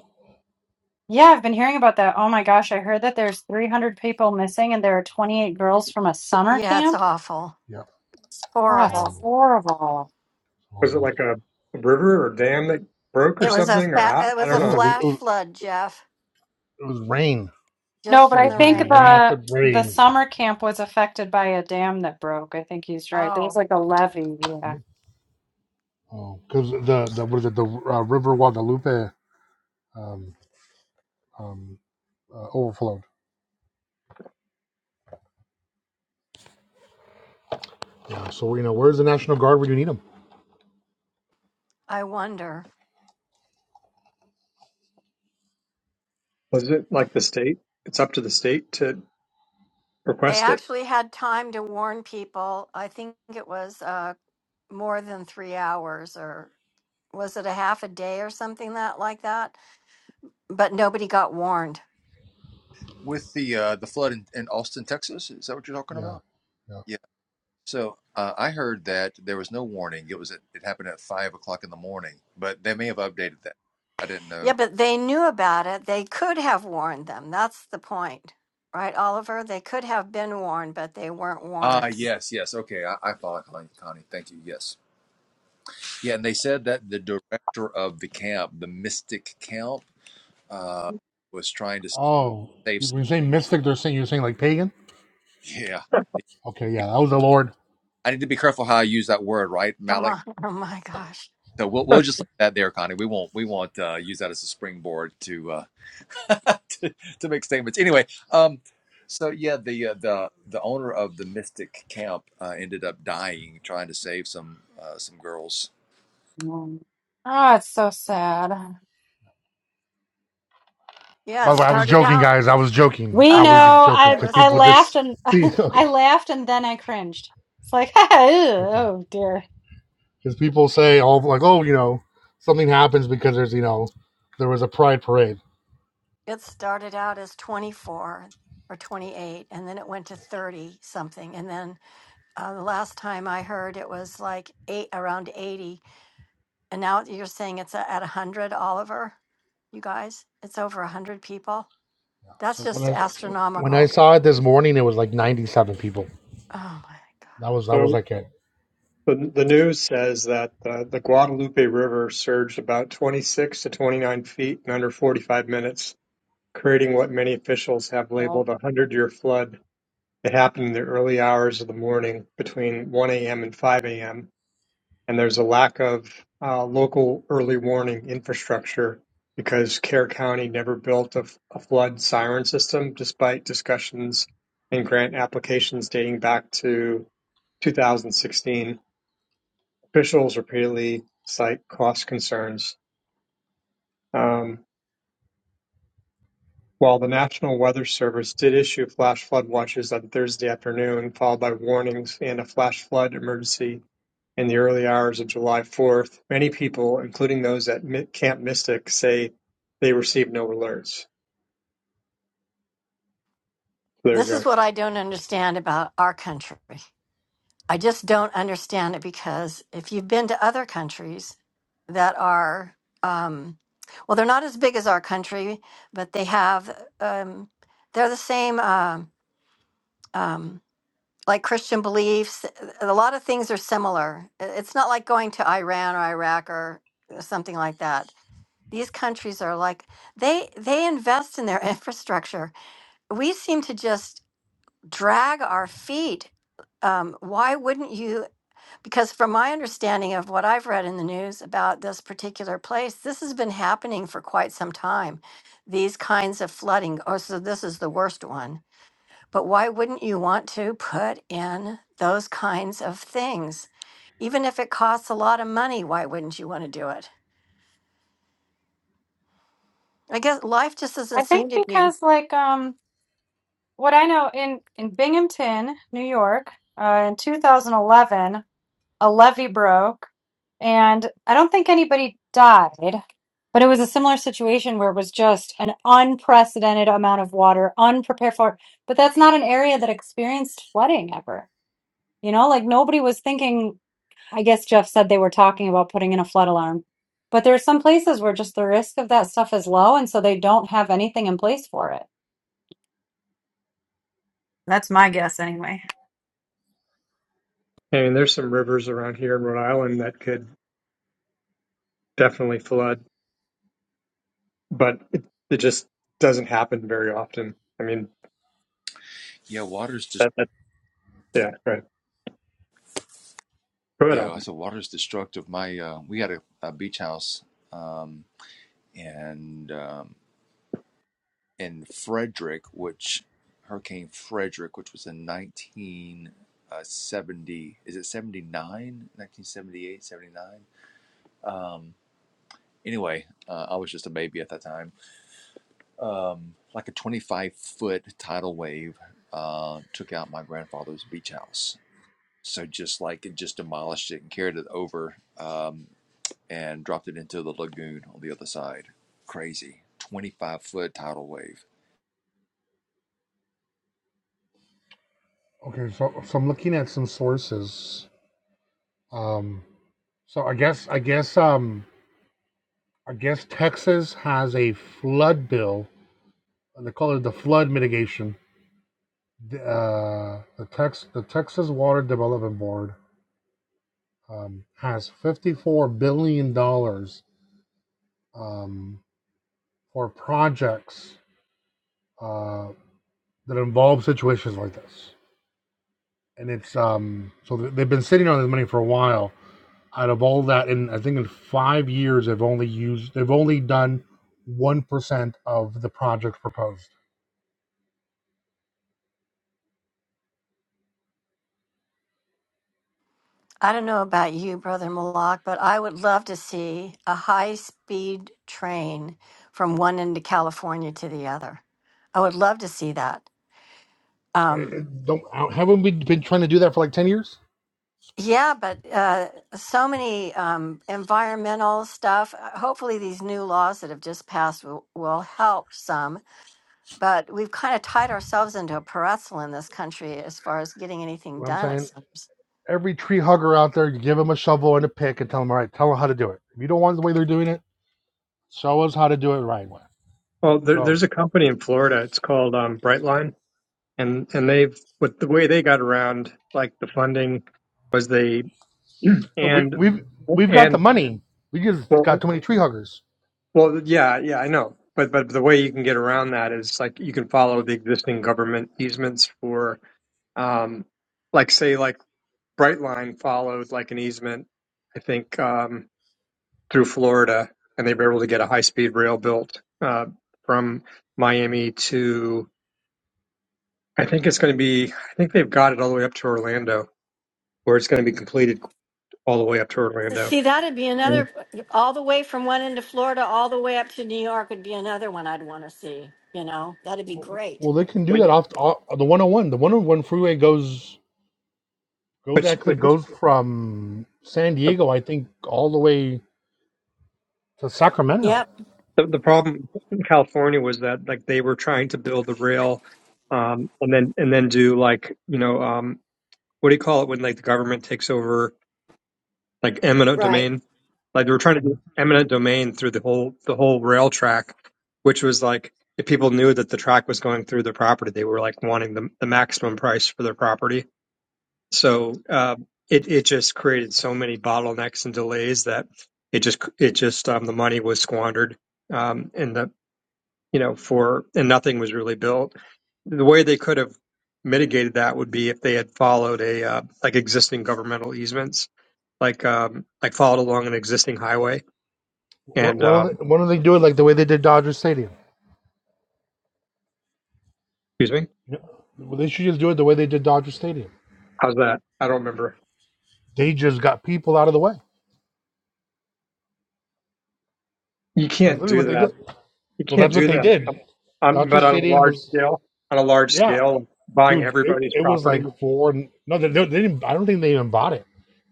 Speaker 6: Yeah, I've been hearing about that. Oh my gosh, I heard that there's 300 people missing and there are 28 girls from a summer
Speaker 2: Yeah, it's
Speaker 6: camp.
Speaker 2: awful.
Speaker 1: Yeah,
Speaker 2: It's
Speaker 1: that's
Speaker 6: Oh, it's
Speaker 2: horrible.
Speaker 1: horrible.
Speaker 6: horrible.
Speaker 15: Was it
Speaker 1: Horrible.
Speaker 15: like a river or dam that broke or
Speaker 2: It was a
Speaker 15: something? Or
Speaker 2: fa-
Speaker 15: I,
Speaker 2: it
Speaker 15: I
Speaker 2: was a
Speaker 15: don't
Speaker 1: No, it
Speaker 15: know.
Speaker 1: was, it
Speaker 2: flash
Speaker 1: was,
Speaker 2: flood, Jeff.
Speaker 1: it was rain.
Speaker 6: No,
Speaker 2: Just
Speaker 1: It
Speaker 6: but
Speaker 2: from
Speaker 6: I
Speaker 1: was
Speaker 2: the
Speaker 1: just
Speaker 6: think
Speaker 2: rain.
Speaker 6: the
Speaker 1: rapid
Speaker 6: the
Speaker 1: rain.
Speaker 6: summer camp was affected by a dam that broke. I think he's right. There was
Speaker 2: Oh,
Speaker 6: like a levee. Yeah.
Speaker 1: Oh, because the the what is it? The uh, River Guadalupe um, um, uh, overflowed. Yeah. So you know, where's the National Guard when you need them?
Speaker 2: I wonder.
Speaker 15: Was it like the state? It's up to the state to
Speaker 2: They
Speaker 15: request it.
Speaker 2: actually had time to warn people. I think it was uh, more than three hours, or was it a half a day or something that like that? But nobody got warned.
Speaker 11: With the uh, the flood in, in Austin, Texas, is that what you're talking
Speaker 1: Yeah.
Speaker 11: about?
Speaker 1: Yeah.
Speaker 11: Yeah. So uh, I heard that there was no warning. It was at, it happened at five o'clock in the morning, but they may have updated that. I didn't
Speaker 2: Yeah,
Speaker 11: know.
Speaker 2: but they knew about it. They could have warned them. That's the point, right, Oliver? They could have been warned, but they weren't
Speaker 11: Ah,
Speaker 2: warned.
Speaker 11: yes, yes. Okay, I, I follow Connie, Connie. Thank you. Yes. Yeah, and they said that the director of the camp, the Mystic Camp uh, was trying to
Speaker 1: Oh,
Speaker 11: save
Speaker 1: when
Speaker 11: some.
Speaker 1: you say mystic, they're saying you're saying like pagan.
Speaker 11: Yeah,
Speaker 1: Okay, yeah, that was the Lord.
Speaker 11: I need to be careful how I use that word, right,
Speaker 2: Come
Speaker 11: Malik?
Speaker 2: on. Oh my gosh.
Speaker 11: So we'll we'll just leave that there, Connie. We won't we won't uh, use that as a springboard to uh, to, to make statements. Anyway, um, so yeah, the uh, the the owner of the Mystic Camp uh, ended up dying trying to save some uh, some girls.
Speaker 6: Mm. Oh, it's so sad.
Speaker 2: Yeah,
Speaker 1: By
Speaker 2: it
Speaker 1: the way, I was
Speaker 2: started
Speaker 1: joking,
Speaker 2: out.
Speaker 1: guys. I was joking.
Speaker 6: We
Speaker 1: I
Speaker 2: I
Speaker 1: was
Speaker 2: know.
Speaker 1: just
Speaker 6: know.
Speaker 1: joking
Speaker 2: It
Speaker 6: I
Speaker 1: because
Speaker 2: was.
Speaker 6: I
Speaker 1: people just
Speaker 6: laughed and I
Speaker 1: okay,
Speaker 6: laughed and then I cringed. It's like, ew,
Speaker 1: okay,
Speaker 6: oh dear.
Speaker 1: because people say all like, oh, you know, something happens because there's you know, there was a pride parade.
Speaker 2: It started out as 24 or 28, and then it went to 30 something. And then uh, the last time I heard, it was like eight around 80. And now you're saying it's at 100, Oliver? You guys, it's over 100 people.
Speaker 1: Yeah.
Speaker 2: That's
Speaker 1: So when
Speaker 2: just
Speaker 1: I when I
Speaker 2: astronomical.
Speaker 1: saw it this morning, it was like 97 people.
Speaker 2: Oh my God.
Speaker 1: That was that was
Speaker 15: So
Speaker 1: like it.
Speaker 15: the, the news says that uh, the Guadalupe River surged about 26 to 29 feet in under 45 minutes, creating what many officials have
Speaker 6: Well,
Speaker 15: labeled a 100 year flood. It happened in the early hours of the morning between 1 a.m. and 5 a.m and there's a lack of uh, local early warning infrastructure because Kerr County never built a a flood siren system, despite discussions and grant applications dating back to 2016. Officials repeatedly cite cost concerns. Um, while the National Weather Service did issue flash flood watches on Thursday afternoon, followed by warnings and a flash flood emergency in the early hours of July 4th, many people, including those at Camp Mystic, say they received no alerts. So There you
Speaker 2: This is
Speaker 15: go.
Speaker 2: what I don't understand about our country. I just don't understand it because if you've been to other countries that are, um, well, they're not as big as our country, but they have, um, they're the same, uh, um, like Christian beliefs. A lot of things are similar. I- It's not like going to Iran or Iraq or uh, something like that. These countries are like they they invest in their infrastructure. We seem to just drag our feet um, why wouldn't you? Because from my understanding of what I've read in the news about this particular place, this has been happening for quite some time. These kinds of flooding. Oh, so this is the worst one. But why wouldn't you want to put in those kinds of things? Even if it costs a lot of money, why wouldn't you want to do it? I guess life just doesn't
Speaker 6: I
Speaker 2: seem
Speaker 6: think
Speaker 2: to be.
Speaker 6: because like um what I know in in Binghamton, New York, uh, in 2011. a levee broke, and I don't think anybody died, but it was a similar situation where it was just an unprecedented amount of water, unprepared for. it. But that's not an area that experienced flooding ever. You know, like nobody was thinking. I guess Jeff said they were talking about putting in a flood alarm, but there are some places where just the risk of that stuff is low, and so they don't have anything in place for it. That's my guess, anyway.
Speaker 15: I mean, there's some rivers around here in Rhode Island that could definitely flood, but it, it just doesn't happen very often. I mean,
Speaker 11: Yeah, water's just
Speaker 15: that, that yeah, right. Go ahead,
Speaker 11: yeah. I said water's destructive. My uh, we had a, a beach house, um, and. um, and Frederick, which Hurricane Frederick, which was in 1970, is it 79, 1978, 79? Um, anyway, uh, I was just a baby at that time. Um, like a 25 foot tidal wave uh, took out my grandfather's beach house. So just like it just demolished it and carried it over um, and dropped it into the lagoon on the other side. Crazy. 25 foot tidal wave.
Speaker 1: Okay, so so I'm looking at some sources. Um, so I guess I guess um I guess Texas has a flood bill. and They call it the flood mitigation The, uh, the Tex the Texas Water Development Board um, has fifty four billion dollars um, for projects uh, that involve situations like this, and it's um, so they've been sitting on this money for a while. Out of all that, in I think in five years, they've only used they've only done one percent of the projects proposed.
Speaker 2: I don't know about you, Brother Malak, but I would love to see a high speed train from one end of California to the other. I would love to see that.
Speaker 1: Eh, eh,
Speaker 2: Um,
Speaker 1: Don't haven't we been trying to do that for like ten years?
Speaker 2: yeah, but uh, so many um, environmental stuff. Uh, Hopefully, these new laws that have just passed will, will help some. But we've kind of tied ourselves into a pretzel in this country as far as getting anything
Speaker 1: What I'm
Speaker 2: done, it
Speaker 1: saying
Speaker 2: seems.
Speaker 1: every tree hugger out there, you give them a shovel and a pick and tell them, all right, tell them how to do it. If you don't want the way they're doing it, show us how to do it the right way.
Speaker 15: Well, there,
Speaker 1: Go.
Speaker 15: there's a company in Florida. It's called um, Brightline, and and they've with the way they got around like the funding was they
Speaker 1: No, we,
Speaker 15: and
Speaker 1: we've we've got the
Speaker 15: and
Speaker 1: money. We just
Speaker 15: well.
Speaker 1: got too many tree huggers.
Speaker 15: Well, yeah, yeah, I know. But but the way you can get around that is like you can follow the existing government easements for, um, like say like Brightline followed like an easement, I think um, through Florida, and they were able to get a high speed rail built uh, from Miami to I think it's going to be I think they've got it all the way up to Orlando, or it's going to be completed all the way up to Orlando.
Speaker 2: See, that'd be
Speaker 15: Mm.
Speaker 2: another, all the way from one end of Florida, all the way up to New York would be another one I'd want to see. You know, that'd be great.
Speaker 1: Well, they can do that off, off the 101. The 101 freeway goes goes actually
Speaker 15: But
Speaker 1: goes from San
Speaker 15: but
Speaker 1: Diego, I think, all the way to Sacramento.
Speaker 2: Yep.
Speaker 15: The, the problem in California was that like they were trying to build the rail, um, and then and then do like you know um, what do you call it when like the government takes over like eminent
Speaker 2: Right.
Speaker 15: domain, like they were trying to
Speaker 1: Yeah.
Speaker 15: do eminent domain through the whole the whole rail track, which was like if people knew that the track was going through their property, they were like wanting the the maximum price for their property. So um, it it just created so many bottlenecks and delays that it just it just um, the money was squandered um, and the you know, for, and nothing was really built. The way they could have mitigated that would be if they had followed a, uh, like existing governmental easements, like, um, like followed along an existing highway.
Speaker 1: Why,
Speaker 15: And,
Speaker 1: why don't
Speaker 15: uh,
Speaker 1: they, why don't they do it like the way they did Dodger Stadium?
Speaker 15: excuse me,
Speaker 1: Yeah. Well, they should just do it the way they did Dodger Stadium.
Speaker 15: how's that? I don't remember.
Speaker 1: They just got people out of the way.
Speaker 15: You
Speaker 1: That's
Speaker 15: can't
Speaker 1: literally what
Speaker 15: do
Speaker 1: they
Speaker 15: that.
Speaker 1: did.
Speaker 15: You
Speaker 1: Well,
Speaker 15: can't
Speaker 1: that's what
Speaker 15: do
Speaker 1: they
Speaker 15: that.
Speaker 1: did.
Speaker 15: Um um,
Speaker 1: Dodger
Speaker 15: but on a
Speaker 1: Stadium
Speaker 15: large
Speaker 1: was
Speaker 15: scale, on a large
Speaker 1: yeah,
Speaker 15: scale, buying
Speaker 1: dude. It,
Speaker 15: everybody's
Speaker 1: it was like
Speaker 15: property.
Speaker 1: four. No, they, they didn't. I don't think they even bought it.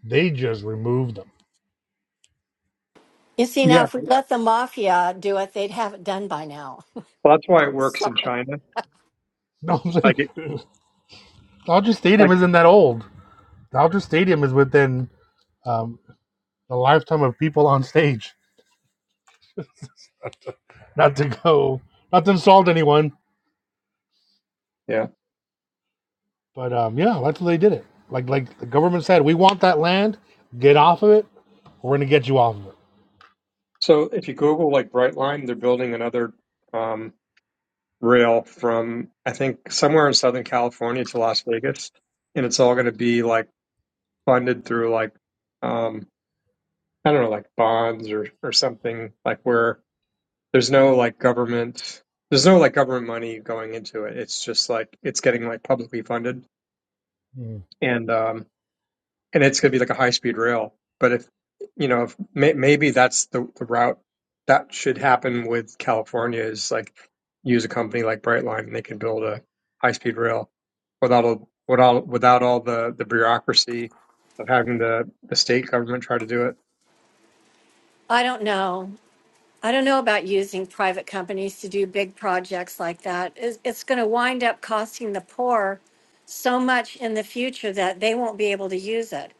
Speaker 1: They just removed them.
Speaker 2: You see, now
Speaker 15: Yeah.
Speaker 2: if we let the mafia do it, they'd have it done by now.
Speaker 15: Well, that's why it works
Speaker 2: So
Speaker 15: in China.
Speaker 1: No, I'm
Speaker 15: Like it,
Speaker 1: saying Dodger Stadium
Speaker 15: like,
Speaker 1: isn't that old. Dodger Stadium is within um, the lifetime of people on stage. Not to go, not to insult anyone,
Speaker 15: yeah.
Speaker 1: but um, yeah, that's what they did it. Like like the government said, we want that land. Get off of it. We're gonna get you off of it.
Speaker 15: So if you Google like Brightline, they're building another, um, rail from I think somewhere in Southern California to Las Vegas, and it's all going to be like funded through like um, I don't know like bonds or or something like where there's no like government there's no like government money going into it. It's just like it's getting like publicly funded,
Speaker 1: Mm.
Speaker 15: and um, and it's going to be like a high speed rail. But if you know, if may, maybe that's the, the route that should happen with California is like use a company like Brightline and they can build a high speed rail without all without without all the the bureaucracy of having the the state government try to do it.
Speaker 2: I don't know. I don't know about using private companies to do big projects like that. It's, it's going to wind up costing the poor so much in the future that they won't be able to use it.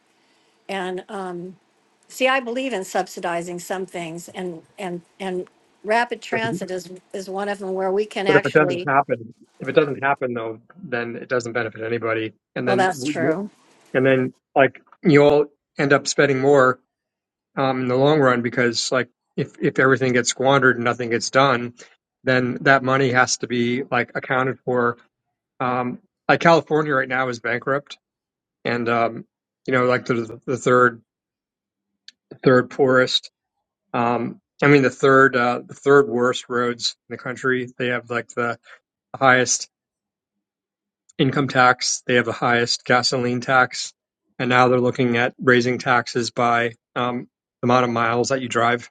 Speaker 2: And, um, See, I believe in subsidizing some things and, and, and rapid
Speaker 15: But,
Speaker 2: transit is, is one of them where we can
Speaker 15: but if it doesn't
Speaker 2: actually,
Speaker 15: happen, if it doesn't happen though, then it doesn't benefit anybody, and
Speaker 2: well,
Speaker 15: then
Speaker 2: that's
Speaker 15: we-
Speaker 2: true.
Speaker 15: and then like you'll end up spending more um, in the long run because like if if everything gets squandered and nothing gets done, then that money has to be like accounted for. Um, like California right now is bankrupt, and um, you know like the the third third poorest. Um, I mean the third uh, the third worst roads in the country. They have like the highest income tax. They have the highest gasoline tax, and now they're looking at raising taxes by um, the amount of miles that you drive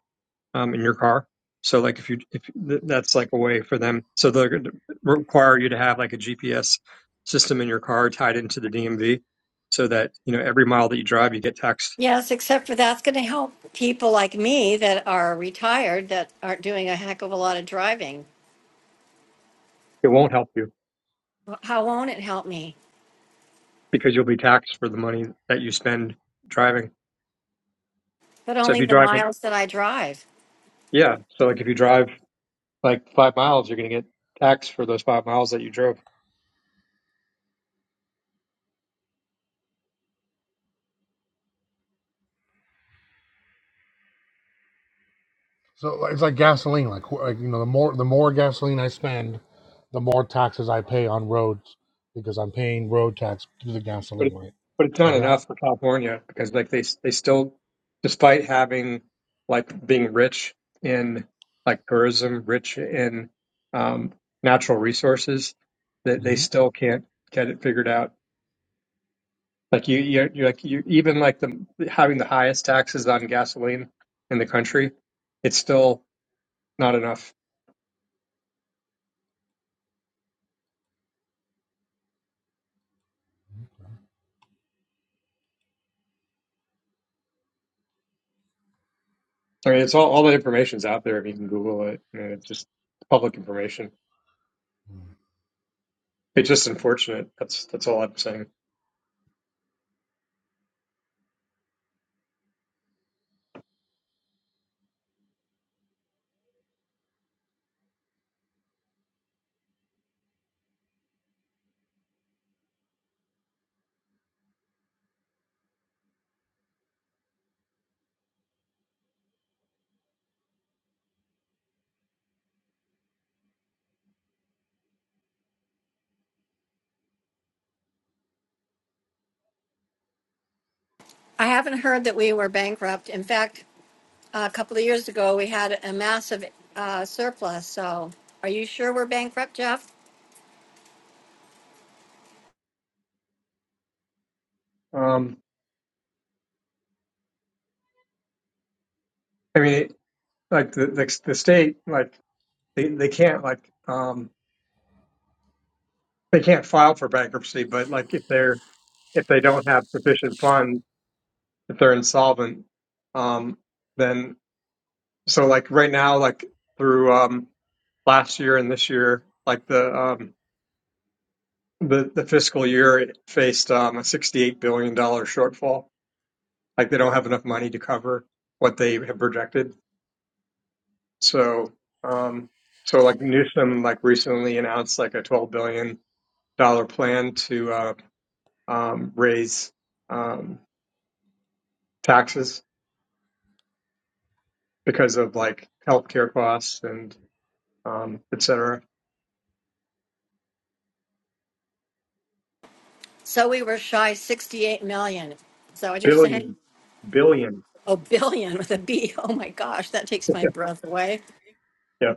Speaker 15: um, in your car. So like if you if that's like a way for them, so they're going to require you to have like a GPS system in your car tied into the DMV, so that you know every mile that you drive you get taxed.
Speaker 2: Yes, except for that's going to help people like me that are retired that aren't doing a heck of a lot of driving.
Speaker 15: It won't help you
Speaker 2: How won't it help me?
Speaker 15: because you'll be taxed for the money that you spend driving.
Speaker 2: But
Speaker 15: So if
Speaker 2: only
Speaker 15: you
Speaker 2: the
Speaker 15: drive,
Speaker 2: miles that I drive.
Speaker 15: yeah, so like if you drive like five miles, you're going to get taxed for those five miles that you drove.
Speaker 1: So like, it's like gasoline. Like like you know, the more the more gasoline I spend, the more taxes I pay on roads because I'm paying road tax through the
Speaker 15: But
Speaker 1: gasoline
Speaker 15: it,
Speaker 1: rate.
Speaker 15: but it's
Speaker 1: Like
Speaker 15: not
Speaker 1: that.
Speaker 15: enough for California because like they they still, despite having like being rich in like tourism, rich in um, natural resources, that they
Speaker 1: Mm-hmm.
Speaker 15: still can't get it figured out. Like you, you're, you're like you even like the having the highest taxes on gasoline in the country, it's still not enough. I mean, it's all all the information's out there if you can Google it. I mean, it's just public information. It's just unfortunate. That's that's all I'm saying.
Speaker 2: I haven't heard that we were bankrupt. In fact, a couple of years ago, we had a massive uh, surplus. So are you sure we're bankrupt, Jeff?
Speaker 15: Um, I mean. like the, the the state like they they can't like um they can't file for bankruptcy, but like if they're if they don't have sufficient funds, if they're insolvent, um then so like right now like through um last year and this year like the um the the fiscal year it faced um a 68 billion dollar shortfall. Like they don't have enough money to cover what they have projected. So um so like Newsom like recently announced like a 12 billion dollar plan to uh, um, raise um, taxes because of like healthcare costs and um, et cetera.
Speaker 2: So we were shy 68 million. Is that what you're saying?
Speaker 15: Billion, billion.
Speaker 2: Oh, billion with a B. Oh my gosh, that takes my breath away.
Speaker 15: Yeah,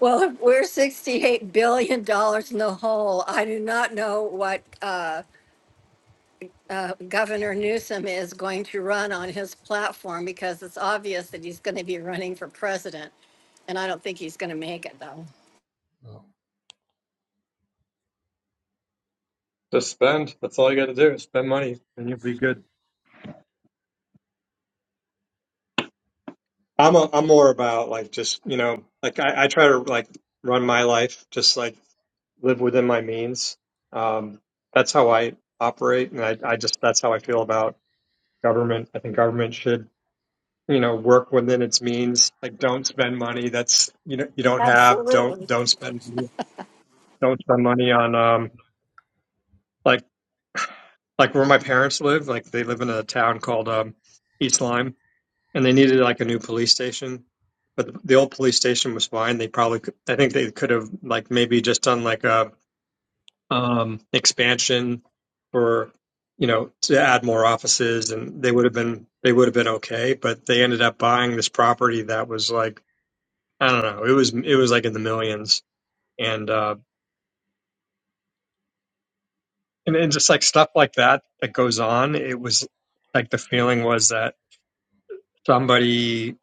Speaker 2: Well, if we're 68 billion dollars in the hole. I do not know what uh, uh, Governor Newsom is going to run on his platform because it's obvious that he's going to be running for president. And I don't think he's going to make it though.
Speaker 1: Oh,
Speaker 15: just spend. That's all you got to do. is Spend money, and you'll be good. I'm a, I'm more about like just you know like I, I try to like run my life just like live within my means. Um, that's how I operate, and I, I just that's how I feel about government. I think government should you know work within its means like don't spend money that's you know you don't have don't
Speaker 2: Absolutely.
Speaker 15: don't spend don't spend money on um like like where my parents live like they live in a town called um east lyme and they needed like a new police station but the, the old police station was fine they probably could, i think they could have like maybe just done like a um expansion for you know to add more offices and they would have been they would have been okay but they ended up buying this property that was like I don't know. It was it was like in the millions, and uh, and, and just like stuff like that that goes on. It was like the feeling was that somebody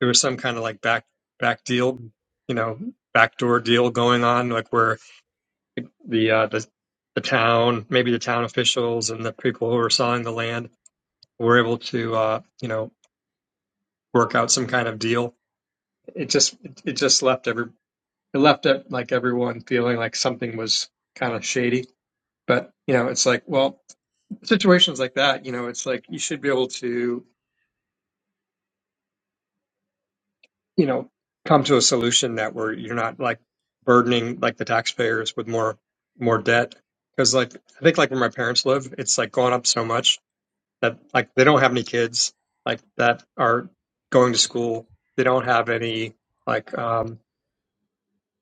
Speaker 15: there was some kind of like back back deal, you know, backdoor deal going on, like where the uh, the the town, maybe the town officials and the people who were selling the land were able to uh, you know work out some kind of deal. It just it just left every it left it like everyone feeling like something was kind of shady But you know, it's like, well, situations like that, you know, it's like you should be able to, you know, come to a solution that where you're not like burdening like the taxpayers with more more debt. Because like I think like where my parents live, it's like gone up so much that like they don't have any kids like that are going to school. They don't have any like um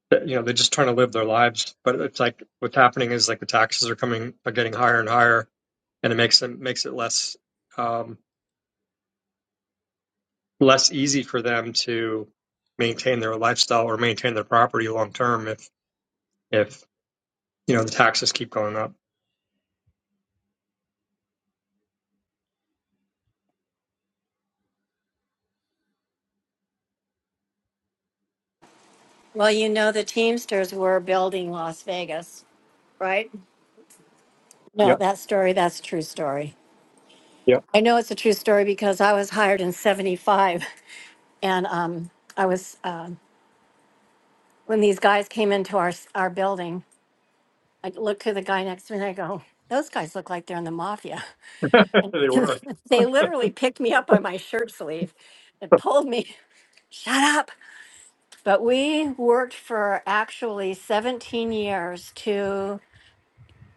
Speaker 15: that- you know they're just trying to live their lives. But it's like what's happening is like the taxes are coming are getting higher and higher, and it makes them makes it less. um less easy for them to maintain their lifestyle or maintain their property long term if if you know the taxes keep going up.
Speaker 2: Well, you know, the Teamsters were building Las Vegas, right?
Speaker 15: Yeah,
Speaker 2: No, that story, that's a true story.
Speaker 15: yeah.
Speaker 2: I know it's a true story because I was hired in 75 and um, I was, um, when these guys came into our, s- our building, I looked to the guy next to me and I go, those guys look like they're in the mafia. And
Speaker 15: they were.
Speaker 2: they literally picked me up by my shirt sleeve and pulled me, shut up. But we worked for actually 17 years to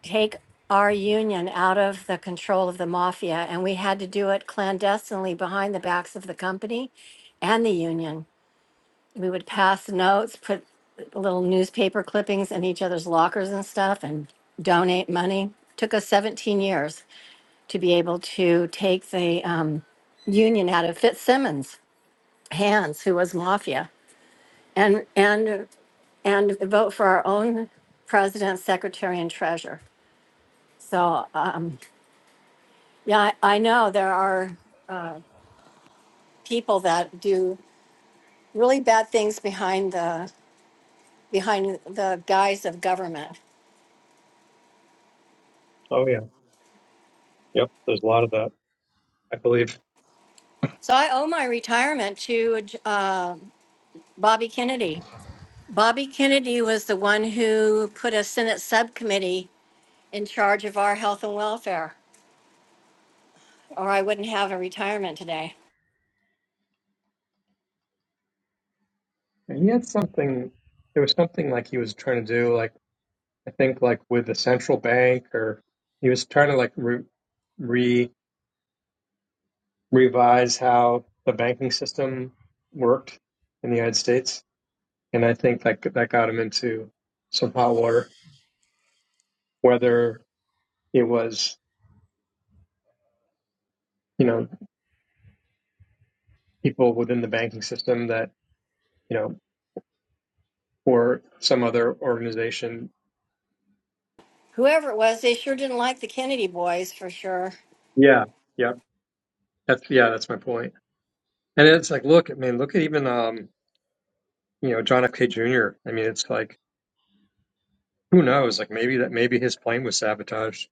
Speaker 2: take our union out of the control of the mafia. And we had to do it clandestinely behind the backs of the company and the union. we would pass notes, put little newspaper clippings in each other's lockers and stuff and donate money. Took us 17 years to be able to take the um, union out of Fitzsimmons' hands, who was mafia, and and and vote for our own president, secretary, and treasurer. So um, yeah, I, I know there are people that do really bad things behind the behind the guise of government
Speaker 15: Oh yeah, yep. There's a lot of that. I believe
Speaker 2: So I owe my retirement to uh, Bobby Kennedy. Bobby Kennedy was the one who put a Senate subcommittee in charge of our health and welfare, or I wouldn't have a retirement today.
Speaker 15: and he had something. There was something like he was trying to do, like I think, like with the central bank, or he was trying to like re, re revise how the banking system worked in the United States, and I think that that got him into some hot water. Whether it was you know, people within the banking system that, you know, or some other organization.
Speaker 2: Whoever it was, they sure didn't like the Kennedy boys for sure.
Speaker 15: Yeah. Yeah. That's, yeah, that's my point. And it's like, look, I mean, look at even, um, you know, John F. K. Jr. I mean, it's like, who knows? Like maybe that, maybe his plane was sabotaged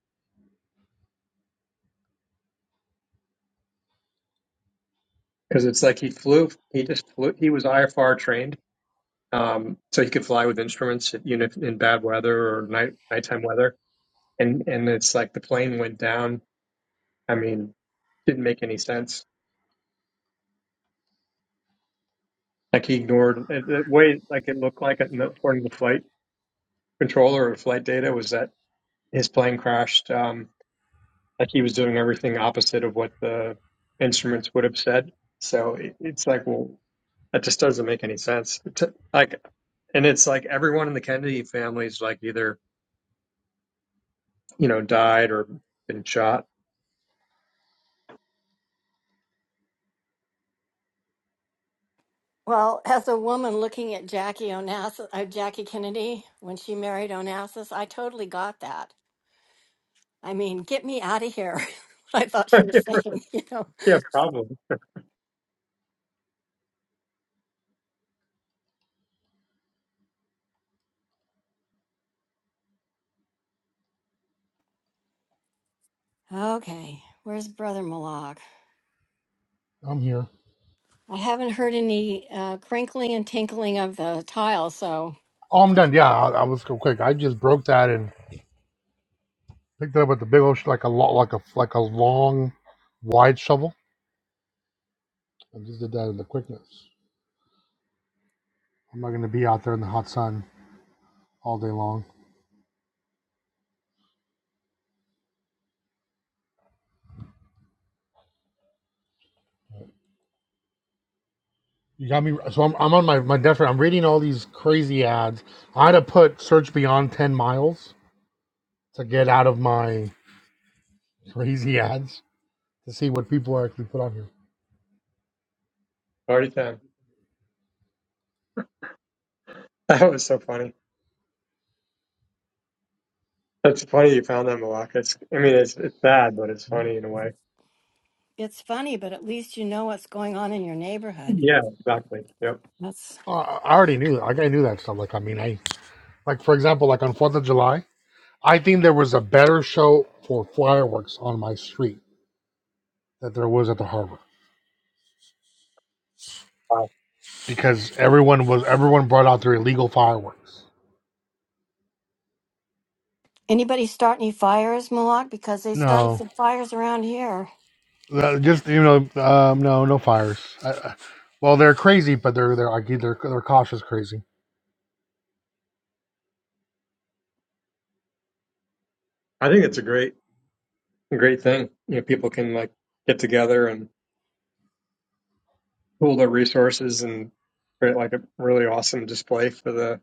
Speaker 15: because it's like he flew, he just flew, he was IFR trained. Um, so he could fly with instruments, even if in bad weather or night, nighttime weather. And, and it's like the plane went down. I mean, didn't make any sense Like he ignored it- the way, like it looked like it, according to the flight controller or flight data, was that his plane crashed. Um, like he was doing everything opposite of what the instruments would have said. So it, it's like, well, that just doesn't make any sense. To, like, and it's like everyone in the Kennedy family is like either you know died or been shot.
Speaker 2: Well, as a woman looking at Jackie Onassis, uh, Jackie Kennedy when she married Onassis, I totally got that. I mean, get me out of here. I thought she was saying, you know.
Speaker 15: Yeah, probably
Speaker 2: Okay, where's Brother Malak?
Speaker 1: I'm here.
Speaker 2: I haven't heard any uh, crinkling and tinkling of the tile, so
Speaker 1: Oh, I'm done. Yeah, I, I was go quick. I just broke that in Picked it up with the big old sh- like a lot like a like a long, wide shovel. I just did that in the quickness. I'm not gonna be out there in the hot sun all day long. You got me. So I'm, I'm on my my death I'm reading all these crazy ads. I had to put search beyond ten miles to get out of my crazy ads to see what people actually put on here.
Speaker 15: party time. That was so funny. That's funny you found that, Malak. It's, I mean, it's it's bad, but it's funny in a way.
Speaker 2: it's funny, but at least you know what's going on in your neighborhood.
Speaker 15: Yeah, exactly. Yep.
Speaker 2: That's
Speaker 1: I I already knew that. Like I knew that stuff. Like I mean, I like for example, like on Fourth of July, I think there was a better show for fireworks on my street that there was at the harbor.
Speaker 15: Wow.
Speaker 1: because everyone was everyone brought out their illegal fireworks.
Speaker 2: anybody start any fires, Malak? Because they started
Speaker 1: No,
Speaker 2: some fires around here.
Speaker 1: Uh, just you know, um, no, no fires. I, I, well, they're crazy, but they're they're like they're they're cautious crazy.
Speaker 15: I think it's a great, great thing. You know, people can like get together and pool their resources and create like a really awesome display for the,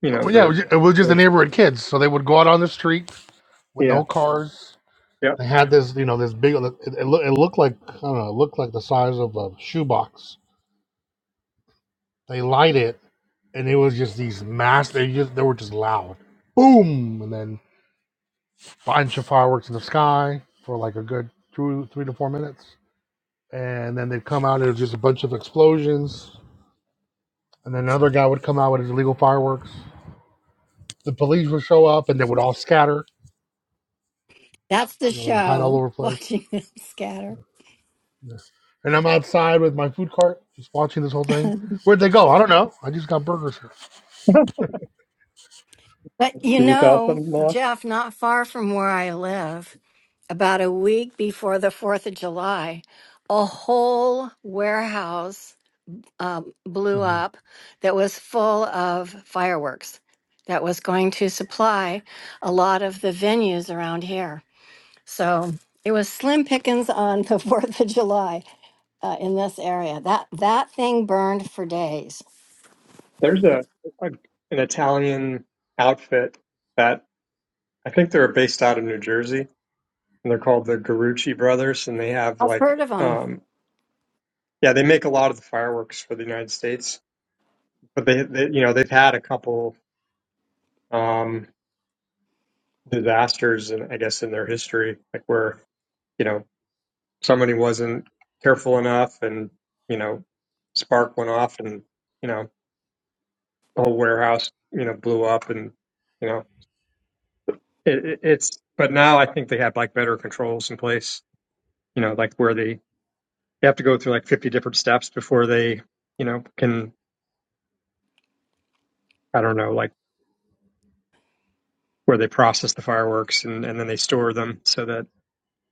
Speaker 15: you know,
Speaker 1: Oh, yeah, it
Speaker 15: their,
Speaker 1: was, ju- it was just the
Speaker 15: their
Speaker 1: neighborhood kids, so they would go out on the street with
Speaker 15: yeah.
Speaker 1: no cars.
Speaker 15: Yep.
Speaker 1: They had this, you know, this big. It, it, loo- it looked like I don't know, it looked like the size of a shoebox. They light it, and it was just these mass. They just they were just loud, boom, and then bunch of fireworks in the sky for like a good two, three to four minutes. And then they'd come out and it was just a bunch of explosions. And then another guy would come out with his illegal fireworks. The police would show up and they would all scatter,
Speaker 2: That's the
Speaker 1: you know, and hide all
Speaker 2: show,
Speaker 1: over the place.
Speaker 2: watching them scatter.
Speaker 1: Yeah. And I'm outside with my food cart, just watching this whole thing. Where'd they go? I don't know. I just got burgers here.
Speaker 2: But you
Speaker 15: Did you sell
Speaker 2: know,
Speaker 15: something, Malak?
Speaker 2: Jeff, not far from where I live, about a week before the 4th of July, a whole warehouse um, blew
Speaker 1: hmm
Speaker 2: up that was full of fireworks that was going to supply a lot of the venues around here. So it was slim pickings on the 4th of July uh, in this area. That, that thing burned for days.
Speaker 15: There's a, a an Italian outfit that I think they're based out of New Jersey and they're called the Garucci Brothers and they have
Speaker 2: I've
Speaker 15: like,
Speaker 2: heard of them.
Speaker 15: um, yeah, they make a lot of the fireworks for the United States, but they, they you know, they've had a couple. Um, disasters and I guess in their history, like where, you know, somebody wasn't careful enough and, you know, spark went off and, you know, the whole warehouse, you know, blew up and, you know, it, it, it's, but now I think they have like better controls in place, you know, like where they, they have to go through like 50 different steps before they, you know, can, I don't know, like where they process the fireworks and, and then they store them so that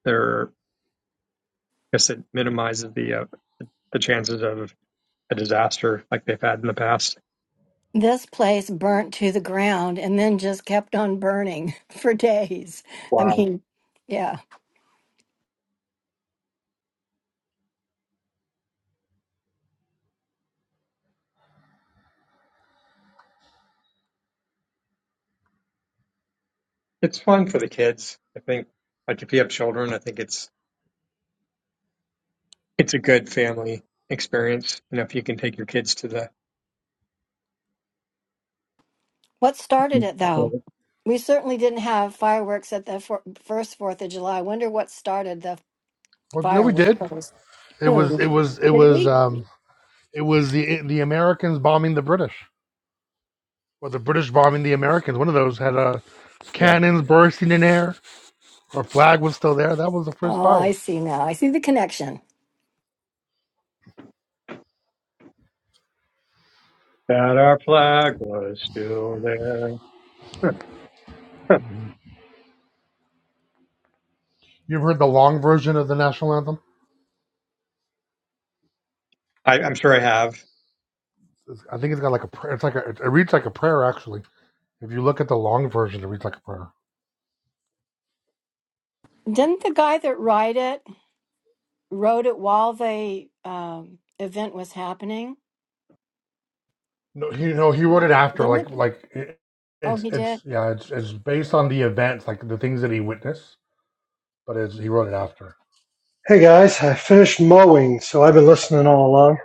Speaker 15: they're, I guess it minimizes the, uh, the chances of a disaster like they've had in the past.
Speaker 2: This place burnt to the ground and then just kept on burning for days. I
Speaker 15: Wow.
Speaker 2: mean, yeah.
Speaker 15: It's fun for the kids. I think like if you have children, I think it's it's a good family experience. You know, if you can take your kids to
Speaker 2: What started it though?
Speaker 15: the
Speaker 2: We certainly didn't have fireworks at the fir- first Fourth of July. I wonder what started the
Speaker 1: Well, yeah, we did.
Speaker 2: fireworks.
Speaker 1: It was, it
Speaker 2: Who
Speaker 1: was, it
Speaker 2: did
Speaker 1: was,
Speaker 2: we?
Speaker 1: um, it was the the Americans bombing the British, or the British bombing the Americans. One of those had a
Speaker 15: yeah.
Speaker 1: cannons bursting in air Our flag was still there. That was the first
Speaker 2: Oh, I
Speaker 1: firework.
Speaker 2: see now. I see the connection.
Speaker 15: That our flag was still there.
Speaker 1: You've heard the long version of the national anthem?
Speaker 15: I, I'm sure I have.
Speaker 1: It's- I think it's got like a prayer. It's like a, it reads like a prayer actually. If you look at the long version, it reads like a prayer.
Speaker 2: Didn't the guy that wrote it wrote it while the um, event was happening?
Speaker 1: No, he no he wrote it after
Speaker 2: Didn't the,
Speaker 1: like like it,
Speaker 2: oh
Speaker 1: it's
Speaker 2: he did.
Speaker 1: it's yeah it's it's based on the events like the things that he witnessed, but it's, he wrote it after.
Speaker 5: hey guys i finished mowing so i've been listening all along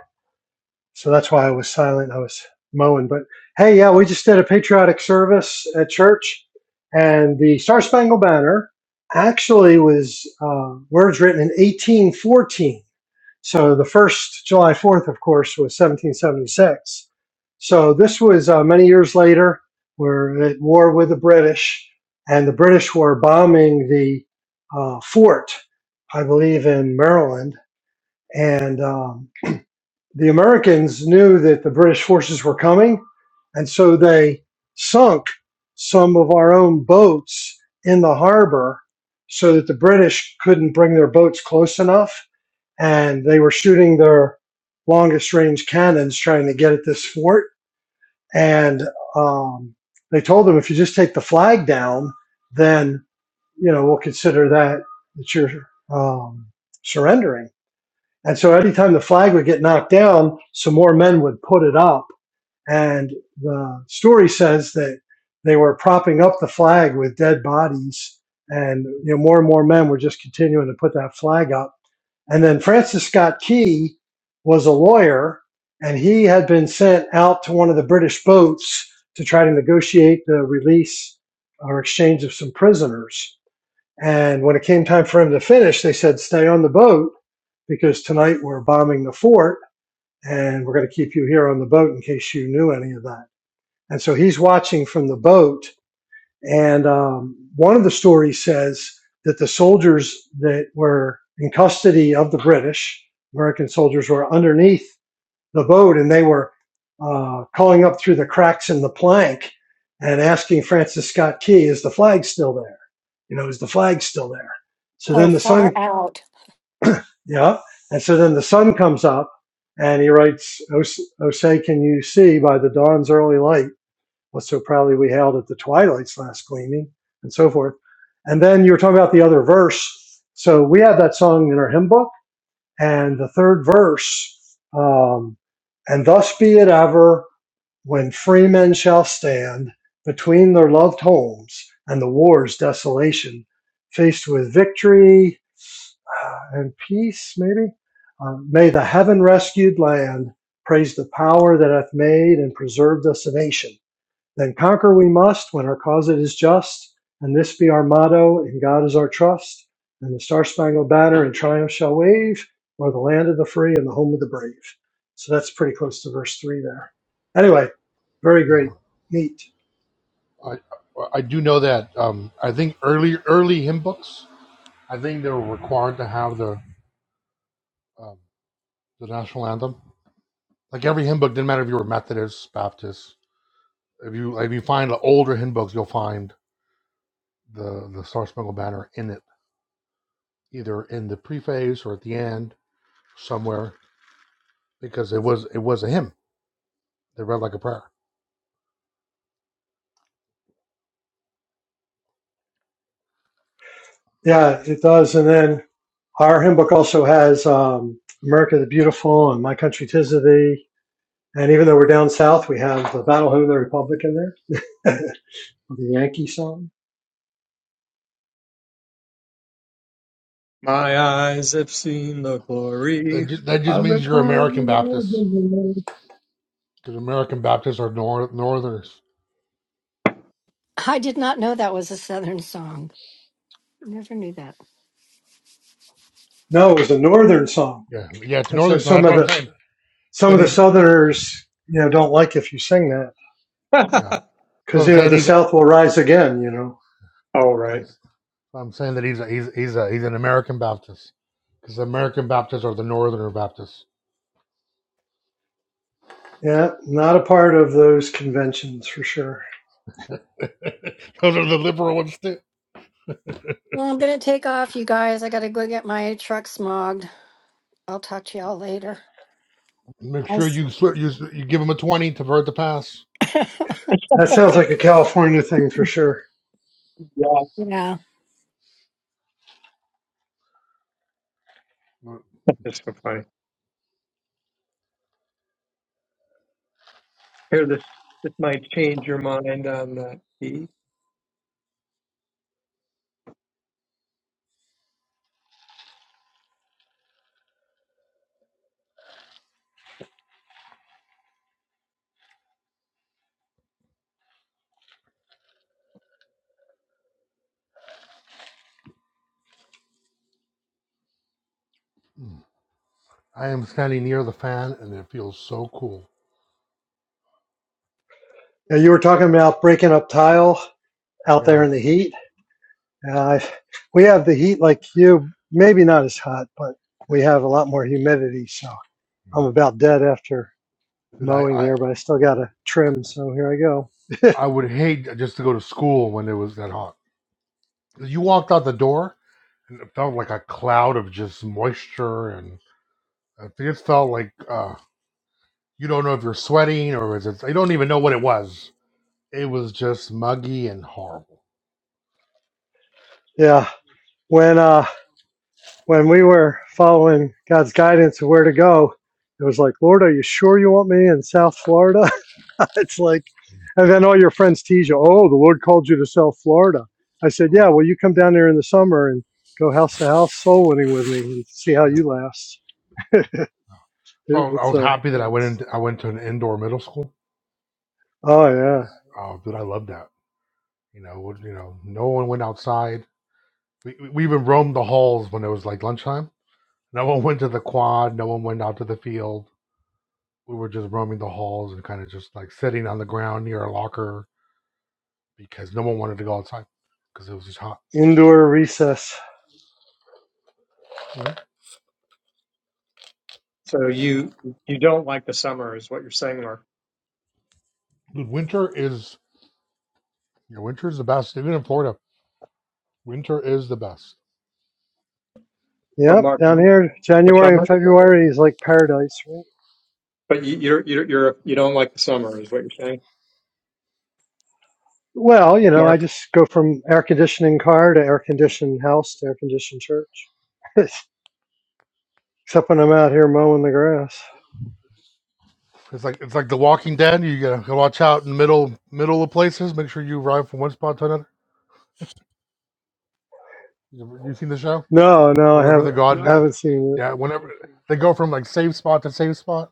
Speaker 5: So that's why I was silent. I was mowing. But hey, yeah, we just did a patriotic service at church, and the Star Spangled Banner actually was uh, words written in 1814. So the first July 4th, of course, was 1776. So this was uh, many years later. We're at war with the British, and the British were bombing the uh, fort, I believe, in Maryland. And um, the Americans knew that the British forces were coming, and so they sunk some of our own boats in the harbor so that the British couldn't bring their boats close enough, and they were shooting their longest range cannons trying to get at this fort. And um, they told them, if you just take the flag down, then you know we'll consider that that you're um, surrendering and so anytime the flag would get knocked down, some more men would put it up. And the story says that they were propping up the flag with dead bodies. And you know, more and more men were just continuing to put that flag up. And then Francis Scott Key was a lawyer, and he had been sent out to one of the British boats to try to negotiate the release or exchange of some prisoners. And when it came time for him to finish, they said, Stay on the boat because tonight we're bombing the fort and we're going to keep you here on the boat in case you knew any of that. And so he's watching from the boat. And um, one of the stories says that the soldiers that were in custody of the British, American soldiers, were underneath the boat and they were uh, calling up through the cracks in the plank and asking Francis Scott Key, is the flag still there? You know, is the flag still there? So
Speaker 2: Oh,
Speaker 5: then the sun
Speaker 2: far out.
Speaker 5: yeah. And so then the sun comes up and he writes, "O say, can you see by the dawn's early light what so proudly we hailed at the twilight's last gleaming and so forth. And then you were talking about the other verse. So we have that song in our hymn book and the third verse, um, and thus be it ever when free men shall stand between their loved homes and the war's desolation, faced with victory, uh, and peace, maybe. Um, may the heaven rescued land praise the power that hath made and preserved us a nation. Then conquer we must when our cause it is just, and this be our motto, and God is our trust. And the star spangled banner in triumph shall wave, o'er the land of the free and the home of the brave. So that's pretty close to verse three there. Anyway, very
Speaker 1: Yeah.
Speaker 5: great, neat.
Speaker 1: I I do know that um, I think early early hymn books I think they were required to have the um, the national anthem. Like every hymn book, didn't matter if you were Methodist, Baptist. If you if you find the older hymn books, you'll find the the Star Spangled Banner in it, either in the preface or at the end somewhere, because it was it was a hymn. They read like a prayer.
Speaker 5: Yeah, it does. And then our hymn book also has um, America the Beautiful and My Country 'Tis of Thee And even though we're down south, we have the Battle Hymn of the Republic in there, the Yankee song.
Speaker 15: My eyes have seen the
Speaker 1: That
Speaker 15: glory
Speaker 1: just, that just
Speaker 15: of the
Speaker 1: means you're American
Speaker 15: coming of
Speaker 1: Baptist,
Speaker 15: the
Speaker 1: because American Baptists are nor- Northerners.
Speaker 2: I did not know that was a Southern song. Never knew that.
Speaker 5: No, it was a Northern song,
Speaker 1: Yeah, yeah, it's
Speaker 5: and so
Speaker 1: Northerners.
Speaker 5: some
Speaker 1: That's
Speaker 5: of
Speaker 1: what I'm
Speaker 5: the
Speaker 1: saying.
Speaker 5: some
Speaker 1: So
Speaker 5: of the
Speaker 1: these,
Speaker 5: Southerners, you know, don't like if you sing that
Speaker 1: yeah.
Speaker 15: Lord.
Speaker 1: So
Speaker 5: because
Speaker 1: I'm
Speaker 5: you know
Speaker 1: saying
Speaker 5: the
Speaker 1: these.
Speaker 5: South will rise again. You know,
Speaker 15: All
Speaker 1: I'm,
Speaker 15: right.
Speaker 1: s- I'm saying that he's a, he's he's a, he's an American Baptist because American Baptists are the Northerner Baptists.
Speaker 5: yeah, not a part of those conventions for sure.
Speaker 1: Those are the liberal ones too.
Speaker 2: Well, I'm gonna take off, you guys. I gotta go get my truck smogged. I'll talk to y'all later.
Speaker 1: Make
Speaker 2: i
Speaker 1: sure you swi- you s- you give him a twenty to vert the pass.
Speaker 2: Yes.
Speaker 5: That sounds like a California thing for sure.
Speaker 15: Yeah.
Speaker 2: Yeah.
Speaker 1: But,
Speaker 15: That's so funny. Here, this this might change your mind on that. E.
Speaker 1: mm, I am standing near the fan and it feels so cool.
Speaker 5: Now, you were talking about breaking up tile out there
Speaker 1: Yeah,
Speaker 5: in the heat.
Speaker 1: no,
Speaker 5: Uh, we have the heat like you, maybe not as hot, but we have a lot more humidity. So I'm
Speaker 1: no.
Speaker 5: about dead after
Speaker 1: dude, I,
Speaker 5: mowing
Speaker 1: I
Speaker 5: here, but I still got to trim. So here I go.
Speaker 1: I would hate just to go to school when it was that hot. You walked out the door and it felt like a cloud of just moisture and it just felt like uh, You don't know if you're sweating or is it, you don't even know what it was. It was just muggy and horrible.
Speaker 5: Yeah. When, uh, when we were following God's guidance of where to go, it was like, Lord, are you sure you want me in South Florida? it's like, and then all your friends tease you, oh, the Lord called you to South Florida. I said, yeah, well, you come down there in the summer and go house to house soul winning with me and see how
Speaker 1: Yeah.
Speaker 5: you last.
Speaker 1: So
Speaker 5: It,
Speaker 1: I was, I
Speaker 5: it's
Speaker 1: was
Speaker 5: a,
Speaker 1: happy that I went into, I went to an indoor middle school.
Speaker 5: oh,
Speaker 1: Oh, dude, I loved that. You know, you know, no one went outside. We, we even roamed the halls when it was like lunchtime. No one went to the quad. No one went out to the field. We were just roaming the halls and kind of just like sitting on the ground near a locker because no one wanted to go outside because it was just hot.
Speaker 5: yeah, indoor recess.
Speaker 1: Yeah.
Speaker 15: So you you don't like the summer is what you're saying, Mark.
Speaker 1: Dude, winter is your winter is the best, even in Florida. Winter is the best.
Speaker 15: But
Speaker 5: Yep,
Speaker 15: Mark,
Speaker 5: down
Speaker 15: the
Speaker 5: here, January and
Speaker 15: summer.
Speaker 5: February is like paradise. right?
Speaker 15: But you, you're you're you're you don't like the summer is what you're saying,
Speaker 5: Well, you know, I
Speaker 15: Mark.
Speaker 5: just go from air conditioning car to air conditioned house to air conditioned church, except when I'm out here mowing the grass.
Speaker 1: It's like it's like The Walking Dead. You gotta watch out in the middle middle of places. Make sure you arrive from one spot to another. You, you seen the show?
Speaker 5: No, no, I
Speaker 1: Whenever
Speaker 5: haven't,
Speaker 1: the god,
Speaker 5: I haven't seen it.
Speaker 1: yeah, whenever they go from like safe spot to safe spot,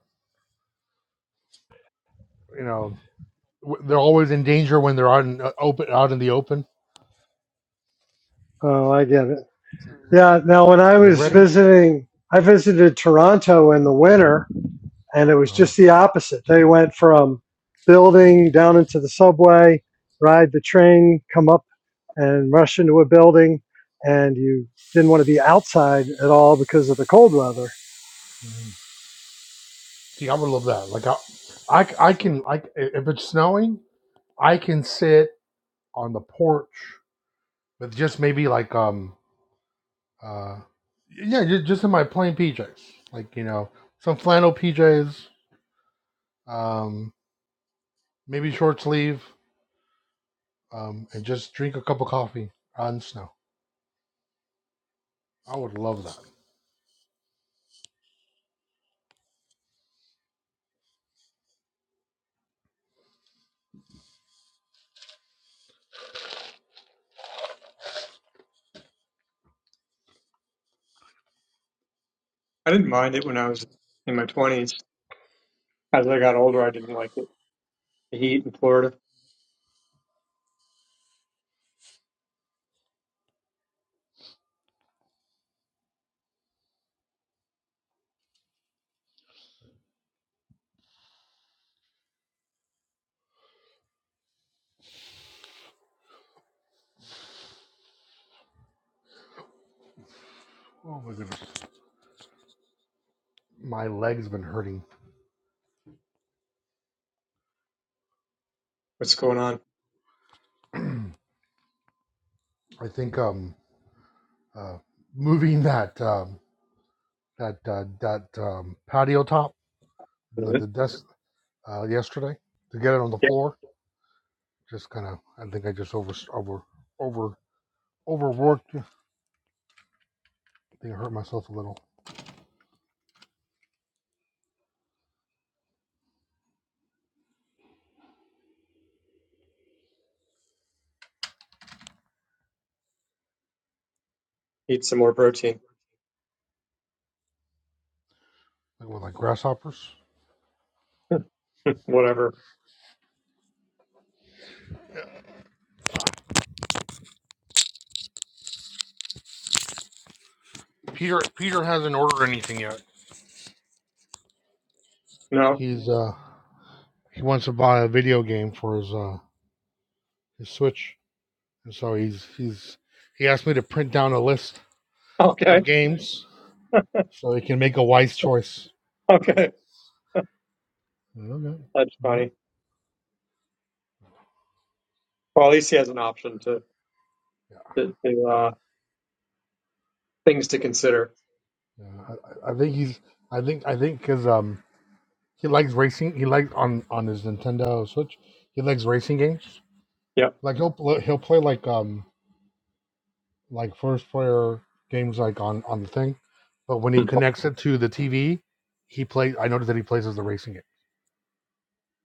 Speaker 1: you know, w- they're always in danger when they're out in uh, open out in the open.
Speaker 5: Oh, I get it. Yeah. Now, when I
Speaker 1: Like
Speaker 5: was
Speaker 1: ready?
Speaker 5: visiting, I visited Toronto in the winter, and it was
Speaker 1: Uh,
Speaker 5: just the opposite. They went from building down into the subway, ride the train, come up and rush into a building, and you didn't want to be outside at all because of the cold weather
Speaker 1: see, I would love that. Like I, I, c- I can I c- if it's snowing, I can sit on the porch with just maybe like um Uh, yeah, ju- just in my plain PJs, like you know, some flannel PJs, um, maybe short sleeve, um, and just drink a cup of coffee on snow. I would love that.
Speaker 15: I didn't mind it when I was in my twenties. As I got older, I didn't like it. The heat in Florida.
Speaker 1: Oh my goodness, my legs been hurting.
Speaker 15: What's going on?
Speaker 1: I think um, uh, moving that um, that uh, that um, patio top, the
Speaker 15: Mhm.
Speaker 1: the desk uh, yesterday to get it on the
Speaker 15: Yeah,
Speaker 1: floor. Just kind of, I think I just over over over overworked. I think I hurt myself a little,
Speaker 15: eat some more protein.
Speaker 1: like with like grasshoppers.
Speaker 15: Whatever.
Speaker 1: Peter Peter hasn't ordered anything yet.
Speaker 15: No.
Speaker 1: He's uh he wants to buy a video game for his uh his Switch, and so he's he's he asked me to print down a list
Speaker 15: Okay.
Speaker 1: of games so he can make a wise choice.
Speaker 15: Okay.
Speaker 1: Okay. All
Speaker 15: That's
Speaker 1: right.
Speaker 15: funny. Well, at least he has an option to
Speaker 1: Yeah,
Speaker 15: to, to uh, things to consider.
Speaker 1: I, I I think he's. I think. I think because um, he likes racing. He likes on on his Nintendo Switch. He likes racing games.
Speaker 15: Yep.
Speaker 1: Like he'll pl- he'll play like um like first player games like on on the thing, but when he
Speaker 15: Mhm.
Speaker 1: connects it to the TV, he plays. I noticed that he plays as the racing game,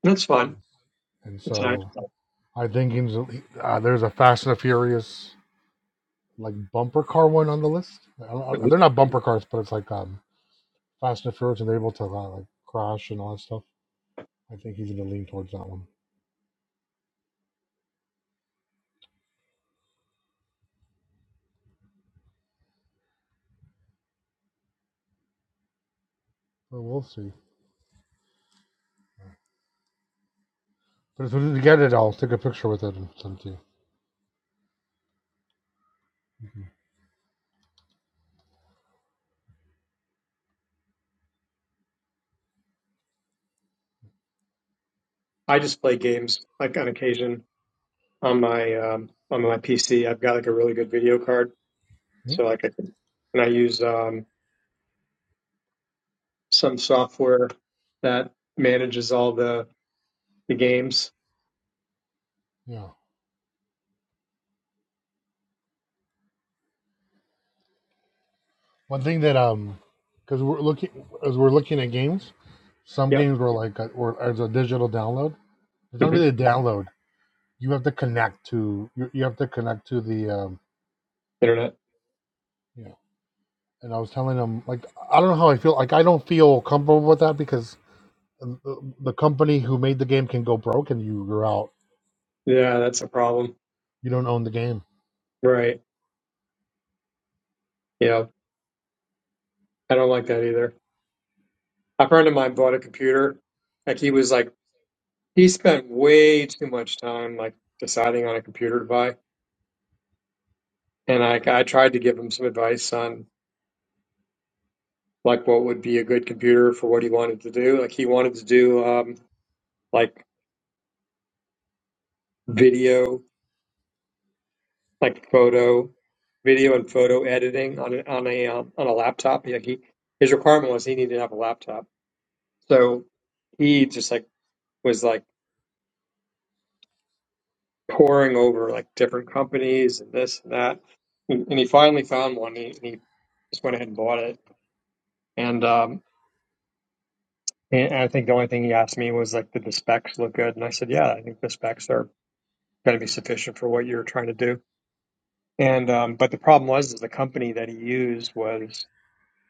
Speaker 15: That's fun.
Speaker 1: and
Speaker 15: It's nice.
Speaker 1: so I think he's, uh, there's a Fast and the Furious like bumper car one on the list. I don't, I-
Speaker 15: Mhm.
Speaker 1: they're not bumper cars, but it's like um, Fast and the Furious, and they're able to uh, like crash and all that stuff. I think he's gonna lean towards that one, but we'll see. But if we get it, I'll take a picture with it and send it to you.
Speaker 15: I just play games like on occasion on my um, on my PC. I've got like a really good video card,
Speaker 1: Mhm.
Speaker 15: so like I can, and I use um, some software that manages all the the games.
Speaker 1: Yeah. One thing that um, because we're looking as we're looking at games, some
Speaker 15: Yep,
Speaker 1: games were like uh, or as a digital download. It's not
Speaker 15: hmm
Speaker 1: really a download. You have to connect to you, you have to connect to the um,
Speaker 15: internet.
Speaker 1: you know. And I was telling them like I don't know how I feel. Like I don't feel comfortable with that because the, the company who made the game can go broke and you, you're out.
Speaker 15: Yeah, that's a problem.
Speaker 1: You don't own the game.
Speaker 15: Right. Yeah, I don't like that either. A friend of mine bought a computer. Like he was like he spent way too much time like deciding on a computer to buy, and I I tried to give him some advice on like what would be a good computer for what he wanted to do. Like he wanted to do um, like video, like photo, video and photo editing on a, on a um, on a laptop. Like he, his requirement was he needed to have a laptop. So he just like was like poring over like different companies and this and that, and, and he finally found one. And He, and he just went ahead and bought it. And um, and and I think the only thing he asked me was like, did the specs look good? And I said, yeah, I think the specs are going to be sufficient for what you're trying to do. And um, but the problem was is the company that he used was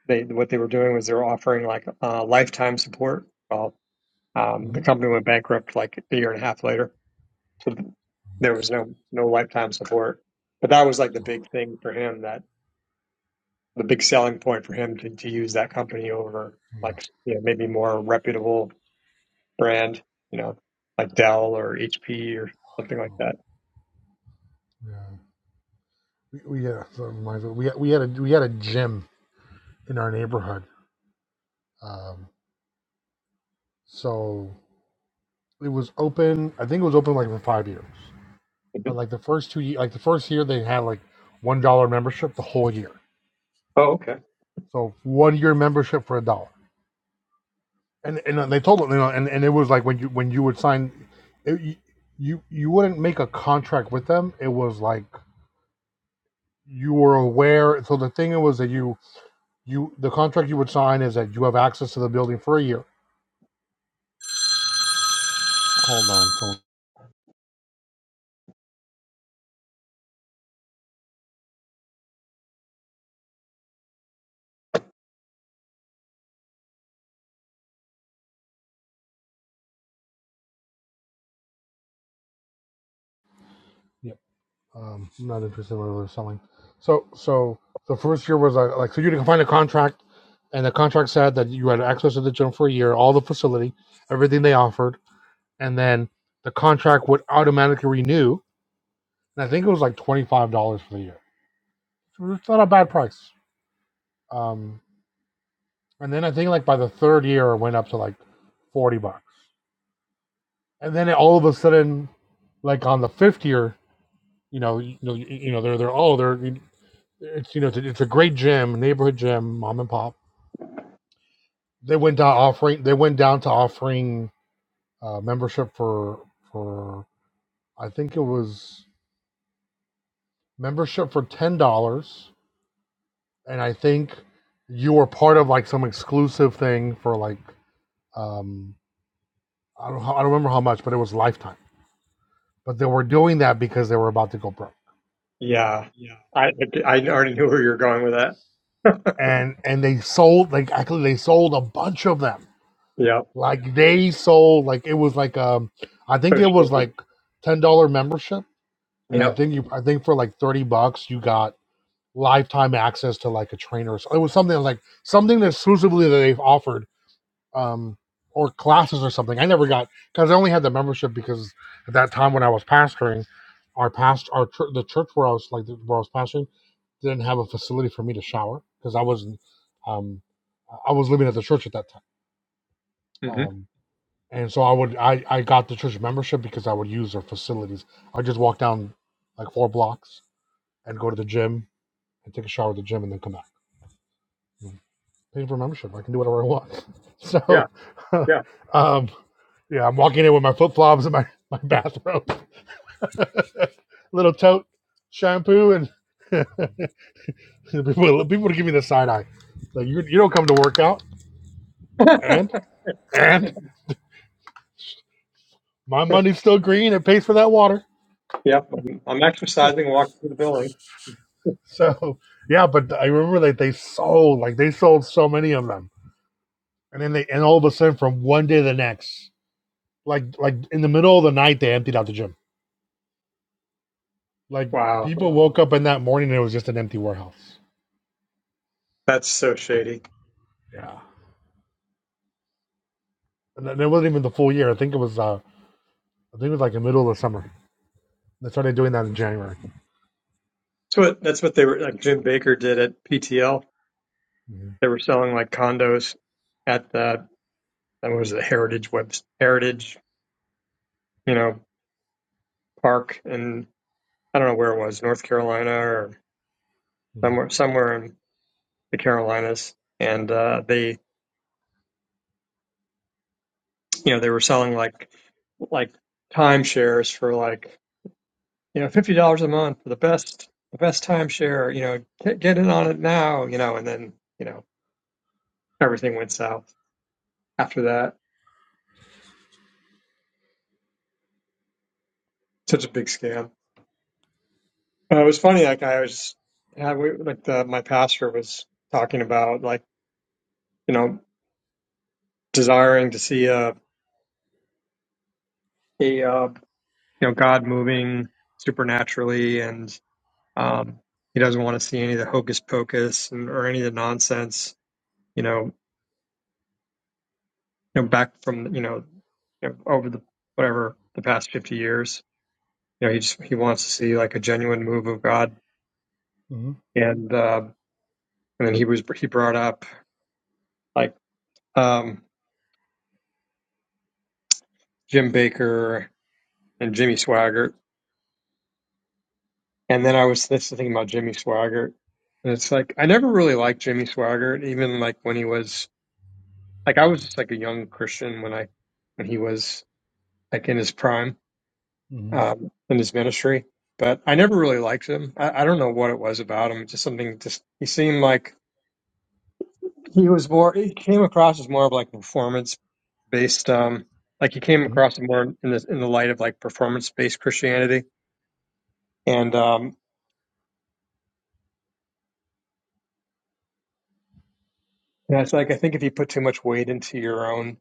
Speaker 15: they what they were doing was they were offering like uh, lifetime support. Well, um, the
Speaker 1: hmm
Speaker 15: company went bankrupt like a year and a half later, so there was no no lifetime support. But that was like the big thing for him. That the big selling point for him to, to use that company over
Speaker 1: Yeah,
Speaker 15: like you know maybe more reputable brand, you know, like Dell or HP or something like that.
Speaker 1: yeah. We, we yeah, so reminds me. We we had a we had a gym in our neighborhood. Um, so it was open. I think it was open like for five years. But like the first two, ye- like the first year, they had like one dollar membership the whole year.
Speaker 15: Oh, okay.
Speaker 1: So one year membership for a dollar. And and uh, they told them, you know, and, and it was like when you when you would sign, it, you you you wouldn't make a contract with them. It was like you were aware. So the thing was that you you the contract you would sign is that you have access to the building for a year. Hold on, Yep. Um, I'm not interested in what they're selling. So, so the first year was like, like so you had to find a contract, and the contract said that you had access to the gym for a year, all the facility, everything they offered, and then the contract would automatically renew. And I think it was like twenty five dollars for the year. So it's not a bad price. Um, and then I think like by the third year, it went up to like forty bucks. And then all of a sudden, like on the fifth year, you know, you know, you you know, they're they're oh they're It's you know it's a, great gym, neighborhood gym, mom and pop. They went down offering they went down to offering uh, membership for for I think it was membership for ten dollars, and I think you were part of like some exclusive thing for like um I don't I don't remember how much, but it was lifetime. But they were doing that because they were about to go broke,
Speaker 15: yeah, I I already knew where you were going with that.
Speaker 1: and and they sold like actually they sold a bunch of them
Speaker 15: yeah,
Speaker 1: Like they sold like it was like um I think
Speaker 15: so
Speaker 1: it was
Speaker 15: shady.
Speaker 1: like ten dollar membership, and I
Speaker 15: Yep.
Speaker 1: think you I think for like thirty bucks you got lifetime access to like a trainer. So it was something like something exclusively that they've offered um or classes or something. I never got because I only had the membership because at that time when I was pastoring, our past our chur- the church where I was like where I was pastoring didn't have a facility for me to shower because I wasn't um I was living at the church at that time.
Speaker 15: hmm
Speaker 1: um and so I would I I got the church membership because I would use their facilities. I would just walk down like four blocks and go to the gym and take a shower at the gym and then come back. Mm. Paying for membership, I can do whatever I want.
Speaker 15: Yeah,
Speaker 1: So,
Speaker 15: yeah.
Speaker 1: um, yeah, I'm walking in with my flip flops and my my bathrobe, little tote, shampoo, and people people give me the side eye. Like you you don't come to work out and and my money's still green. It pays for that water.
Speaker 15: yep, I'm, I'm exercising, walking through the building.
Speaker 1: So yeah, but I remember that they sold like they sold so many of them, and then they and all of a sudden from one day to the next, like like in the middle of the night, they emptied out the gym. Like
Speaker 15: Wow,
Speaker 1: people woke up in that morning and it was just an empty warehouse.
Speaker 15: that's so shady.
Speaker 1: Yeah, and it wasn't even the full year. I think it was uh I think it was like the middle of the summer. They started doing that in January.
Speaker 15: That's what that's what they were like. Jim Baker did at PTL. They were selling like condos at the that was it, Heritage Web Heritage, you know, Park, and I don't know where it was, North Carolina or
Speaker 1: Mm-hmm.
Speaker 15: somewhere somewhere in the Carolinas. And uh, they, you know, they were selling like like timeshares for like you know, fifty dollars a month for the best, the best timeshare. You know, get, get in on it now. You know, and then you know everything went south after that. Such a big scam. Uh, it was funny. Like I was, I, we, like the, my pastor was talking about, like you know, desiring to see a a uh, you know God moving supernaturally, and um, he doesn't want to see any of the hocus pocus and, or any of the nonsense. You know, you know, back from you know, you know over the whatever the past fifty years you know, he just he wants to see like a genuine move of God.
Speaker 1: hmm
Speaker 15: And uh, and then he was he brought up like um, Jim Baker and Jimmy Swaggart. And then I was that's the thing about Jimmy Swaggart. And it's like I never really liked Jimmy Swaggart, even like when he was like I was just like a young Christian when I when he was like in his prime
Speaker 1: hmm
Speaker 15: um, in his ministry. But I never really liked him. I, I don't know what it was about him. Just something. Just he seemed like he was more. He came across as more of like a performance based um like he came
Speaker 1: hmm
Speaker 15: across it more in the in the light of like performance based Christianity. And um and it's like I think if you put too much weight into your own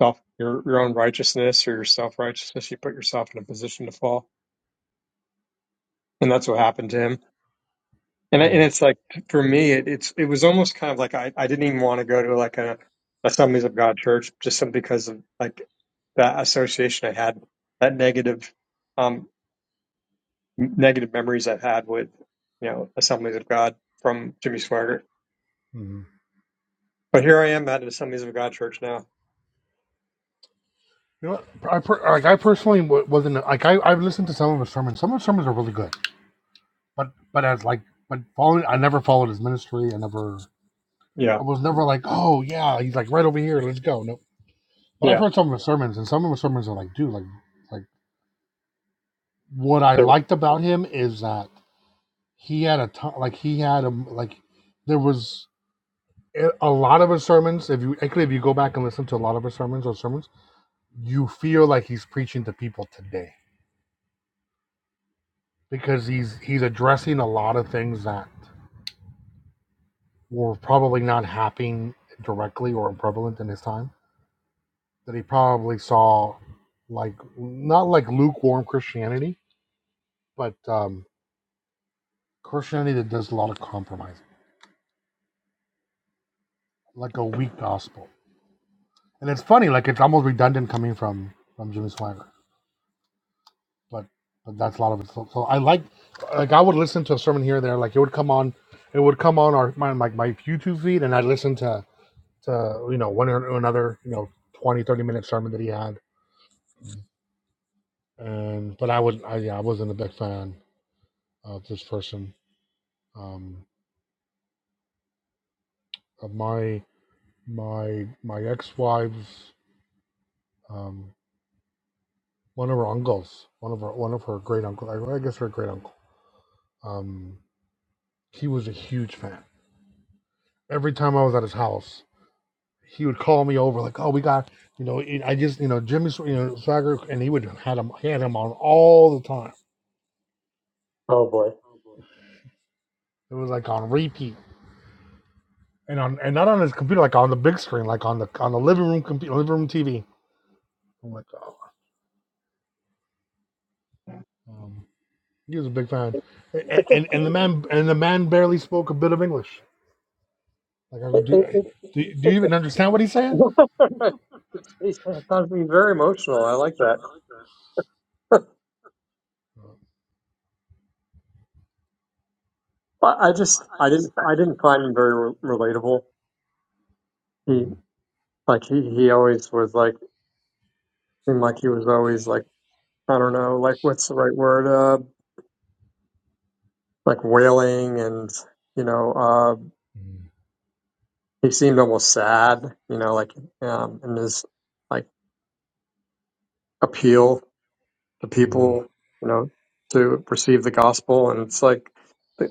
Speaker 15: self your your own righteousness or your self righteousness, you put yourself in a position to fall. And that's what happened to him. And
Speaker 1: Yeah.
Speaker 15: and it's like for me it, it's it was almost kind of like I, I didn't even want to go to like a Assemblies of God church just simply because of like that association I had, that negative um, negative memories I've had with, you know, Assemblies of God from Jimmy Swaggart.
Speaker 1: hmm You
Speaker 15: But here I am at an Assemblies of God church now.
Speaker 1: know, what? I per, like I personally wasn't like I I've listened to some of his sermons. Some of his sermons are really good but but as like but following I never followed his ministry. I never I
Speaker 15: Yeah,
Speaker 1: was never like, oh yeah, he's like right over here, let's go. Nope. But I've
Speaker 15: yeah.
Speaker 1: heard some of his sermons and some of his sermons are like, dude, like like what I
Speaker 15: So,
Speaker 1: liked about him is that he had a ton like he had a like there was a a lot of his sermons, if you actually if you go back and listen to a lot of his sermons or sermons, you feel like he's preaching to people today. Because he's he's addressing a lot of things that were probably not happening directly or prevalent in his time that he probably saw like not like lukewarm Christianity, but um, Christianity that does a lot of compromise, like a weak gospel. And it's funny, like it's almost redundant coming from from Jimmy Swaggart, but, but that's a lot of it. So, so I like, like I would listen to a sermon here and there, like it would come on, it would come on our my like my YouTube feed, and I'd listen to to you know one or another you know 20 30 minute sermon that he had, and but I would I yeah I wasn't a big fan of this person. Um, of my my my ex-wife's um, one of her uncles, one of her one of her great uncle, I guess her great uncle. Um, he was a huge fan. Every time I was at his house, he would call me over like, "Oh, we got you know, I just you know Jimmy Sw- you know Swagger," and he would had him he had him on all the time.
Speaker 15: Oh boy.
Speaker 1: It was like on repeat and on and not on his computer, like on the big screen, like on the on the living room computer, living room TV. I'm like, oh, um, he was a big fan, A- and and the man and the man barely spoke a bit of English Like, I would
Speaker 15: It,
Speaker 1: do,
Speaker 15: it,
Speaker 1: do, you- do you even understand what he's saying?
Speaker 15: it, it's got to be very emotional. I like that. I, I just I didn't I didn't find him very re- relatable. He like he, he always was like seemed like he was always like I don't know like what's the right word uh like wailing and you know uh he seemed almost sad you know like um in his like appeal to
Speaker 1: Mm-hmm.
Speaker 15: people, you know, to receive the gospel. And it's like,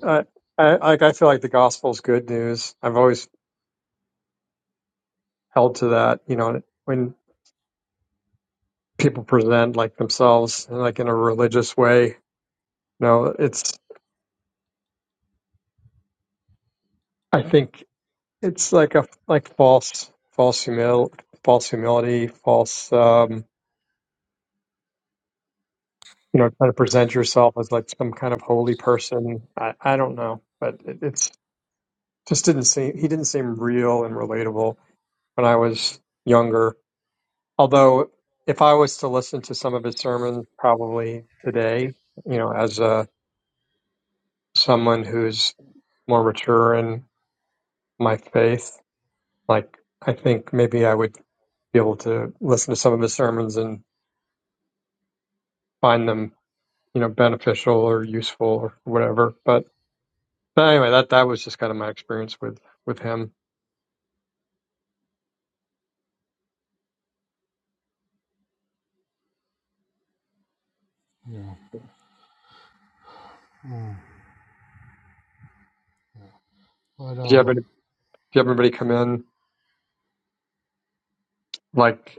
Speaker 15: I, I, like, I feel like the gospel is good news. I've always held to that, you know, when people present like themselves, like in a religious way, you know, it's, I think it's like a, like false, false humil, false humility, false, um, you know, trying to present yourself as like some kind of holy person. I, I don't know, but it, it's just didn't seem, he didn't seem real and relatable when I was younger. Although, if I was to listen to some of his sermons, probably today, you know, as a someone who's more mature in my faith, like I think maybe I would be able to listen to some of his sermons and find them, you know, beneficial or useful or whatever. But, but anyway, that that was just kind of my experience with with him.
Speaker 1: Yeah. Mm. But,
Speaker 15: Do you have
Speaker 1: um,
Speaker 15: any? Do you have anybody come in like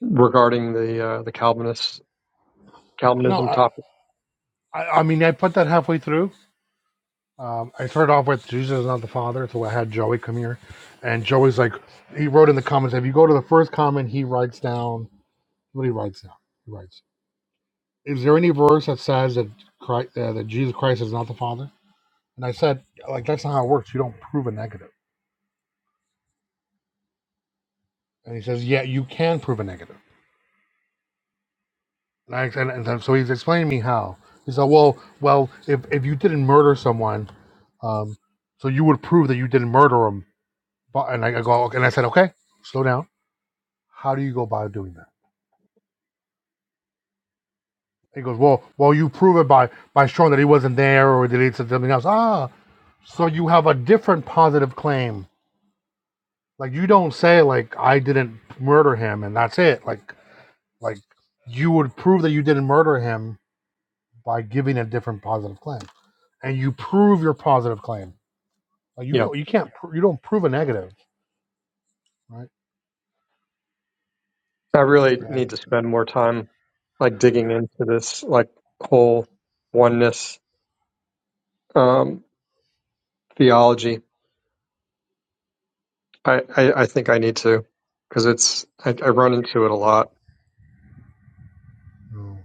Speaker 15: regarding the uh, the Calvinist
Speaker 1: no,
Speaker 15: Calvinism
Speaker 1: I,
Speaker 15: topic?
Speaker 1: I, I mean, I put that halfway through. Um, I started off with Jesus is not the Father, so I had Joey come here. And Joey's like, he wrote in the comments, if you go to the first comment, he writes down, what he writes down? He writes, is there any verse that says that, Christ, uh, that Jesus Christ is not the Father? And I said, like, that's not how it works. You don't prove a negative. And he says, yeah, you can prove a negative Like, and, and so he's explaining to me how. He said, "Well, well, if if you didn't murder someone, um, so you would prove that you didn't murder him." But and I I go, "Okay," and I said, "Okay, slow down. How do you go about doing that?" He goes, "Well, well, you prove it by by showing that he wasn't there or that he did something else." Ah, so you have a different positive claim. Like you don't say like I didn't murder him and that's it. Like like you would prove that you didn't murder him by giving a different positive claim. and you prove your positive claim. Like you
Speaker 15: Yeah.
Speaker 1: you can't you don't prove a negative, right?
Speaker 15: I really need
Speaker 1: And,
Speaker 15: to spend more time like digging into this like whole oneness um, theology. I, I I think I need to because it's I, I run into it a lot.
Speaker 1: mm.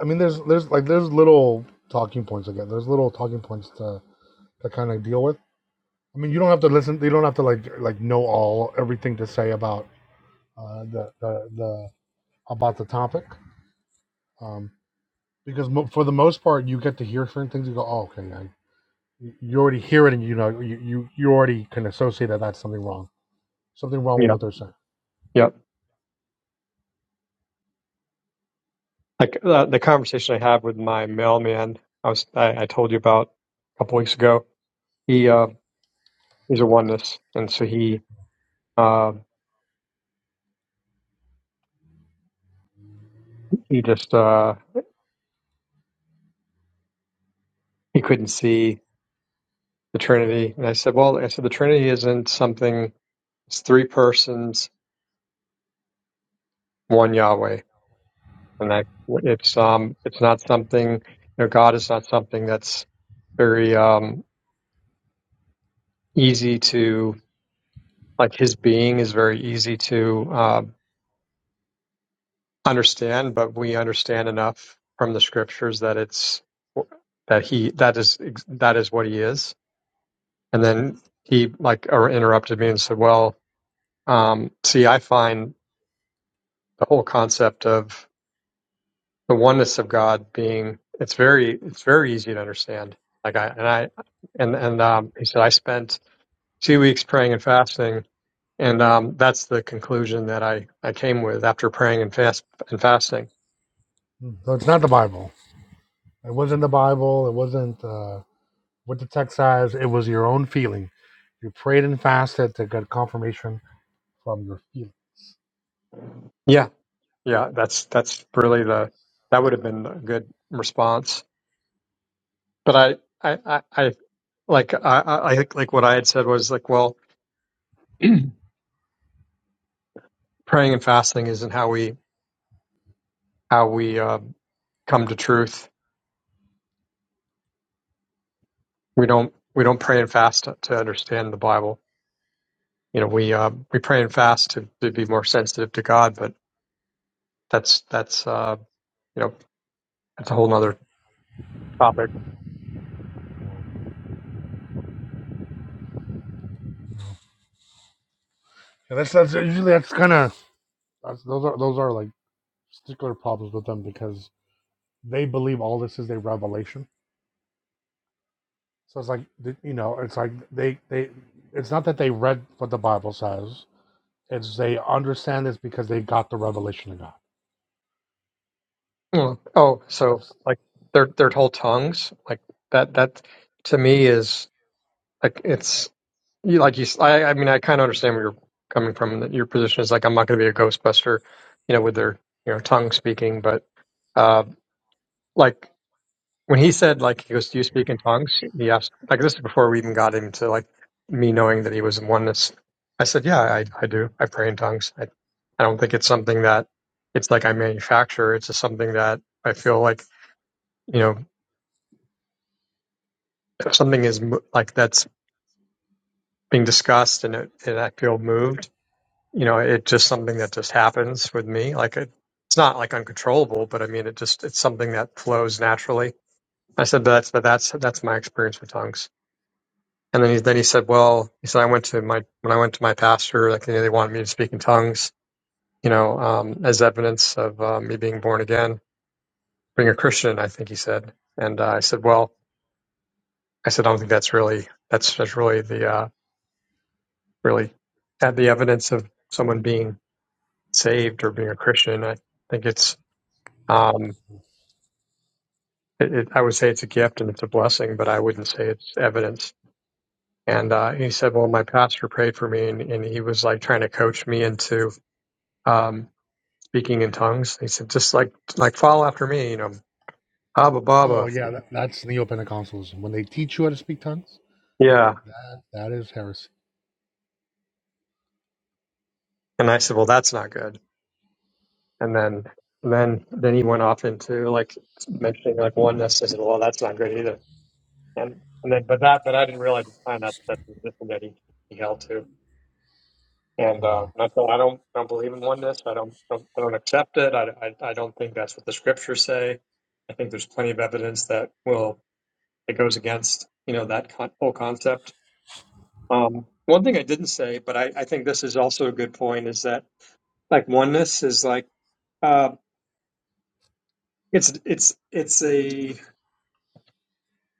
Speaker 1: I mean, there's there's like there's little talking points again. There's little talking points to to kind of deal with. I mean, you don't have to listen. You don't have to like like know all everything to say about uh, the the the about the topic, um, because mo- for the most part, you get to hear certain things. You go, oh, okay, I, you already hear it, and you know you you, you already can associate that that's something wrong, something wrong with
Speaker 15: Yeah,
Speaker 1: what they're saying.
Speaker 15: yeah. Like uh, the conversation I had with my mailman, I was I, I told you about a couple weeks ago. He uh, he's a oneness, and so he uh, he just uh, he couldn't see the Trinity, and I said, well, I said the Trinity isn't something. It's three persons, one Yahweh and that it's um it's not something you know God is not something that's very um easy to like His being is very easy to um, understand, but we understand enough from the Scriptures that it's that He that is that is what He is, and then He like er- interrupted me and said, "Well, um, see, I find the whole concept of." the oneness of God being it's very it's very easy to understand. Like I and I and and um, he said I spent two weeks praying and fasting, and um, that's the conclusion that I I came with after praying and fast and fasting.
Speaker 1: Mm. So it's not the Bible. It wasn't the Bible. It wasn't uh, what the text says. It was your own feeling. You prayed and fasted to get confirmation from your feeling.
Speaker 15: Yeah, yeah, that's that's really the that would have been a good response. But I I I, I like I I I think like what I had said was like well, praying and fasting isn't how we how we uh, come to truth we don't we don't pray and fast to, to understand the Bible. You know, we uh, we pray and fast to, to be more sensitive to God, but that's that's uh, you know that's a whole
Speaker 1: Mhm.
Speaker 15: nother topic.
Speaker 1: And that's, that's usually that's kind of that's, those are those are like particular problems with them because they believe all this is a revelation. So it's like th- you know, it's like they they it's not that they read what the Bible says. It's they understand this because they got the revelation of God.
Speaker 15: Mm. Oh, so
Speaker 1: That's
Speaker 15: like their their whole tongues like that that to me is like it's you like you s- I, I mean I kind of understand where you're coming from. That your position is like I'm not going to be a Ghostbuster, you know, with their you know tongue speaking, but uh, like when he said like he goes, "Do you speak in tongues?" He asked like this is before we even got into like me knowing that he was in oneness. I said, "Yeah, I, I do. I pray in tongues. I, I don't think it's something that it's like I manufacture. It's just something that I feel like you know if something is mo- like that's being discussed and it, and I feel moved. You know, it's just something that just happens with me. Like it, it's not like uncontrollable, but I mean, it just it's something that flows naturally. I said, but that's but that's that's my experience with tongues. And then he, then he said, well, he said, I went to my, when I went to my pastor, like, you know, they wanted me to speak in tongues, you know, um, as evidence of uh, me being born again, being a Christian, I think he said. And uh, I said, well, I said, I don't think that's really, that's, that's really the, uh, really had the evidence of someone being saved or being a Christian. I think it's, um, it, it, I would say it's a gift and it's a blessing, but I wouldn't say it's evidence. And uh, he said, well, my pastor prayed for me and, and he was like trying to coach me into, um, speaking in tongues. He said, just like like follow after me, you know, Haba
Speaker 1: Oh
Speaker 15: Baba.
Speaker 1: yeah, that, that's neo Pentecostals. When they teach you how to speak tongues,
Speaker 15: Yeah.
Speaker 1: that that is heresy.
Speaker 15: And I said, Well, that's not good. And then and then then he went off into like mentioning like oneness. I said, Well, that's not good either. And and then but that but I didn't realize at the time that that's the system that he, he held to. And uh,
Speaker 1: Yeah.
Speaker 15: and I thought I don't I don't believe in oneness. I don't don't, I don't accept it. I, I I don't think that's what the scriptures say. I think there's plenty of evidence that will that goes against you know that con- whole concept Um, one thing I didn't say, but I, I think this is also a good point, is that like oneness is like uh, it's it's it's a it-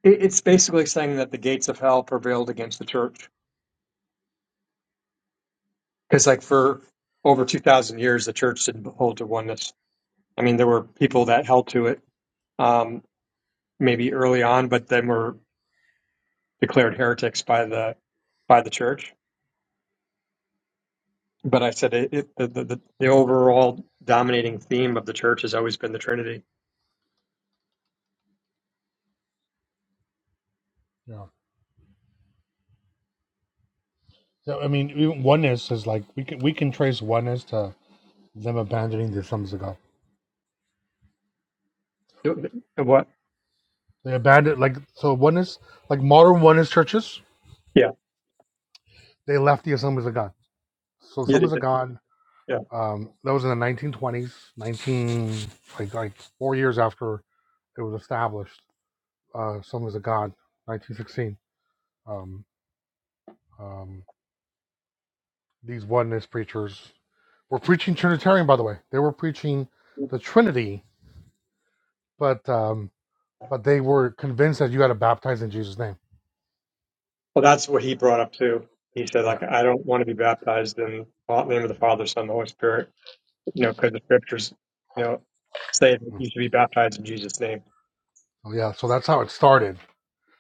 Speaker 15: it's basically saying that the gates of hell prevailed against the church because like for over two thousand years the church didn't hold to oneness. I mean, there were people that held to it um, maybe early on, but then were declared heretics by the by the church. But I said it, it, the, the the overall dominating theme of the church has always been the Trinity.
Speaker 1: yeah. So, I mean, even oneness is like we can we can trace oneness to them abandoning the Assemblies of God.
Speaker 15: What?
Speaker 1: They abandoned like so oneness like modern oneness churches.
Speaker 15: Yeah.
Speaker 1: They left the Assemblies of God. So
Speaker 15: Yeah, they
Speaker 1: Assemblies of
Speaker 15: did.
Speaker 1: God.
Speaker 15: Yeah.
Speaker 1: Um, that was in the 1920s, 19 like like four years after it was established. Uh, Assemblies of God, 1916. Um, um, these oneness preachers were preaching Trinitarian, by the way. They were preaching the Trinity, but um, but they were convinced that you had to baptize in Jesus' name.
Speaker 15: Well, that's what he brought up too. He said,
Speaker 1: Yeah,
Speaker 15: like, I don't want to be baptized in the name of the Father, Son, and the Holy Spirit, you know, because the scriptures, you know, say that
Speaker 1: Mm.
Speaker 15: you should be baptized in Jesus' name.
Speaker 1: So, yeah. So that's how it started.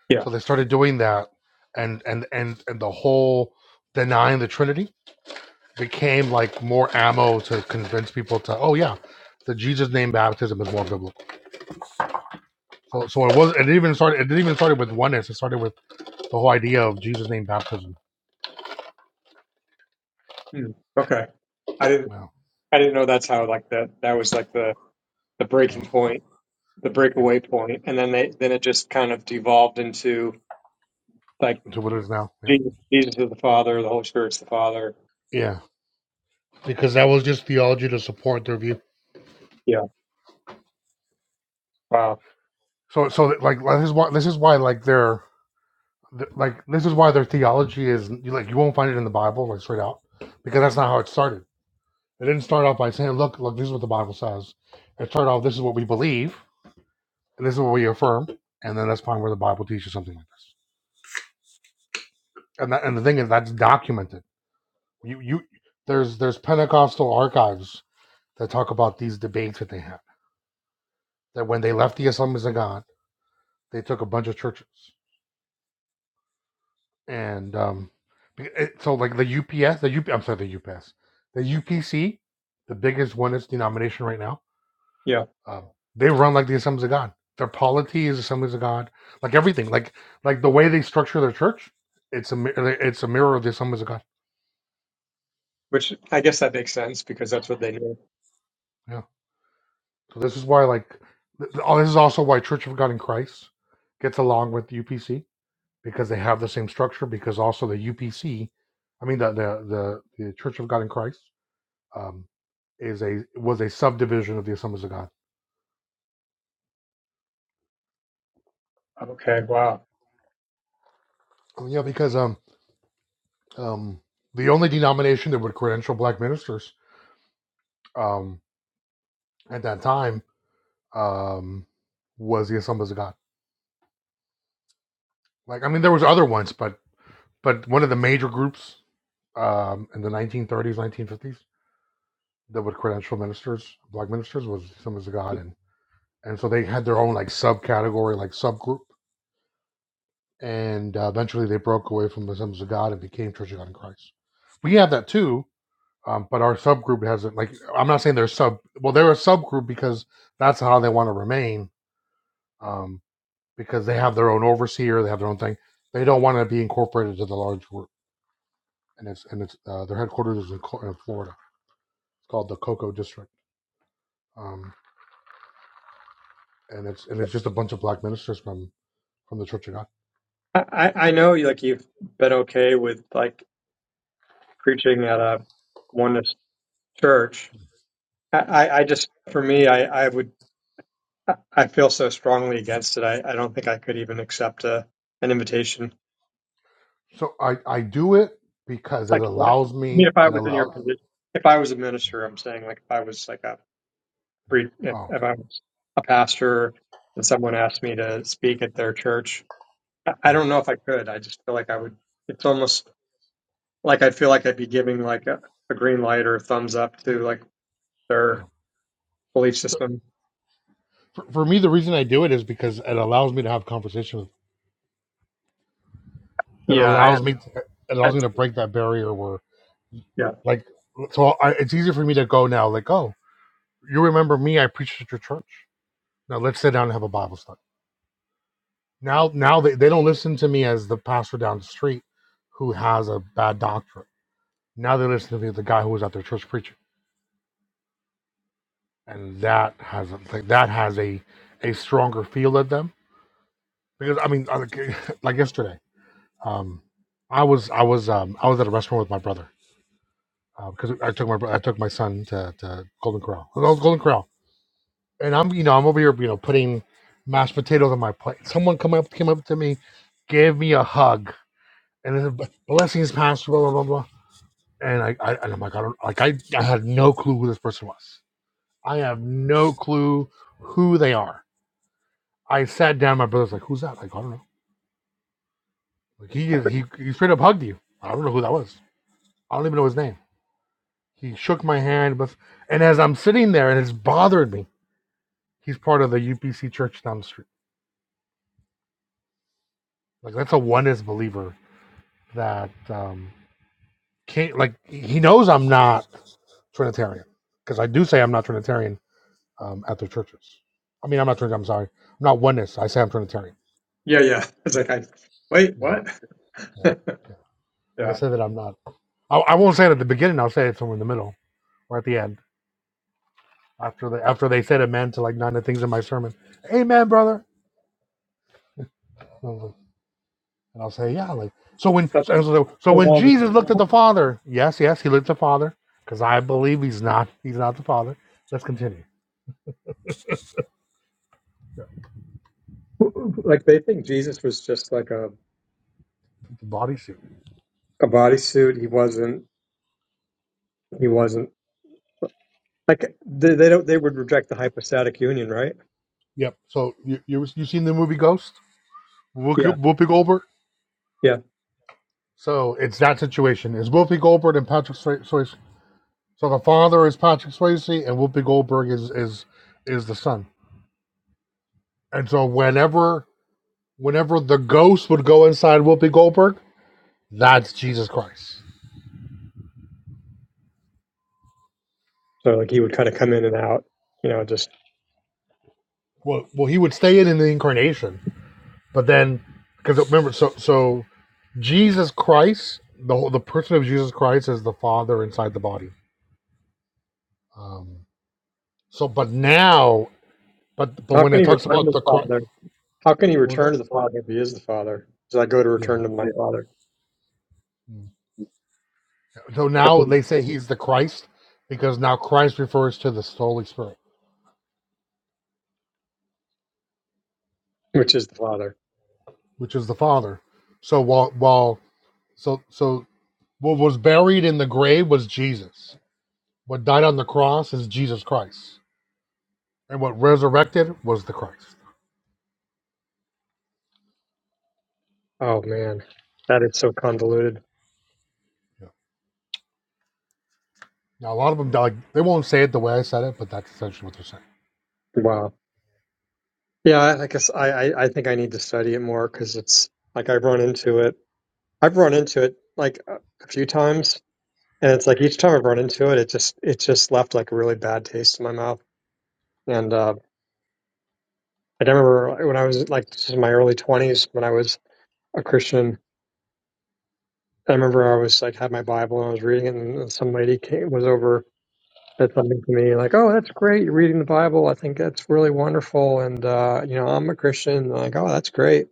Speaker 15: Yeah.
Speaker 1: So they started doing that, and and and and the whole denying the Trinity became like more ammo to convince people to oh yeah, the Jesus name baptism is more biblical. So so it was it even started it didn't even started with oneness. It started with the whole idea of Jesus name baptism.
Speaker 15: Hmm. Okay. I didn't,
Speaker 1: Wow.
Speaker 15: I didn't know that's how, like, that, that was like the, the
Speaker 1: Yeah.
Speaker 15: breaking point, the breakaway
Speaker 1: Yeah.
Speaker 15: point, And then they, then it just kind of devolved into like
Speaker 1: To what it is now. Yeah.
Speaker 15: Jesus, Jesus is the Father, the Holy Spirit's the Father.
Speaker 1: Yeah, because that was just theology to support their view.
Speaker 15: Yeah. Wow.
Speaker 1: So, so like like, this is why this is why like their th- like this is why their theology is like you won't find it in the Bible like straight out because that's not how it started. It didn't start off by saying, "Look, look, this is what the Bible says." It started off, "This is what we believe, and this is what we affirm," and then let's find where the Bible teaches something like this. And that, and the thing is, that's documented. You you there's there's Pentecostal archives that talk about these debates that they had. That when they left the Assemblies of God, they took a bunch of churches and um, be- it- so like the UPS, the UP, am sorry, the UPS, the UPC, the biggest one is denomination right now.
Speaker 15: Yeah.
Speaker 1: Um, they run like the Assemblies of God. Their polity is Assemblies of God. Like everything, like like the way they structure their church, it's a mi- uh, it's a mirror of the Assemblies of God.
Speaker 15: Which I guess that makes sense because that's what they knew.
Speaker 1: Yeah. So this is why like th- th- oh, this is also why Church of God in Christ gets along with UPC because they have the same structure. Because also the UPC, I mean the the the, the Church of God in Christ um, is a was a subdivision of the Assemblies of God.
Speaker 15: Okay. Wow.
Speaker 1: Oh, yeah, because um, um, the only denomination that would credential black ministers um, at that time um, was the Assemblies of God. Like, I mean, there was other ones, but but one of the major groups um, in the 1930s, 1950s that would credential ministers, black ministers, was the Assemblies of God, and and so they had their own like subcategory, like subgroup, and uh, eventually they broke away from the Assemblies of God and became Church of God in Christ. We have that too, um, but our subgroup hasn't like i'm not saying they're sub well they're a subgroup because that's how they want to remain um, because they have their own overseer they have their own thing they don't want to be incorporated to the large group and it's and it's uh, their headquarters is in, Co- in florida it's called the cocoa district um, and it's and it's just a bunch of black ministers from from the church of god
Speaker 15: I, I I know, like you've been okay with like preaching at a oneness church. I, I I just, for me, I, I would, I I feel so strongly against it. I, I don't think I could even accept a an invitation. It's
Speaker 1: so i i do it because it
Speaker 15: like, I
Speaker 1: allows
Speaker 15: mean,
Speaker 1: me
Speaker 15: if I
Speaker 1: it
Speaker 15: was in your
Speaker 1: allows
Speaker 15: position, if I was a minister, I'm saying, like, if I was like a
Speaker 1: yeah.
Speaker 15: pre, if,
Speaker 1: oh
Speaker 15: if I was a pastor and someone asked me to speak at their church, I, I
Speaker 1: yeah
Speaker 15: don't know if I could. I just feel like I would. It's almost Like I feel like I'd be giving like a, a green light or a thumbs up to like
Speaker 1: yeah
Speaker 15: their belief
Speaker 1: so
Speaker 15: system.
Speaker 1: for, for me the reason i do it is because it allows me to have conversation with. it
Speaker 15: Yeah,
Speaker 1: allows
Speaker 15: I,
Speaker 1: me to, it
Speaker 15: I
Speaker 1: allows me to break that barrier where
Speaker 15: yeah,
Speaker 1: like so I, it's easier for me to go now like oh you remember me i preached at your church now let's sit down and have a bible study now now they, they don't listen to me as the pastor down the street who has a bad doctrine now they listen to me as the guy who was at their church preaching and that has a, like, that has a a stronger feel at them because i mean like like yesterday um i was i was um i was at a restaurant with my brother because I took my bro- I took my son to, to Golden Corral. That was Golden Corral, and I'm you know I'm over here you know putting mashed potatoes on my plate. Someone come up came up to me, gave me a hug, and it said, blessings, pastor, blah blah blah blah. And I, I and I'm like I don't like I I had no clue who this person was. I have no clue who they are. I sat down. My brother's like, who's that? Like I don't know. Like he is- he he straight up hugged you. I don't know who that was. I don't even know his name. He shook my hand, but and as I'm sitting there, and it's bothered me he's part of the UPC church down the street. Like that's a oneness believer that um can't like he knows I'm not Trinitarian because I do say I'm not Trinitarian um, at their churches. I mean I'm not Trinitarian. I'm sorry. I'm not oneness. I say I'm Trinitarian.
Speaker 15: yeah, yeah. It's like I wait,
Speaker 1: Yeah,
Speaker 15: what?
Speaker 1: yeah, yeah. I
Speaker 15: yeah,
Speaker 1: say that I'm not. I, I won't say it at the beginning. I'll say it somewhere in the middle or at the end after they after they said amen to like nine of the things in my sermon. Amen, brother. I was like, And I'll say, yeah, like so when
Speaker 15: But,
Speaker 1: so, so so when Jesus
Speaker 15: um,
Speaker 1: looked at the Father, yes, yes, he looked at the Father, because I believe he's not he's not the Father. Let's continue.
Speaker 15: like they think Jesus was just like a
Speaker 1: The bodysuit.
Speaker 15: a bodysuit. He wasn't. He wasn't like they, they don't. They would reject the hypostatic union, right?
Speaker 1: Yep. So you you you seen the movie Ghost? Whoopi
Speaker 15: Yeah,
Speaker 1: Goldberg.
Speaker 15: yeah.
Speaker 1: So it's that situation. Is Whoopi Goldberg and Patrick Swayze? So the father is Patrick Swayze, and Whoopi Goldberg is is is the son. And so whenever whenever the ghost would go inside Whoopi Goldberg, that's Jesus Christ.
Speaker 15: So like he would kind of come in and out. You know, just
Speaker 1: Well, well, he would stay in in the incarnation, But then, because remember, so so Jesus Christ, the whole, the person of Jesus Christ is the Father inside the body. Um, so, but now, but but
Speaker 15: how
Speaker 1: when
Speaker 15: can
Speaker 1: it
Speaker 15: he
Speaker 1: talks
Speaker 15: return to
Speaker 1: about
Speaker 15: the
Speaker 1: the Christ,
Speaker 15: father? How can he
Speaker 1: what was
Speaker 15: return to
Speaker 1: that?
Speaker 15: the father if he is the father? Does I go to
Speaker 1: Yeah.
Speaker 15: return to my father?
Speaker 1: Mm. So now they say he's the Christ because now Christ refers to the Holy Spirit,
Speaker 15: which is the Father.
Speaker 1: which is the Father. So while while so so what was buried in the grave was Jesus. What died on the cross is Jesus Christ, and what resurrected was the Christ.
Speaker 15: Oh man, that is so convoluted.
Speaker 1: Yeah. Now, a lot of them, like, they won't say it the way I said it, but that's essentially what they're saying.
Speaker 15: Wow. Yeah, I, I guess I, I I think I need to study it more because it's like I've run into it. I've run into it like a a few times, and it's like each time I've run into it, it just it just left like a really bad taste in my mouth. And uh, I remember when I was like this is my early twenties when I was a Christian. I remember I was like had my Bible and I was reading it, and some lady came was over said something to me like, "Oh, that's great. You're reading the Bible. I think that's really wonderful." And uh, you know, I'm a Christian. And I'm like, oh, that's great.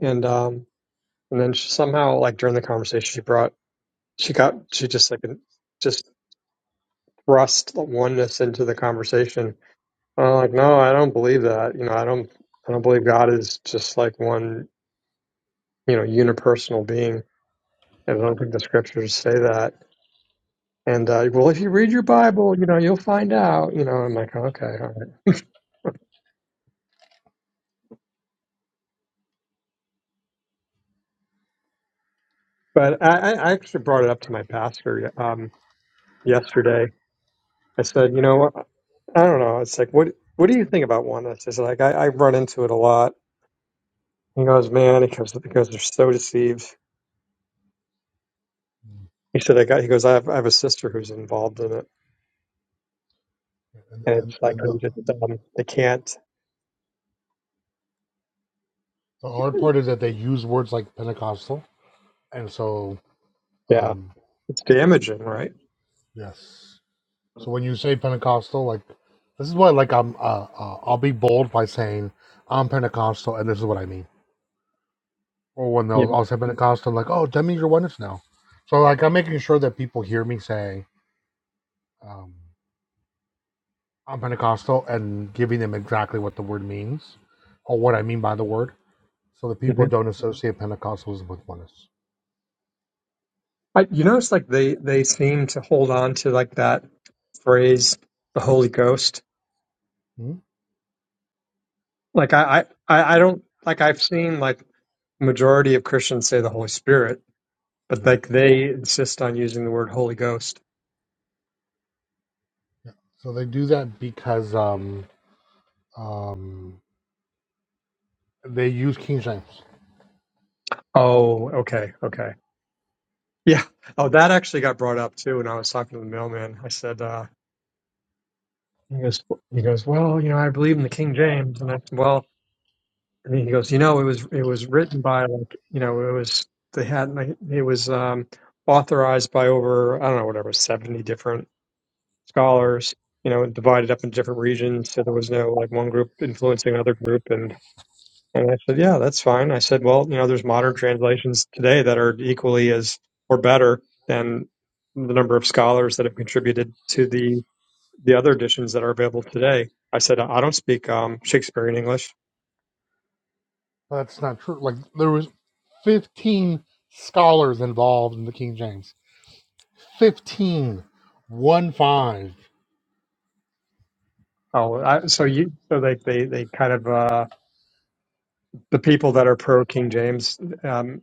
Speaker 15: And um, and then she somehow, like during the conversation, she brought, she got, she just like just thrust oneness into the conversation. And I'm like, no, I don't believe that. You know, I don't, I don't believe God is just like one, you know, unipersonal being. And I don't think the scriptures say that. And uh, well, if you read your Bible, you know, you'll find out. You know, I'm like, okay, all But I, I I actually brought it up to my pastor um, yesterday. I said, you know, what? I don't know. It's like, what what do you think about oneness? It's like I, I run into it a lot. He goes, man. He goes, he goes, they're so deceived. He said, I got. He goes, I have, I have a sister who's involved in it,
Speaker 1: And
Speaker 15: and
Speaker 1: and
Speaker 15: it's like
Speaker 1: and the,
Speaker 15: I'm just, um, they can't.
Speaker 1: the hard part is that they use words like Pentecostal, and so
Speaker 15: Yeah,
Speaker 1: um,
Speaker 15: it's damaging, right?
Speaker 1: yes. So when you say Pentecostal, like this is what like I'm uh, uh, I'll be bold by saying I'm Pentecostal, and this is what I mean. Or when
Speaker 15: Yeah.
Speaker 1: they'll I'll say Pentecostal, like oh that means you're oneness now. So like I'm making sure that people hear me say um, I'm Pentecostal and giving them exactly what the word means or what I mean by the word So the
Speaker 15: hmm
Speaker 1: people don't associate Pentecostalism with oneness.
Speaker 15: I, you notice like they they seem to hold on to like that phrase, the Holy Ghost.
Speaker 1: Hmm?
Speaker 15: Like I I I I don't like I've seen like. majority of Christians say the Holy Spirit, but
Speaker 1: Hmm.
Speaker 15: like they insist on using the word Holy Ghost.
Speaker 1: Yeah. So they do that because um, um, they use King James.
Speaker 15: Oh, okay, okay. Yeah. Oh, that actually got brought up too when I was talking to the mailman. I said, uh, he goes, he goes, well, you know, I believe in the King James, and I said, well, and he goes, you know, it was it was written by like, you know, it was they had like, it was um, authorized by over I don't know whatever seventy different scholars, you know, divided up in different regions, so there was no like one group influencing another group, and And I said, yeah, that's fine. I said, well, you know, there's modern translations today that are equally as or better than the number of scholars that have contributed to the the other editions that are available today. I said, I don't speak um, Shakespearean English.
Speaker 1: But that's not true. Like there was 15 scholars involved in the King James. Fifteen, one five.
Speaker 15: Oh, I, so you so they they they kind of uh, the people that are pro King James um,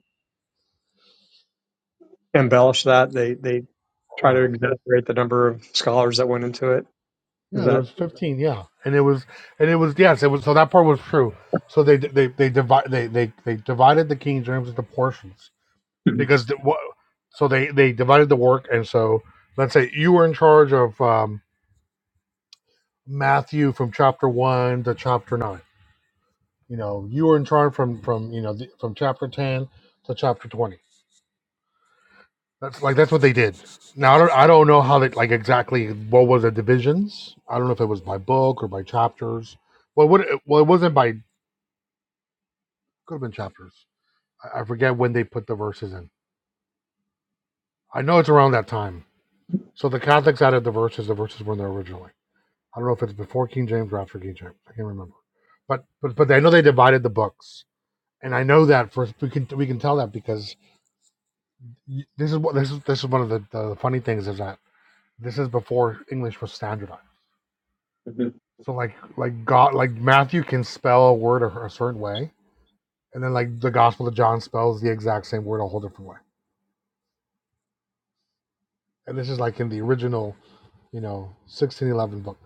Speaker 15: embellish that they they try to
Speaker 1: Wow.
Speaker 15: exaggerate the number of scholars that went into it. Is
Speaker 1: Yeah, there
Speaker 15: that?
Speaker 1: was 15. Yeah, and it was, and it was yes, it was. So that part was true. So they they they divide they they they divided the King James into portions because the, what so they they divided the work and so let's say you were in charge of um, matthew from chapter 1 to chapter 9 you know you were in charge from from you know the, from chapter 10 to chapter 20 that's like that's what they did now i don't i don't know how they like exactly what was the divisions i don't know if it was by book or by chapters well what well it wasn't by could have been chapters I, I forget when they put the verses in i know it's around that time so the catholics added the verses the verses weren't there originally I don't know if it's before King James or after King James. I can't remember. But but but I know they divided the books, and I know that for we can we can tell that because this is what this is this is one of the, the funny things is that this is before English was standardized.
Speaker 15: hmm
Speaker 1: So like like God like Matthew can spell a word a, a certain way, and then like the Gospel of John spells the exact same word a whole different way. And this is like in the original you know 1611 book.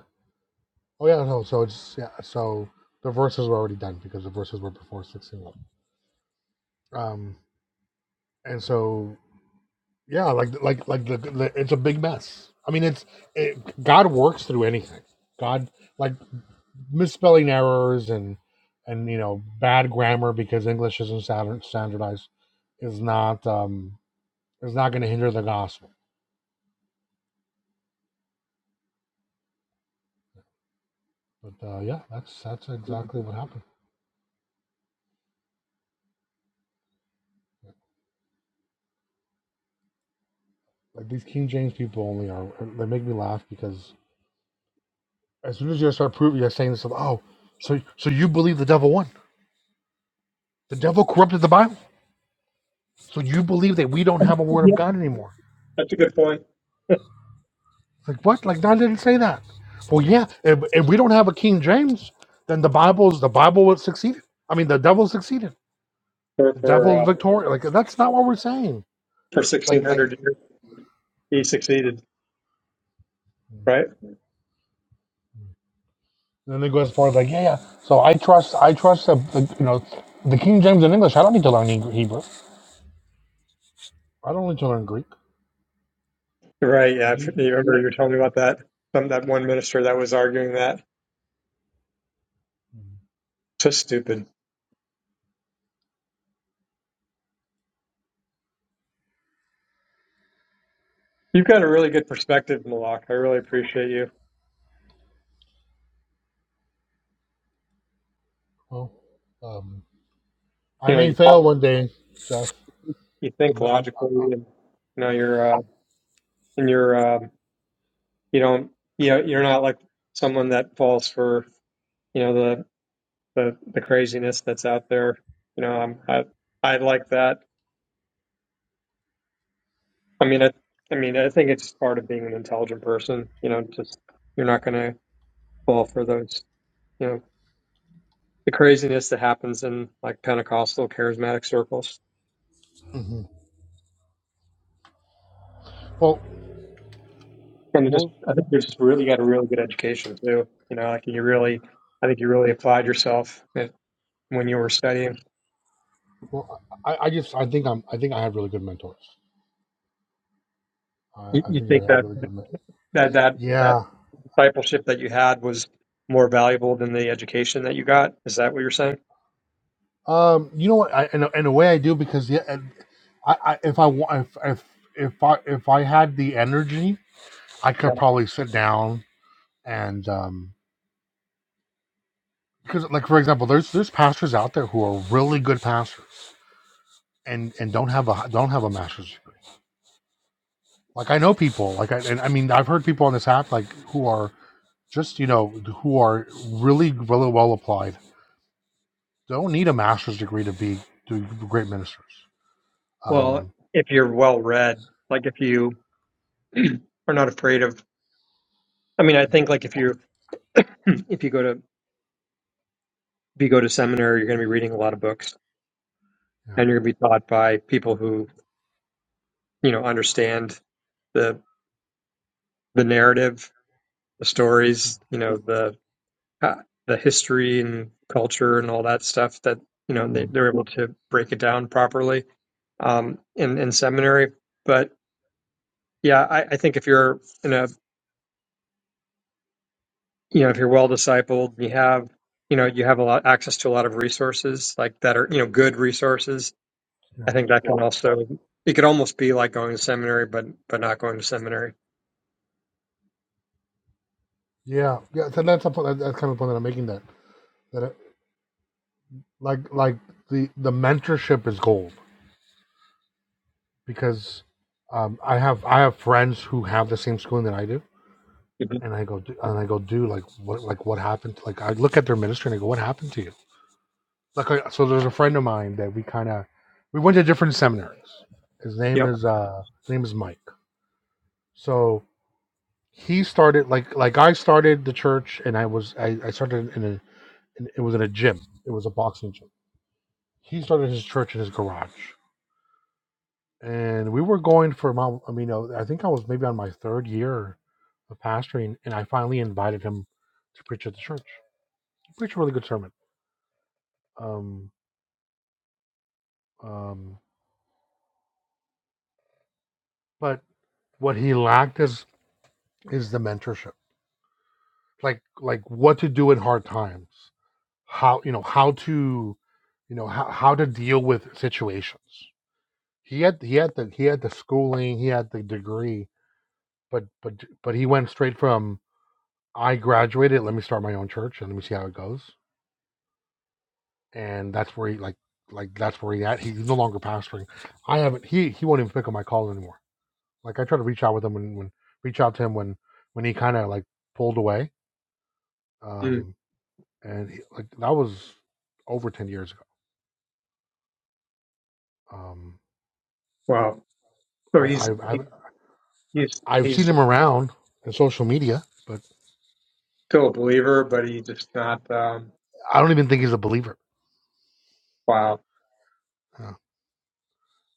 Speaker 1: Oh yeah, no, so it's yeah, so the verses were already done because the verses were before 1611. Um, and so yeah like like like the, the it's a big mess i mean it's it, god works through anything god like misspelling errors and and you know bad grammar because english isn't standard- standardized is not um is not going to hinder the gospel but uh yeah that's that's exactly what happened like these king james people only are they make me laugh because as soon as you start proving you're saying this oh so so you believe the devil won the devil corrupted the bible So you believe that we don't have a word of
Speaker 15: Yeah.
Speaker 1: God anymore?
Speaker 15: That's a good point.
Speaker 1: Like what? Like God didn't say that. Well, yeah. If, if we don't have a King James, then the Bible's the Bible would succeed. I mean, the devil succeeded.
Speaker 15: For
Speaker 1: The
Speaker 15: for
Speaker 1: devil is
Speaker 15: uh,
Speaker 1: victorious. Like that's not what we're saying.
Speaker 15: for
Speaker 1: Like
Speaker 15: sixteen
Speaker 1: like.
Speaker 15: hundred, he succeeded, right?
Speaker 1: Then they go as far as like yeah yeah. So I trust I trust the, the you know the King James in English. I don't need to learn Eng- Hebrew. I don't need to learn Greek.
Speaker 15: Right. Yeah. I
Speaker 1: You-
Speaker 15: remember you were telling me about that. Some that one minister that was arguing that. So stupid. You've got a really good perspective, Malak. I really appreciate you.
Speaker 1: well, um, I
Speaker 15: You know,
Speaker 1: may
Speaker 15: you,
Speaker 1: fail one day, Jeff.
Speaker 15: you think
Speaker 1: I'm, I'm,
Speaker 15: logically, and you know, you're uh, and you're. um, you don't you know you're not like someone that falls for you know the the, the craziness that's out there you know I'm, i i like that i mean I, I mean i think it's part of being an intelligent person you know just you're not going to fall for those you know the craziness that happens in like pentecostal charismatic circles
Speaker 1: mhm. well,
Speaker 15: and it just
Speaker 1: well,
Speaker 15: i think you just really got a really good education too you know like you really i think you really applied yourself eh, when you were studying
Speaker 1: Well, I, I just I think I'm I think I had really good mentors. I,
Speaker 15: you,
Speaker 1: I
Speaker 15: you
Speaker 1: think I
Speaker 15: think
Speaker 1: had
Speaker 15: that
Speaker 1: really good men.
Speaker 15: that that that
Speaker 1: Yeah.
Speaker 15: discipleship that you had was more valuable than the education that you got. Is that what you're saying?
Speaker 1: Um. You know what? I in a, in a way I do because yeah. and I, I if I wa- if if if I if I had the energy, I
Speaker 15: Yeah.
Speaker 1: could probably sit down and um because like for example, there's there's pastors out there who are really good pastors and and don't have a don't have a master's degree. Like I know people like I and I mean I've heard people on this app like who are just you know who are really really well applied don't need a master's degree to be to be great ministers.
Speaker 15: Well,
Speaker 1: Um,
Speaker 15: if you're well read, like if you are not afraid of, I mean, I think like if you if you go to if you go to seminary, you're going to be reading a lot of books,
Speaker 1: yeah,
Speaker 15: and you're going to be taught by people who you know understand the the narrative, the stories, you know, the uh, the history and culture and all that stuff that you know they,
Speaker 1: Mm,
Speaker 15: they're able to break it down properly um, in in seminary. but Yeah, I, I think if you're in a, you know, if you're well discipled, you have, you know, you have a lot access to a lot of resources like that are, you know, good resources.
Speaker 1: yeah,
Speaker 15: I think that can also, it could almost be like going to seminary, but but not going to seminary.
Speaker 1: yeah, yeah. So that's a that's kind of the point that I'm making. That that it, like like the the mentorship is gold because um, I have I have friends who have the same schooling that I do,
Speaker 15: hmm
Speaker 1: and I go "Du- and I go do like what like what happened? Like I look at their ministry and I go, what happened to you? Like I, so, there's a friend of mine that we kind of we went to different seminaries. His name
Speaker 15: Yep.
Speaker 1: is uh, his name is Mike. So he started like like I started the church and I was I, I started in a in, it was in a gym. It was a boxing gym. He started his church in his garage. And we were going for my I mean uh, I think I was maybe on my third year of pastoring and I finally invited him to preach at the church. He preached a really good sermon. Um um but what he lacked is is the mentorship. Like like what to do in hard times. How you know how to you know how, how to deal with situations He had he had the he had the schooling, he had the degree, but but but he went straight from I graduated, let me start my own church and let me see how it goes. And that's where he like like that's where he at. He's no longer pastoring. I haven't he he won't even pick up my call anymore. Like I try to reach out with him when when reach out to him when when he kind of like pulled away.
Speaker 15: Mm,
Speaker 1: Um and he, like that was over 10 years ago. Um
Speaker 15: wow. So
Speaker 1: I
Speaker 15: he's
Speaker 1: I
Speaker 15: he,
Speaker 1: I've,
Speaker 15: he's
Speaker 1: I've
Speaker 15: he's
Speaker 1: seen him around in social media, but
Speaker 15: still a believer, but he just not. Um,
Speaker 1: I don't even think he's a believer.
Speaker 15: wow.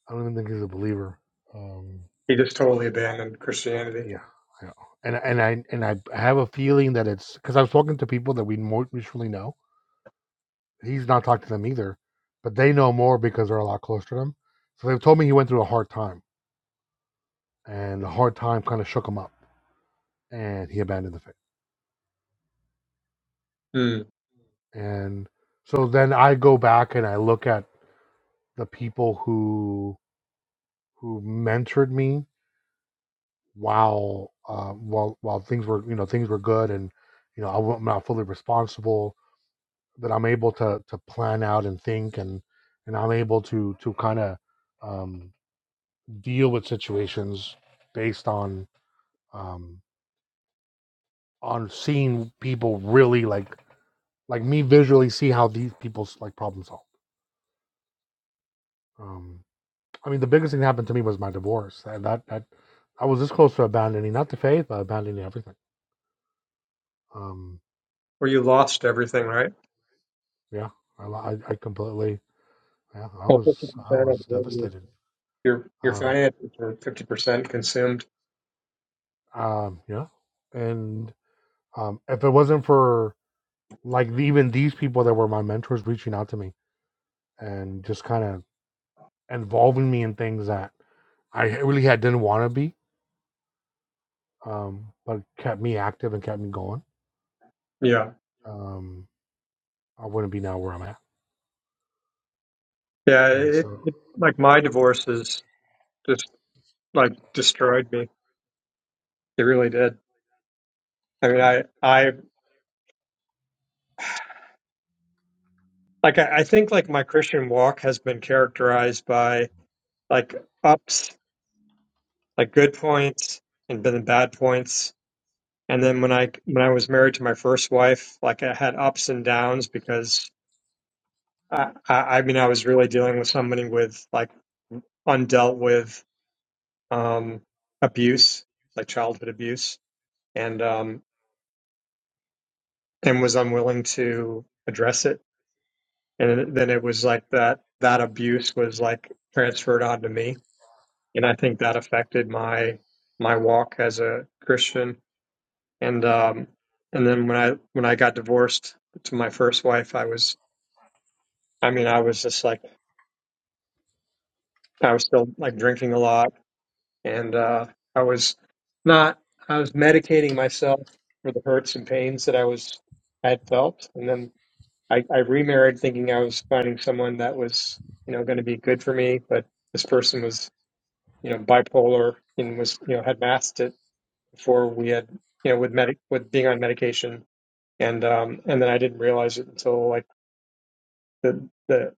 Speaker 1: I don't even think he's a believer. Um,
Speaker 15: He just totally abandoned Christianity.
Speaker 1: yeah, yeah. And and I and I have a feeling that it's because I've spoken to people that we more mutually know. He's not talked to them either, but they know more because they're a lot closer to them. So they've told me he went through a hard time, and the hard time kind of shook him up, and he abandoned the faith.
Speaker 15: Mm.
Speaker 1: And so then I go back and I look at the people who who mentored me while uh, while while things were you know things were good and you know I wa- am not fully responsible that I'm able to to plan out and think and and I'm able to to kind of um, deal with situations based on um, on seeing people really like like me visually see how these people's like problem solve. Um, I mean, the biggest thing that happened to me was my divorce. And that that I was this close to abandoning not the faith, but abandoning everything. Um,
Speaker 15: Where you lost everything, right?
Speaker 1: yeah, I, lo- I I completely yeah I
Speaker 15: Well, fifty
Speaker 1: was I
Speaker 15: percent of
Speaker 1: was
Speaker 15: your
Speaker 1: devastated.
Speaker 15: your your
Speaker 1: Um,
Speaker 15: finances were fifty percent consumed.
Speaker 1: um, yeah, and Um, if it wasn't for like even these people that were my mentors reaching out to me and just kind of involving me in things that I really had didn't want to be, um, but kept me active and kept me going,
Speaker 15: Yeah.
Speaker 1: um, I wouldn't be now where I'm at.
Speaker 15: Yeah,
Speaker 1: And
Speaker 15: it,
Speaker 1: so,
Speaker 15: it like my divorces just like destroyed me. It really did. I mean, I I like I, I think like my Christian walk has been characterized by like ups, like good points and then bad points. And then when I when I was married to my first wife, like I had ups and downs because I I, I mean I was really dealing with somebody with like undealt with um abuse, like childhood abuse. And um and was unwilling to address it. And then it was like that, that abuse was like transferred onto me. And I think that affected my, my walk as a Christian. And, um, and then when I, when I got divorced to my first wife, I was, I mean, I was just like, I was still like drinking a lot and, uh, I was not, I was medicating myself for the hurts and pains that I was, I had felt. And then I, I remarried thinking I was finding someone that was, you know, going to be good for me, but this person was, you know, bipolar and was, you know, had masked it before we had, you know, with medic with being on medication, and um, and then I didn't realize it until like the the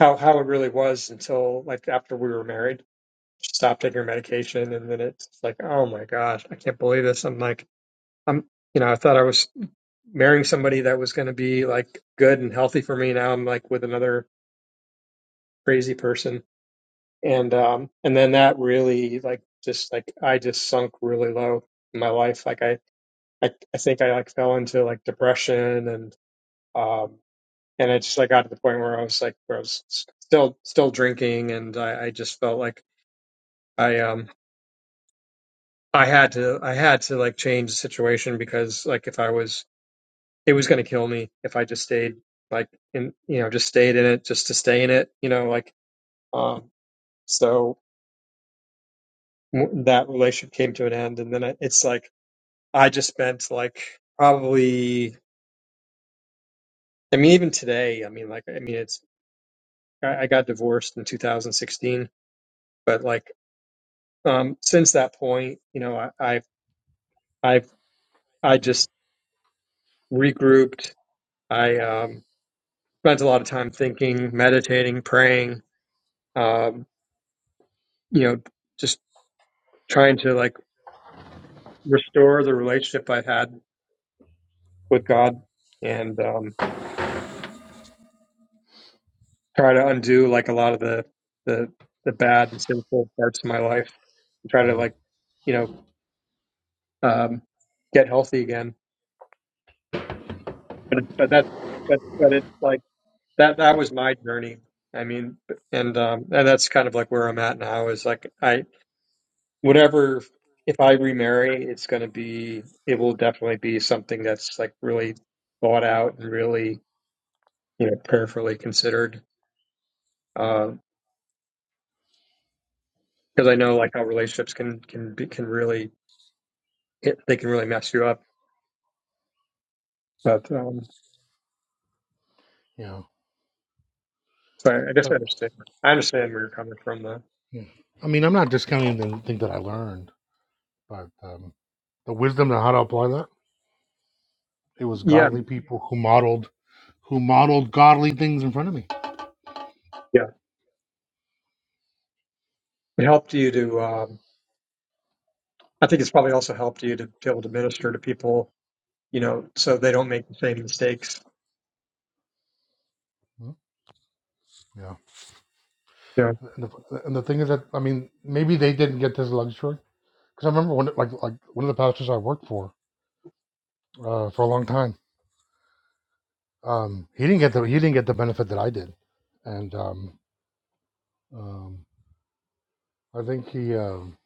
Speaker 15: how how it really was until like after we were married. She stopped taking her medication, and then it's like, oh my gosh, I can't believe this. I'm like, I'm, you know, I thought I was marrying somebody that was going to be like good and healthy for me. Now I'm like with another crazy person and um and then that really like just like I just sunk really low in my life like I I, I think I like fell into like depression and um and I just like got to the point where I was like where I was still still drinking and I, I just felt like I um I had to I had to like change the situation because like if I was it was going to kill me if I just stayed like in you know just stayed in it just to stay in it you know like um so w- that relationship came to an end and then I, it's like I just spent like probably, I mean, even today, I mean, like, I mean, it's, I, I got divorced in 2016, but like, um, since that point, you know, I, I've, I've, I just regrouped. I, um, spent a lot of time thinking, meditating, praying, um, you know, just trying to like restore the relationship I had with God and, um, try to undo like a lot of the, the, the bad and sinful parts of my life and try to
Speaker 1: mm,
Speaker 15: like, you know, um, get healthy again. But it, but that but but it's like that that was my journey. I mean, and um, and that's kind of like where I'm at now is like I whatever if I remarry, it's going to be it will definitely be something that's like really thought out and really you know prayerfully considered. Because I know like how relationships can can be, can really it, they can really mess you up. But um,
Speaker 1: yeah.
Speaker 15: so I, I guess I
Speaker 1: But
Speaker 15: understand. I understand where you're coming from though.
Speaker 1: yeah. I mean, I'm not discounting the thing that I learned, but um, the wisdom and how to apply that. It was
Speaker 15: Yeah.
Speaker 1: godly people who modeled, who modeled godly things in front of me.
Speaker 15: Yeah. It helped you to, um, I think it's probably also helped you to be able to minister to people, you know, so they don't make the same mistakes.
Speaker 1: Yeah.
Speaker 15: Yeah.
Speaker 1: And the, and the thing is that I mean, maybe they didn't get this luxury because I remember one like like one of the pastors I worked for uh, for a long time. Um, he didn't get the he didn't get the benefit that I did, and um, um, I think he um,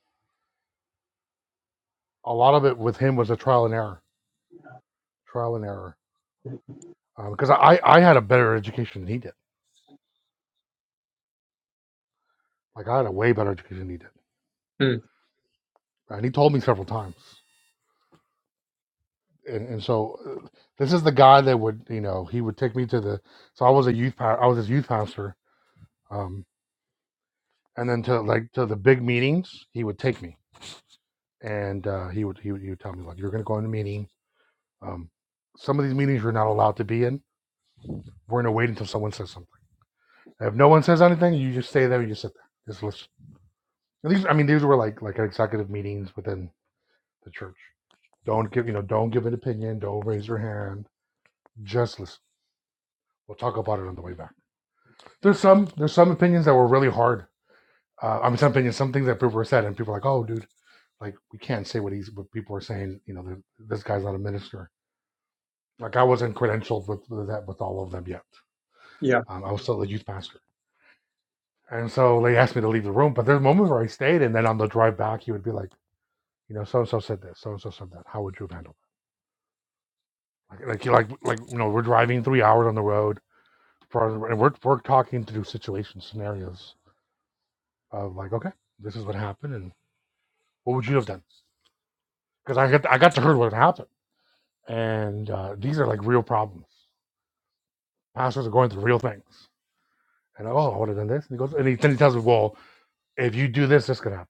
Speaker 1: a lot of it with him was a trial and error, trial and error. Because I I I had a better education than he did. Like I had a way better education than he did,
Speaker 15: Mm,
Speaker 1: and he told me several times. And, and so uh, this is the guy that would you know he would take me to the so I was a youth pa- I was his youth pastor Um, and then to like to the big meetings he would take me and uh, he would he would, he would tell me like you're going to go in a meeting um, some of these meetings you're not allowed to be in we're going to wait until someone says something if no one says anything you just stay there you just sit there just listen and these i mean these were like like executive meetings within the church don't give you know don't give an opinion don't raise your hand just listen we'll talk about it on the way back there's some there's some opinions that were really hard uh, i mean some opinions some things that people were said and people were like oh dude Like we can't say what he's what people are saying. You know, this guy's not a minister. Like I wasn't credentialed with, with that with all of them yet.
Speaker 15: yeah.
Speaker 1: Um, I was still a youth pastor, and so they asked me to leave the room. But there's moments where I stayed, and then on the drive back, he would be like, you know, so and so said this, so and so said that. How would you have handled? That? Like like like like you know, we're driving three hours on the road, for- and we're we're talking through situation scenarios of like, okay, this is what happened, and what would you have done? Because I got I got to hear what happened, and uh, these are like real problems. Pastors are going through real things, And oh, I would have done this. And he goes, and he, then he tells me, well, if you do this, this could happen.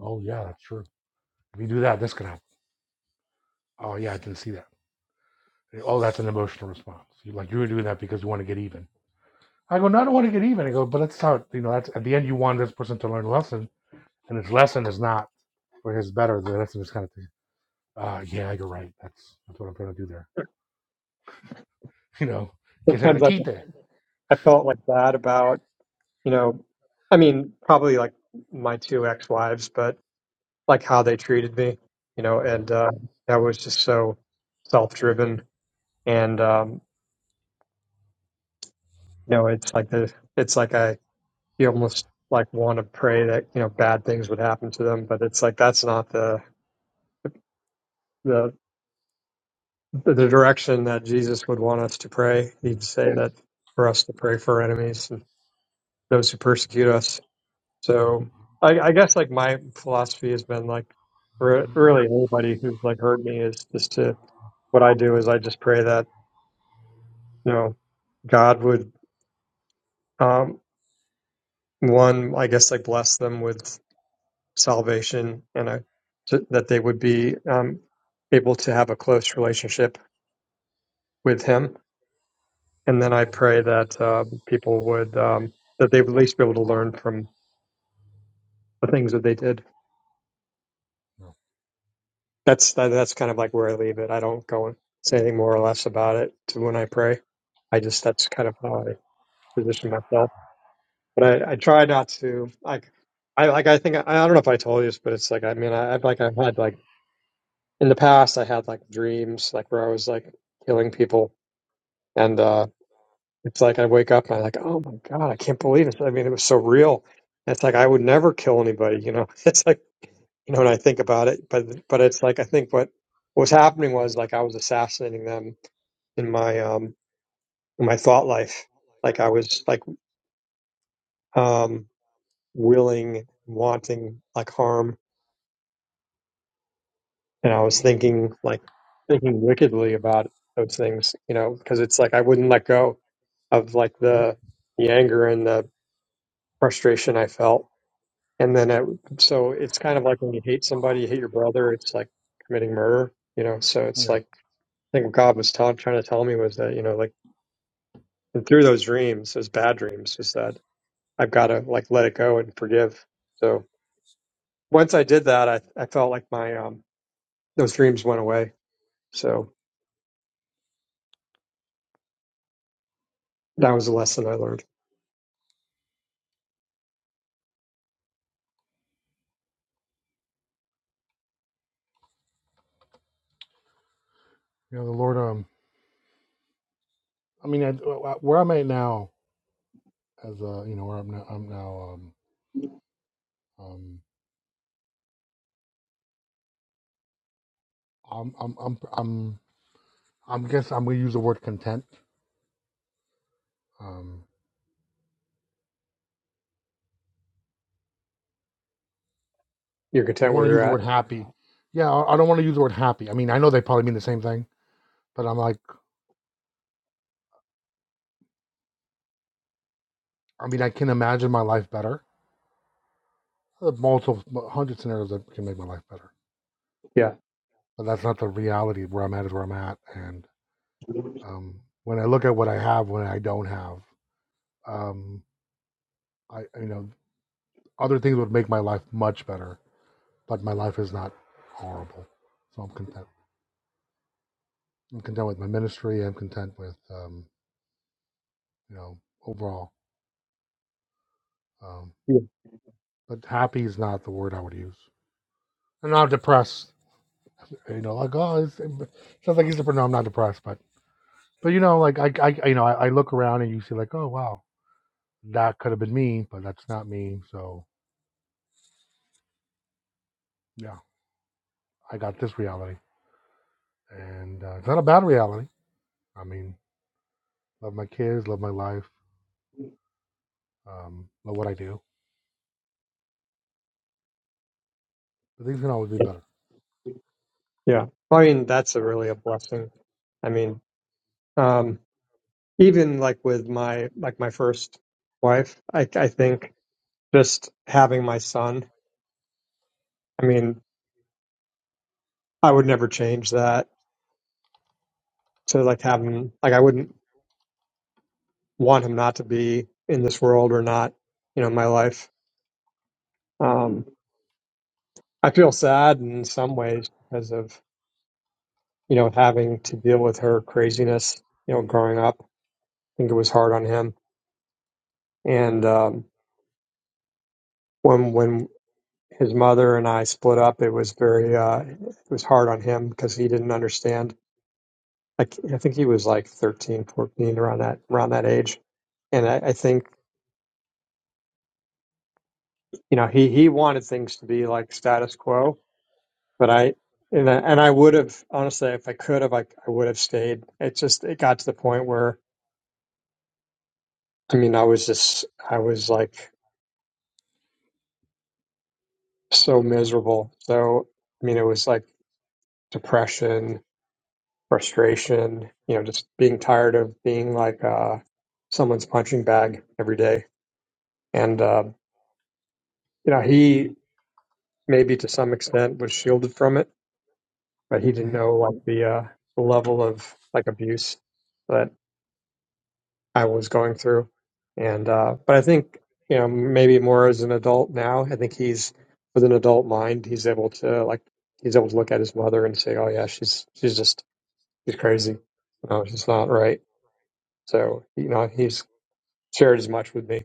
Speaker 1: Oh yeah, that's true. If you do that, this could happen. Oh yeah, I didn't see that. Oh, that's an emotional response. You like you were doing that because you want to get even. I go, no, I don't want to get even. I go, but that's how you know. That's at the end, you want this person to learn a lesson, and his lesson is not for his better. The lesson is kind of, ah, uh, yeah, you're right. That's that's what I'm trying to do there. You know, que se
Speaker 15: Sometimes
Speaker 1: le
Speaker 15: like
Speaker 1: quite.
Speaker 15: I felt like that about, you know, I mean, probably like my two ex-wives, but like how they treated me, you know,
Speaker 1: Yeah.
Speaker 15: and uh, that was just so self-driven. And, um, you know, it's like the, it's like I, you almost like want to pray that, you know, bad things would happen to them, but it's like, that's not the, the the direction that Jesus would want us to pray.
Speaker 1: Mm,
Speaker 15: He'd say that for us to pray for our enemies and those who persecute us.
Speaker 1: mm,
Speaker 15: So I, I guess like my philosophy has been like for really anybody who's like hurt me is just to what I do is I just pray that you know God would um one I guess like bless them with salvation and I, that they would be um able to have a close relationship with Him And then I pray that uh, people would um, that they would at least be able to learn from the things that they did.
Speaker 1: No,
Speaker 15: That's that, that's kind of like where I leave it. I don't go and say anything more or less about it to when I pray. I just that's kind of how I position myself. But I, I try not to like I like I think I, I don't know if I told you this, but it's like I mean I, I've like I've had like in the past I had like dreams like where I was like killing people and. uh, It's like I wake up and I'm like, oh my God, I can't believe it. I mean, it was so real. And It's like I would never kill anybody, you know. It's like, you know, when I think about it, but but it's like I think what was happening was like I was assassinating them in my um in my thought life. Like I was like um willing, wanting like harm, and I was thinking like thinking wickedly about those things, you know, because it's like I wouldn't let go of like
Speaker 1: Mm,
Speaker 15: the the anger and the frustration I felt And then, it, so it's kind of like when you hate somebody, you hate your brother, it's like committing murder, you know? So it's
Speaker 1: no.
Speaker 15: like, I think what God was tell, trying to tell me was that, you know, like, and through those dreams, those bad dreams, is that I've got to like let it go and forgive. So once I did that, I, I felt like my, um, those dreams went away. So that was a lesson I learned.
Speaker 1: You know, the Lord. Um, I mean, I, uh, where I'm at now, as uh you know where I'm now I'm now um um I'm I'm I'm I'm I'm guess I'm gonna use the word content. Um,
Speaker 15: You're
Speaker 1: don't
Speaker 15: content
Speaker 1: want
Speaker 15: where
Speaker 1: to use
Speaker 15: you're
Speaker 1: the
Speaker 15: at.
Speaker 1: word happy. Yeah, I I don't want to use the word happy. I mean, I know they probably mean the same thing, but I'm like, I mean, I can imagine my life better. There are multiple hundred scenarios that can make my life better,
Speaker 15: Yeah.
Speaker 1: but that's not the reality. Where I'm at is where I'm at, and um, when I look at what I have, when I don't have, um, I you know, other things would make my life much better, but my life is not horrible, so I'm content. I'm content with my ministry. I'm content with, um, you know, overall. Um,
Speaker 15: Yeah.
Speaker 1: but happy is not the word I would use. I'm not depressed. You know, like oh, it's, it sounds like he's depressed. No, I'm not depressed, but but you know, like I, I you know, I, I look around and you see like, oh wow, that could have been me, but that's not me. So yeah, I got this reality, and uh, it's not a bad reality. I mean, love my kids, love my life, um, love what I do. But things can always be better.
Speaker 15: Yeah. I mean, that's a really a blessing. I mean, um. even like with my like my first wife i i think just having my son i mean i would never change that to like have him like i wouldn't want him not to be in this world or not you know my life um i feel sad in some ways because of you know having to deal with her craziness you know growing up i think it was hard on him and um when when his mother and i split up it was very uh it was hard on him because he didn't understand I, c- I think he was like 13, 14, around that around that age. And I, I think you know he he wanted things to be like status quo, but I and I, and I would have honestly if I could have I, I would have stayed. It just it got to the point where I mean I was just I was like so miserable. So I mean it was like depression, frustration, you know, just being tired of being like uh, someone's punching bag every day. And uh, you know he maybe to some extent was shielded from it, but he didn't
Speaker 1: hmm
Speaker 15: know like the uh, level of like abuse that I was going through. And uh, but I think you know maybe more as an adult now. I think he's with an adult mind. He's able to like he's able to look at his mother and say, "Oh yeah, she's she's just she's crazy. No, she's not right." So you know he's shared as much with me.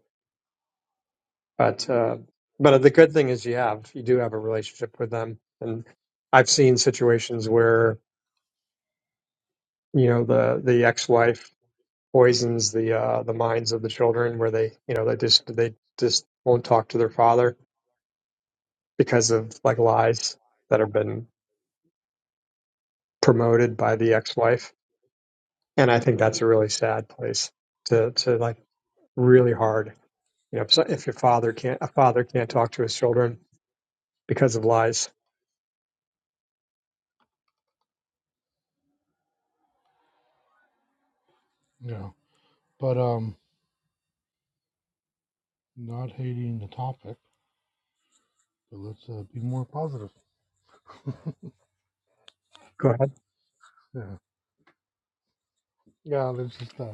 Speaker 15: But uh, but the good thing is you have you do have a relationship with them, and I've seen situations where you know the the ex-wife poisons the uh the minds of the children where they you know they just they just won't talk to their father because of like lies that have been promoted by the ex-wife and i think that's a really sad place to to like really hard you know if, so- if your father can't a father can't talk to his children because of lies
Speaker 1: Yeah, but um, not hating the topic, but let's uh, be more positive.
Speaker 15: go ahead
Speaker 1: Yeah, yeah. Let's just. Uh,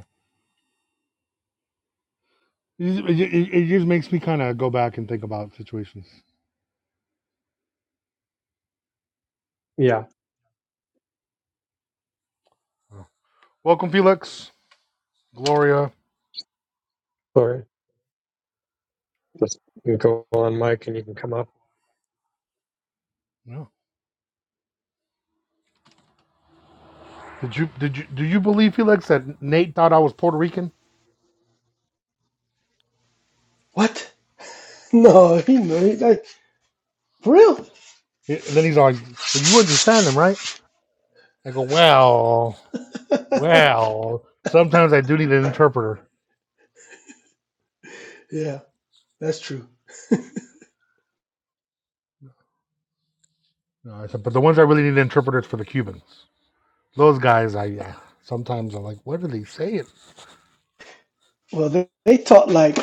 Speaker 1: it, just- it, it just makes me kind of go back and think about situations.
Speaker 15: yeah
Speaker 1: Oh. Welcome, Felix, Gloria.
Speaker 15: sorry just you go on mike and you can come up
Speaker 1: Yeah. Did you did you do you believe Felix that Nate thought I was Puerto Rican?
Speaker 17: What? No, he know. He like for real.
Speaker 1: Yeah, And then he's like, "Well, you understand them, right?" I go, "Well, well. Sometimes I do need an interpreter."
Speaker 17: Yeah, that's true.
Speaker 1: No, I said, "But the ones I really need interpreters for the Cubans. Those guys, I yeah. Sometimes I'm like, what are they saying?"
Speaker 17: Well, they, they talk like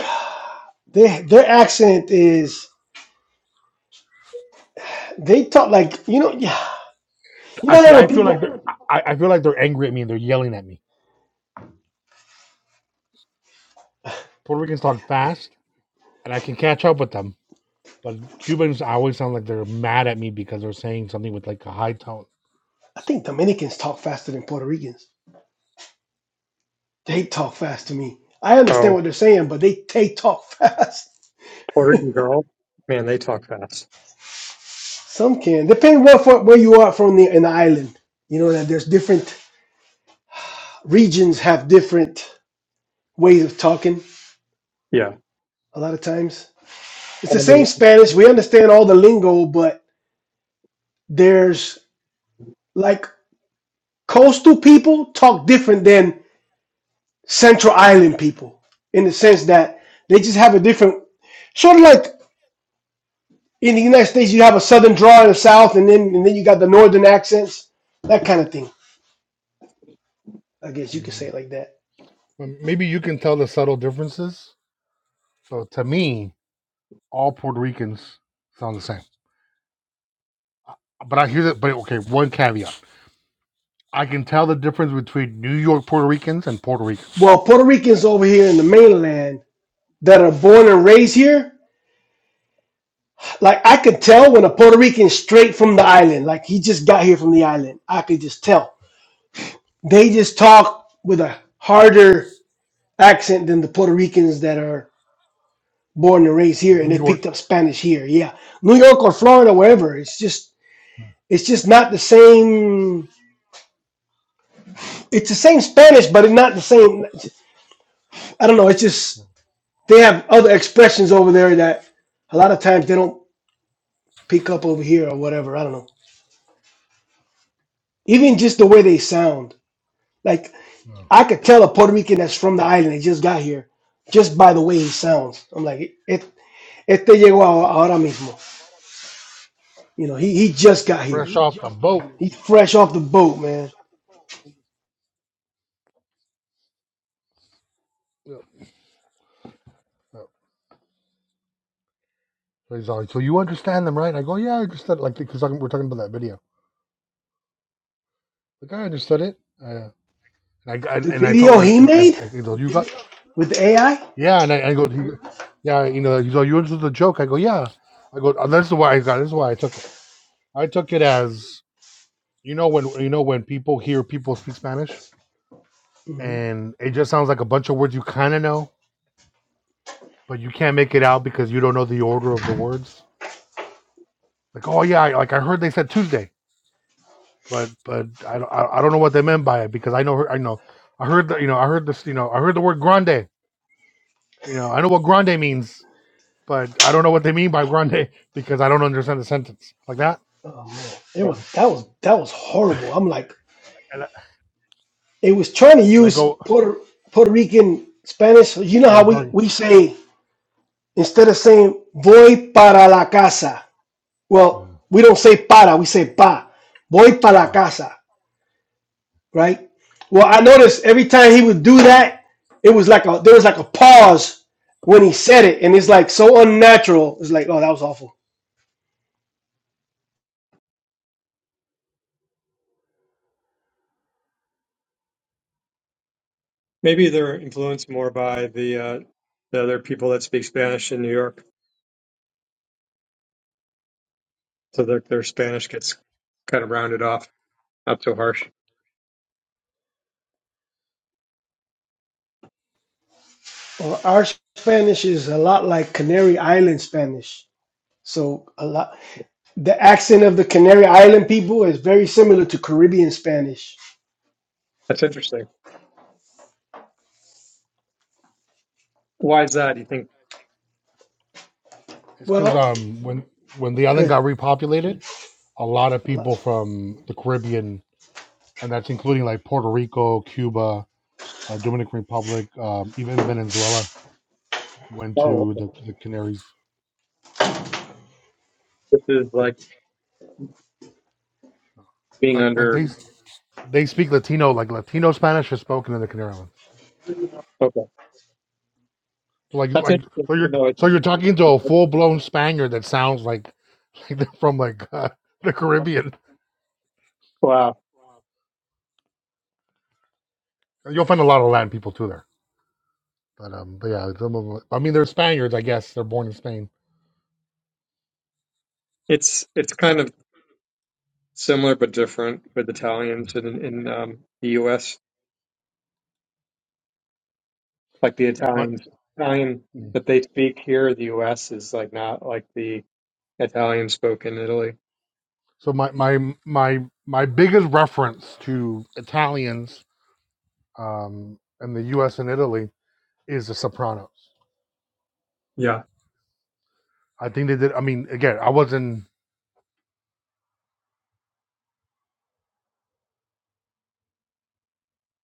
Speaker 17: they their accent is they talk like you know yeah you
Speaker 1: I
Speaker 17: know
Speaker 1: see.
Speaker 17: how when
Speaker 1: I feel like they're.
Speaker 17: people
Speaker 1: I, I feel like they're angry at me and they're yelling at me. Puerto Ricans talk fast, and I can catch up with them. But Cubans, I always sound like they're mad at me because they're saying something with like a high tone.
Speaker 17: I think Dominicans talk faster than Puerto Ricans. They talk fast to me. I understand
Speaker 15: oh
Speaker 17: what they're saying, but they they talk fast.
Speaker 15: puerto rican girl man they talk fast
Speaker 17: Some can depending where for where you are from the in the island. You know that there's different regions have different ways of talking.
Speaker 15: yeah
Speaker 17: A lot of times it's
Speaker 15: I
Speaker 17: the same
Speaker 15: mean,
Speaker 17: Spanish. We understand all the lingo, but There's like coastal people talk different than Central Island people in the sense that they just have a different sort of like in the United States you have a southern draw in the South and then and then you got the northern accents, that kind of thing. I guess you could
Speaker 1: Mm.
Speaker 17: say it like that.
Speaker 1: But maybe you can tell the subtle differences. So to me, all Puerto Ricans sound the same. But I hear that. But okay, one caveat: I can tell the difference between New York Puerto Ricans and Puerto Ricans.
Speaker 17: Well, Puerto Ricans over here in the mainland that are born and raised here, like I could
Speaker 1: Yeah,
Speaker 17: tell when a Puerto Rican is straight from the island, like he just got here from the island. I could just tell. They
Speaker 1: yeah.
Speaker 17: just talk with a harder accent than the Puerto Ricans that are born and raised here and
Speaker 1: New
Speaker 17: they picked up
Speaker 1: York.
Speaker 17: Spanish here. Yeah. New York or
Speaker 1: Yeah,
Speaker 17: Florida, wherever. It's just
Speaker 1: yeah,
Speaker 17: it's just not the same it's the same Spanish, but it's not the same I don't know, it's just they have other expressions over there that a lot of times they don't pick up over here or whatever. I don't know. Even just the way they sound. Like
Speaker 1: yeah.
Speaker 17: I could tell a Puerto Rican that's from the island, they just got here, just by the way he sounds. I'm like, it, este llegó ahora mismo. You know, he, he just got here.
Speaker 1: fresh off the boat.
Speaker 17: He's fresh off the boat, man.
Speaker 1: Yeah, yeah. So he's like, so you understand them, right? And I go, yeah, I understood. Like, because we're talking about that video. Like, I understood it. Uh, and I,
Speaker 17: The
Speaker 1: and I told
Speaker 17: video
Speaker 1: and
Speaker 17: he
Speaker 1: and,
Speaker 17: made
Speaker 1: and he goes, you got
Speaker 17: with the AI.
Speaker 1: yeah, and I, I go, he, yeah, you know, he's like, you understood the joke. I go, yeah. I go, oh, this is why I got. This is why I took it. I took it as you know when you know when people hear people speak Spanish
Speaker 17: hmm
Speaker 1: and it just sounds like a bunch of words you kind of know, but you can't make it out because you don't know the order of the words. Like, oh yeah, I, like I heard they said Tuesday. but but I don't I I don't know what they meant by it because I know her I know I heard the you know I heard this you know I heard the word grande you know I know what grande means but I don't know what they mean by grande because I don't understand the sentence like that
Speaker 17: Oh man,
Speaker 1: you
Speaker 17: it was
Speaker 1: know
Speaker 17: that was that was horrible. I'm like,
Speaker 1: and I,
Speaker 17: it was trying to
Speaker 1: and I
Speaker 17: use
Speaker 1: go
Speaker 17: Puerto Puerto Rican Spanish. You know
Speaker 1: you know
Speaker 17: how we
Speaker 1: during
Speaker 17: we say instead of saying "voy para la casa,"
Speaker 1: yeah,
Speaker 17: well, we don't say "para," we say "pa." Voy para la
Speaker 1: wow,
Speaker 17: casa, right? Well, I
Speaker 1: yeah.
Speaker 17: noticed every time he would do that, it was like a there was like a pause when he said it, and it's like so unnatural. It's like, oh, that was awful.
Speaker 15: Maybe they're influenced more by the uh, the other people that speak Spanish in New York, so that their Spanish gets kind of rounded off, not so harsh.
Speaker 17: Well, our Spanish is a lot like Canary Island Spanish. So a lot the accent of the Canary Island people is very similar to Caribbean Spanish.
Speaker 15: That's interesting. Why is that? You think,
Speaker 1: it's because
Speaker 17: Well,
Speaker 1: um when when the island got
Speaker 17: good.
Speaker 1: repopulated a lot of
Speaker 17: A
Speaker 1: people
Speaker 17: lot.
Speaker 1: from the Caribbean and that's including like Puerto Rico Cuba uh, Dominican Republic um, even Venezuela went
Speaker 15: oh,
Speaker 1: to the the Canaries
Speaker 15: this is like being
Speaker 1: like like
Speaker 15: under.
Speaker 1: they They speak Latino, like Latino Spanish is spoken in the Canary Islands.
Speaker 15: Okay,
Speaker 1: So like,
Speaker 15: that's
Speaker 1: like,
Speaker 15: interesting
Speaker 1: so
Speaker 15: to
Speaker 1: you're,
Speaker 15: know.
Speaker 1: so you're talking to a full blown Spaniard that sounds like, like they're from like uh, the Caribbean.
Speaker 15: Wow,
Speaker 1: You'll find a lot of Latin people too there. But um, but yeah, some of them- I mean, they're Spaniards, I guess. They're born in Spain.
Speaker 15: it's it's kind of similar but different with Italians in in um, the U.S. Like the
Speaker 1: My,
Speaker 15: Italians, Italian that they speak here in the U.S. is like not like the Italian spoken in Italy.
Speaker 1: so my my my my biggest reference to Italians um and the U.S. and Italy is The Sopranos.
Speaker 15: Yeah.
Speaker 1: I think they did. I mean, again, I wasn't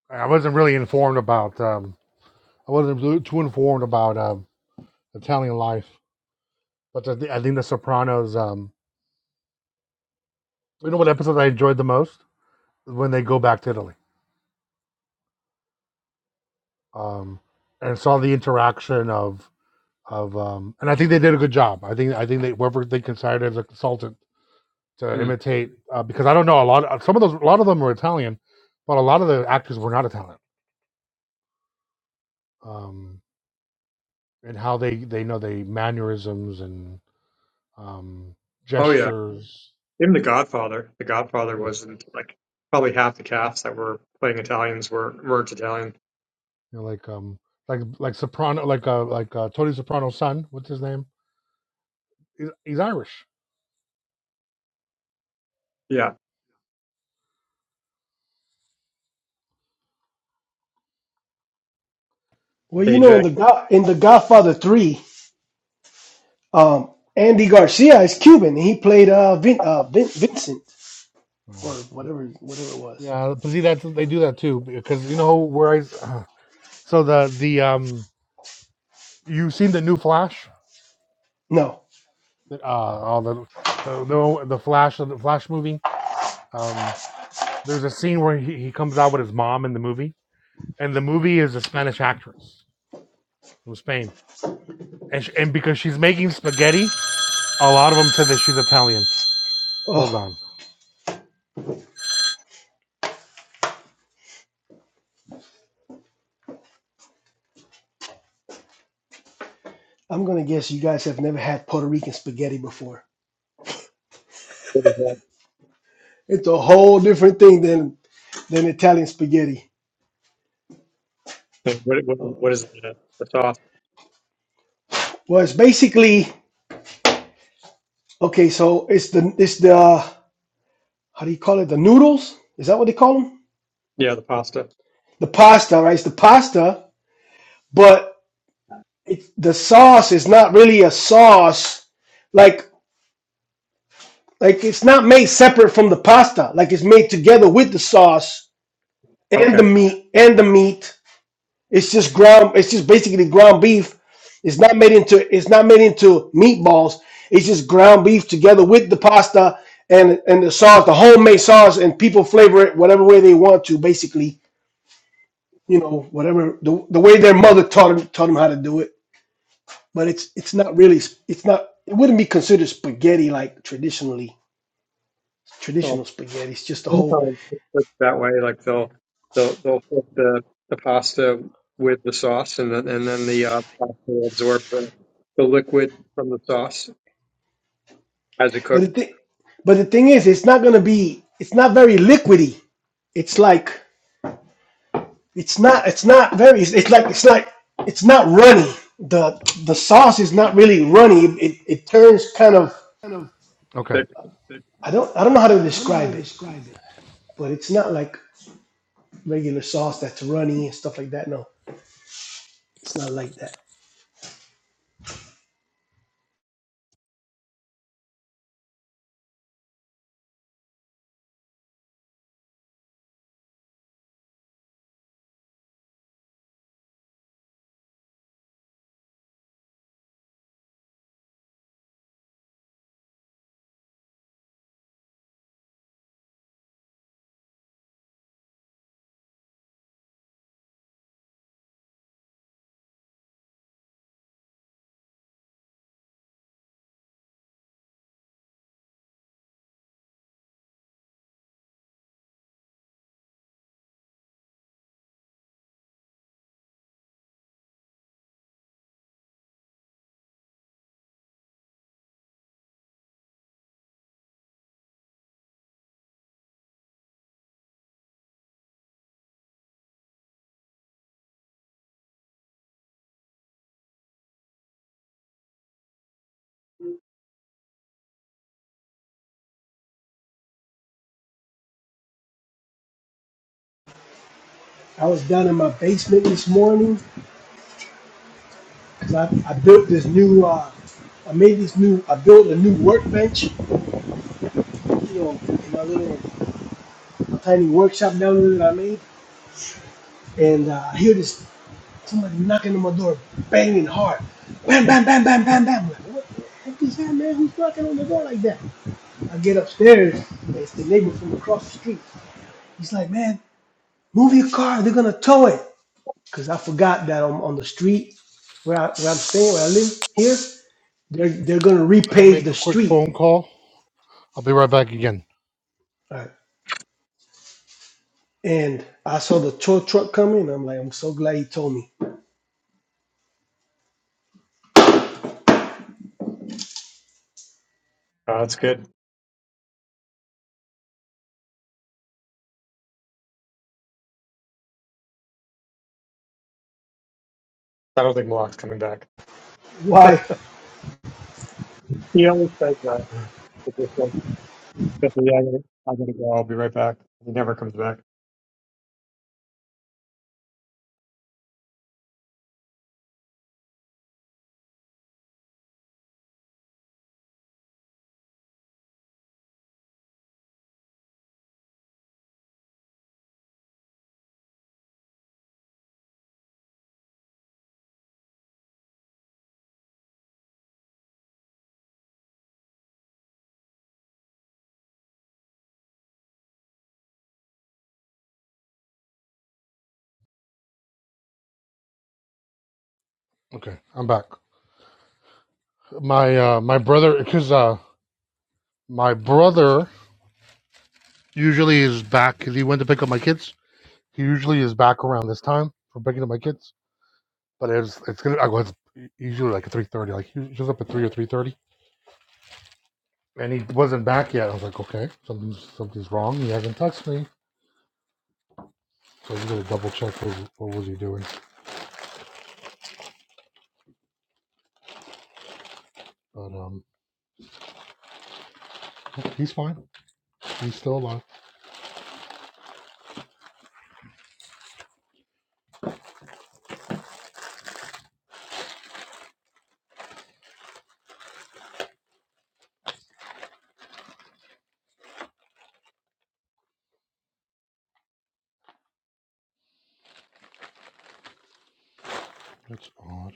Speaker 1: I wasn't really informed about. um. I wasn't too informed about um, Italian life, but I, thi- I think The Sopranos. Um, you know what episode I enjoyed the most when they go back to Italy um, and saw the interaction of of um, and I think they did a good job. I think I think they whoever they considered as a consultant to imitate uh, because I don't know a lot of some of those a lot of them were Italian, but a lot of the actors were not Italian. Um, and how they they know they mannerisms and um,
Speaker 15: Oh yeah,
Speaker 1: gestures.
Speaker 15: even The Godfather. The Godfather
Speaker 1: Yeah.
Speaker 15: wasn't like probably half the cast that were playing Italians were weren't Italian.
Speaker 1: You know, like um, like like Soprano, like uh, like uh, Tony Soprano's son. What's his name? He's, he's Irish.
Speaker 15: Yeah,
Speaker 17: Well, you know,
Speaker 1: Yeah,
Speaker 17: in
Speaker 15: AJ.
Speaker 17: the Go- in the Godfather Three, um, Andy Garcia is Cuban, and he played uh, Vin- uh Vin- Vincent
Speaker 1: uh,
Speaker 17: or whatever whatever it was.
Speaker 1: yeah. But see, that's they do that too because you know where I. s- so the the um, you seen the new Flash?
Speaker 17: No,
Speaker 1: uh, all the the the, the Flash the Flash movie. Um, there's a scene where he, he comes out with his mom in the movie, and the movie is a Spanish actress from Spain, and sh and because she's making spaghetti, a lot of them said that she's Italian. Hold
Speaker 17: oh,
Speaker 1: on.
Speaker 17: I'm gonna guess you guys have never had Puerto Rican spaghetti before.
Speaker 15: What is that?
Speaker 17: It's a whole different thing than than Italian spaghetti.
Speaker 15: Yeah, What what,
Speaker 17: Oh.
Speaker 15: what is the, the sauce?
Speaker 17: Well, it's basically Okay, so it's the it's the how do you call it? The noodles? Is that what they call them?
Speaker 15: Yeah, the pasta.
Speaker 17: The pasta, right? It's the pasta, but it's the sauce is not really a sauce. Like like it's not made separate from the pasta. Like it's made together with the sauce and the
Speaker 15: Okay.
Speaker 17: meat and the meat. It's just ground. It's just basically ground beef. It's not made into. It's not made into meatballs. It's just ground beef together with the pasta and and the sauce, the homemade sauce, and people flavor it whatever way they want to. Basically, you know, whatever the, the way their mother taught them, taught them how to do it. But it's it's not really. It's not. It wouldn't be considered spaghetti like traditionally
Speaker 15: Well,
Speaker 17: traditional spaghetti. It's just a whole.
Speaker 15: sometimes it's like that way, like they'll they'll they'll put the the pasta with the sauce, and then and then the uh, pasta will absorb the, the liquid from the sauce as it
Speaker 17: But
Speaker 15: cooks.
Speaker 17: the thing. But the thing is, it's not gonna be. It's not very liquidy. It's like It's not. It's not very. It's, it's like. It's like. It's not runny. the The sauce is not really runny. It it turns kind of.
Speaker 1: Okay.
Speaker 15: But-
Speaker 17: I don't. I don't know how to describe it, but it's not like regular sauce that's runny and stuff like that. No, it's not like that. I was down in my basement this morning because I I built this new. Uh, I made this new. I built a new workbench. You know, in my little tiny workshop down there that I made, and uh, I hear this. Somebody knocking on my door, banging hard. Bam, bam, bam, bam, bam, bam. I'm like, what the heck is that, man? Who's knocking on the door like that? I get upstairs. It's the neighbor from across the street. He's like, man, move your car. They're going to tow it. Because I forgot that I'm on the street where, I, where I'm staying, where I live here. They're, they're going to
Speaker 1: Let me
Speaker 17: repave
Speaker 1: make
Speaker 17: the
Speaker 1: a quick
Speaker 17: street.
Speaker 1: phone call. I'll be right back again.
Speaker 17: All right. And I saw the tow truck coming. And I'm like, I'm so glad he told me.
Speaker 15: Uh, that's good. I don't think Malak's coming back.
Speaker 17: Why?
Speaker 15: He always says that. Quickly, I gotta, I gotta go. I'll be right back. He never comes back.
Speaker 1: Okay, I'm back. My uh my brother because uh my brother usually is back because he went to pick up my kids. He usually is back around this time for picking up my kids. but it was it's gonna I was usually like a three thirty, like he was up at three or three thirty, and he wasn't back yet. I was like, okay, something's something's wrong. He hasn't texted me, so we gotta double check what, what was he doing. But um, he's fine. He's still alive. That's odd.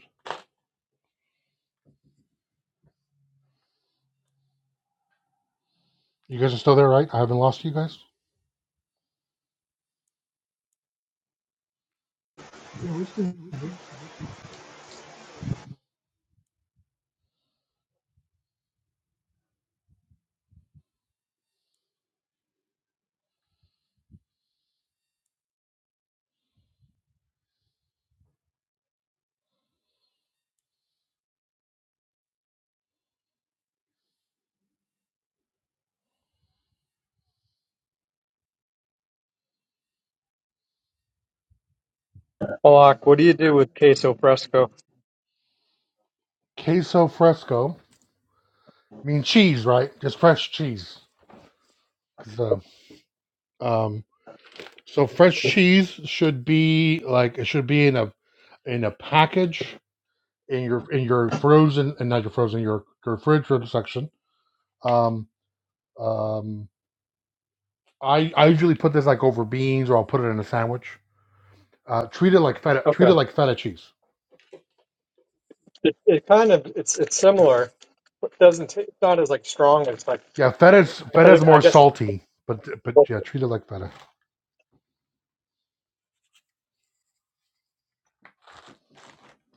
Speaker 1: You guys are still there, right? I haven't lost you guys.
Speaker 15: Balak, what do you do with queso fresco?
Speaker 1: Queso fresco. I mean cheese, right? Just fresh cheese. 'Cause, um, um, so fresh cheese should be like it should be in a in a package in your in your frozen and not your frozen your your refrigerator section. Um, um, I I usually put this like over beans or I'll put it in a sandwich. Uh, treat it like feta. Treat it
Speaker 15: Okay.
Speaker 1: like feta cheese.
Speaker 15: It, it kind of it's it's
Speaker 1: Yep.
Speaker 15: similar, but doesn't ta- it's not as like strong as like
Speaker 1: Yeah, feta's
Speaker 15: I
Speaker 1: feta's
Speaker 15: think I
Speaker 1: more
Speaker 15: guess it's
Speaker 1: salty, but but
Speaker 15: both
Speaker 1: yeah, treat it like feta.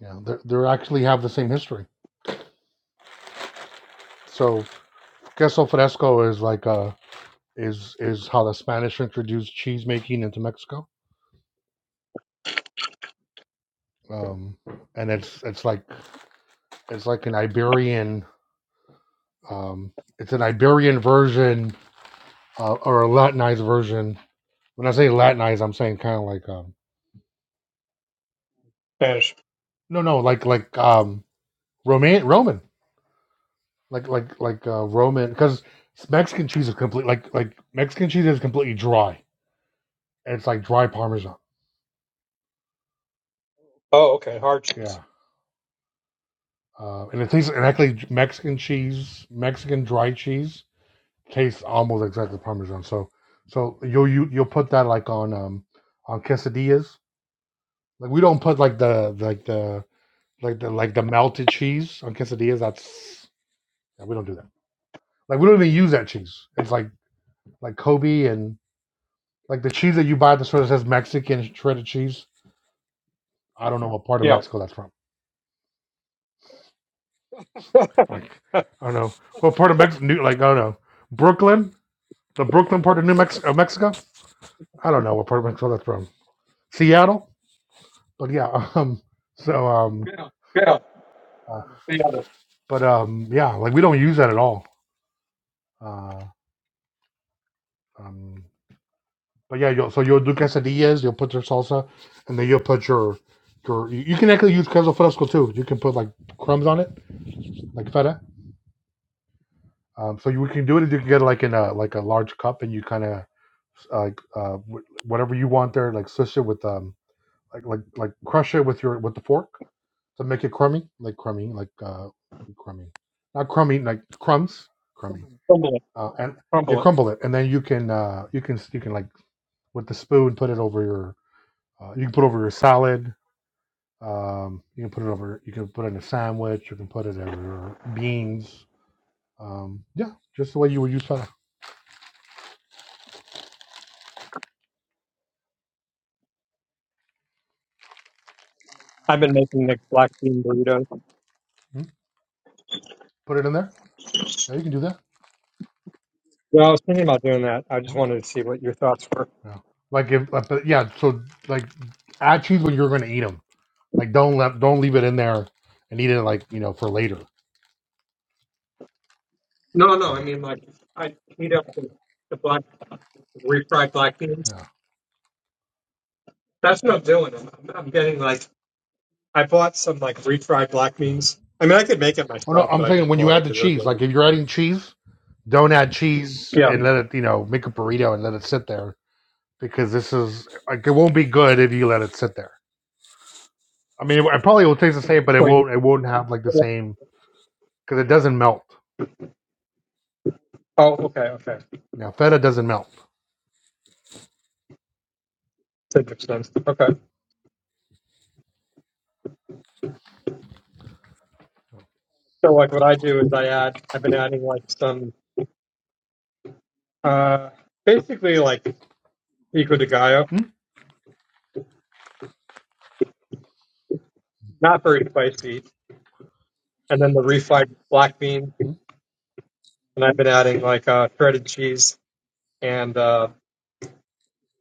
Speaker 1: Yeah, they they actually have the same history. So queso fresco is like uh is is how the Spanish introduced cheese making into Mexico. Um, and it's it's like it's like an Iberian um, it's an Iberian version uh, or a Latinized version. When I say Latinized, I'm saying kind of like um,
Speaker 15: Spanish.
Speaker 1: no, no, like like um, Roman, Roman, like like like uh, Roman, because Mexican cheese is complete like like Mexican cheese is completely dry. It's like dry Parmesan.
Speaker 15: Oh, okay, hard cheese.
Speaker 1: Yeah, uh, and it tastes and actually Mexican cheese, Mexican dry cheese tastes almost exactly Parmesan. So so you'll you, you'll put that like on um on quesadillas. Like we don't put like the like the like the like the melted cheese on quesadillas. That's Yeah, we don't do that. Like we don't even use that cheese. It's like like Kobe and like the cheese that you buy at the store that says Mexican shredded cheese. I don't know what part of
Speaker 15: Yeah,
Speaker 1: Mexico that's from.
Speaker 15: yeah,
Speaker 1: Like I don't know what part of Mexico. like I don't know Brooklyn, the Brooklyn part of New Mex- uh, Mexico. I don't know what part of Mexico that's from. Seattle, but yeah. Um. So um.
Speaker 15: yeah.
Speaker 1: Uh, but um. Yeah. Like we don't use that at all. Uh. Um. But yeah, you'll, so you'll do quesadillas, you'll put your salsa, and then you'll put your your. You you can actually use queso fresco too. You can put like crumbs on it, like feta. Um, so you we can do it. You can get it like in a like a large cup, and you kind of like uh, wh- whatever you want there, like swish it with um like like like crush it with your with the fork to make it crummy, like crummy, like uh crummy, not crummy, like crumbs, crummy.
Speaker 15: Crumble it,
Speaker 1: Uh, and you
Speaker 15: crumble it.
Speaker 1: crumble it, and then you can uh you can you can like with the spoon put it over your. Uh, you can put over your salad. Um, you can put it over. You can put it in a sandwich. You can put it over your beans. Um, yeah, just the way you would use feta.
Speaker 15: I've been making the black bean burritos.
Speaker 1: Mm, Put it in there. Yeah, you can do that.
Speaker 15: Well, I was thinking about doing that. I just
Speaker 1: Mm,
Speaker 15: wanted to see what your thoughts were.
Speaker 1: Yeah, like if uh, but yeah. So like add cheese when you're going to eat them. Like don't let don't leave it in there and eat it like you know for later.
Speaker 15: No, no, I
Speaker 1: Yeah,
Speaker 15: mean like I heat up the, the black refried black beans.
Speaker 1: yeah,
Speaker 15: That's what I'm doing. I'm, I'm I'm getting like I bought some like refried black
Speaker 1: yeah.
Speaker 15: beans. I mean, I could make it
Speaker 1: Oh no,
Speaker 15: myself, but
Speaker 1: I'm
Speaker 15: I
Speaker 1: saying
Speaker 15: just
Speaker 1: when you
Speaker 15: bought it
Speaker 1: add the
Speaker 15: because it was
Speaker 1: cheese. Like
Speaker 15: like
Speaker 1: if you're adding cheese, don't add cheese
Speaker 15: yeah.
Speaker 1: and let it you know make a burrito and let it sit there because this is like it won't be good if you let it sit there. I mean, it, it probably will taste the same, but it
Speaker 15: Wait.
Speaker 1: won't. It won't have like the same because it doesn't melt.
Speaker 15: Oh, okay, okay.
Speaker 1: Now feta doesn't melt.
Speaker 15: That makes sense. Okay. So like, what I do is I add. I've been adding like some, uh, basically like pico de gallo,
Speaker 1: mm
Speaker 15: not very spicy, and then the refried black bean,
Speaker 1: Mm.
Speaker 15: and I've been adding like uh, shredded cheese and uh,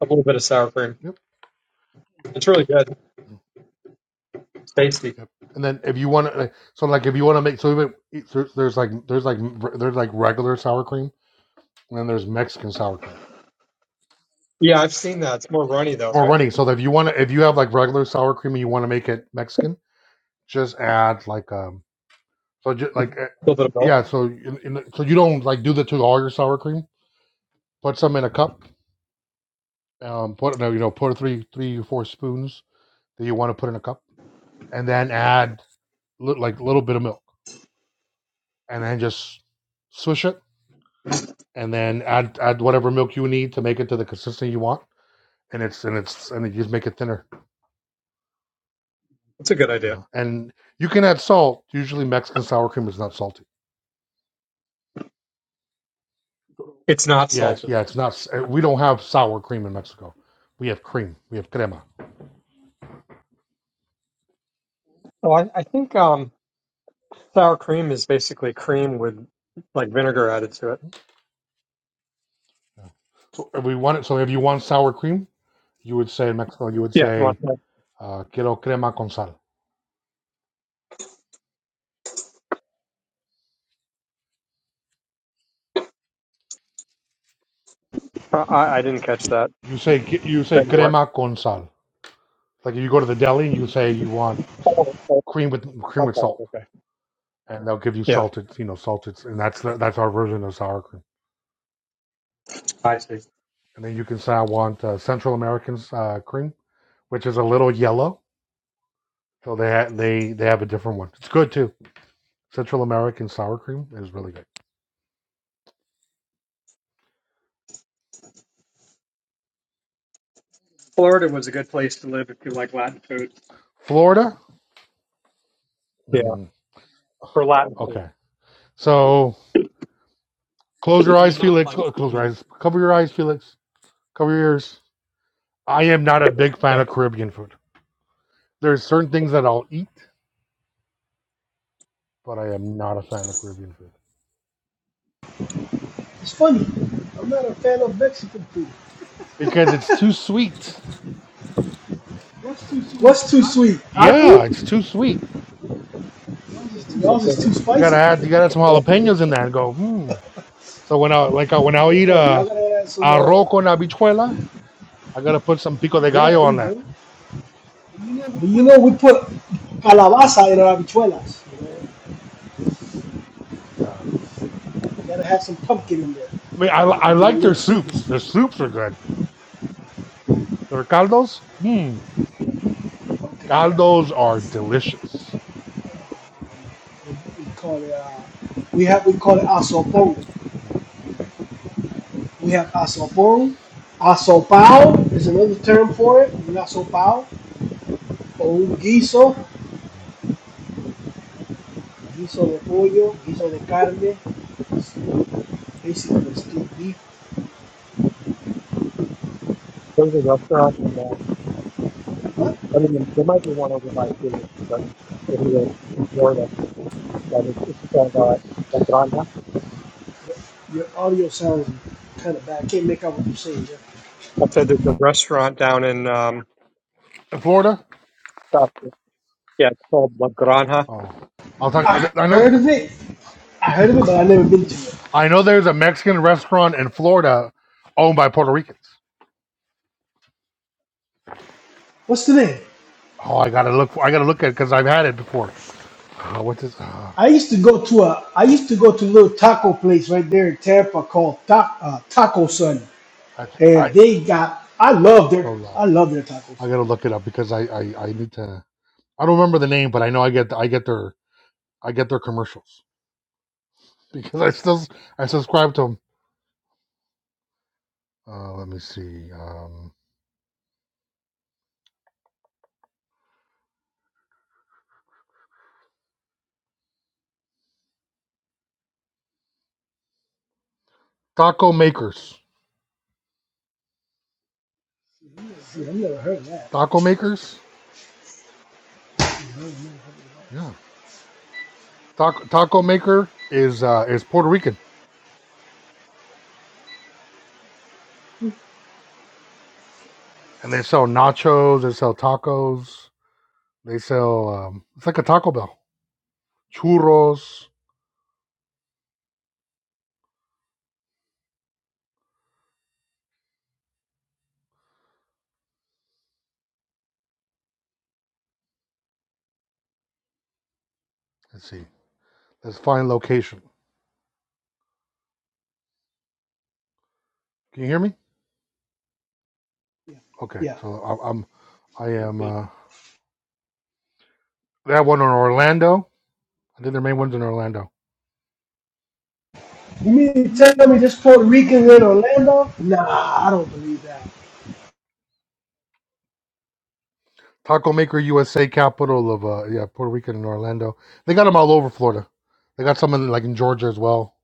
Speaker 15: a little bit of sour cream.
Speaker 1: Yep.
Speaker 15: It's really good. It's tasty.
Speaker 1: Yep. And then if you want to, like, so like if you want to make, so even e, so there's like there's like there's like regular sour cream, and then there's Mexican sour cream
Speaker 15: Yeah, I've seen that. It's more runny though,
Speaker 1: or
Speaker 15: right?
Speaker 1: running. So that if you want to, if you have like regular sour cream and you want to make it Mexican, just add like um, so just like uh,
Speaker 15: A little bit of
Speaker 1: yeah,
Speaker 15: milk.
Speaker 1: so in, in, so you don't like do the to all your sour cream. Put some in a cup um, put no, you know, put three, three or four spoons that you want to put in a cup, and then add li- like a little bit of milk, and then just swish it, and then add add whatever milk you need to make it to the consistency you want, and it's and it's and you just make it thinner.
Speaker 15: That's a good idea.
Speaker 1: Yeah, and you can add salt. Usually, Mexican sour cream is not salty.
Speaker 15: It's not
Speaker 1: Yeah, it's,
Speaker 15: salted.
Speaker 1: yeah, it's not. s- uh, We don't have sour cream in Mexico. We have cream. We have crema.
Speaker 15: Oh, I, I think um, sour cream is basically cream with like vinegar added to it.
Speaker 1: Yeah. So if we want it. So if you want sour cream, you would say in Mexico, you would
Speaker 15: Yeah, if you
Speaker 1: say
Speaker 15: want that.
Speaker 1: uh, quiero crema con sal
Speaker 15: I, I I didn't catch that.
Speaker 1: You say you say
Speaker 15: Wait, what?
Speaker 1: crema con sal. Like if you go to the deli, you say you want
Speaker 15: Oh, oh,
Speaker 1: cream with cream with
Speaker 15: okay.
Speaker 1: salt,
Speaker 15: okay.
Speaker 1: and they'll give you
Speaker 15: Yeah,
Speaker 1: salted, you know, salted, and that's the, that's our version of sour cream.
Speaker 15: I see.
Speaker 1: And then you can say I want uh, Central American uh, cream, which is a little yellow. So they ha- they they have a different one. It's good too. Central American sour cream is really good.
Speaker 15: Florida was a good place to live if you like Latin food.
Speaker 1: Florida,
Speaker 15: Yeah,
Speaker 1: Mm,
Speaker 15: for Latin food.
Speaker 1: okay. So close your
Speaker 15: I
Speaker 1: eyes,
Speaker 15: mean, not
Speaker 1: Felix.
Speaker 15: like I
Speaker 1: Close your
Speaker 15: mean,
Speaker 1: eyes. Cover your eyes, Felix. Cover your ears. I am not a big fan
Speaker 15: yeah.
Speaker 1: of Caribbean food. There's certain things that I'll eat, but I am not a fan of Caribbean food
Speaker 17: It's funny. I'm not a fan of Mexican food.
Speaker 1: because it's too sweet.
Speaker 17: What's too sweet? Our
Speaker 1: Yeah,
Speaker 17: food?
Speaker 1: it's too sweet.
Speaker 17: Y'all's
Speaker 15: There's
Speaker 17: is too
Speaker 1: You gotta
Speaker 17: spicy.
Speaker 1: add, you gotta add some
Speaker 15: a
Speaker 1: jalapenos in there and go. Hmm. So when I like uh, when I eat
Speaker 17: Uh-uh.
Speaker 1: a
Speaker 17: Y'all gotta add some. Uh,
Speaker 1: arroz con habichuela, I gotta put some pico de
Speaker 17: yeah,
Speaker 1: gallo
Speaker 17: there you
Speaker 1: on that.
Speaker 17: go. But you know, we put calabaza in our habichuelas. You
Speaker 1: Yeah. I
Speaker 17: know, gotta have some pumpkin in there.
Speaker 1: mean, I, I
Speaker 17: Give it a
Speaker 1: like their
Speaker 17: little sweetness
Speaker 1: soups.
Speaker 17: to
Speaker 1: Their
Speaker 17: it.
Speaker 1: soups are good. Their caldos, hmm,
Speaker 17: Okay, yeah.
Speaker 1: caldos are delicious.
Speaker 17: We, we call it. Uh, we have we call it asoporo.
Speaker 1: Yeah.
Speaker 17: We have asoporo. Asopao is another term for it. Un asopao or un guiso. Guiso de pollo, guiso de carne. It's basically it's steamed beef.
Speaker 15: there's a restaurant, and um, I mean, there might be one over by Felix, but but he was in Florida. But it's, it's called uh, Restaurant.
Speaker 17: Your audio sounds kind of bad. I can't make out what you're saying, Jeff.
Speaker 15: I said there's a restaurant down in um,
Speaker 1: In Florida,
Speaker 15: stuff. Yeah, it's called La Granja.
Speaker 1: oh, I'll talk.
Speaker 17: I
Speaker 1: I know,
Speaker 17: heard of it. I heard of it, but I never been to it.
Speaker 1: I know. There's a Mexican restaurant in Florida owned by Puerto Ricans.
Speaker 17: What's the name?
Speaker 1: Oh, I gotta look. For, I gotta look at it because I've had it before. Uh, what's this? Uh,
Speaker 17: I used to go to a. I used to go to a little taco place right there in Tampa called Ta- uh, Taco Sun,
Speaker 1: I, I
Speaker 17: and they got. I love their.
Speaker 1: hold on.
Speaker 17: I love their tacos.
Speaker 1: I gotta look it up because I, I I need to. I don't remember the name, but I know I get I get their I get their commercials because I still I subscribe to them. Uh, let me see. Um, taco makers.
Speaker 17: See, I've never heard of that.
Speaker 1: Taco makers. Yeah. Taco taco maker is uh is Puerto Rican, and they sell nachos. They sell tacos. They sell um. It's like a Taco Bell. Churros Let's see. Let's find location. Can you hear me? Okay.
Speaker 17: Yeah.
Speaker 1: So I, I'm, I am. Uh, that one in Orlando. I think their main one's in Orlando.
Speaker 17: You mean to tell me this Puerto Rican in Orlando? Nah, I don't believe that.
Speaker 1: Taco Maker USA, capital of uh, yeah, Puerto Rican and Orlando. They got them all over Florida. They got some in, like in Georgia as well.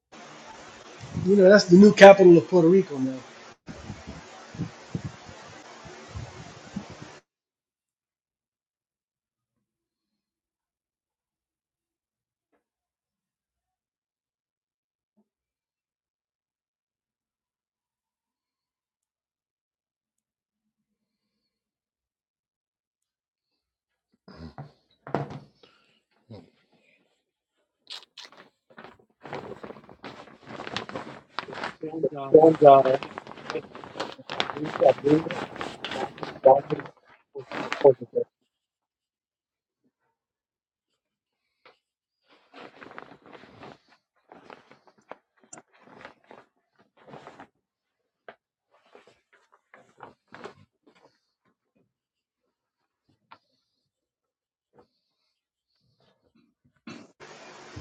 Speaker 17: You know, that's the new capital of Puerto Rico now.
Speaker 15: And uh,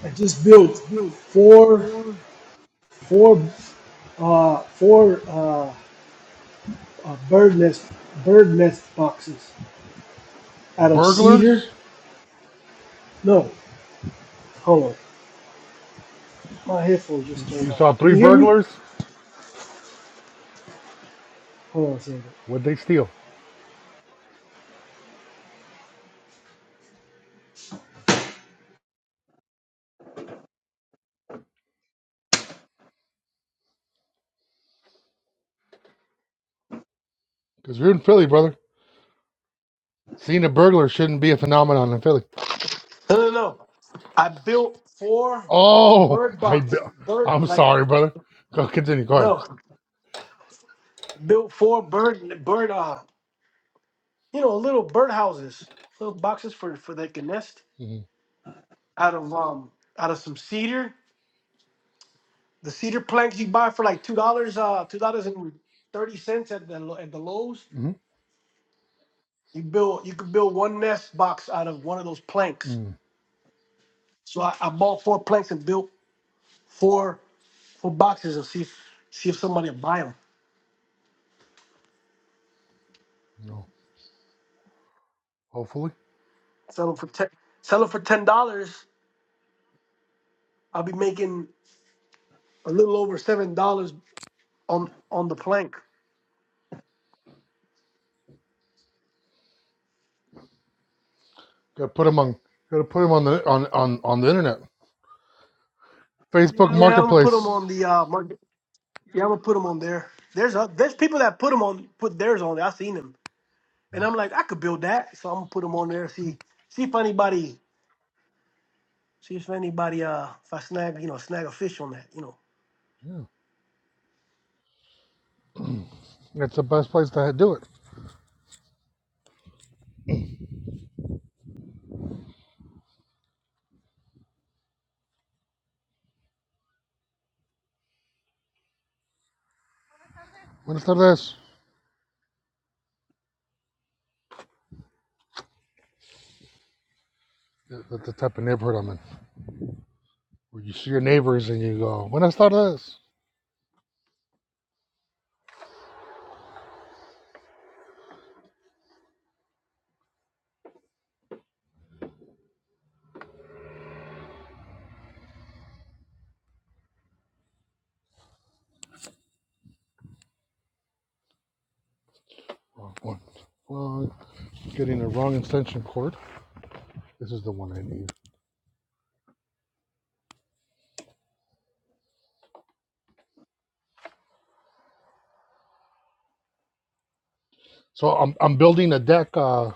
Speaker 17: I just built four. four uh, four uh, uh, bird nest bird nest boxes out of cedar.
Speaker 1: Burglars.
Speaker 17: No, hold on. My headphones
Speaker 1: You
Speaker 17: just turned
Speaker 1: you saw
Speaker 17: off. Can
Speaker 1: three
Speaker 17: you hear me?
Speaker 1: burglars.
Speaker 17: Hold on a second.
Speaker 1: What'd they steal? Because we are in Philly, brother. Seeing a burglar shouldn't be a phenomenon in Philly.
Speaker 17: No, no, no. I built four
Speaker 1: Oh,
Speaker 17: bird
Speaker 1: I.
Speaker 17: boxes, bird
Speaker 1: I'm
Speaker 17: like
Speaker 1: sorry, brother. Go continue. Go ahead.
Speaker 17: no, built four bird bird uh you know little bird houses, little boxes for for they can nest
Speaker 1: Mm-hmm.
Speaker 17: out of um out of some cedar, the cedar planks you buy for like two dollars uh two dollars and thirty cents at the at the Lowe's.
Speaker 1: hmm
Speaker 17: You build you could build one nest box out of one of those planks.
Speaker 1: Mm,
Speaker 17: So I, I bought four planks and built four four boxes and see if see if somebody will buy them.
Speaker 1: no, hopefully,
Speaker 17: Sell them for ten sell them for ten dollars. I'll be making a little over seven dollars on on the plank.
Speaker 1: got to put them on. Got to put them on the on on on the internet, Facebook
Speaker 17: Yeah, I'm gonna put them
Speaker 1: Marketplace.
Speaker 17: on the uh, market. Yeah, I'm gonna put them on there. There's a, there's people that put them on put theirs on. there. I seen them, and I'm like, I could build that, so I'm gonna put them on there. See see if anybody see if anybody uh if I snag you know snag a fish on that you know.
Speaker 1: Yeah, it's the best place to do it. When I started this, that's the type of neighborhood I'm in, where you see your neighbors and you go, "When I started this." Wrong one. Wrong. Getting the wrong extension cord. This is the one I need. So I'm I'm building a deck uh,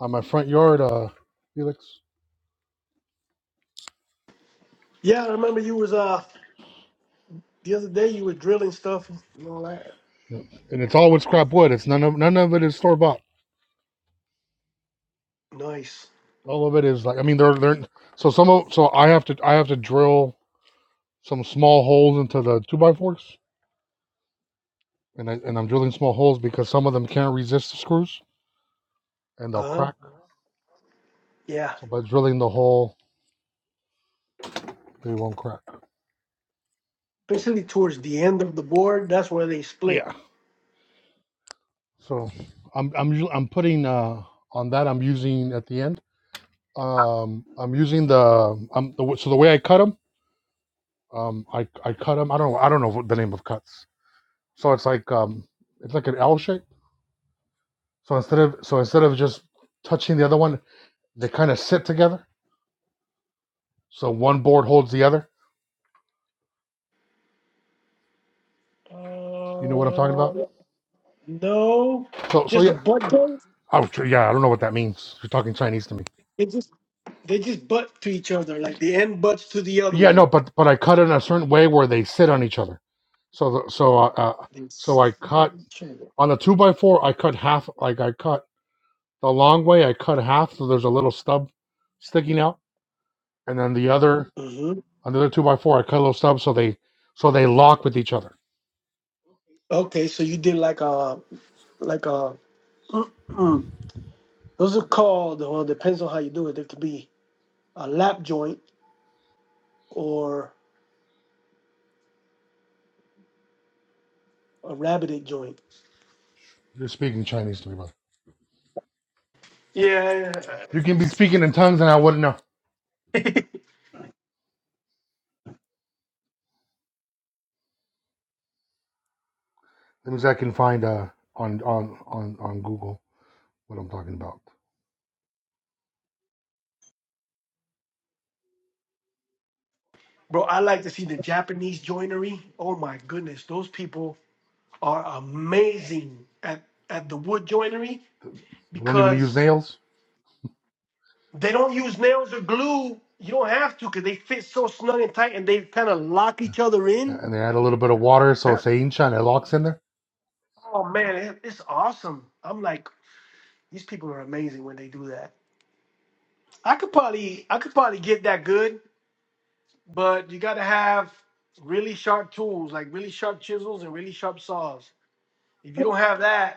Speaker 1: on my front yard, uh, Felix.
Speaker 17: Yeah, I remember you was uh the other day you were drilling stuff and all that.
Speaker 1: Yep. And it's all with scrap wood. It's none of none of it is store bought.
Speaker 17: Nice.
Speaker 1: all of it is like I mean they're they're so some of so I have to I have to drill some small holes into the two by fours and I, and I'm drilling small holes because some of them can't resist the screws and they'll
Speaker 17: Uh huh.
Speaker 1: crack.
Speaker 17: Yeah.
Speaker 1: So by drilling the hole, they won't crack.
Speaker 17: Especially towards the end of the board, that's where they split.
Speaker 1: Yeah. So I'm I'm usu- I'm putting uh on that I'm using at the end. Um, I'm using the um the, so the way I cut them um I I cut them I don't know I don't know what the name of cuts. So it's like um it's like an L shape. So instead of so instead of just touching the other one They kind of sit together, so one board holds the other. You know what I'm talking
Speaker 17: Uh,
Speaker 1: about?
Speaker 17: no,
Speaker 1: So, so
Speaker 17: just a
Speaker 1: yeah.
Speaker 17: butt. They
Speaker 1: Oh, sure, yeah. I don't know what that means. You're talking Chinese to me.
Speaker 17: they just they just butt to each other. Like the end butts to the other
Speaker 1: Yeah, no,
Speaker 17: one.
Speaker 1: but but I cut it in a certain way where they sit on each other. So the, so uh, uh, so I cut
Speaker 17: Mm-hmm.
Speaker 1: on the two by four. I cut half. Like I cut the long way. I cut half, so there's a little stub sticking out, and then the other another two by four. I cut a little stub, so they so they lock with each other.
Speaker 17: Okay, so you did like a like a. Mm, those are called. Well, depends on how you do it. They could be a lap joint or a rabbited joint.
Speaker 1: You're speaking Chinese to me, brother.
Speaker 17: Yeah, yeah.
Speaker 1: You can be speaking in tongues, and I wouldn't know. Let me see if I can find uh on on on on Google what I'm talking about.
Speaker 17: bro, I like to see the Japanese joinery. Oh my goodness, those people are amazing at at the wood joinery
Speaker 1: They don't even use
Speaker 17: because
Speaker 1: nails,
Speaker 17: they don't use nails or glue. You don't have to because they fit so snug and tight, and they kind of lock each other in.
Speaker 1: and they add a little bit of water, so
Speaker 17: Yeah.
Speaker 1: it's ancient and it locks in there.
Speaker 17: Oh man, it- it's awesome. I'm like, these people are amazing when they do that. I could probably, I could probably get that good, but you got to have really sharp tools, like really sharp chisels and really sharp saws. If you don't have that,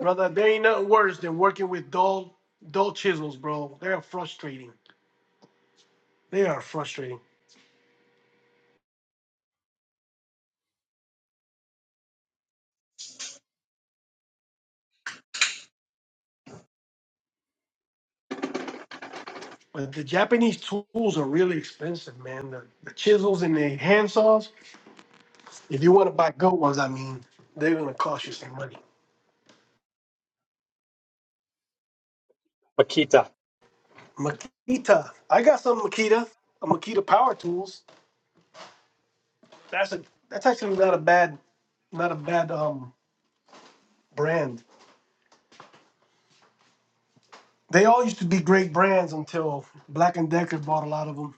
Speaker 17: Brother, there ain't nothing worse than working with dull, dull chisels, bro. They are frustrating. They are frustrating. But the Japanese tools are really expensive, man. The, the chisels and the hand saws. if you want to buy good ones, I mean, they're going to cost you some money.
Speaker 15: Paquita.
Speaker 17: Makita. I got some Makita, a Makita power tools. That's a that's actually not a bad not a bad um brand. They all used to be great brands until Black and Decker bought a lot of them.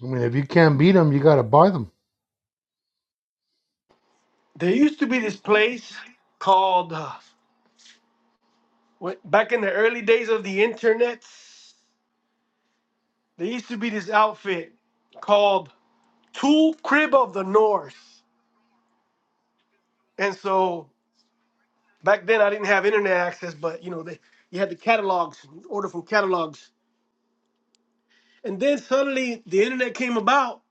Speaker 1: I mean, if you can't beat them, you gotta buy them.
Speaker 17: There used to be this place called uh, When- Back in the early days of the internet, there used to be this outfit called Tool Crib of the North. And so back then I didn't have internet access, but you know, they you had the catalogs, you order from catalogs. And then suddenly the internet came about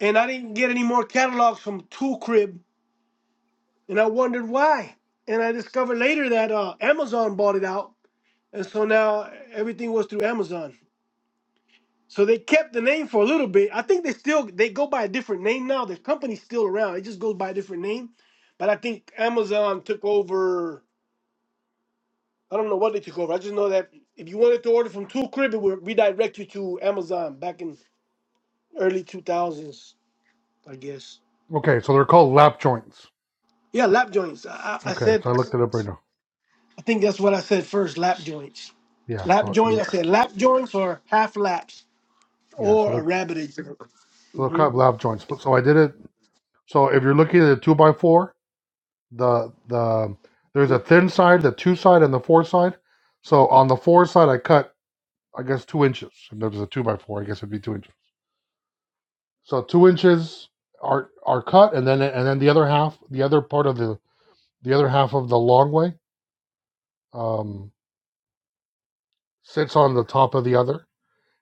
Speaker 17: and I didn't get any more catalogs from Tool Crib. And I wondered why. And I discovered later that uh, Amazon bought it out. And so now everything was through Amazon. So they kept the name for a little bit. I think they still they go by a different name now. The company's still around. It just goes by a different name. But I think Amazon took over. I don't know what they took over. I just know that if you wanted to order from Tool Crib, it would redirect you to Amazon back in early two thousands, I guess.
Speaker 1: Okay, so they're called lap joints.
Speaker 17: Yeah, lap joints. I, I I
Speaker 1: Okay,
Speaker 17: said.
Speaker 1: so I looked it up right now.
Speaker 17: I think that's what I said first. Lap joints.
Speaker 1: Yeah,
Speaker 17: Lap
Speaker 1: so yeah,
Speaker 17: joints. I said lap joints or half laps
Speaker 1: yeah. So
Speaker 17: or a
Speaker 1: they're
Speaker 17: rabbit.
Speaker 1: so they're
Speaker 17: Mm-hmm.
Speaker 1: called lap joints. But so I did it. So if you're looking at a two by four, the the there's
Speaker 17: Mm-hmm.
Speaker 1: a thin side, the two side, and the four side. So on the four side, I cut I guess two inches. If there's a two by four, I guess it'd be two inches. So two inches are are cut, and then and then the other half, the other part of the the other half of the long way, um, sits on the top of the other.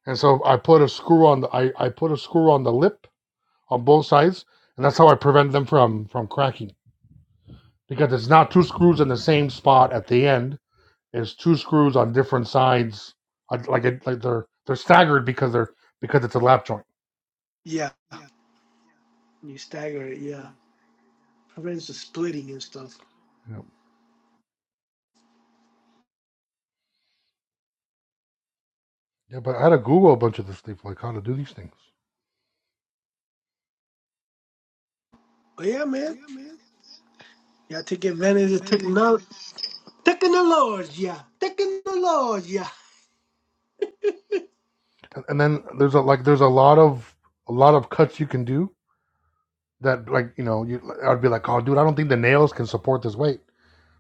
Speaker 1: And so I put a screw on the I, I put a screw on the lip on both sides, and that's how I prevent them from from cracking. Because it's not two screws in the same spot at the end; it's two screws on different sides. Like it, like they're they're staggered because they're because it's a lap joint.
Speaker 17: Yeah, you stagger it. Yeah. I ran into splitting and stuff.
Speaker 1: Yeah, yeah but I had to Google a bunch of this stuff, like how to do these things.
Speaker 17: But yeah, man, y'all take advantage of technology. Technology, yeah. Technology, yeah.
Speaker 1: And, and then there's a like there's a lot of a lot of cuts you can do that like you know you I'd be like, oh dude, I don't think the nails can support this weight.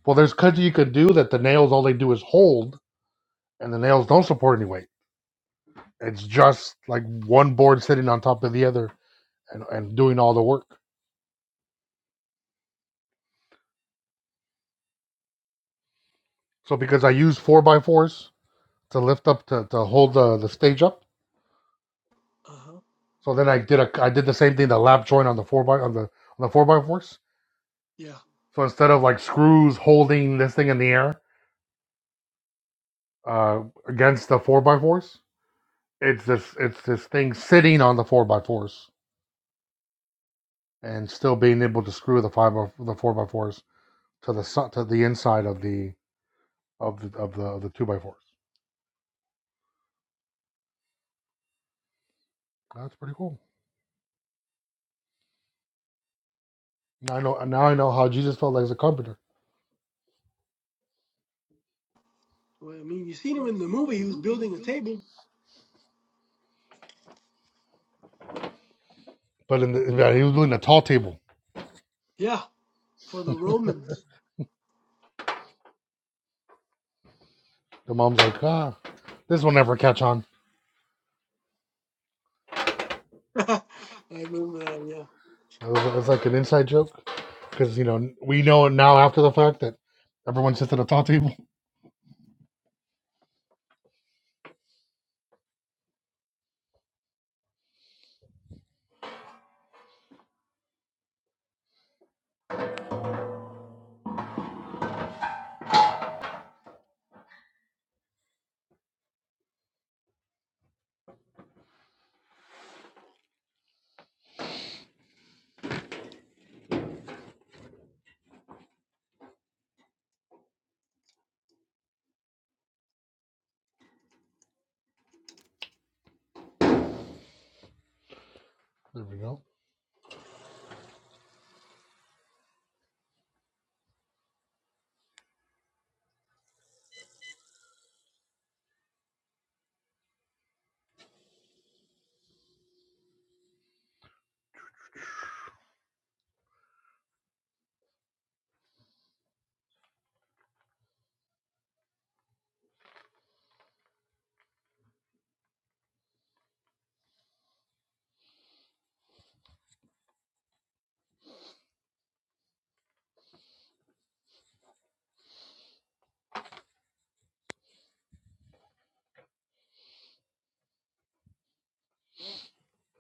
Speaker 1: Well, there's cuts you could do that the nails all they do is hold, and the nails don't support any weight It's just like one board sitting on top of the other and, and doing all the work. So because I use four by fours to lift up to, to hold the, the stage up.
Speaker 17: Uh huh.
Speaker 1: So then I did a I did the same thing the lap joint on the four by on the on the four by fours.
Speaker 17: Yeah.
Speaker 1: So instead of like screws holding this thing in the air uh, against the four by fours, it's this it's this thing sitting on the four by fours and still being able to screw the five by, the four by fours to the so- to the inside of the of the of the, of the two by fours. That's pretty cool. Now I know now I know how Jesus felt like as a carpenter.
Speaker 17: Well, I mean, you seen him in the movie. He was building a table.
Speaker 1: But in the, in that he was doing a tall table.
Speaker 17: Yeah, for the Romans.
Speaker 1: The mom's like, ah, this will never catch on.
Speaker 17: I remember that. Yeah.
Speaker 1: It was, it's like an inside joke because you know we know now after the fact that everyone sits at a tall table. There we go.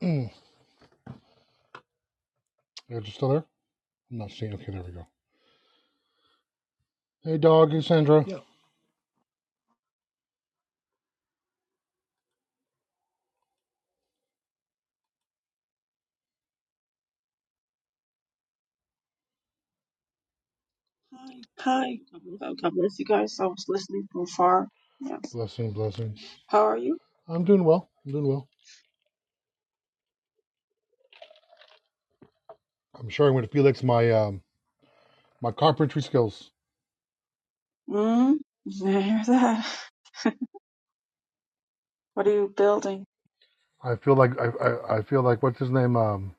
Speaker 1: Mm. You're just still there. I'm not seeing. Okay, there we go. Hey, dog, it's Sandra.
Speaker 17: Yeah.
Speaker 18: Hi. Oh, God bless you guys. I was listening from far. Yeah,
Speaker 1: Blessing, blessings.
Speaker 18: How are you?
Speaker 1: I'm doing well. I'm doing well. I'm sharing with Felix my um my carpentry skills.
Speaker 18: Mm, Did I hear that. What are you building?
Speaker 1: I feel like I I, I feel like what's his name um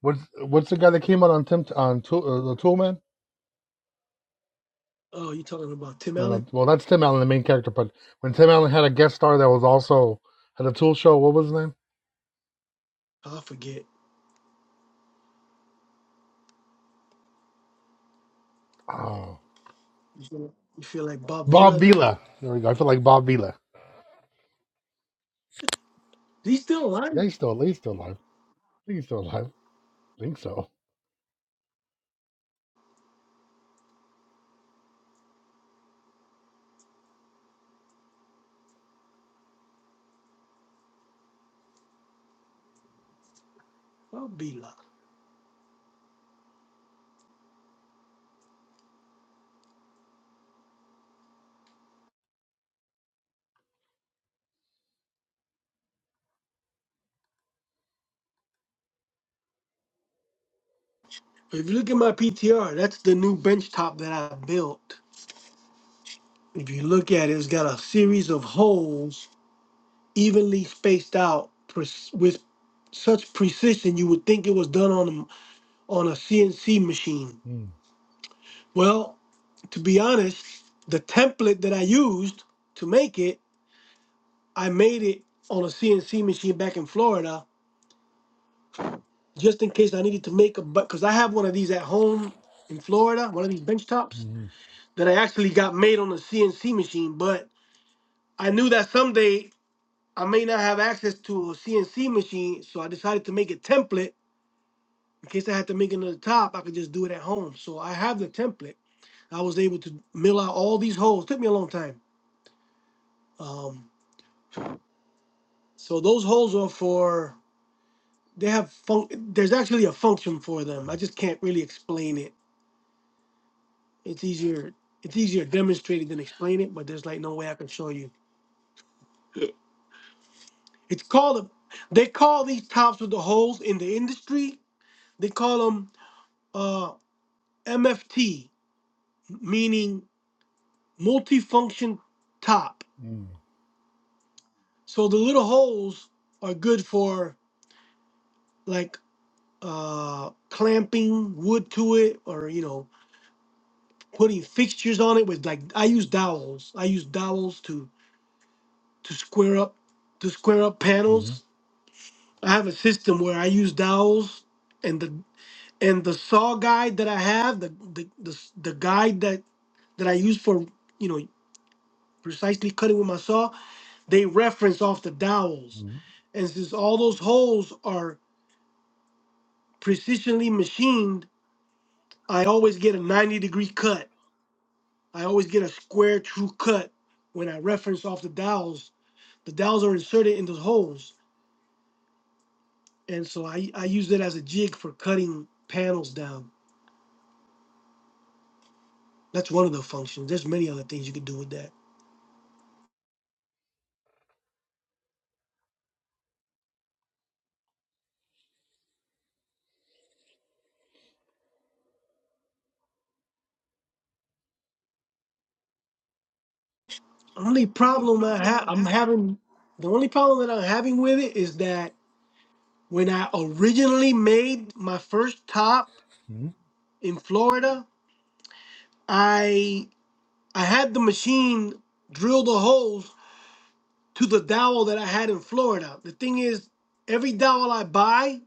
Speaker 1: what's what's the guy that came out on Tim on tool, uh, the Tool Man?
Speaker 17: Oh, you talking about Tim
Speaker 1: No,
Speaker 17: Allen?
Speaker 1: no. Well, that's Tim Allen, the main character. But when Tim Allen had a guest star that was also had a Tool show, what was his name?
Speaker 17: Oh, I forget.
Speaker 1: Oh,
Speaker 17: You feel, you feel like Bob Vila
Speaker 1: Bob
Speaker 17: now?
Speaker 1: Vila. There we go. I feel like Bob Vila.
Speaker 17: Is he still
Speaker 1: Yeah,
Speaker 17: alive?
Speaker 1: he's still, he's still alive. I think he's still alive. I think so.
Speaker 17: Bob Vila. If you look at my PTR, that's the new bench top that I built. If you look at it, it's got a series of holes evenly spaced out pre- with such precision you would think it was done on a, on a CNC machine.
Speaker 1: Mm,
Speaker 17: Well, to be honest, the template that I used to make it, I made it on a CNC machine back in Florida just in case I needed to make a but because I have one of these at home in Florida, one of these bench tops
Speaker 1: mm,
Speaker 17: that I actually got made on a CNC machine, but I knew that someday I may not have access to a CNC machine, so I decided to make a template in case I had to make it to the top, I could just do it at home. So I have the template. I was able to mill out all these holes. took me a long time. Um, so those holes are for they have fun- there's actually a function for them. I just can't really explain it. It's easier it's easier demonstrated than explain it, but there's like no way I can show you. It's called a they call these tops with the holes in the industry. They call them uh, MFT, meaning multifunction top.
Speaker 1: mm,
Speaker 17: So the little holes are good for like uh clamping wood to it or you know putting fixtures on it with like I use dowels. I use dowels to to square up to square up
Speaker 1: mm.
Speaker 17: panels. I have a system where I use dowels and the and the saw guide that I have, the the the, s- the guide that that I use for, you know, precisely cutting with my saw, they reference off the dowels. And since all those holes are precisionally machined I always get a 90 degree cut. I always get a square true cut when I reference off the dowels. The dowels are inserted in those holes. And so I, I use it as a jig for cutting panels down. That's one of the functions. There's many other things you could do with that. Only problem I have I'm having the only problem that I'm having with it is that when I originally made my first top
Speaker 1: Mm-hmm.
Speaker 17: in Florida, I I had the machine drill the holes to the dowel that I had in Florida. The thing is, every dowel I buy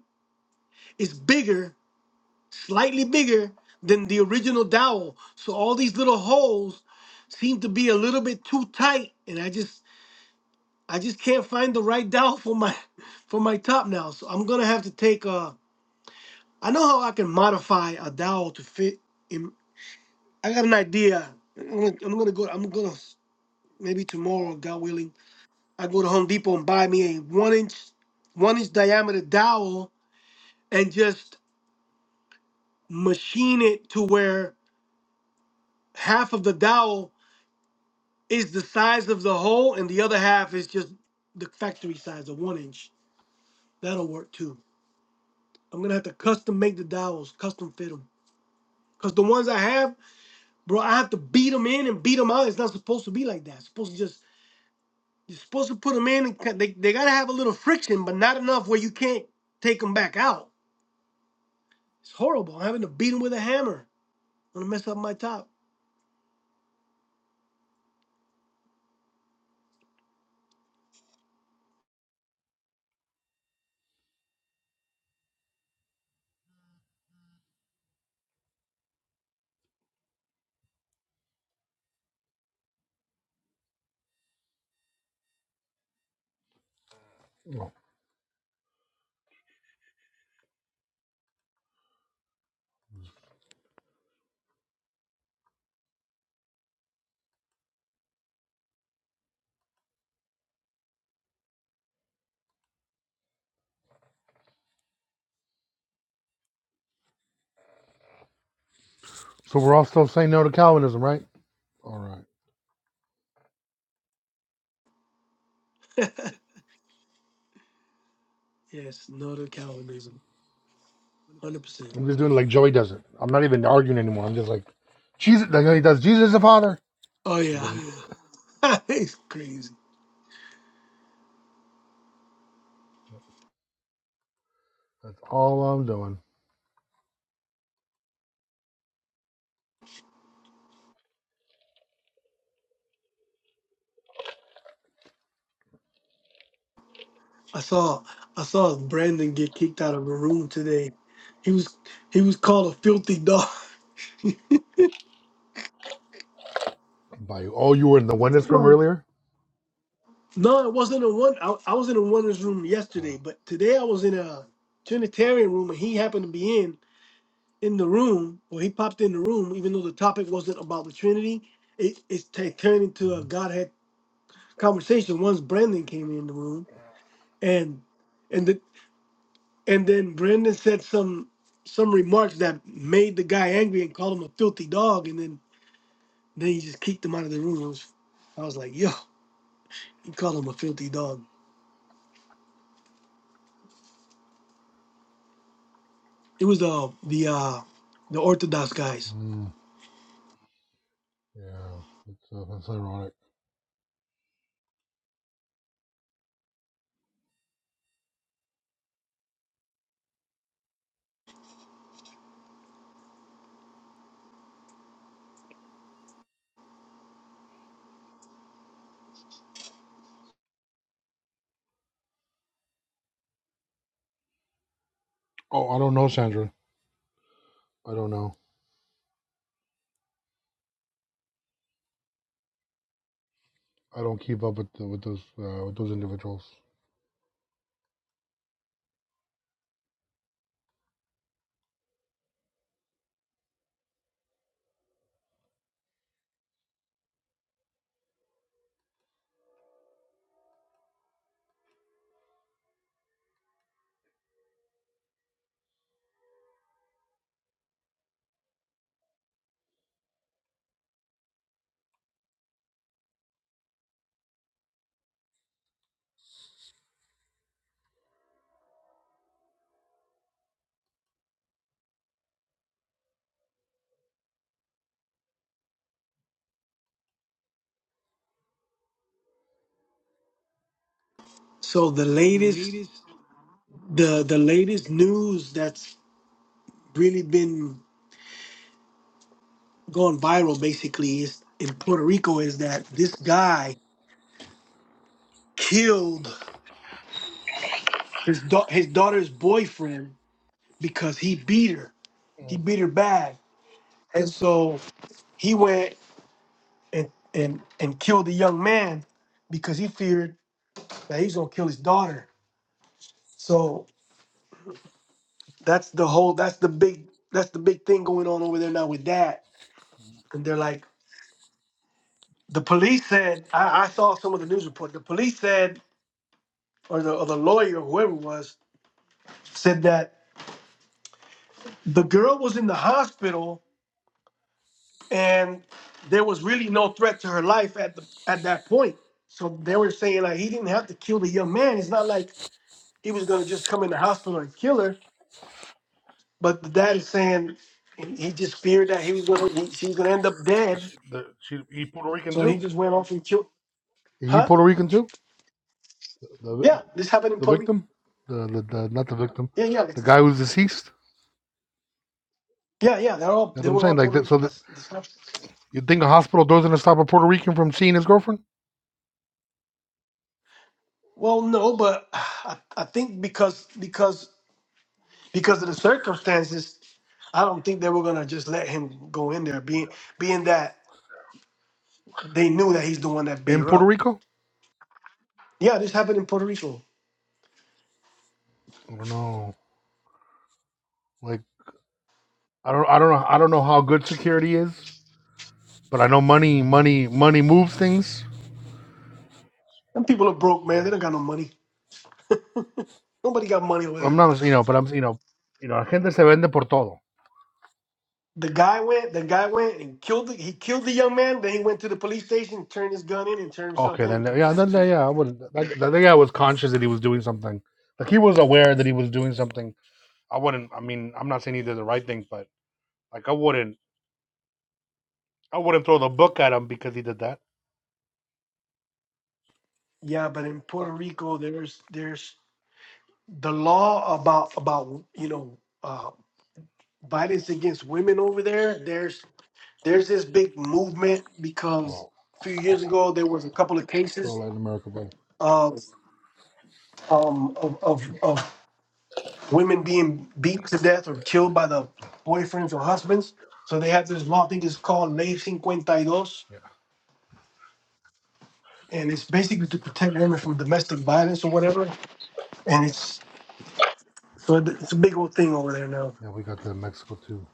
Speaker 17: is bigger, slightly bigger than the original dowel. So all these little holes seem to be a little bit too tight, and I just I just can't find the right dowel for my for my top now. So I'm gonna have to take a. I know how I can modify a dowel to fit. In, I got an idea. I'm gonna, I'm gonna go. I'm gonna s- maybe tomorrow, God willing. I go to Home Depot and buy me a one inch, one inch diameter dowel and just machine it to where half of the dowel is the size of the hole and the other half is just the factory size of one inch. That'll work too. I'm gonna have to custom make the dowels, custom fit them. Cause the ones I have, bro, I have to beat them in and beat them out. It's not supposed to be like that. It's supposed to just you're supposed to put them in and cut- they, they gotta have a little friction, but not enough where you can't take them back out. It's horrible. I'm having to beat them with a hammer. Wanna mess up my top?
Speaker 1: So we're all still saying no to Calvinism, right? All right.
Speaker 17: Yes, Northern Calvinism, hundred percent.
Speaker 1: I'm just doing it like Joey does it. I'm not even arguing anymore. I'm just like, Jesus. Like he does. Jesus is the Father.
Speaker 17: Oh
Speaker 1: I
Speaker 17: yeah, it's crazy.
Speaker 1: that's all I'm doing.
Speaker 17: I saw I saw Brandon get kicked out of a room today. He was he was called a filthy dog.
Speaker 1: By you. Oh, you were in the oneness from
Speaker 17: Oh.
Speaker 1: earlier.
Speaker 17: No, it wasn't a one. I, I was in a wonders room
Speaker 1: Uh,
Speaker 17: yesterday, but today I was in a Trinitarian room, and he happened to be in in the room, or he popped in the room, even though the topic wasn't about the Trinity. It it's t- turned into a Godhead conversation once Brandon came in the room, and and the, And then Brendan said some some remarks that made the guy angry and called him a filthy dog. And then then he just kicked him out of the room. It was, I was like, yo, he called him a filthy dog. It was the the uh, the Orthodox guys.
Speaker 1: mm, yeah, that's, uh, that's ironic. Oh, I don't know, Sandra. I don't know. I don't keep up with the, with those uh, with those individuals.
Speaker 17: So the latest the the latest news that's really been going viral basically is in Puerto Rico is that this guy killed his da- his daughter's boyfriend because he beat her. He beat her bad, and so he went. and and and killed the young man because he feared that he's gonna kill his daughter. So that's the whole that's the big that's the big thing going on over there now with that. And they're like the police said I, I saw some of the news report. The police said or the or the lawyer whoever it was said that the girl was in the hospital and there was really no threat to her life at the at that point. So they were saying like he didn't have to kill the young man. It's not like he was gonna just come in the hospital and kill her But the dad is saying he just feared that he was going to, he, she was going to end up
Speaker 1: Is
Speaker 17: dead.
Speaker 1: She, the, she, he Puerto Rican
Speaker 17: So he
Speaker 1: too.
Speaker 17: just went off and killed.
Speaker 1: Is He
Speaker 17: Huh?
Speaker 1: Puerto Rican too. The
Speaker 17: Yeah, this happened in
Speaker 1: the
Speaker 17: Puerto Rico.
Speaker 1: victim, the, the the not the victim,
Speaker 17: Yeah, yeah,
Speaker 1: the
Speaker 17: this is,
Speaker 1: guy who's deceased.
Speaker 17: yeah, yeah. They're all
Speaker 1: That's
Speaker 17: they
Speaker 1: what I'm
Speaker 17: were
Speaker 1: saying.
Speaker 17: all
Speaker 1: Like
Speaker 17: Puerto
Speaker 1: that. So
Speaker 17: Rican.
Speaker 1: that
Speaker 17: That's this.
Speaker 1: you think a hospital doesn't stop a Puerto Rican from seeing his girlfriend
Speaker 17: Well, no, but I, I think because because because of the circumstances, I don't think they were going to just let him go in there. Being being that they knew that he's the one that beat
Speaker 1: in
Speaker 17: her
Speaker 1: Puerto
Speaker 17: up.
Speaker 1: Rico?
Speaker 17: Yeah, this happened in Puerto Rico.
Speaker 1: I don't know. Like I don't I don't know I don't know how good security is, but I know money money money moves things.
Speaker 17: Them people are broke, man. They don't got no money. Nobody got money over
Speaker 1: I'm
Speaker 17: there.
Speaker 1: not you know, but I'm you know you know, gente se vende por todo.
Speaker 17: The guy went. The guy went and killed. The, he killed the young man. Then he went to the police station, turned his gun in, and turned himself
Speaker 1: Okay,
Speaker 17: in
Speaker 1: then
Speaker 17: and
Speaker 1: yeah,
Speaker 17: confessed
Speaker 1: then
Speaker 17: to it.
Speaker 1: yeah, I wouldn't. That, that guy was conscious that he was doing something. Like he was aware that he was doing something. I wouldn't. I mean, I'm not saying he did the right thing, but like I wouldn't I wouldn't throw the book at him because he did that.
Speaker 17: Yeah, but in
Speaker 1: Uh,
Speaker 17: Puerto Rico, there's there's the law about about you know uh, violence against women over there. There's there's this big movement because
Speaker 1: Oh,
Speaker 17: a few
Speaker 1: oh, oh.
Speaker 17: years ago there was a couple of
Speaker 1: So
Speaker 17: cases
Speaker 1: Latin America, buddy.
Speaker 17: of um of of, of women being beat to death or killed by the boyfriends or husbands. So they have this law. I think it's called Ley 52
Speaker 1: Yeah.
Speaker 17: and it's basically to protect women from domestic violence or whatever. And it's so it- it's a big old thing over there now.
Speaker 1: Yeah, we got that in Mexico too.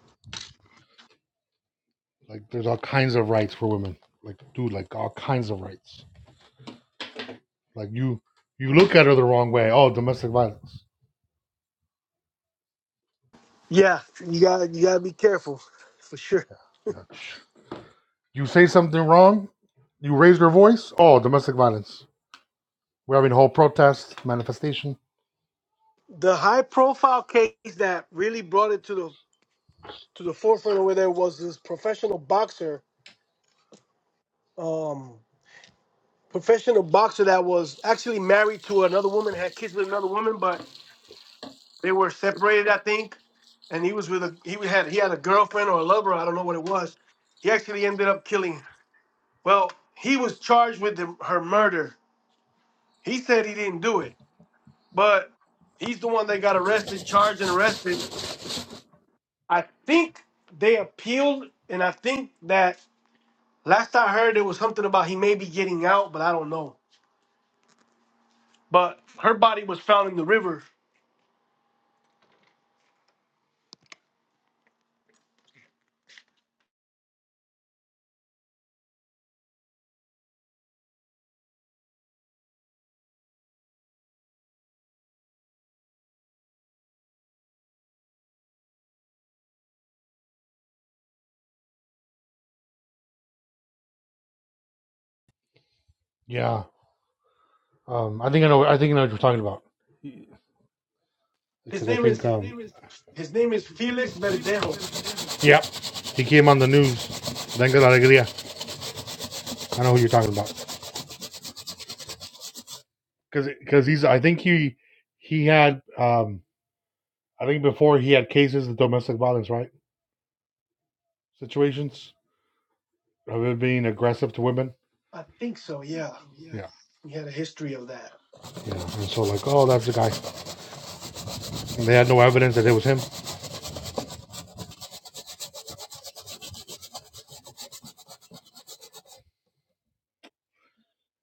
Speaker 1: Like there's all kinds of rights for women. Like dude, like all kinds of rights. Like you you look at her the wrong way. Oh, domestic violence.
Speaker 17: Yeah, you got you got to be careful for sure.
Speaker 1: Yeah. You say something wrong, you raise your voice, oh domestic violence. We're having a whole protest, manifestation.
Speaker 17: The high profile case that really brought it to the to the forefront over there was this professional boxer, um, professional boxer that was actually married to another woman, had kids with another woman, but they were separated, I think. And he was with a he had he had a girlfriend or a lover, I don't know what it was. He actually ended up killing Well, he was charged with the, her murder. He said he didn't do it, but he's the one that got arrested, charged, and arrested. I think they appealed, and I think that last I heard, it was something about he may be getting out, but I don't know. But her body was found in the river.
Speaker 1: Yeah. Um I think I know I think I know what you're talking about.
Speaker 17: His
Speaker 1: Because I
Speaker 17: name
Speaker 1: think
Speaker 17: is
Speaker 1: um
Speaker 17: his name is Felix Verdejo.
Speaker 1: Yeah. He came on the news. Venga la alegría. I know who you're talking about. because because he's I think he he had um I think before he had cases of domestic violence right situations of it being aggressive to women.
Speaker 17: I think so. Yeah,
Speaker 1: Yeah,
Speaker 17: he had a history of that.
Speaker 1: yeah, and so like oh that's the guy. And they had no evidence that it was him.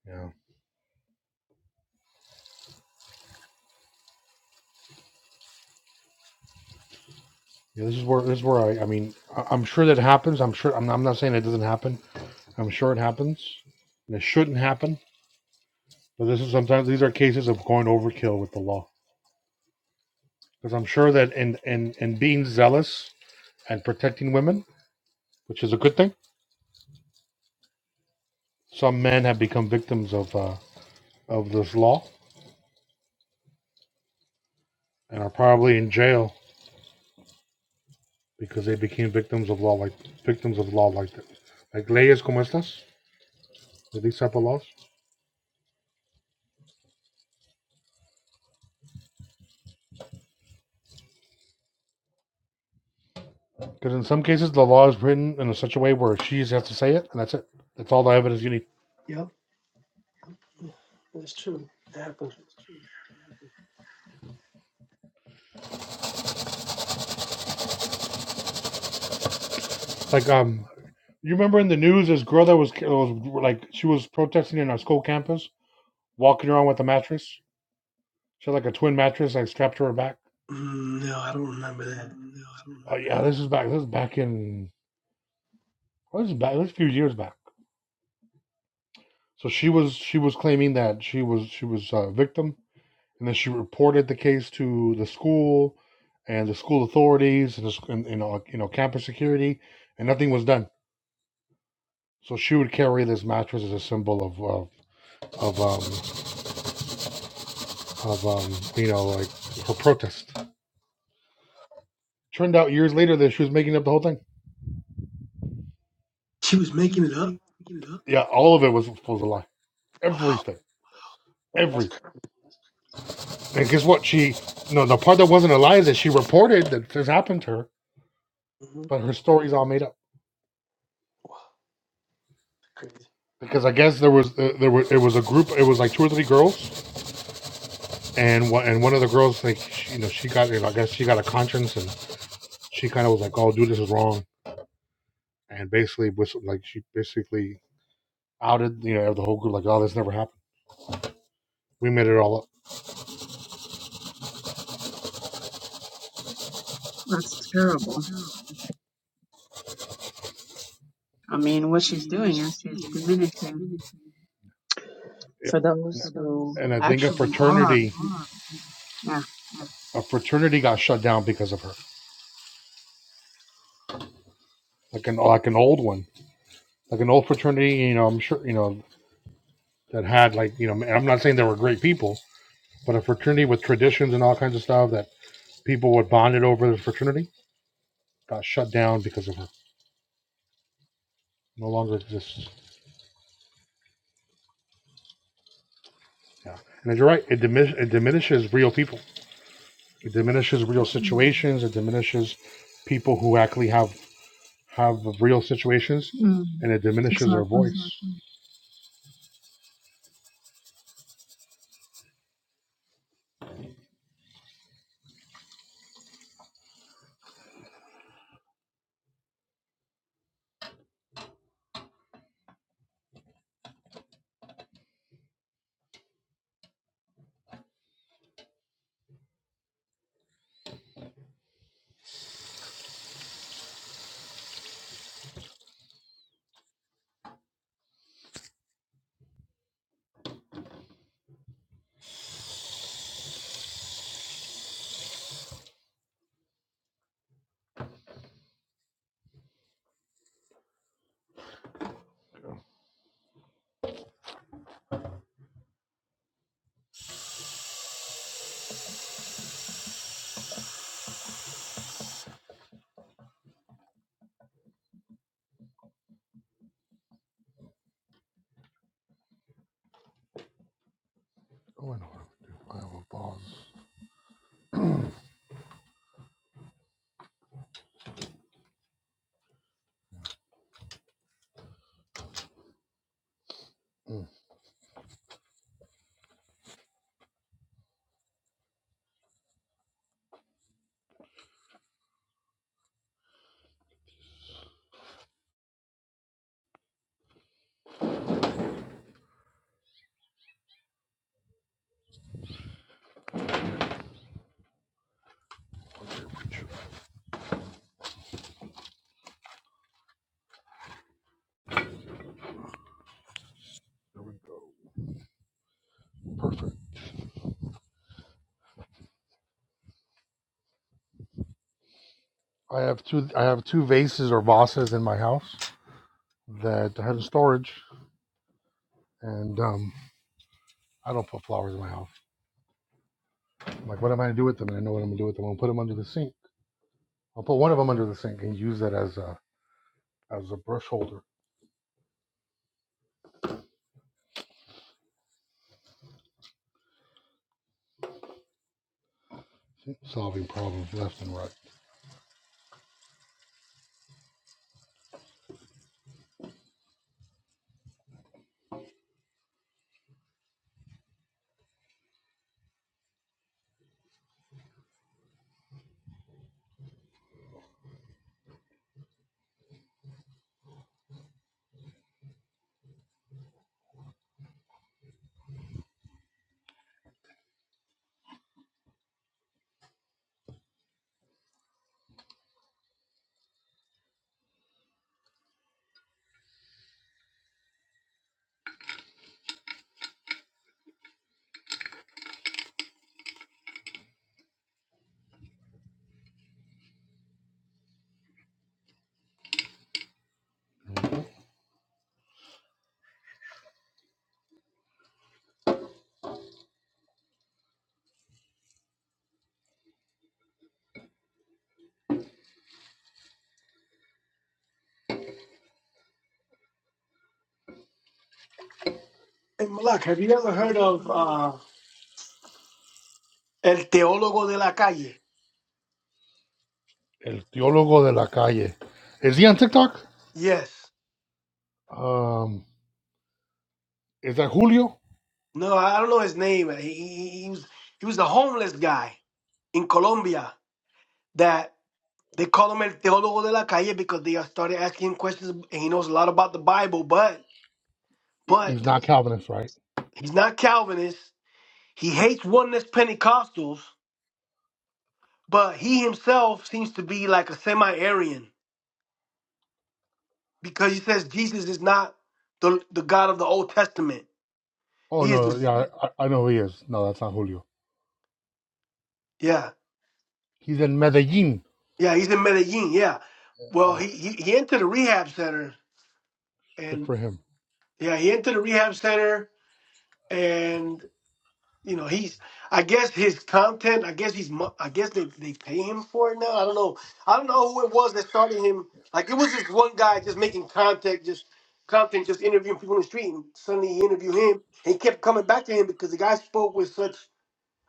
Speaker 1: Yeah, yeah. This is where this is where I I mean I, I'm sure that happens. I'm sure I'm not, I'm not saying it doesn't happen. I'm sure it happens. And it shouldn't happen. But this is sometimes these are cases of going overkill with the law because I'm sure that in in in being zealous and protecting women, which is a good thing Some men have become victims of uh, of this law and are probably in jail because they became victims of law like victims of law like that. Like leyes como estas, with these type of laws. Because in some cases the law is written in a such a way where she just has to say it, and that's it. That's all the evidence you need.
Speaker 17: Yep, that's true. That happened.
Speaker 1: Like um, you remember in the news this girl that was was like she was protesting in our school campus, walking around with a mattress. She had like a twin mattress like strapped to her back.
Speaker 17: Mm, no, I don't remember that.
Speaker 1: No, I don't know. Oh yeah, this is back. This is back in. This is back. This is a few years back So she was she was claiming that she was she was a victim, and then she reported the case to the school and the school authorities and, the, sc- and you know you know campus security, and nothing was done. So she would carry this mattress as a symbol of of of um, of um, you know like her protest. Turned out years later that she was making up the whole thing.
Speaker 17: She was making it up.
Speaker 1: Yeah, all of it was was a lie.
Speaker 17: Wow,
Speaker 1: Everything,
Speaker 17: wow that's
Speaker 1: everything.
Speaker 17: crazy.
Speaker 1: And guess what? She no the part that wasn't a lie is that she reported that this happened to her,
Speaker 17: Mhm.
Speaker 1: but her story's all made up.
Speaker 17: Crazy.
Speaker 1: because I guess there was uh, there was it was a group it was like two or three girls and one and one of the girls like she, you know she got you know, I guess she got a conscience and she kind of was like oh dude this is wrong and basically was like she basically outed you know the whole group like oh this never happened we made it all up
Speaker 18: That's terrible. I mean, what she's doing is she's diminishing for
Speaker 1: yep. and,
Speaker 18: those who
Speaker 1: and I think a
Speaker 18: actually are.
Speaker 1: fraternity
Speaker 18: Yeah.
Speaker 1: a fraternity got shut down because of her like an like an old one like an old fraternity you know I'm sure you know that had like you know and I'm not saying they were great people but a fraternity with traditions and all kinds of stuff that people were bonded over the fraternity got shut down because of her. No longer exists. Yeah, and you're right. It, dimin- it diminishes real people. It diminishes real situations. It diminishes people who actually have have real situations,
Speaker 18: Mm,
Speaker 1: and it diminishes our
Speaker 18: exactly.
Speaker 1: voice. Oh, I know what I would do. I have a vase. Mm, There we go. Perfect. I have two. I have two vases or vases in my house that I had in storage, and um, I don't put flowers in my house. I'm like, what am I gonna do with them? And I know what I'm gonna do with them. I'll put them under the sink. I'll put one of them under the sink and use that as a as a brush holder, solving problems left and right.
Speaker 17: Hey, Malak, have you ever heard of uh, El Teólogo de la Calle?
Speaker 1: El teólogo de la calle. Is he on TikTok?
Speaker 17: Yes.
Speaker 1: Um, is that Julio?
Speaker 17: No, I don't know his name. He, he, he was he was a homeless guy in Colombia that they call him El Teólogo de la Calle because they started asking him questions and he knows a lot about the Bible, but
Speaker 1: He- He's
Speaker 17: but
Speaker 1: not Calvinist, right?
Speaker 17: he's not Calvinist. He hates oneness Pentecostals, but he himself seems to be like a semi-Aryan because he says Jesus is not the the God of the Old Testament.
Speaker 1: Oh
Speaker 17: He is
Speaker 1: no,
Speaker 17: the
Speaker 1: yeah, I, I know who he is. No, that's not Julio.
Speaker 17: yeah.
Speaker 1: He's in Medellin.
Speaker 17: Yeah, he's in Medellin. Yeah. Well,
Speaker 1: Uh,
Speaker 17: he, he he entered the rehab center,
Speaker 1: good
Speaker 17: and
Speaker 1: for him.
Speaker 17: yeah, he entered the rehab center, and you know he's. I guess his content. I guess he's. mo- I guess they they pay him for it now. I don't know. I don't know who it was that started him. Like it was just one guy just making contact, just content, just interviewing people in the street, and suddenly he interviewed him. And he kept coming back to him because the guy spoke with such.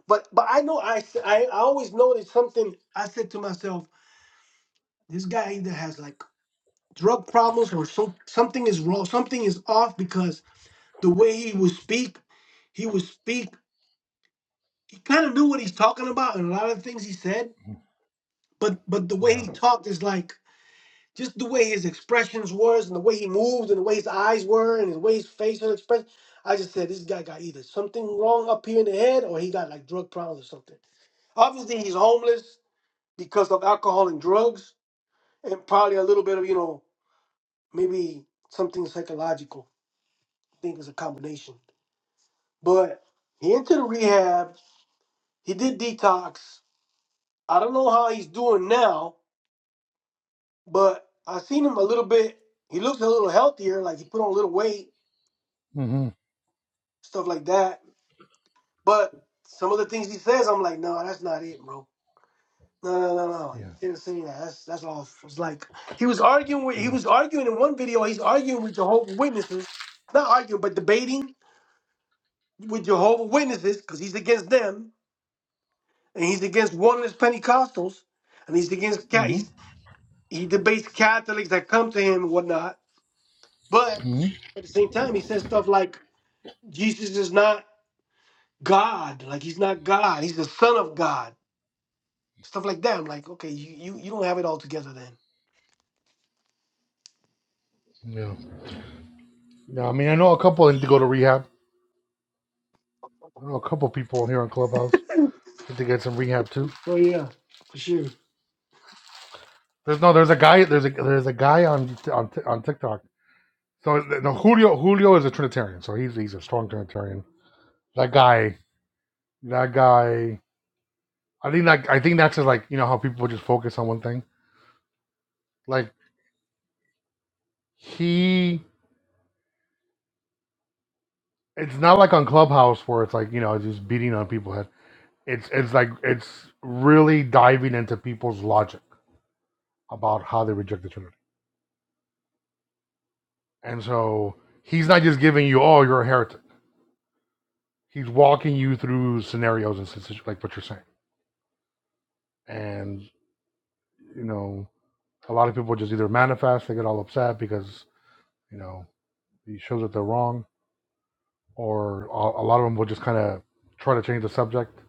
Speaker 17: But but I know I s- I, I always noticed something. I said to myself, this guy either has like drug problems or some, something is wrong, something is off because the way he would speak, he would speak. He kind of knew what he's talking about and a lot of the things he said, but but the way
Speaker 1: Yeah.
Speaker 17: he talked is like just the way his expressions was and the way he moved and the way his eyes were and the way his facial expression. I just said this guy got either something wrong up here in the head or he got like drug problems or something. Obviously, he's homeless because of alcohol and drugs and probably a little bit of you know maybe something psychological. I think it's a combination. But he entered the rehab. He did detox. I don't know how he's doing now, but I seen him a little bit. He looks a little healthier, like he put on a little weight,
Speaker 1: hmm
Speaker 17: stuff like that. But some of the things he says, I'm like, no, that's not it, bro. No, no, no, no. You
Speaker 1: Yeah.
Speaker 17: can't say that. That's that's all. It's like he was arguing with.
Speaker 1: I
Speaker 17: He
Speaker 1: mean.
Speaker 17: was arguing in one video. He's arguing with Jehovah Witnesses, not arguing, but debating with Jehovah Witnesses because he's against them and he's against one of his Pentecostals and he's against
Speaker 1: hmm
Speaker 17: Catholics. He debates Catholics that come to him and whatnot. But
Speaker 1: hmm
Speaker 17: at the same time, he says stuff like Jesus is not God. Like he's not God. He's the Son of God. Stuff like that. I'm like, okay, you, you, you don't have it all together then.
Speaker 1: Yeah. Yeah. I mean, I know a couple that need to go to rehab. I know a couple people here on Clubhouse need to get some rehab too.
Speaker 17: Oh yeah, for sure.
Speaker 1: There's no. There's a guy. There's a there's a guy on on on TikTok. So no, Julio Julio is a Trinitarian. So he's he's a strong Trinitarian. That guy. That guy. I think that I think that's just like you know how people just focus on one thing. Like he. It's not like on Clubhouse where it's like you know just beating on people's head. It's it's like it's really diving into people's logic about how they reject the Trinity. And so he's not just giving you oh you're a heretic. He's walking you through scenarios and situations like what you're saying and you know, a lot of people just either manifest, they get all upset because, you know, he shows that they're wrong, or a lot of them will just kind of try to change the subject.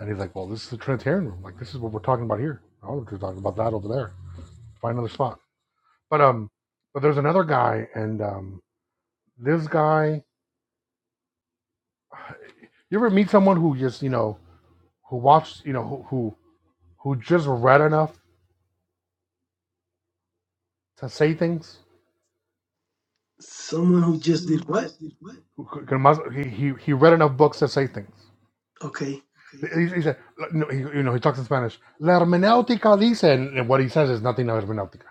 Speaker 1: And he's like, well, this is the Trinitarian room. Like, this is what we're talking about here. I don't know if you're talking about that over there. Find another spot. But, um, but there's another guy, and, um, this guy, you ever meet someone who just, you know, who watched, you know, who, who, who just read enough to say things?
Speaker 17: Someone who just did what?
Speaker 1: Who- who- He, he he read enough books to say things.
Speaker 17: Okay.
Speaker 1: He, he said, no, he, you know, he talks in Spanish. La hermenéutica dice, and what he says is nothing of hermenéutica.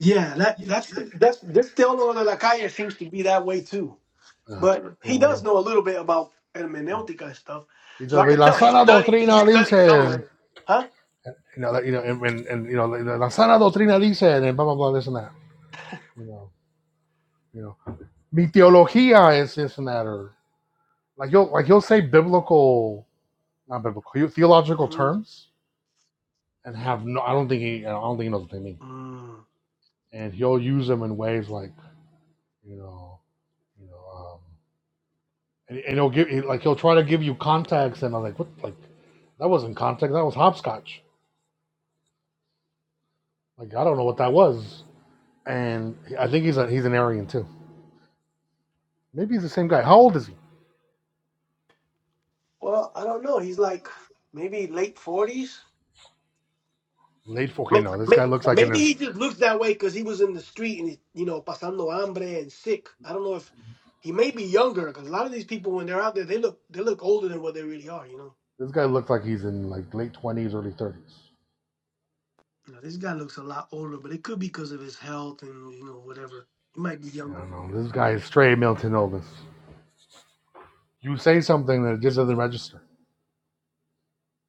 Speaker 17: Yeah, that that's that's this Theodore de la Calle seems to be that way too.
Speaker 1: Uh,
Speaker 17: But
Speaker 1: you
Speaker 17: he does
Speaker 1: know,
Speaker 17: know a little bit about
Speaker 1: yeah.
Speaker 17: hermeneutica and stuff.
Speaker 1: he
Speaker 17: So
Speaker 1: said,
Speaker 17: I can
Speaker 1: la
Speaker 17: tell he
Speaker 1: sana
Speaker 17: studied he
Speaker 1: doctrina dice,
Speaker 17: studied
Speaker 1: and,
Speaker 17: somewhere. Huh?
Speaker 1: you know, you know, and, and, and, you know, la, sana doctrina dice, and blah blah blah, this and that. You know, you know, mi teología is this and that, or like you'll like he'll say biblical, not biblical, theological
Speaker 17: Mm-hmm.
Speaker 1: terms, and have no. I don't think he, I don't think he knows what they mean,
Speaker 17: Mm.
Speaker 1: and he'll use them in ways like, you know, you know. Um, and, and he'll give like he'll try to give you contacts, and I'm like, what? Like that wasn't contact, that was hopscotch. Like I don't know what that was. And I think he's a, he's an Aryan too. Maybe he's the same guy. How old is he?
Speaker 17: Well, I don't know. He's like maybe late forties.
Speaker 1: Late four. Okay,
Speaker 17: May-
Speaker 1: no, this
Speaker 17: may-
Speaker 1: guy looks like in
Speaker 17: Maybe
Speaker 1: his
Speaker 17: he just looks that way because he was in the street and you know pasando hambre and sick. I don't know if he may be younger because a lot of these people when they're out there they look they look older than what they really are. You know,
Speaker 1: this guy looks like he's in like late twenties, early thirties.
Speaker 17: you know this guy looks a lot older, but it could be because of his health and you know whatever. He might be
Speaker 1: I
Speaker 17: younger.
Speaker 1: don't know. no, This guy is straight Milton Elvis. You say something that it just doesn't register.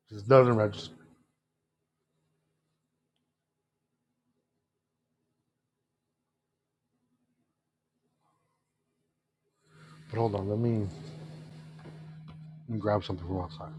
Speaker 1: Just doesn't register. But hold on, let me, let me grab something from outside.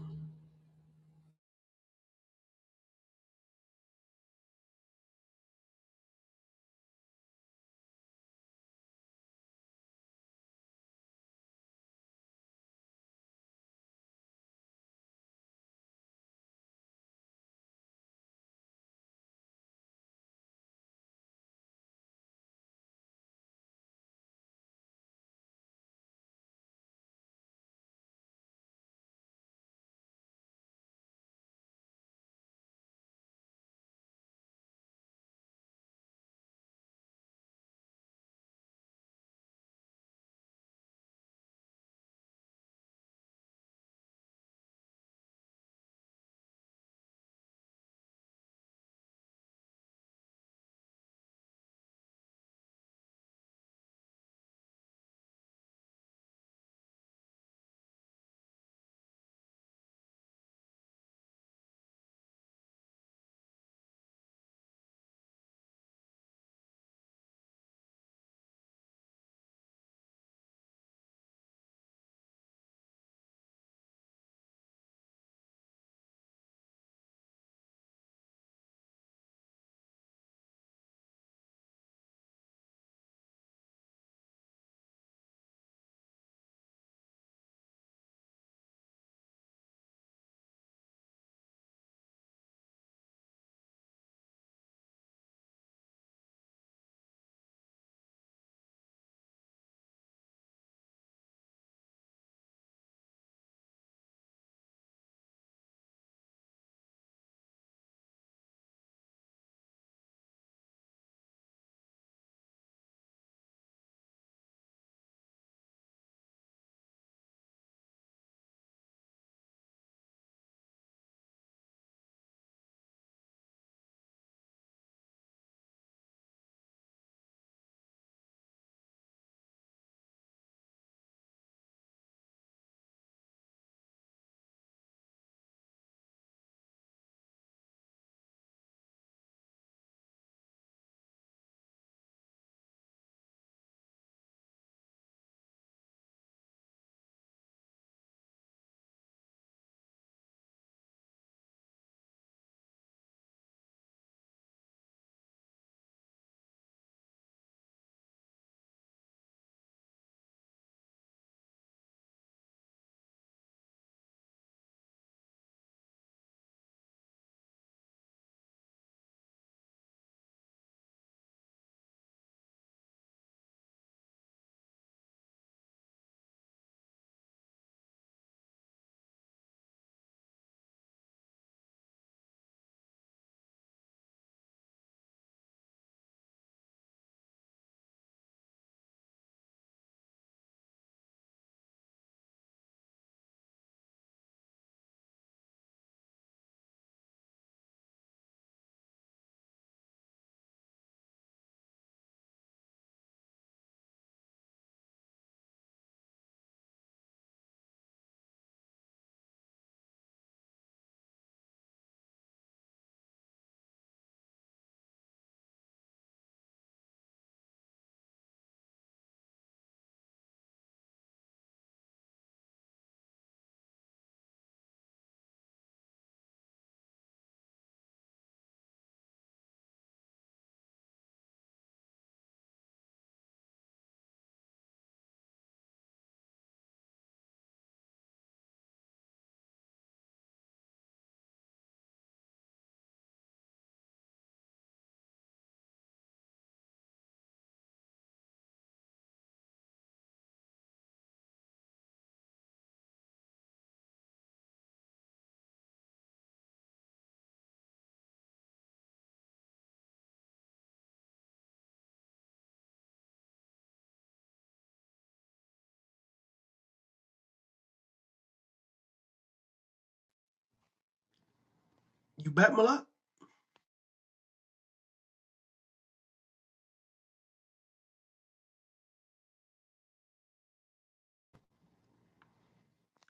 Speaker 17: You bet a lot.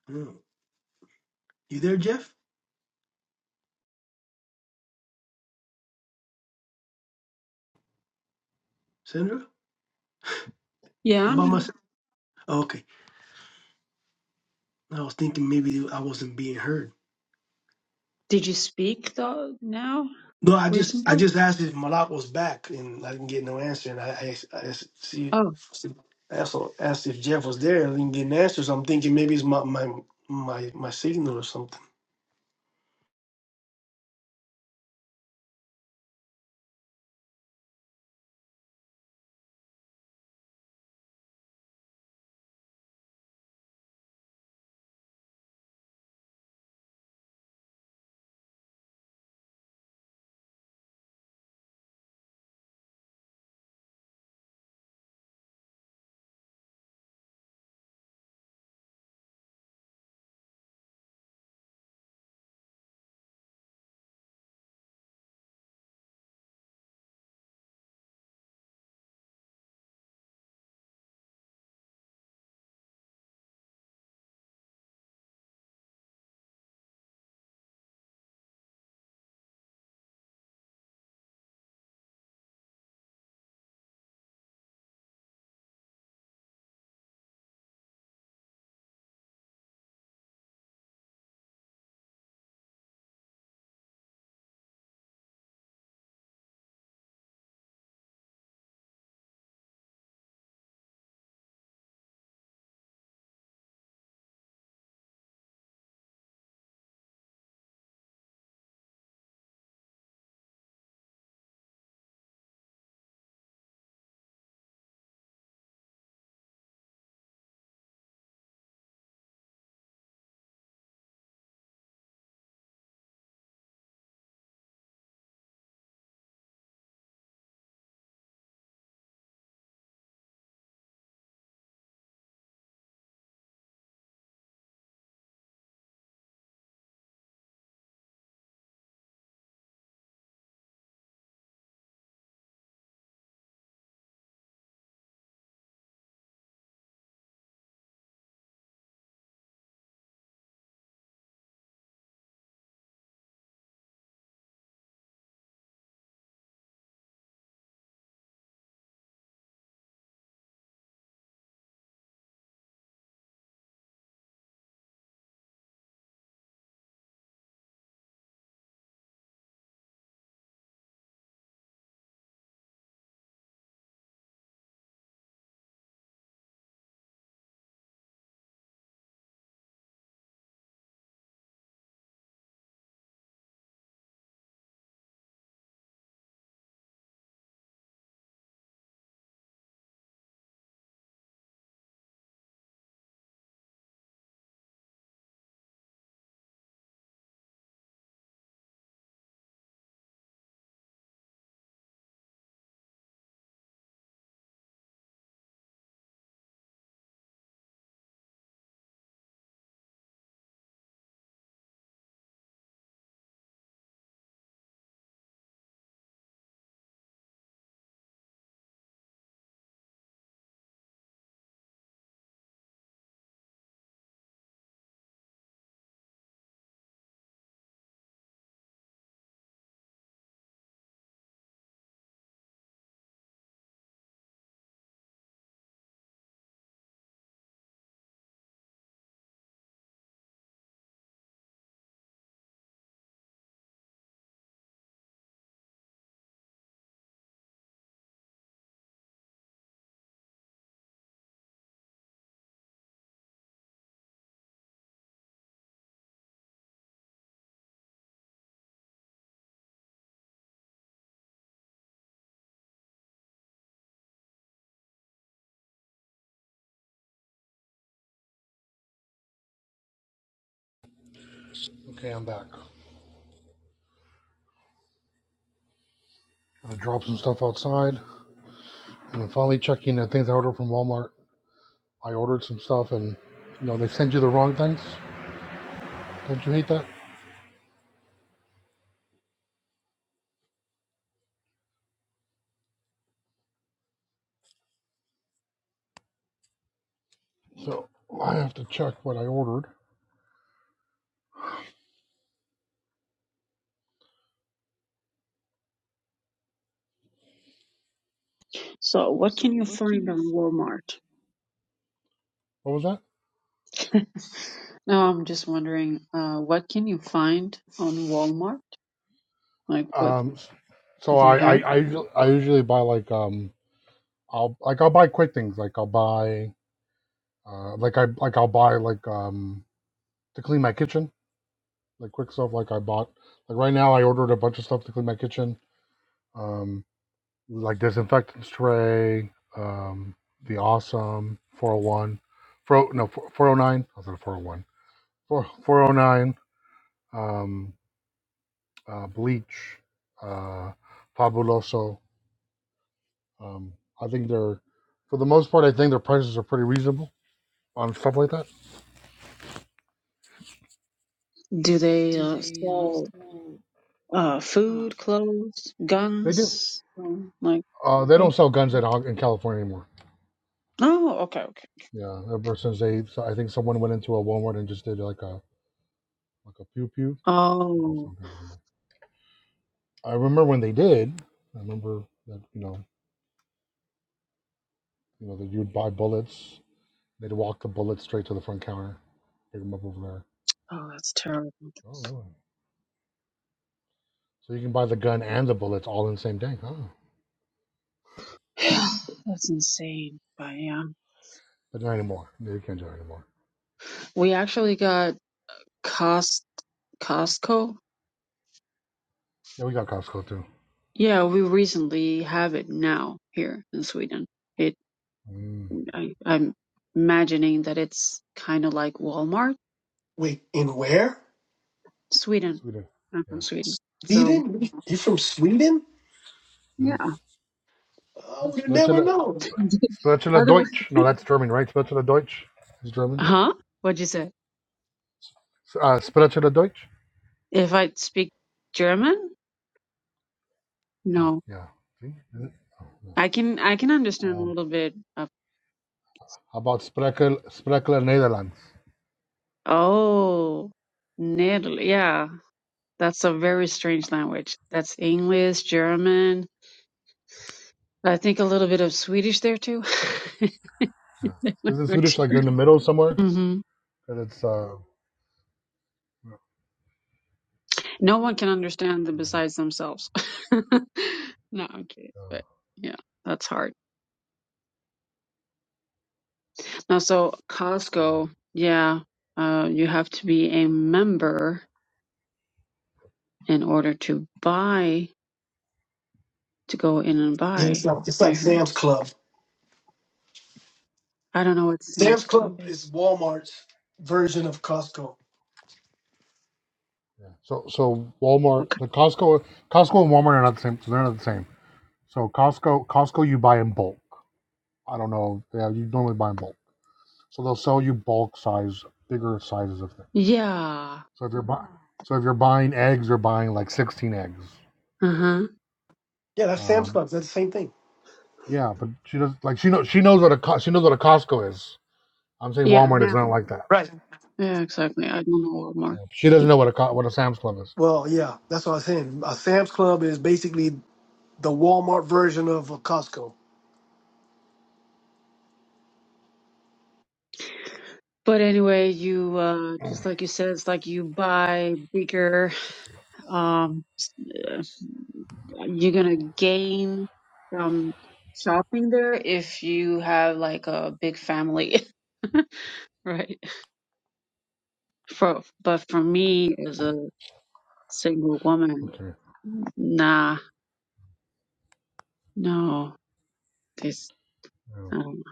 Speaker 17: You there, Jeff? Sandra?
Speaker 18: Yeah,
Speaker 17: I'm
Speaker 18: I'm
Speaker 17: by
Speaker 18: here.
Speaker 17: myself. Oh, okay. I was thinking maybe I wasn't being heard.
Speaker 18: Did you speak though now
Speaker 17: No, I just I
Speaker 18: recently?
Speaker 17: just asked if Malak was back, and I didn't get no answer. And I I, asked- I asked- see,
Speaker 18: Oh,
Speaker 17: see- I also asked if Jeff was there, and I didn't get an answer. So I'm thinking maybe it's my my my my signal or something.
Speaker 1: Okay, I'm back. I drop some stuff outside, and I'm finally checking the things I ordered from Walmart. I ordered some stuff and you know they send you the wrong things. Don't you hate that? So I have to check what I ordered.
Speaker 18: so what can you find on Walmart?
Speaker 1: What was
Speaker 18: Now I'm just wondering, uh, what can you find on Walmart? Like
Speaker 1: that?
Speaker 18: what?
Speaker 1: Um,
Speaker 18: Do
Speaker 1: so
Speaker 18: they
Speaker 1: I I,
Speaker 18: have?
Speaker 1: I I usually buy like um I'll like I'll buy quick things like I'll buy uh like I like I'll buy like um to clean my kitchen like quick stuff like I bought like right now I ordered a bunch of stuff to clean my kitchen um like disinfectant spray um the awesome 401 Four, oh, no, 409. I was at 401. Four four oh nine, um, uh, Bleach, uh, Fabuloso. Um, I think they're, for the most part, I think their prices are pretty reasonable on stuff like that.
Speaker 18: Do they uh, sell uh, food, clothes,
Speaker 1: They do.
Speaker 18: guns? Um, like,
Speaker 1: Uh, they
Speaker 18: uh,
Speaker 1: don't sell guns at, all in California anymore.
Speaker 18: oh, okay, okay.
Speaker 1: Yeah, ever since they, so I think someone went into a Walmart and just did like a like a pew pew. They don't
Speaker 18: Oh,
Speaker 1: sell guns anymore. I remember when they did. I remember that you know you know that you'd buy bullets. They'd walk the bullets straight to the front counter, pick them up over there.
Speaker 18: oh, that's terrible.
Speaker 1: Oh really? So you can buy the gun and the bullets all in the same day. huh?
Speaker 18: that's insane. But yeah,
Speaker 1: but not anymore. No, you can't do it anymore.
Speaker 18: we actually got Cost Costco.
Speaker 1: Yeah, we got Costco too.
Speaker 18: Yeah, we recently have it now here in Sweden. It,
Speaker 1: Mm,
Speaker 18: I, I'm imagining that it's kind of like Walmart,
Speaker 17: Wait, in where?
Speaker 18: Sweden.
Speaker 1: Sweden.
Speaker 18: I'm from
Speaker 1: Yeah.
Speaker 18: Sweden, so
Speaker 17: Sweden? You from Sweden?
Speaker 18: yeah.
Speaker 1: Mm.
Speaker 17: I would have never
Speaker 1: Spirituelle,
Speaker 17: known.
Speaker 1: spirituelle Deutsch.
Speaker 18: Otherwise.
Speaker 1: No, that's German, right? Spirituelle Deutsch is German.
Speaker 18: Huh? What'd you say?
Speaker 1: S- Uh, spirituelle Deutsch.
Speaker 18: If I speak German?
Speaker 1: Oh,
Speaker 18: No.
Speaker 1: yeah. See? Is it? Oh, no.
Speaker 18: I can I can understand a
Speaker 1: um,
Speaker 18: little bit of
Speaker 1: how about Sprekel, Sprekel Netherlands?
Speaker 18: Oh, Netherlands. Yeah, that's a very strange language. That's English, German. I think a little bit of Swedish there too.
Speaker 1: Yeah. Isn't Swedish like you're in the middle somewhere?
Speaker 18: hmm
Speaker 1: and it's. Uh, mm,
Speaker 18: No one can understand them besides themselves. No, I'm kidding,
Speaker 1: uh,
Speaker 18: but yeah, that's hard. Now, so
Speaker 1: mm,
Speaker 18: Costco, yeah, uh, you have to be a member. in order to buy to go in and
Speaker 17: Yeah, it's
Speaker 18: buy.
Speaker 17: like, it's
Speaker 18: I
Speaker 17: like
Speaker 18: heard.
Speaker 17: Sam's Club.
Speaker 18: I don't know what Sam's
Speaker 17: Sam's
Speaker 18: Club
Speaker 17: Club is
Speaker 18: is.
Speaker 17: Walmart's version of Costco.
Speaker 1: yeah. So, so Walmart,
Speaker 18: Okay.
Speaker 1: the Costco, Costco and Walmart are not the same. So they're not the same. So Costco, Costco, you buy in bulk. I don't know. Yeah, you normally buy in bulk. So they'll sell you bulk size, bigger sizes of things.
Speaker 18: Yeah.
Speaker 1: So if you're buying, so if you're buying eggs, you're buying like 16 eggs.
Speaker 18: Uh huh.
Speaker 17: Yeah, that's Sam's
Speaker 1: Um,
Speaker 17: Club. That's the same thing.
Speaker 1: yeah, but she does like she knows she knows what a Co- she knows what a Costco is. I'm saying
Speaker 18: Yeah.
Speaker 1: Walmart is
Speaker 18: Now.
Speaker 1: not like that.
Speaker 17: Right.
Speaker 18: Yeah. Exactly. I don't know Walmart.
Speaker 1: Yeah, She doesn't know what a Co- what a Sam's Club is.
Speaker 17: Well, yeah, that's what I was saying. A Sam's Club is basically the Walmart version of a Costco.
Speaker 18: But anyway, you uh, just like you said, it's like you buy bigger. Um, s- uh, you're gonna gain from shopping there if you have like a big family, right? For but for me as a single woman,
Speaker 1: Okay.
Speaker 18: Nah, no, this,
Speaker 1: Yeah.
Speaker 18: um,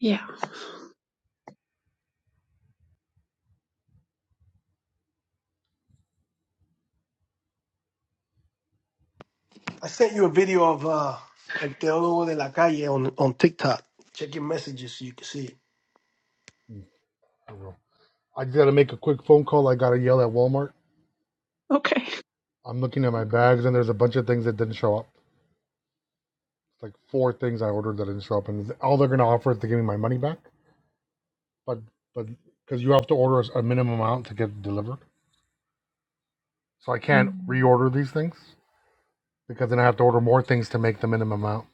Speaker 18: yeah,
Speaker 17: I sent you a video of uh, El Teólogo de la Calle on, on TikTok. Check your messages so you can see it.
Speaker 1: Mm, I I just got to make a quick phone call. I got to yell at Walmart.
Speaker 18: okay.
Speaker 1: I'm looking at my bags and there's a bunch of things that didn't show up. like four things I ordered that didn't show up, and all they're gonna offer is to give me my money back. But but because you have to order a minimum amount to get delivered, so I can't
Speaker 18: Mm,
Speaker 1: reorder these things because then I have to order more things to make the minimum amount.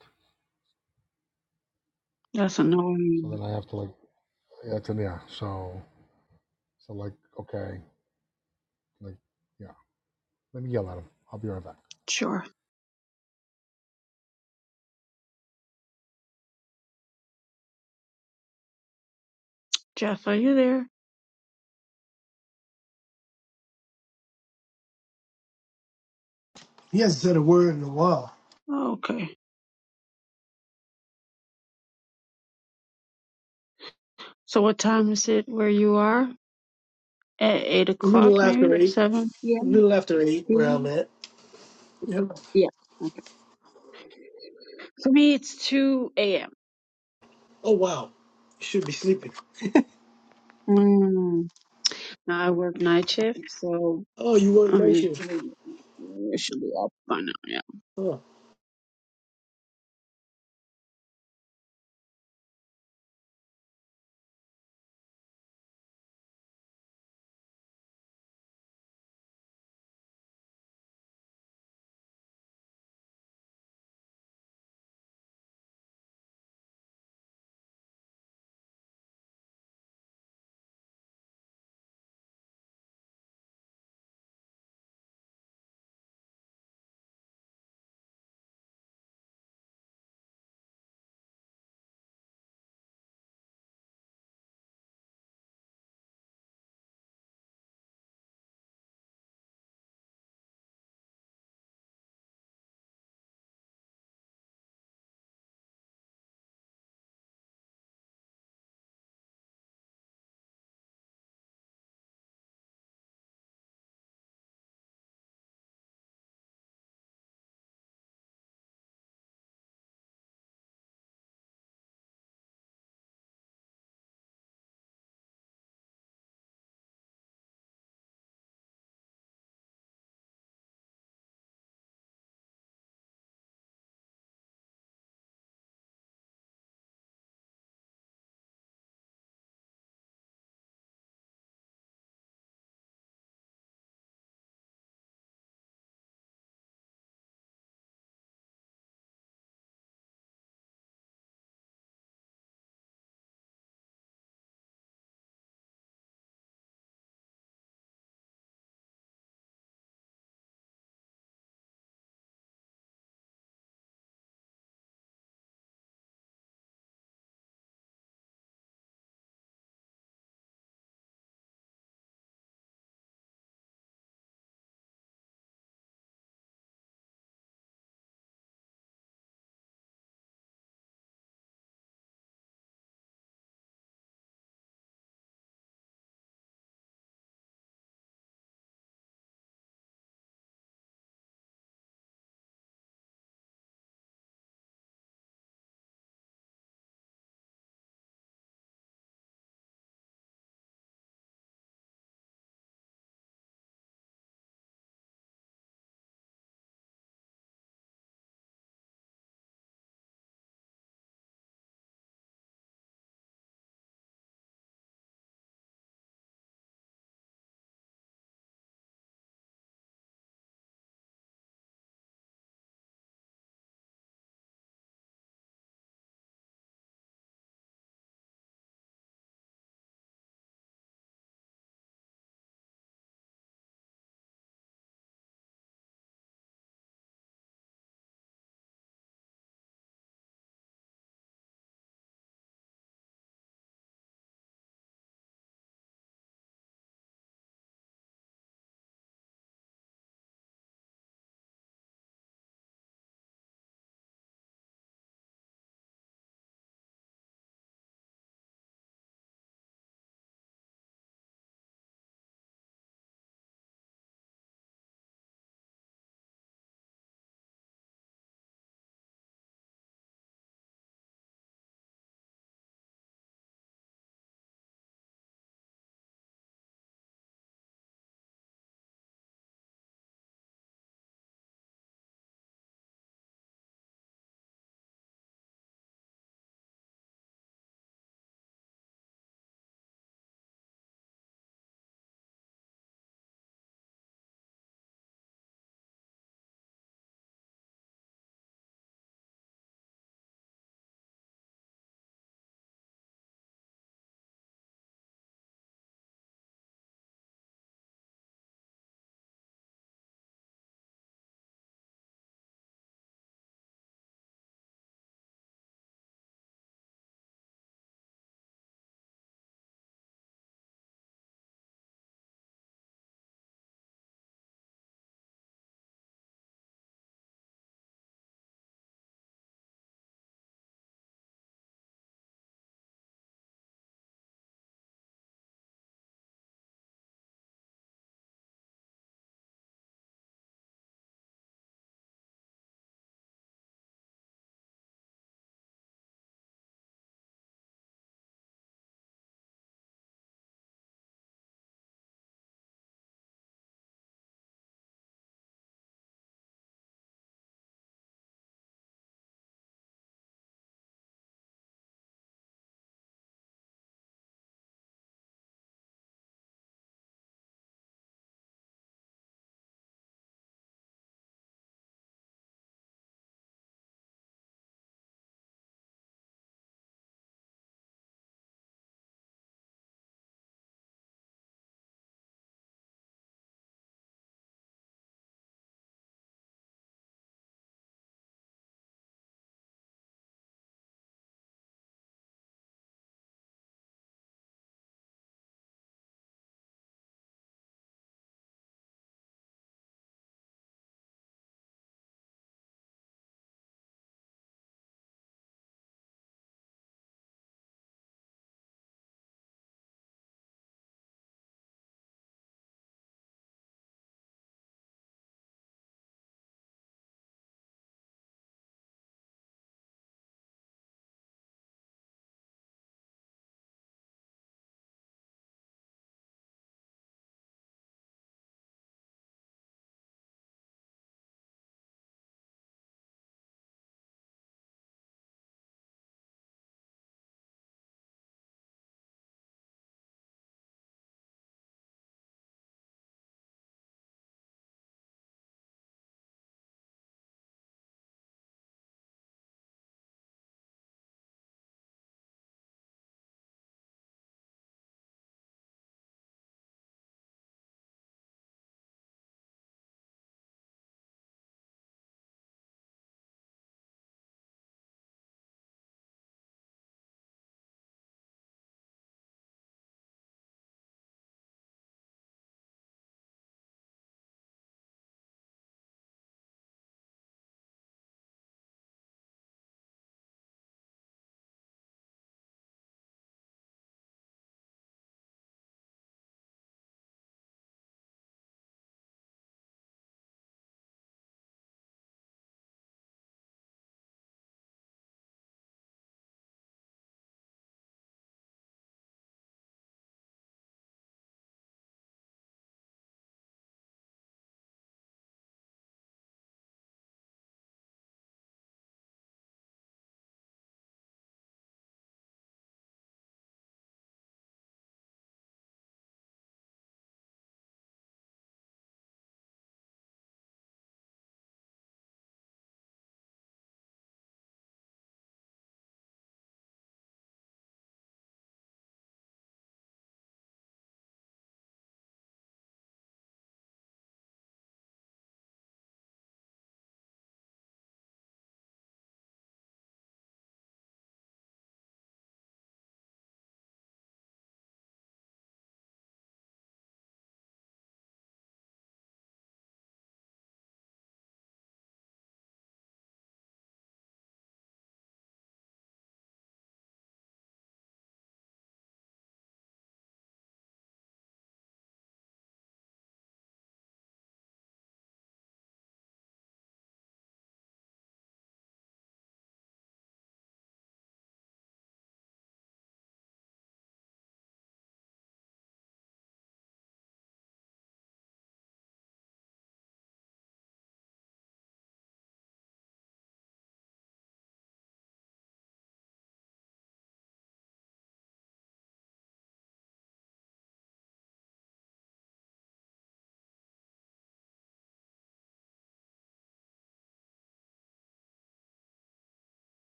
Speaker 18: That's
Speaker 1: So
Speaker 18: annoying.
Speaker 1: then I have to like yeah, it's yeah. So so like okay, like yeah. Let me yell at him. I'll be right back.
Speaker 18: Sure. Jeff, are you there?
Speaker 17: He hasn't said a word in a while.
Speaker 18: Oh, Okay. So what time is it where you are? At eight
Speaker 17: A
Speaker 18: o'clock,
Speaker 17: little
Speaker 18: maybe
Speaker 17: after eight.
Speaker 18: seven
Speaker 17: A
Speaker 18: p.m.
Speaker 17: little after eight, where I'm
Speaker 18: p.m.
Speaker 17: at. Yeah.
Speaker 18: Yeah. Okay. For me, it's two a.m.
Speaker 17: Oh, wow. You should be sleeping.
Speaker 18: Mm. Now I work night shift, so
Speaker 17: Oh, you weren't
Speaker 18: I mean,
Speaker 17: noticing.
Speaker 18: I should be up by now.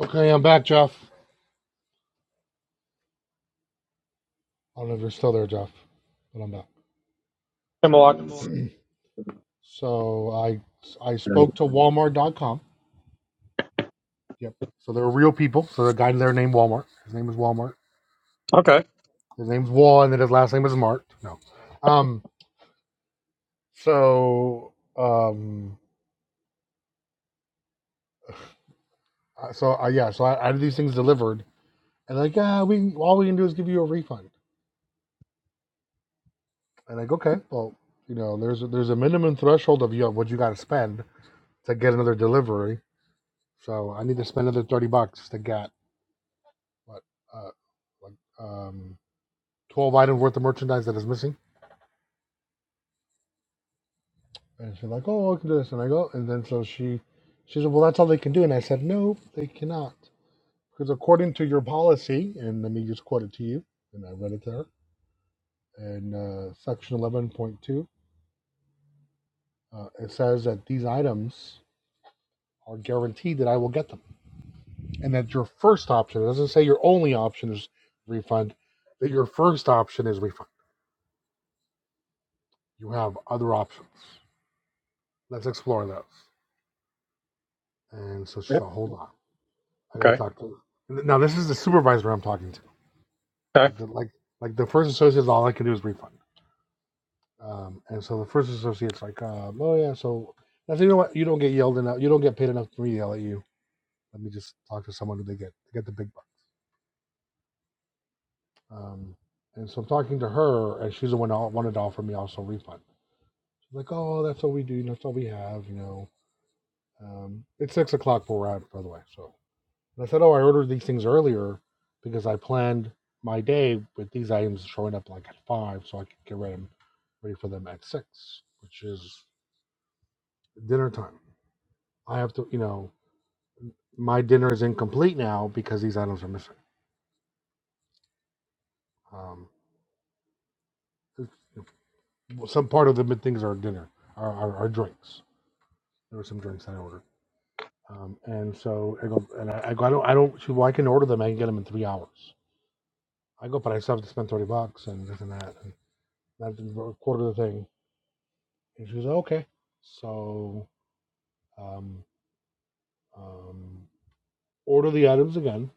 Speaker 1: Okay, I'm back, Jeff. I don't know if you're still there, Jeff, but I'm back.
Speaker 15: Hemlock.
Speaker 1: So I I spoke to Walmart.com. Yep. So they're real people. So the guy there named Walmart. His name is Walmart.
Speaker 15: Okay.
Speaker 1: His name's Wall, and then his last name is Mart. No. Um. So um. uh, So I yeah. So I, I had these things delivered, and like yeah, we all we can do is give you a refund. And like okay, well you know there's a, there's a minimum threshold of you know, what you got to spend to get another delivery. So I need to spend another thirty bucks to get what uh, like um, twelve items worth of merchandise that is missing. And she's like, "Oh, I can do this," and I go, and then so she, she said, "Well, that's all they can do." And I said, "No, they cannot, because according to your policy, and let me just quote it to you." And I read it there in uh, section eleven point two. Uh, it says that these items are guaranteed that I will get them, and that your first option it doesn't say your only option is refund. That your first option is refund. You have other options. Let's explore those. And so she
Speaker 15: Yeah.
Speaker 1: thought, hold on, I gotta
Speaker 15: Okay.
Speaker 1: talk to. her. Now this is the supervisor I'm talking to.
Speaker 15: Okay.
Speaker 1: Like the like like the first associate's all I can do is refund. Um, and so the first associate's like, um, oh yeah, so now so you know what? You don't get yelled enough. You don't get paid enough for me to yell at you. Let me just talk to someone who they get they get the big buck. Um, and so I'm talking to her, and she's the one that wanted to offer me also refund. She's like, oh, that's all we do. That's all we have. You know, um, it's six o'clock where we're at, by the way. So And I said, "Oh, I ordered these things earlier because I planned my day with these items showing up like at five, so I could get ready, ready for them at six, which is dinner time. I have to, you know, my dinner is incomplete now because these items are missing. Um, some part of the things are dinner, are, are, are drinks. There were some drinks I ordered, um, and so I go, and I, I go, I don't, I don't. She, well, I can order them. I can get them in three hours. I go, but I still have to spend thirty bucks and this and that, and that's a quarter of the thing And she goes, okay. So um, um, order the items again,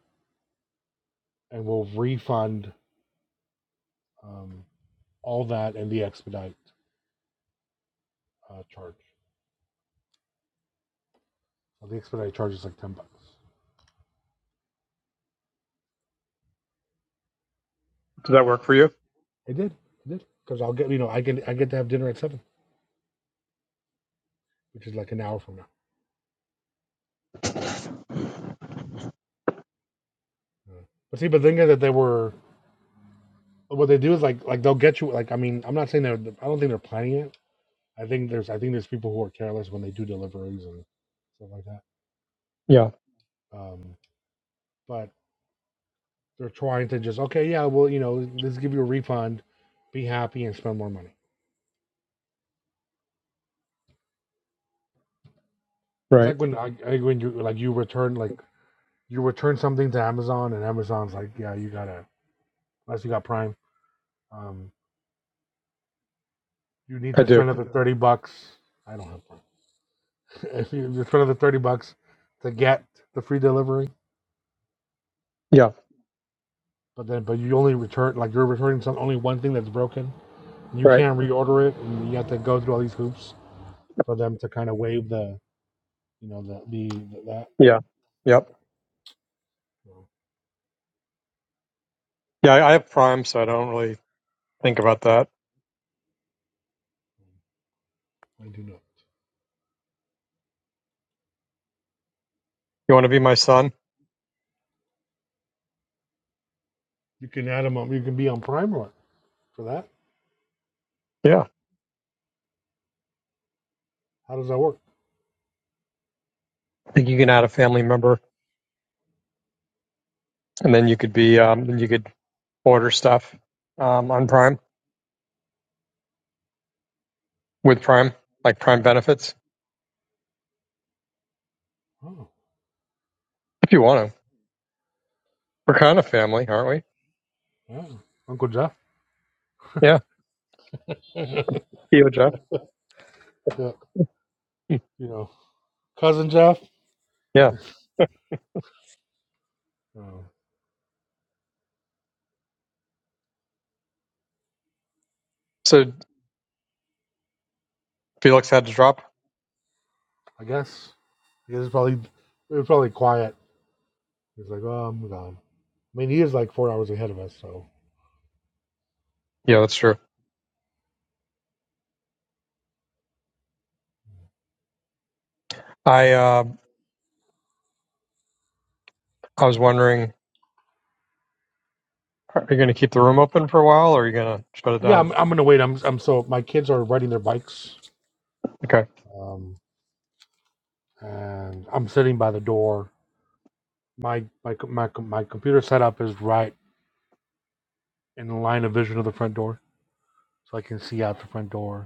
Speaker 1: and we'll refund um, all that and the expedite uh, charge. Well, the expedite charge is like ten bucks.
Speaker 15: Does that work for you?
Speaker 1: It did, it did, because I'll get you know I get I get to have dinner at seven, which is like an hour from now. Yeah. But see, but thinking that they were what they do is like like they'll get you like I mean I'm not saying they're I don't think they're planning it. I think there's I think there's people who are careless when they do deliveries and stuff like that.
Speaker 15: Yeah.
Speaker 1: Um, but They're trying to just okay, yeah, well, you know, let's give you a refund, be happy, and spend more money. It's
Speaker 15: Right.
Speaker 1: like when I, I- when you like you return like you return something to Amazon, and Amazon's like, yeah, you gotta unless you got Prime, um, you need
Speaker 15: I
Speaker 1: to
Speaker 15: do.
Speaker 1: spend another thirty bucks. I don't have Prime. if you spend another thirty bucks to get the free delivery,
Speaker 15: Yeah.
Speaker 1: but then but you only return like you're returning some only one thing that's broken. You
Speaker 15: Right.
Speaker 1: can't reorder it, and you have to go through all these hoops for them to kind of waive the you know the the, the that.
Speaker 15: Yeah. Yep.
Speaker 1: Yeah, so,
Speaker 15: Yeah. I I have Prime, so I don't really think about that.
Speaker 1: I do not.
Speaker 15: You want to be my son?
Speaker 1: You can add them on. You can be on Prime Run for that.
Speaker 15: Yeah.
Speaker 1: How does that work?
Speaker 15: I think you can add a family member, and then you could be, um, then you could order stuff um, on Prime with Prime, like Prime benefits,
Speaker 1: Oh,
Speaker 15: if you want to. We're kind of family, aren't we?
Speaker 1: yeah. Uncle Jeff.
Speaker 15: Yeah.
Speaker 1: yeah.
Speaker 15: You, and Jeff.
Speaker 1: You
Speaker 15: Hmm.
Speaker 1: know, cousin Jeff.
Speaker 15: Yeah.
Speaker 1: Uh,
Speaker 15: So Felix had to drop.
Speaker 1: I guess. I guess it's probably it was probably quiet. He's like, oh, I'm gone. I mean, he is like four hours ahead of us, so
Speaker 15: Yeah, that's true. I uh, I was wondering, are you going to keep the room open for a while, or are you going to shut it
Speaker 1: yeah,
Speaker 15: down?
Speaker 1: I'm, I'm gonna wait. I'm I'm so my kids are riding their bikes,
Speaker 15: Okay.
Speaker 1: um, and I'm sitting by the door. My my my my computer setup is right in the line of vision of the front door, so I can see out the front door.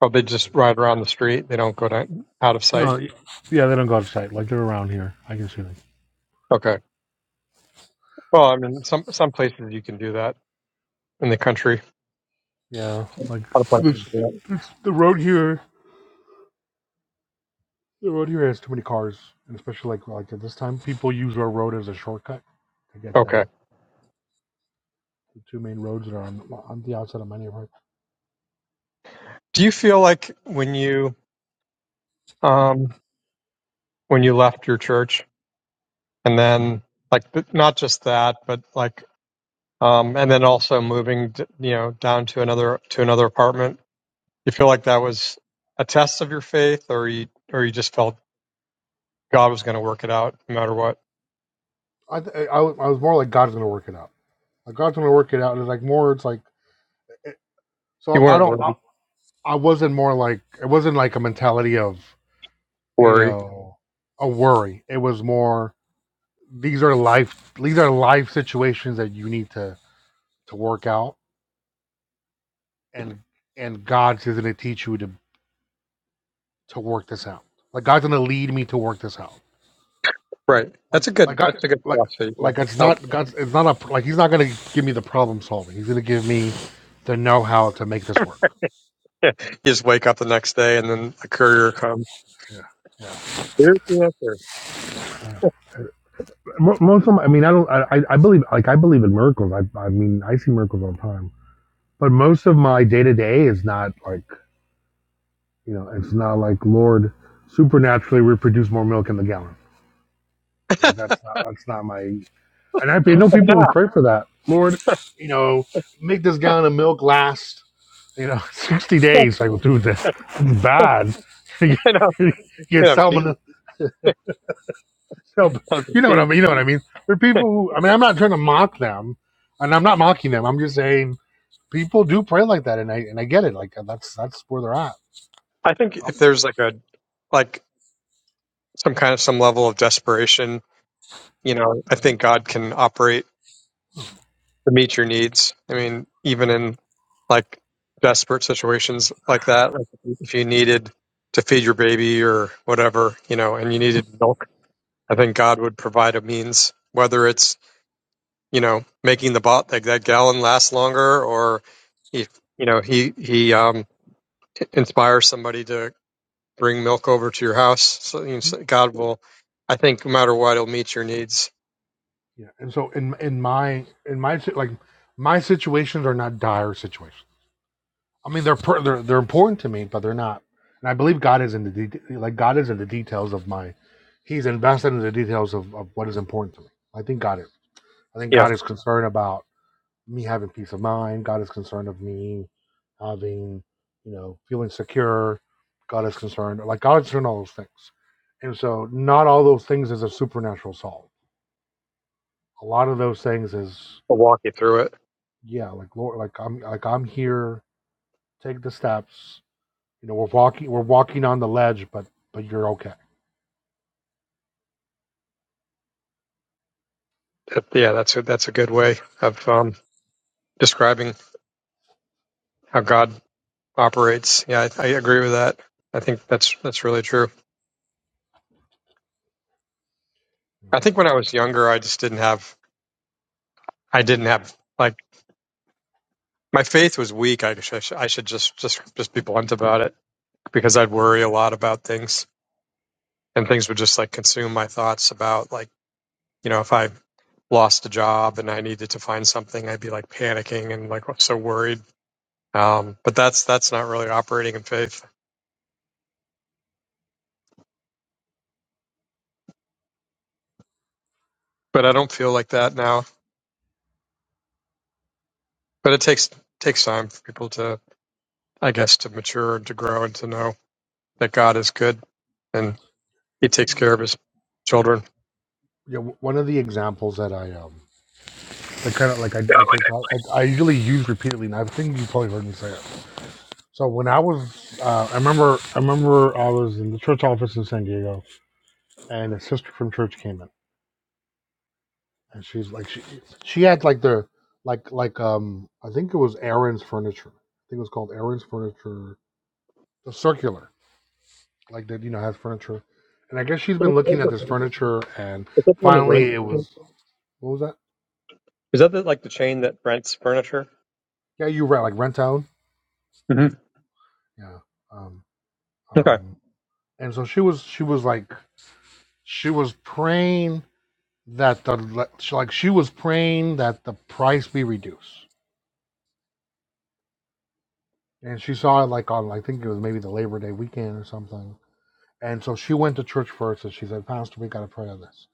Speaker 15: Oh, they just ride around the street. They don't go down, out of sight.
Speaker 1: No, y- yeah, they don't go out of sight. Like they're around here. I can see them.
Speaker 15: Okay. Well, I mean, some some places you can do that in the country.
Speaker 1: Yeah, like
Speaker 15: Other places.
Speaker 1: this,
Speaker 15: do
Speaker 1: this the road here. The road here has too many cars, and especially like like at this time, people use our road as a shortcut to
Speaker 15: that.
Speaker 1: get
Speaker 15: Okay.
Speaker 1: to the two main roads that are on, on the outside of my neighborhood.
Speaker 15: Do you feel like when you um when you left your church and then like th- not just that, but like um and then also moving d- you know down to another to another apartment You feel like that was a test of your faith, or you or you just felt God was going to work it out no matter what.
Speaker 1: I, th- I I was more like God's gonna work it out. Like God's gonna work it out. And it's like more. It's like it,
Speaker 15: You
Speaker 1: so I
Speaker 15: weren't
Speaker 1: don't. I,
Speaker 15: worried.
Speaker 1: I wasn't more like it wasn't like a mentality of you
Speaker 15: Worry,
Speaker 1: know a worry. It was more. these are life these are life situations that you need to to work out and and god's is going to teach you to to work this out like god's going to lead me to work this out
Speaker 15: right? That's a
Speaker 1: like like
Speaker 15: good.
Speaker 1: god
Speaker 15: That's a good
Speaker 1: like
Speaker 15: philosophy. Yeah.
Speaker 1: like it's
Speaker 15: I don't-
Speaker 1: not god's it's not a like he's not going to give me the problem solving he's going to give me the know-how to make this work
Speaker 15: You just wake up the next day, and then the courier comes.
Speaker 1: yeah yeah
Speaker 15: Here's the answer.
Speaker 1: Most of my, I mean, I don't, I I believe, like, I believe in miracles. I, I mean, I see miracles all the time. But most of my day to day is not like You know, it's not like Lord supernaturally we produce more milk in the gallon. Like that's not that's not my and I know
Speaker 15: I
Speaker 1: people
Speaker 15: know.
Speaker 1: who pray for that. Lord, you know, make this gallon of milk last, you know, sixty days. Like, well, dude, that's bad.
Speaker 15: I know.
Speaker 1: you get
Speaker 15: You know, geez,
Speaker 1: salmonella. No, but
Speaker 15: kind of
Speaker 1: you know what
Speaker 15: geez.
Speaker 1: I mean. You know what I mean. For people who, I mean, I'm not trying to mock them, and I'm not mocking them. I'm just saying people do pray like that, and I and I get it. Like that's that's where they're at.
Speaker 15: I think
Speaker 1: I'm
Speaker 15: if there's like a like some kind of some level of desperation, you know, I think God can operate to meet your needs. I mean, even in like desperate situations like that, like if you needed to feed your baby or whatever, you know, and you needed milk, I think God would provide a means, whether it's, you know, making the bot like that gallon last longer or if, you know, he, he, um, inspires somebody to bring milk over to your house. So you know, so God will, I think no matter what, he'll meet your needs.
Speaker 1: Yeah, and so in in my in my si- like my situations are not dire situations. I mean, they're per, they're they're important to me, but they're not. And I believe God is in the de- like God is in the details of my. He's invested in the details of, of what is important to me. I think God is. I think
Speaker 15: Yeah.
Speaker 1: God is concerned about me having peace of mind. God is concerned of me having, you know, feeling secure. God is concerned. Like God is concerned all those things. And so not all those things is a supernatural solve. A lot of those things is
Speaker 15: He'll walk you through it.
Speaker 1: yeah like lord like i'm like i'm here take the steps you know we're walking we're walking on the ledge but but you're okay
Speaker 15: Yeah. That's a, that's a good way of, um, describing how God operates. Yeah, I, I agree with that. I think that's that's really true. I think when I was younger, I just didn't have I didn't have like my faith was weak. I should I should just just just be blunt about it because I'd worry a lot about things and things would just like consume my thoughts about like you know if I lost a job and I needed to find something, I'd be like panicking and like so worried. Um, but that's that's not really operating in faith. But I don't feel like that now. But it takes takes time for people to I guess, to mature and to grow and to know that God is good and He takes care of His children.
Speaker 1: yeah w- one of the examples that i um that kind of like i like I, thought- I I usually use repeatedly and i think you probably heard me say it so when i was uh i remember i remember i was in the church office in san diego and a sister from church came in and she's like she she had like the like like um i think it was aaron's furniture i think it was called aaron's furniture the circular like that, you know, has furniture. And I guess she's
Speaker 15: Yeah.
Speaker 1: been
Speaker 15: Is
Speaker 1: looking at
Speaker 15: that
Speaker 1: this furniture, and
Speaker 15: the one that rents?
Speaker 1: finally it was what was that?
Speaker 15: Is that the, like the chain that rents furniture?
Speaker 1: Yeah, you were right, like rent out.
Speaker 15: hmm
Speaker 1: Yeah. Um,
Speaker 15: Okay.
Speaker 1: um, and so she was, she was like, she was praying that the she, like she was praying that the price be reduced. And she saw it like on, I think it was maybe the Labor Day weekend or something. And so she went to church first, and she said, Pastor, we gotta pray on this.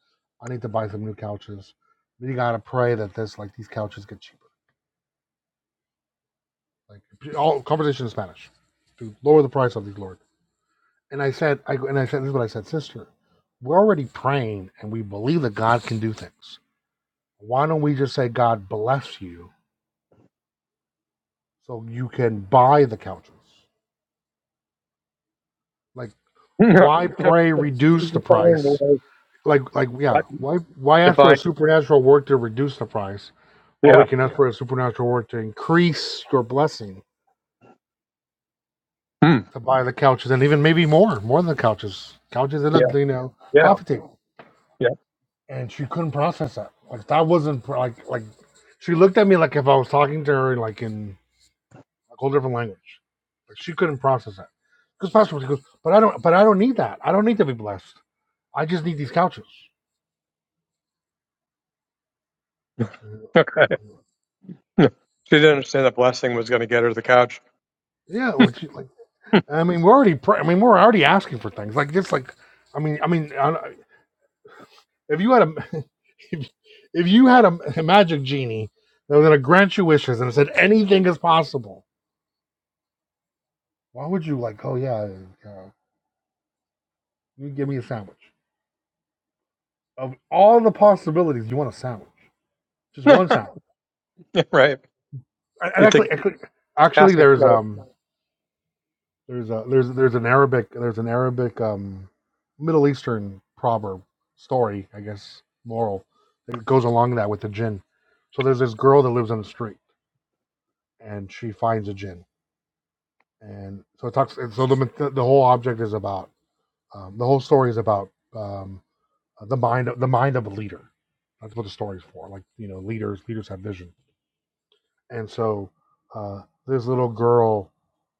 Speaker 1: I need to buy some new couches. We gotta pray that this, like these couches get cheaper like all conversation in Spanish to lower the price of these Lord. And I said, I and I said this is what I said, sister. We're already praying and we believe that God can do things. Why don't we just say God bless you so you can buy the couches? Like
Speaker 15: Define
Speaker 1: why pray reduce the
Speaker 15: the
Speaker 1: price?
Speaker 15: way-
Speaker 1: Like like yeah,
Speaker 15: what?
Speaker 1: why why ask for a
Speaker 15: Define.
Speaker 1: supernatural work to reduce the price while we
Speaker 15: Yeah.
Speaker 1: can ask for a supernatural work to increase your blessing
Speaker 15: Hmm.
Speaker 1: to buy the couches and even maybe more, more than the couches. Couches and
Speaker 15: Yeah.
Speaker 1: a you know
Speaker 15: Yeah.
Speaker 1: coffee table.
Speaker 15: Yeah.
Speaker 1: and she couldn't process that. Like that wasn't pro- like like she looked at me like if I was talking to her like in a whole different language. Like she couldn't process that. Because Pastor Ruth, he goes, but I don't, but I don't need that. I don't need to be blessed. I just need these couches.
Speaker 15: Okay. She didn't understand that blessing was going to get her the couch.
Speaker 1: Yeah, well, she, like I mean, we're already, pray- I mean, we're already asking for things like just like, I mean, I mean, I, don't- if you had a, if, if you had a, a magic genie that was gonna grant you wishes and it said anything is possible, why would you like? Oh yeah, yeah, You give me a sandwich. Of all the possibilities, you want a sandwich. Just one sandwich.
Speaker 15: Yeah, right.
Speaker 1: And
Speaker 15: You
Speaker 1: actually,
Speaker 15: think
Speaker 1: actually, actually,
Speaker 15: asking
Speaker 1: there's
Speaker 15: no,
Speaker 1: um, there's a there's there's an Arabic there's an Arabic um, Middle Eastern proverb story, I guess, moral that goes along that with the jinn. So there's this girl that lives on the street, and she finds a jinn, and so it talks. And so the the whole object is about um, the whole story is about um, the mind the mind of a leader. That's what the story's for. Like you know, leaders leaders have vision and so uh, this little girl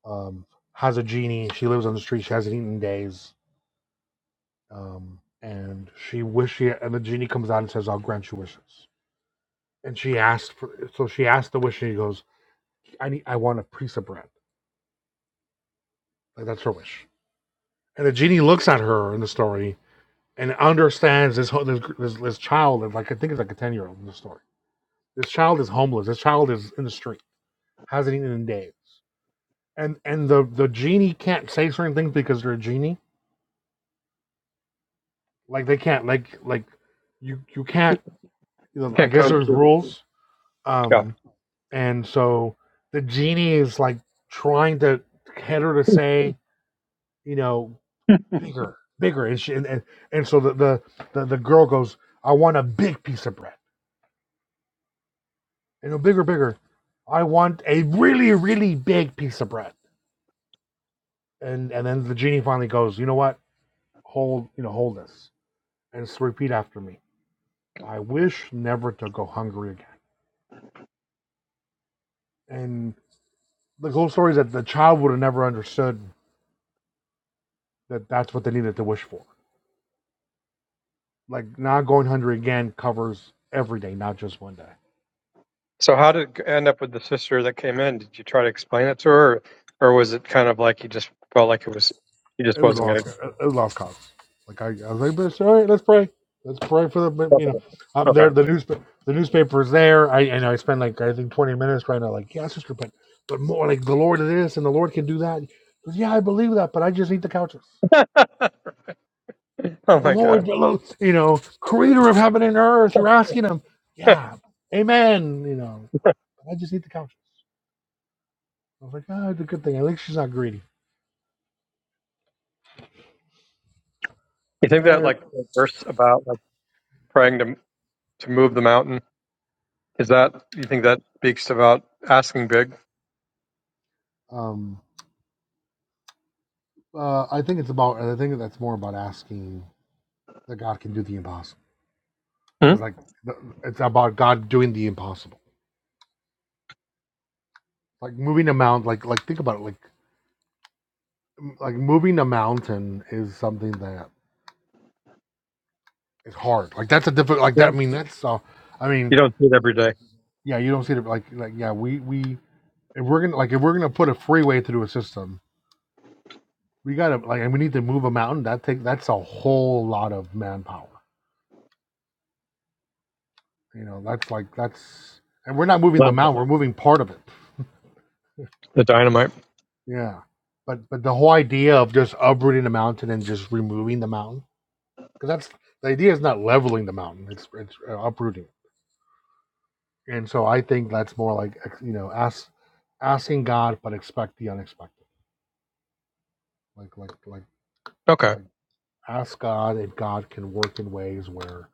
Speaker 1: um, has a genie. She lives on the street. She hasn't eaten in days, um, and she wish she and the genie comes out and says, "I'll grant you wishes." And she asked for so she asked the wish, and he goes, "I need, I want a piece of bread." Like that's her wish. And the genie looks at her in the story and understands this this this, this child. is Like I think it's like a ten year old in the story. This child is homeless. This child is in the street. Hasn't eaten in days. And and the the genie can't say certain things because they're a genie Like they can't like like you you can't. You know, I
Speaker 15: can't
Speaker 1: guess
Speaker 15: coach
Speaker 1: there's
Speaker 15: you.
Speaker 1: rules.
Speaker 15: Yeah.
Speaker 1: Um, and so the genie is like trying to get her to say, you know, bigger, bigger, and she, and, and and so the, the the the girl goes, I want a big piece of bread, you know, bigger, bigger. I want a really, really big piece of bread. And and then the genie finally goes, you know what? Hold, you know, hold this, and s- repeat after me. I wish never to go hungry again. And the whole story is that the child would have never understood that that's what they needed to wish for. Like not going hungry again covers every day, not just one day.
Speaker 15: So how did it end up with the sister that came in? Did you try to explain it to her, or, or was it kind of like you just felt like it was you just
Speaker 1: It was
Speaker 15: wasn't
Speaker 1: lost. It
Speaker 15: gonna?
Speaker 1: was lost cause. Like I, I was like, all right, let's pray. Let's pray for the. You know, I'm
Speaker 15: Okay.
Speaker 1: there. The newspaper. The newspaper's there. I and I spend like I think 20 minutes trying to like, yeah, sister, but but more like the Lord is this and the Lord can do that. yeah, I believe that, but I just need the couches.
Speaker 15: oh
Speaker 1: But
Speaker 15: my God.
Speaker 1: the Lord," you know, Creator of heaven and earth, you're asking Him. Yeah, Amen. You know, I just eat the couches. I was like, ah, it's a good thing. At least she's not greedy.
Speaker 15: You think that
Speaker 1: Eh,
Speaker 15: like the verse about like praying to to move the mountain is that you think that speaks about asking big?
Speaker 1: Um, uh, I think it's about. I think that's more about asking that God can do the impossible
Speaker 15: Hmm?
Speaker 1: because, like, it's about God doing the impossible. Like moving a mountain. Like, like think about it. Like, like moving a mountain is something that is hard. Like that's a difficult. Like
Speaker 15: Yeah.
Speaker 1: that. I mean, that's. Uh, I mean,
Speaker 15: You don't see it every day.
Speaker 1: yeah, you don't see it. Like, like yeah, we we if we're gonna like if we're gonna put a freeway through a system, we gotta like and we need to move a mountain. That take that's a whole lot of manpower You know, that's like that's and we're not moving the
Speaker 15: No.
Speaker 1: mountain, we're moving part of it.
Speaker 15: The dynamite.
Speaker 1: Yeah. But but the whole idea of just uprooting the mountain and just removing the mountain because that's the idea is not leveling the mountain, it's it's uh, uprooting. And so I think that's more like you know, ask asking God but expect the unexpected. Like like like
Speaker 15: Okay.
Speaker 1: like ask God if God can work in ways where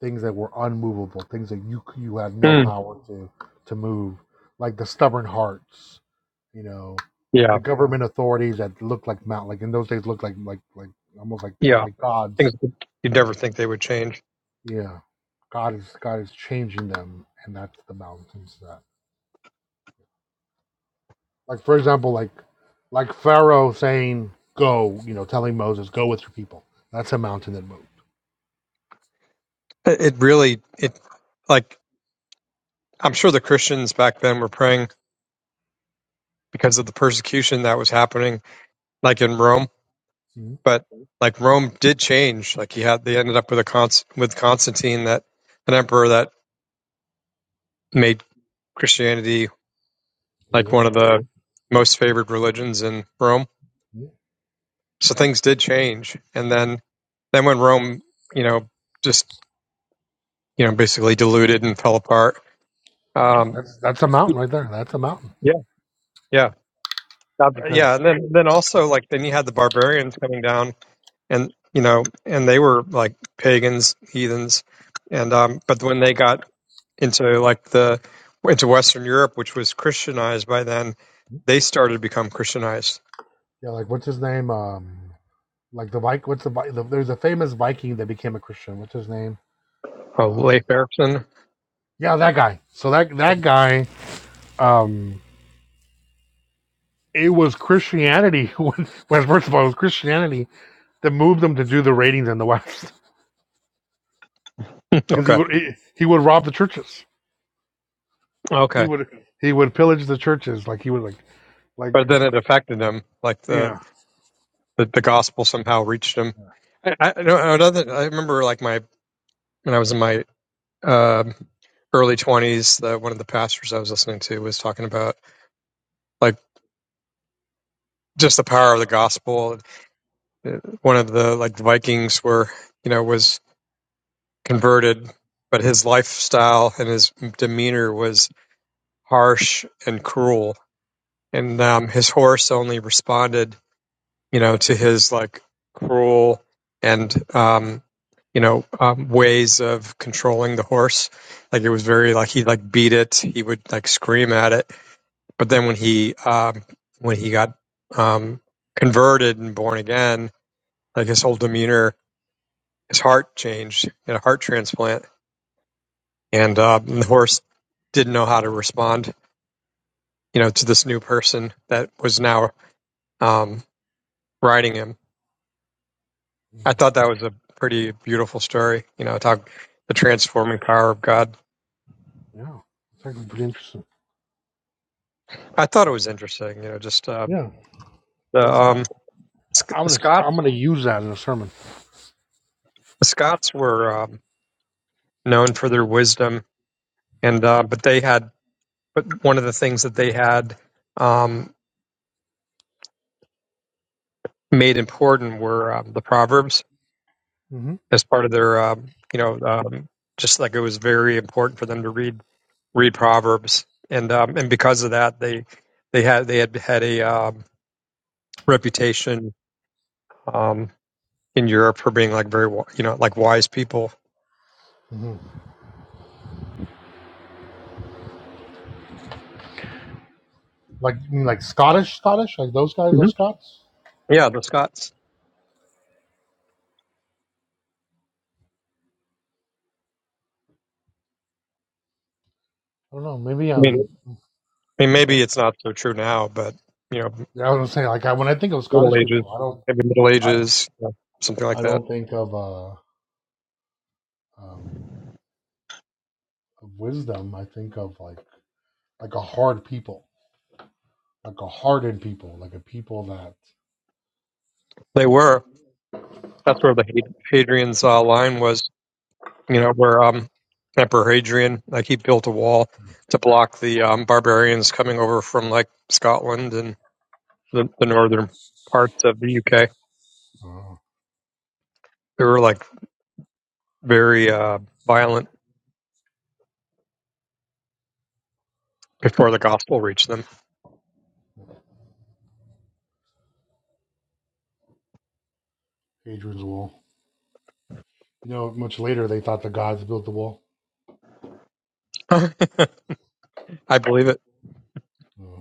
Speaker 1: things that were unmovable, things that you you had no
Speaker 15: Hmm.
Speaker 1: power to to move, like the stubborn hearts, you know, the
Speaker 15: Yeah.
Speaker 1: government authorities that looked like mount like in those days looked like like like almost like
Speaker 15: Yeah.
Speaker 1: like gods.
Speaker 15: Things that you'd never think they would change.
Speaker 1: Yeah, God is God is changing them, and that's the mountains that like for example like like Pharaoh saying go, you know, telling Moses go with your people. That's a mountain that moved.
Speaker 15: It it really it like I'm sure the Christians back then were praying because of the persecution that was happening, like in Rome.
Speaker 1: Mhm.
Speaker 15: But like Rome did change. Like he had, they ended up with a Const- with Constantine, that an emperor that made Christianity like
Speaker 1: Legal.
Speaker 15: one of the most favored religions in Rome.
Speaker 1: Yeah,
Speaker 15: So things did change, and then then when Rome, you know, just you know, basically diluted and fell apart.
Speaker 1: Yeah,
Speaker 15: Um,
Speaker 1: that's that's a mountain right there. That's a mountain
Speaker 15: yeah, yeah, Uh, yeah,
Speaker 1: because
Speaker 15: and then then also like then you had the barbarians coming down and you know, and they were like pagans, heathens, and um, but when they got into like the into Western Europe, which was Christianized by then, they started to become Christianized.
Speaker 1: Yeah, like what's his name? Um, like the Viking. What's the, Vi- the There's a famous Viking that became a Christian. What's his name?
Speaker 15: Oh,
Speaker 1: Um,
Speaker 15: Leif Erikson.
Speaker 1: yeah, that guy. So that that guy. Um, it was Christianity when, when first of all, it was Christianity that moved him to do the raidings in the West because he
Speaker 15: Okay,
Speaker 1: would he, he would rob the churches. He
Speaker 15: okay,
Speaker 1: would he would pillage the churches. Like he would like like
Speaker 15: but then it affected them, like the
Speaker 1: yeah
Speaker 15: the, the gospel somehow reached them. I, I, I don't- another, I remember like my when I was in my um early twenties, the, one of the pastors I was listening to was talking about like just the power of the gospel. One of the like the Vikings were, you know, was converted, but his lifestyle and his demeanor was harsh and cruel. And um, his horse only responded, you know, to his like cruel and um, you know um, ways of controlling the horse. Like it was very like he like beat it. He would like scream at it. But then when he um, when he got um, converted and born again, like his whole demeanor his heart changed, in a heart transplant, and, uh, the horse didn't know how to respond, you know, to this new person that was now um, riding him. I thought that was a pretty beautiful story, you know, talk the transforming power of God.
Speaker 1: yeah. It's actually pretty interesting.
Speaker 15: I thought it was interesting, you know, just uh,
Speaker 1: Yeah,
Speaker 15: the
Speaker 1: that's
Speaker 15: um,
Speaker 1: I'm
Speaker 15: the
Speaker 1: gonna I'm
Speaker 15: Scots.
Speaker 1: gonna use that in a sermon.
Speaker 15: The Scots were um, known for their wisdom, and uh, but they had, but one of the things that they had um, made important were um, the proverbs
Speaker 1: hmm
Speaker 15: as part of their, um, you know, um, just like it was very important for them to read read Proverbs, and um, and because of that, they they had they had had a um, reputation um, in Europe for being like very, wi- you know, like wise people.
Speaker 1: hmm Like you mean like Scottish, Scottish, like those guys,
Speaker 15: hmm
Speaker 1: those Scots.
Speaker 15: Yeah, the Scots.
Speaker 1: I don't know. Maybe
Speaker 15: I
Speaker 1: um.
Speaker 15: mean, I mean,
Speaker 1: Okay.
Speaker 15: maybe it's not so true now, but you know,
Speaker 1: Yeah, I was gonna say like I, when I think of
Speaker 15: Middle
Speaker 1: Scottish
Speaker 15: Ages,
Speaker 1: people, I
Speaker 15: maybe Middle
Speaker 1: don't
Speaker 15: Ages, you know, something
Speaker 1: I
Speaker 15: like
Speaker 1: I
Speaker 15: that.
Speaker 1: don't think of uh um of wisdom. I think of like like a hard people, like a hardened people, like a people that
Speaker 15: They were. That's where the Had- Hadrian's uh, line was you know, where um, Emperor Hadrian, like he built a wall to block the um, barbarians coming over from like Scotland and the, the northern parts of the UK.
Speaker 1: uh,
Speaker 15: They were like very uh, violent before the gospel reached them.
Speaker 1: Hadrian's Wall. You know, much later they thought the gods built the wall.
Speaker 15: I believe it.
Speaker 1: Uh,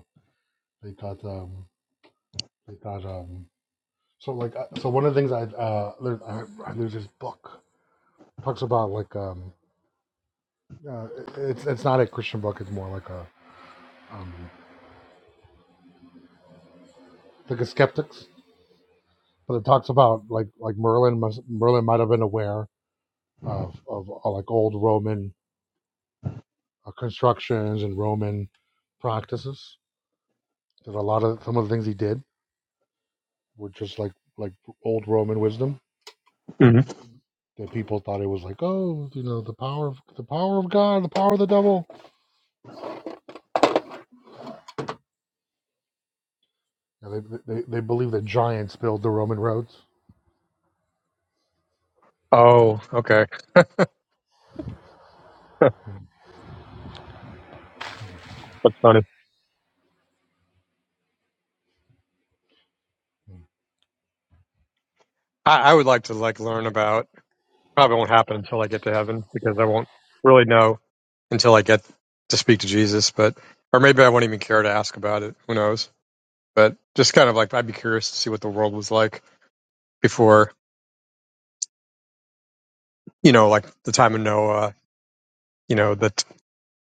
Speaker 1: they thought um they thought um so like uh, so one of the things I uh there's, I- there's this book talks about like um uh, it's it's not a Christian book. It's more like a um like a skeptics, but it talks about like like Merlin must, Merlin might have been aware of of uh, like old Roman uh, constructions and Roman practices. That a lot of some of the things he did were just like like old Roman wisdom
Speaker 15: hmm
Speaker 1: that people thought it was like oh you know the power of the power of God the power of the devil. And they, they they believe that giants built the Roman roads.
Speaker 15: Oh, okay, that's funny. I, I would like to like learn about. Probably won't happen until I get to heaven because I won't really know until I get to speak to Jesus. But or maybe I won't even care to ask about it. Who knows? but just kind of like I'd be curious to see what the world was like before, you know, like the time of Noah, you know, that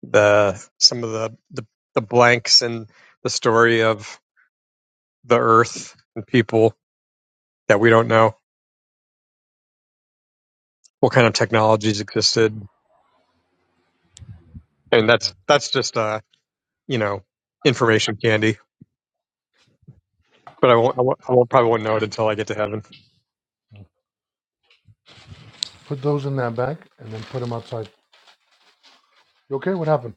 Speaker 15: the some of the, the the blanks and the story of the earth and people that we don't know, what kind of technologies existed. And that's that's just uh, you know, information candy. But I won't, I won't, I won't probably won't know it until I get to heaven.
Speaker 1: Put those in that bag and then put them outside. You okay? What happened?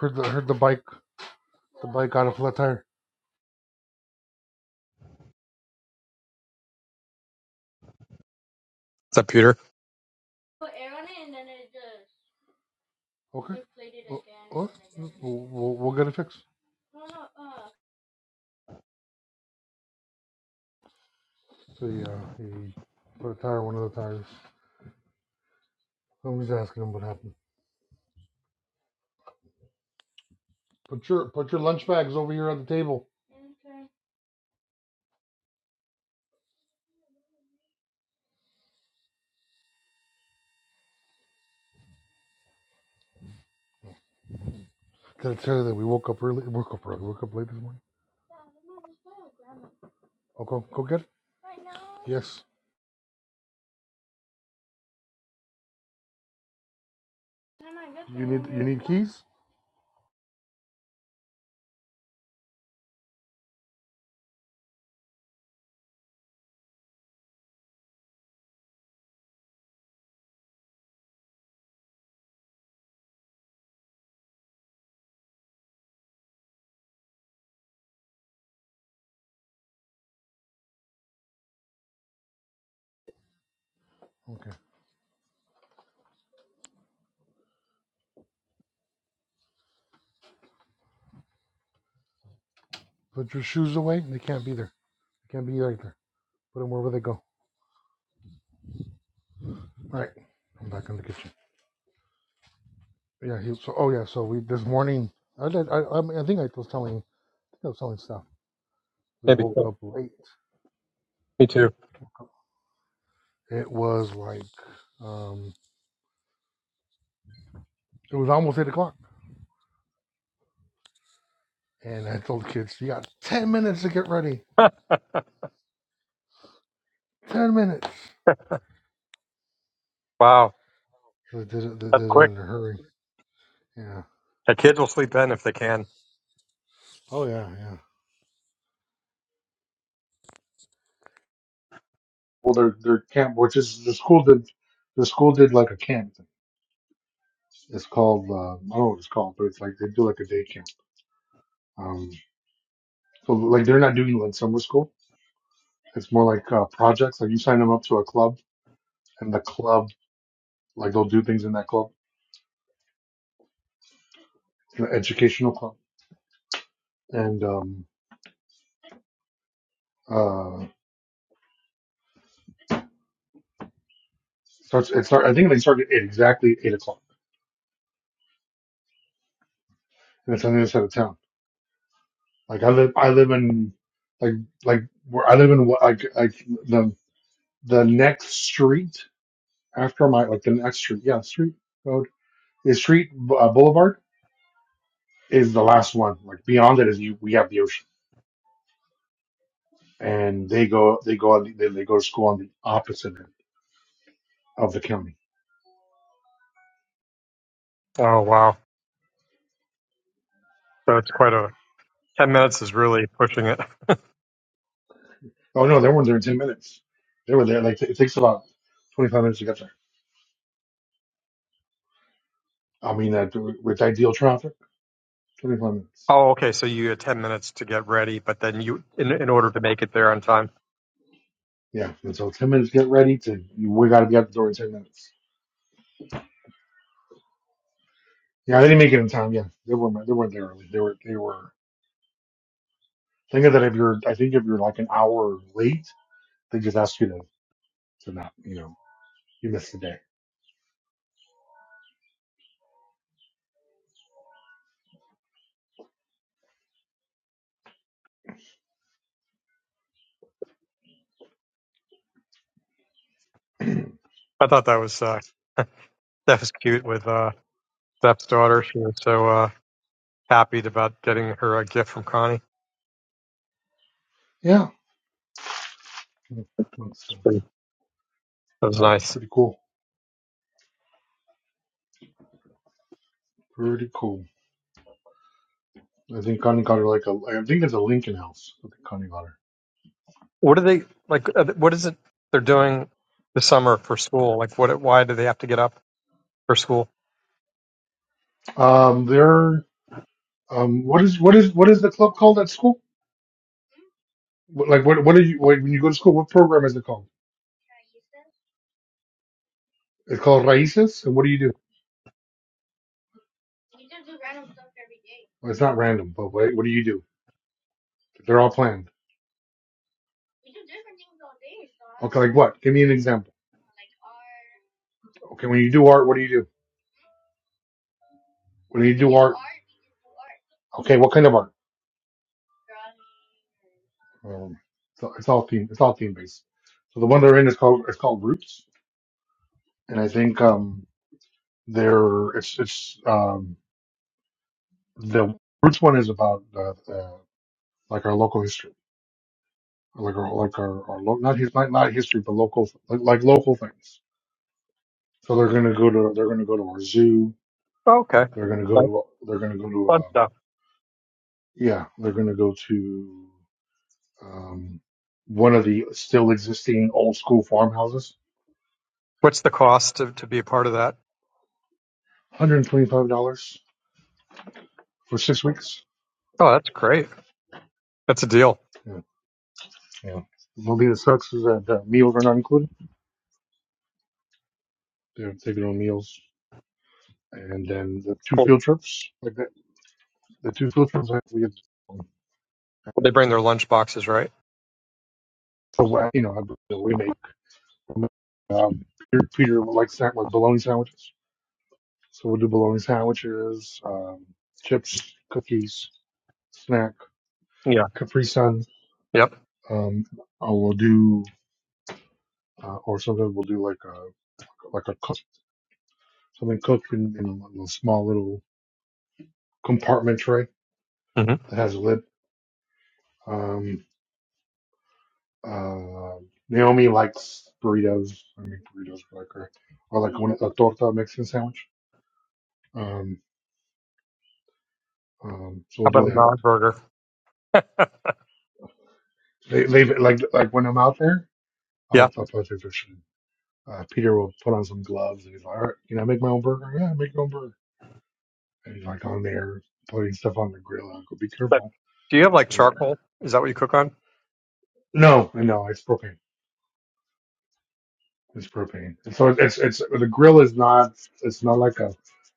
Speaker 1: Heard the heard the bike the bike got a flat tire.
Speaker 15: Is that Peter?
Speaker 1: Okay. Well, well, we'll, we'll get it fixed. So yeah, he put a tire on one of the tires. Somebody's asking him what happened. Put your put your lunch bags over here on the table. Did I tell you that we woke up early? Woke up early. Woke up late this morning. Oh, go go get it. Right now. Yes. You need you need keys. Okay. Put your shoes away. They can't be there. They can't be right there. Put them wherever they go. All right. I'm back in the kitchen. Yeah, he, so oh yeah, so we this morning I did, I I, mean, I think I was telling I think I was telling stuff. We
Speaker 15: Maybe
Speaker 1: woke up late.
Speaker 15: me too.
Speaker 1: It was like um it was almost eight o'clock, and I told the kids you got ten minutes to get ready. Ten minutes.
Speaker 15: wow,
Speaker 1: So they did it. They did
Speaker 15: that's
Speaker 1: it
Speaker 15: quick.
Speaker 1: in a hurry. Yeah.
Speaker 15: The kids will sleep in if they can.
Speaker 1: Oh yeah, yeah. Well, their their camp, which is the school did, the school did like a camp. Thing. It's called uh, I don't know what it's called, but it's like they do like a day camp. Um, so like they're not doing like summer school. It's more like uh, projects. Like you sign them up to a club and the club, like they'll do things in that club, the educational club, and um, uh, starts it start. I think they start at eight, exactly eight o'clock, and it's on the other side of town. Like I live, I live in like like where I live in what like like the the next street after my like the next street, yeah, street road is street uh, boulevard is the last one. Like beyond it is you we have the ocean, and they go they go on the- they, they go to school on the opposite end of the county
Speaker 15: Oh wow, that's quite a 10 minutes is really pushing it.
Speaker 1: Oh no, they weren't there in ten minutes. They were there like it takes about twenty five minutes to get there. I mean, uh, with ideal traffic, twenty five minutes.
Speaker 15: Oh, okay. So you had 10 minutes to get ready, but then you, in, in
Speaker 1: Yeah,
Speaker 15: order to make it there on time.
Speaker 1: yeah. And so ten minutes to get ready to you, we got to be out the door in ten minutes. Yeah, they didn't make it in time. Yeah, they were they weren't there early. They were they were. Think of that if you're I think if you're like an hour late, they just ask you to to not you know you missed the day.
Speaker 15: I thought that was, uh, that was cute with, uh, Steph's daughter. She was so, uh, happy about getting her a gift from Connie.
Speaker 1: Yeah, that's uh,
Speaker 15: That was nice.
Speaker 1: pretty cool. Pretty cool. I think Connie got her like a. I think it's a Lincoln House. I think Connie got her.
Speaker 15: What are they, like, uh, what is it they're doing this summer for school? Like, what, why do they have to get up for school?
Speaker 1: Um, there. Um, what is what is what is the club called at school? What- Like what what are you when you go to school? What program is it called? It's called Raices. And what do you do? Well, it's not random, but what, what do you do? They're all planned. Okay, like what? Give me an example. Okay, when you do art, what do you do? When you do art, okay, what kind of art? Um, so it's all theme. It's all theme based. So the one they're in is called it's called Roots, and I think um they're it's it's um the Roots one is about uh, uh, like our local history. like our like our, our lo- not his not, not history but local like, like local things. So they're gonna go to they're gonna go to our zoo.
Speaker 15: Oh, okay.
Speaker 1: They're gonna go
Speaker 15: Nice.
Speaker 1: to they're gonna go to
Speaker 15: Fun
Speaker 1: um
Speaker 15: stuff.
Speaker 1: yeah they're gonna go to um one of the still existing old school farmhouses.
Speaker 15: What's the cost to, to be a part of that?
Speaker 1: one Hundred and twenty five dollars for six weeks.
Speaker 15: Oh, that's great. That's a deal.
Speaker 1: Yeah, yeah. The only thing that sucks is that uh, meals are not included. They're taking on meals, and then the two
Speaker 15: Well,
Speaker 1: field trips like that. The two field trips that we had.
Speaker 15: they bring their lunch boxes, right?
Speaker 1: So uh, you know, I- we made. Um, Peter, Peter likes that like bologna sandwiches, so we'll do bologna sandwiches, um, chips, cookies, snack,
Speaker 15: Yeah.
Speaker 1: Capri Sun.
Speaker 15: Yep.
Speaker 1: Um, I will do, uh, or sometimes we'll do like a like a cook, something cooked in, in a little small little compartment tray
Speaker 15: hmm
Speaker 1: that has a lid. Um, uh, Naomi likes burritos. I mean burritos are like her, or like one, a torta Mexican sandwich. Um, um, so
Speaker 15: How
Speaker 1: we'll do
Speaker 15: about a
Speaker 1: that.
Speaker 15: non burger?
Speaker 1: They, they like like when I'm out there. I'll,
Speaker 15: Yeah.
Speaker 1: I'll post pictures. soon. Uh, Peter will put on some gloves and he's like, all right, can I make my own burger? Yeah, make your own burger. And he's like on there putting stuff on the grill. I go, be
Speaker 15: But
Speaker 1: careful.
Speaker 15: do you have like
Speaker 1: And-
Speaker 15: charcoal? Is that what you cook on?
Speaker 1: no, no, it's propane. It's propane. And so it's, it's, the grill is not, it's not like a,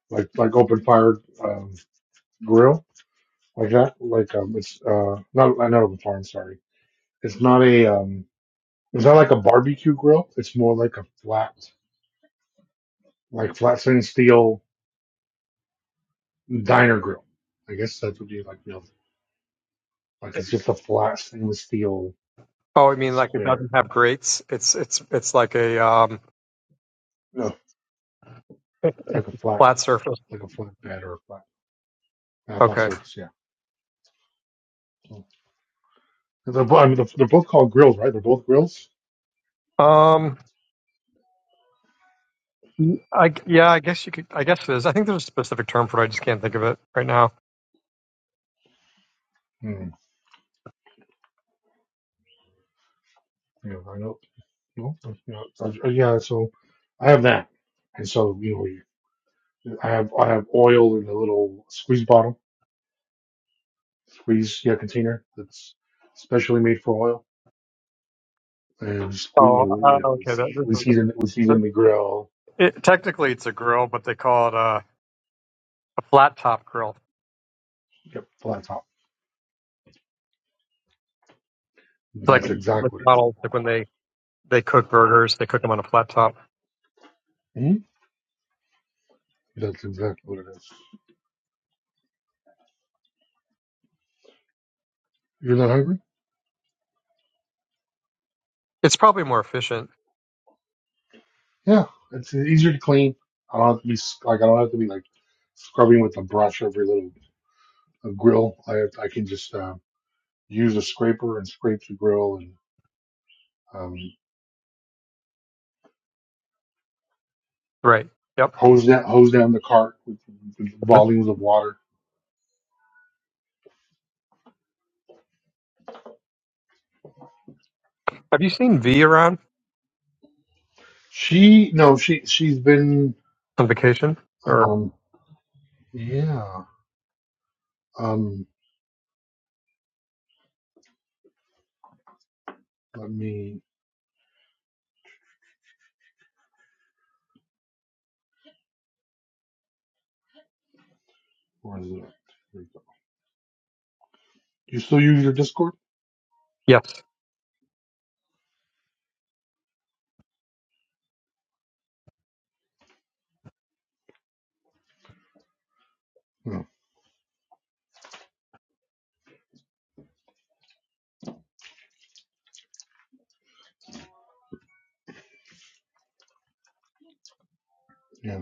Speaker 1: like, like open fire, um, grill like that. Like, um, it's, uh, not, not open fire. I'm sorry. It's not a, um, it's not like a barbecue grill. It's more like a flat, like flat stainless steel diner grill. I guess that's what you like. Like it's just a flat stainless steel
Speaker 15: Oh, I mean, like it
Speaker 1: square.
Speaker 15: doesn't have grates. It's it's it's like a um,
Speaker 1: No, it's like a flat,
Speaker 15: flat surface.
Speaker 1: like a flat bed or a flat, uh, flat
Speaker 15: Okay.
Speaker 1: surface. Yeah. Mm. They're, bo- I mean, they're, they're both called grills, right? They're both grills.
Speaker 15: Um. I yeah. I guess you could. I guess there's. I think there's a specific term for it. I just can't think of it right now.
Speaker 1: Hmm. Yeah, I know. No, you know, so- uh, yeah. So I have that, and so you know, you- I have I have oil in a little squeeze bottle, squeeze yeah container that's specially made for oil, and squeeze. You
Speaker 15: Oh.
Speaker 1: know, you
Speaker 15: Uh,
Speaker 1: know we
Speaker 15: okay. That,
Speaker 1: see we
Speaker 15: this is,
Speaker 1: season we
Speaker 15: this,
Speaker 1: season the grill.
Speaker 15: it, technically, it's a grill, but they call it a, a flat top grill.
Speaker 1: Yep, flat top.
Speaker 15: It's
Speaker 1: That's
Speaker 15: like
Speaker 1: exactly what it
Speaker 15: McDonald's, like when they they cook burgers, they cook them on a flat top.
Speaker 1: Mm-hmm. That's exactly what it is. You're not hungry?
Speaker 15: It's probably more efficient.
Speaker 1: Yeah, it's easier to clean. I don't have to be s- like I don't have to be like scrubbing with a brush every little a grill. I have, I can just uh, use a scraper and scrape the grill and um,
Speaker 15: Right. Yep.
Speaker 1: hose down hose down the cart with, with volumes of water.
Speaker 15: Have you seen V around
Speaker 1: She no she she's been
Speaker 15: on vacation? Or
Speaker 1: um, yeah um, let me where is it? Here we go. You still use your Discord?
Speaker 15: yes,
Speaker 1: No. Yeah.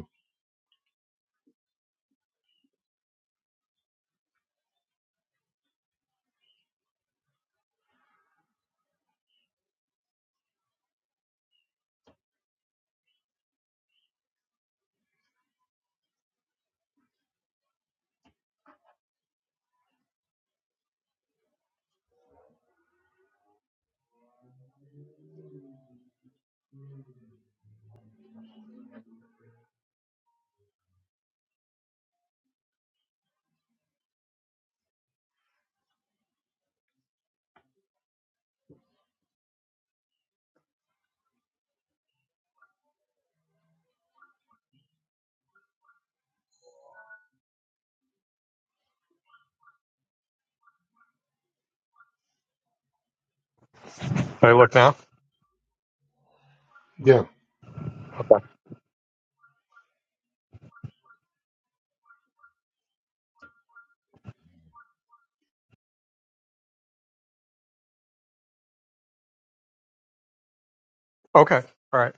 Speaker 15: Can I look now.
Speaker 1: Yeah.
Speaker 15: Okay. Okay. All right.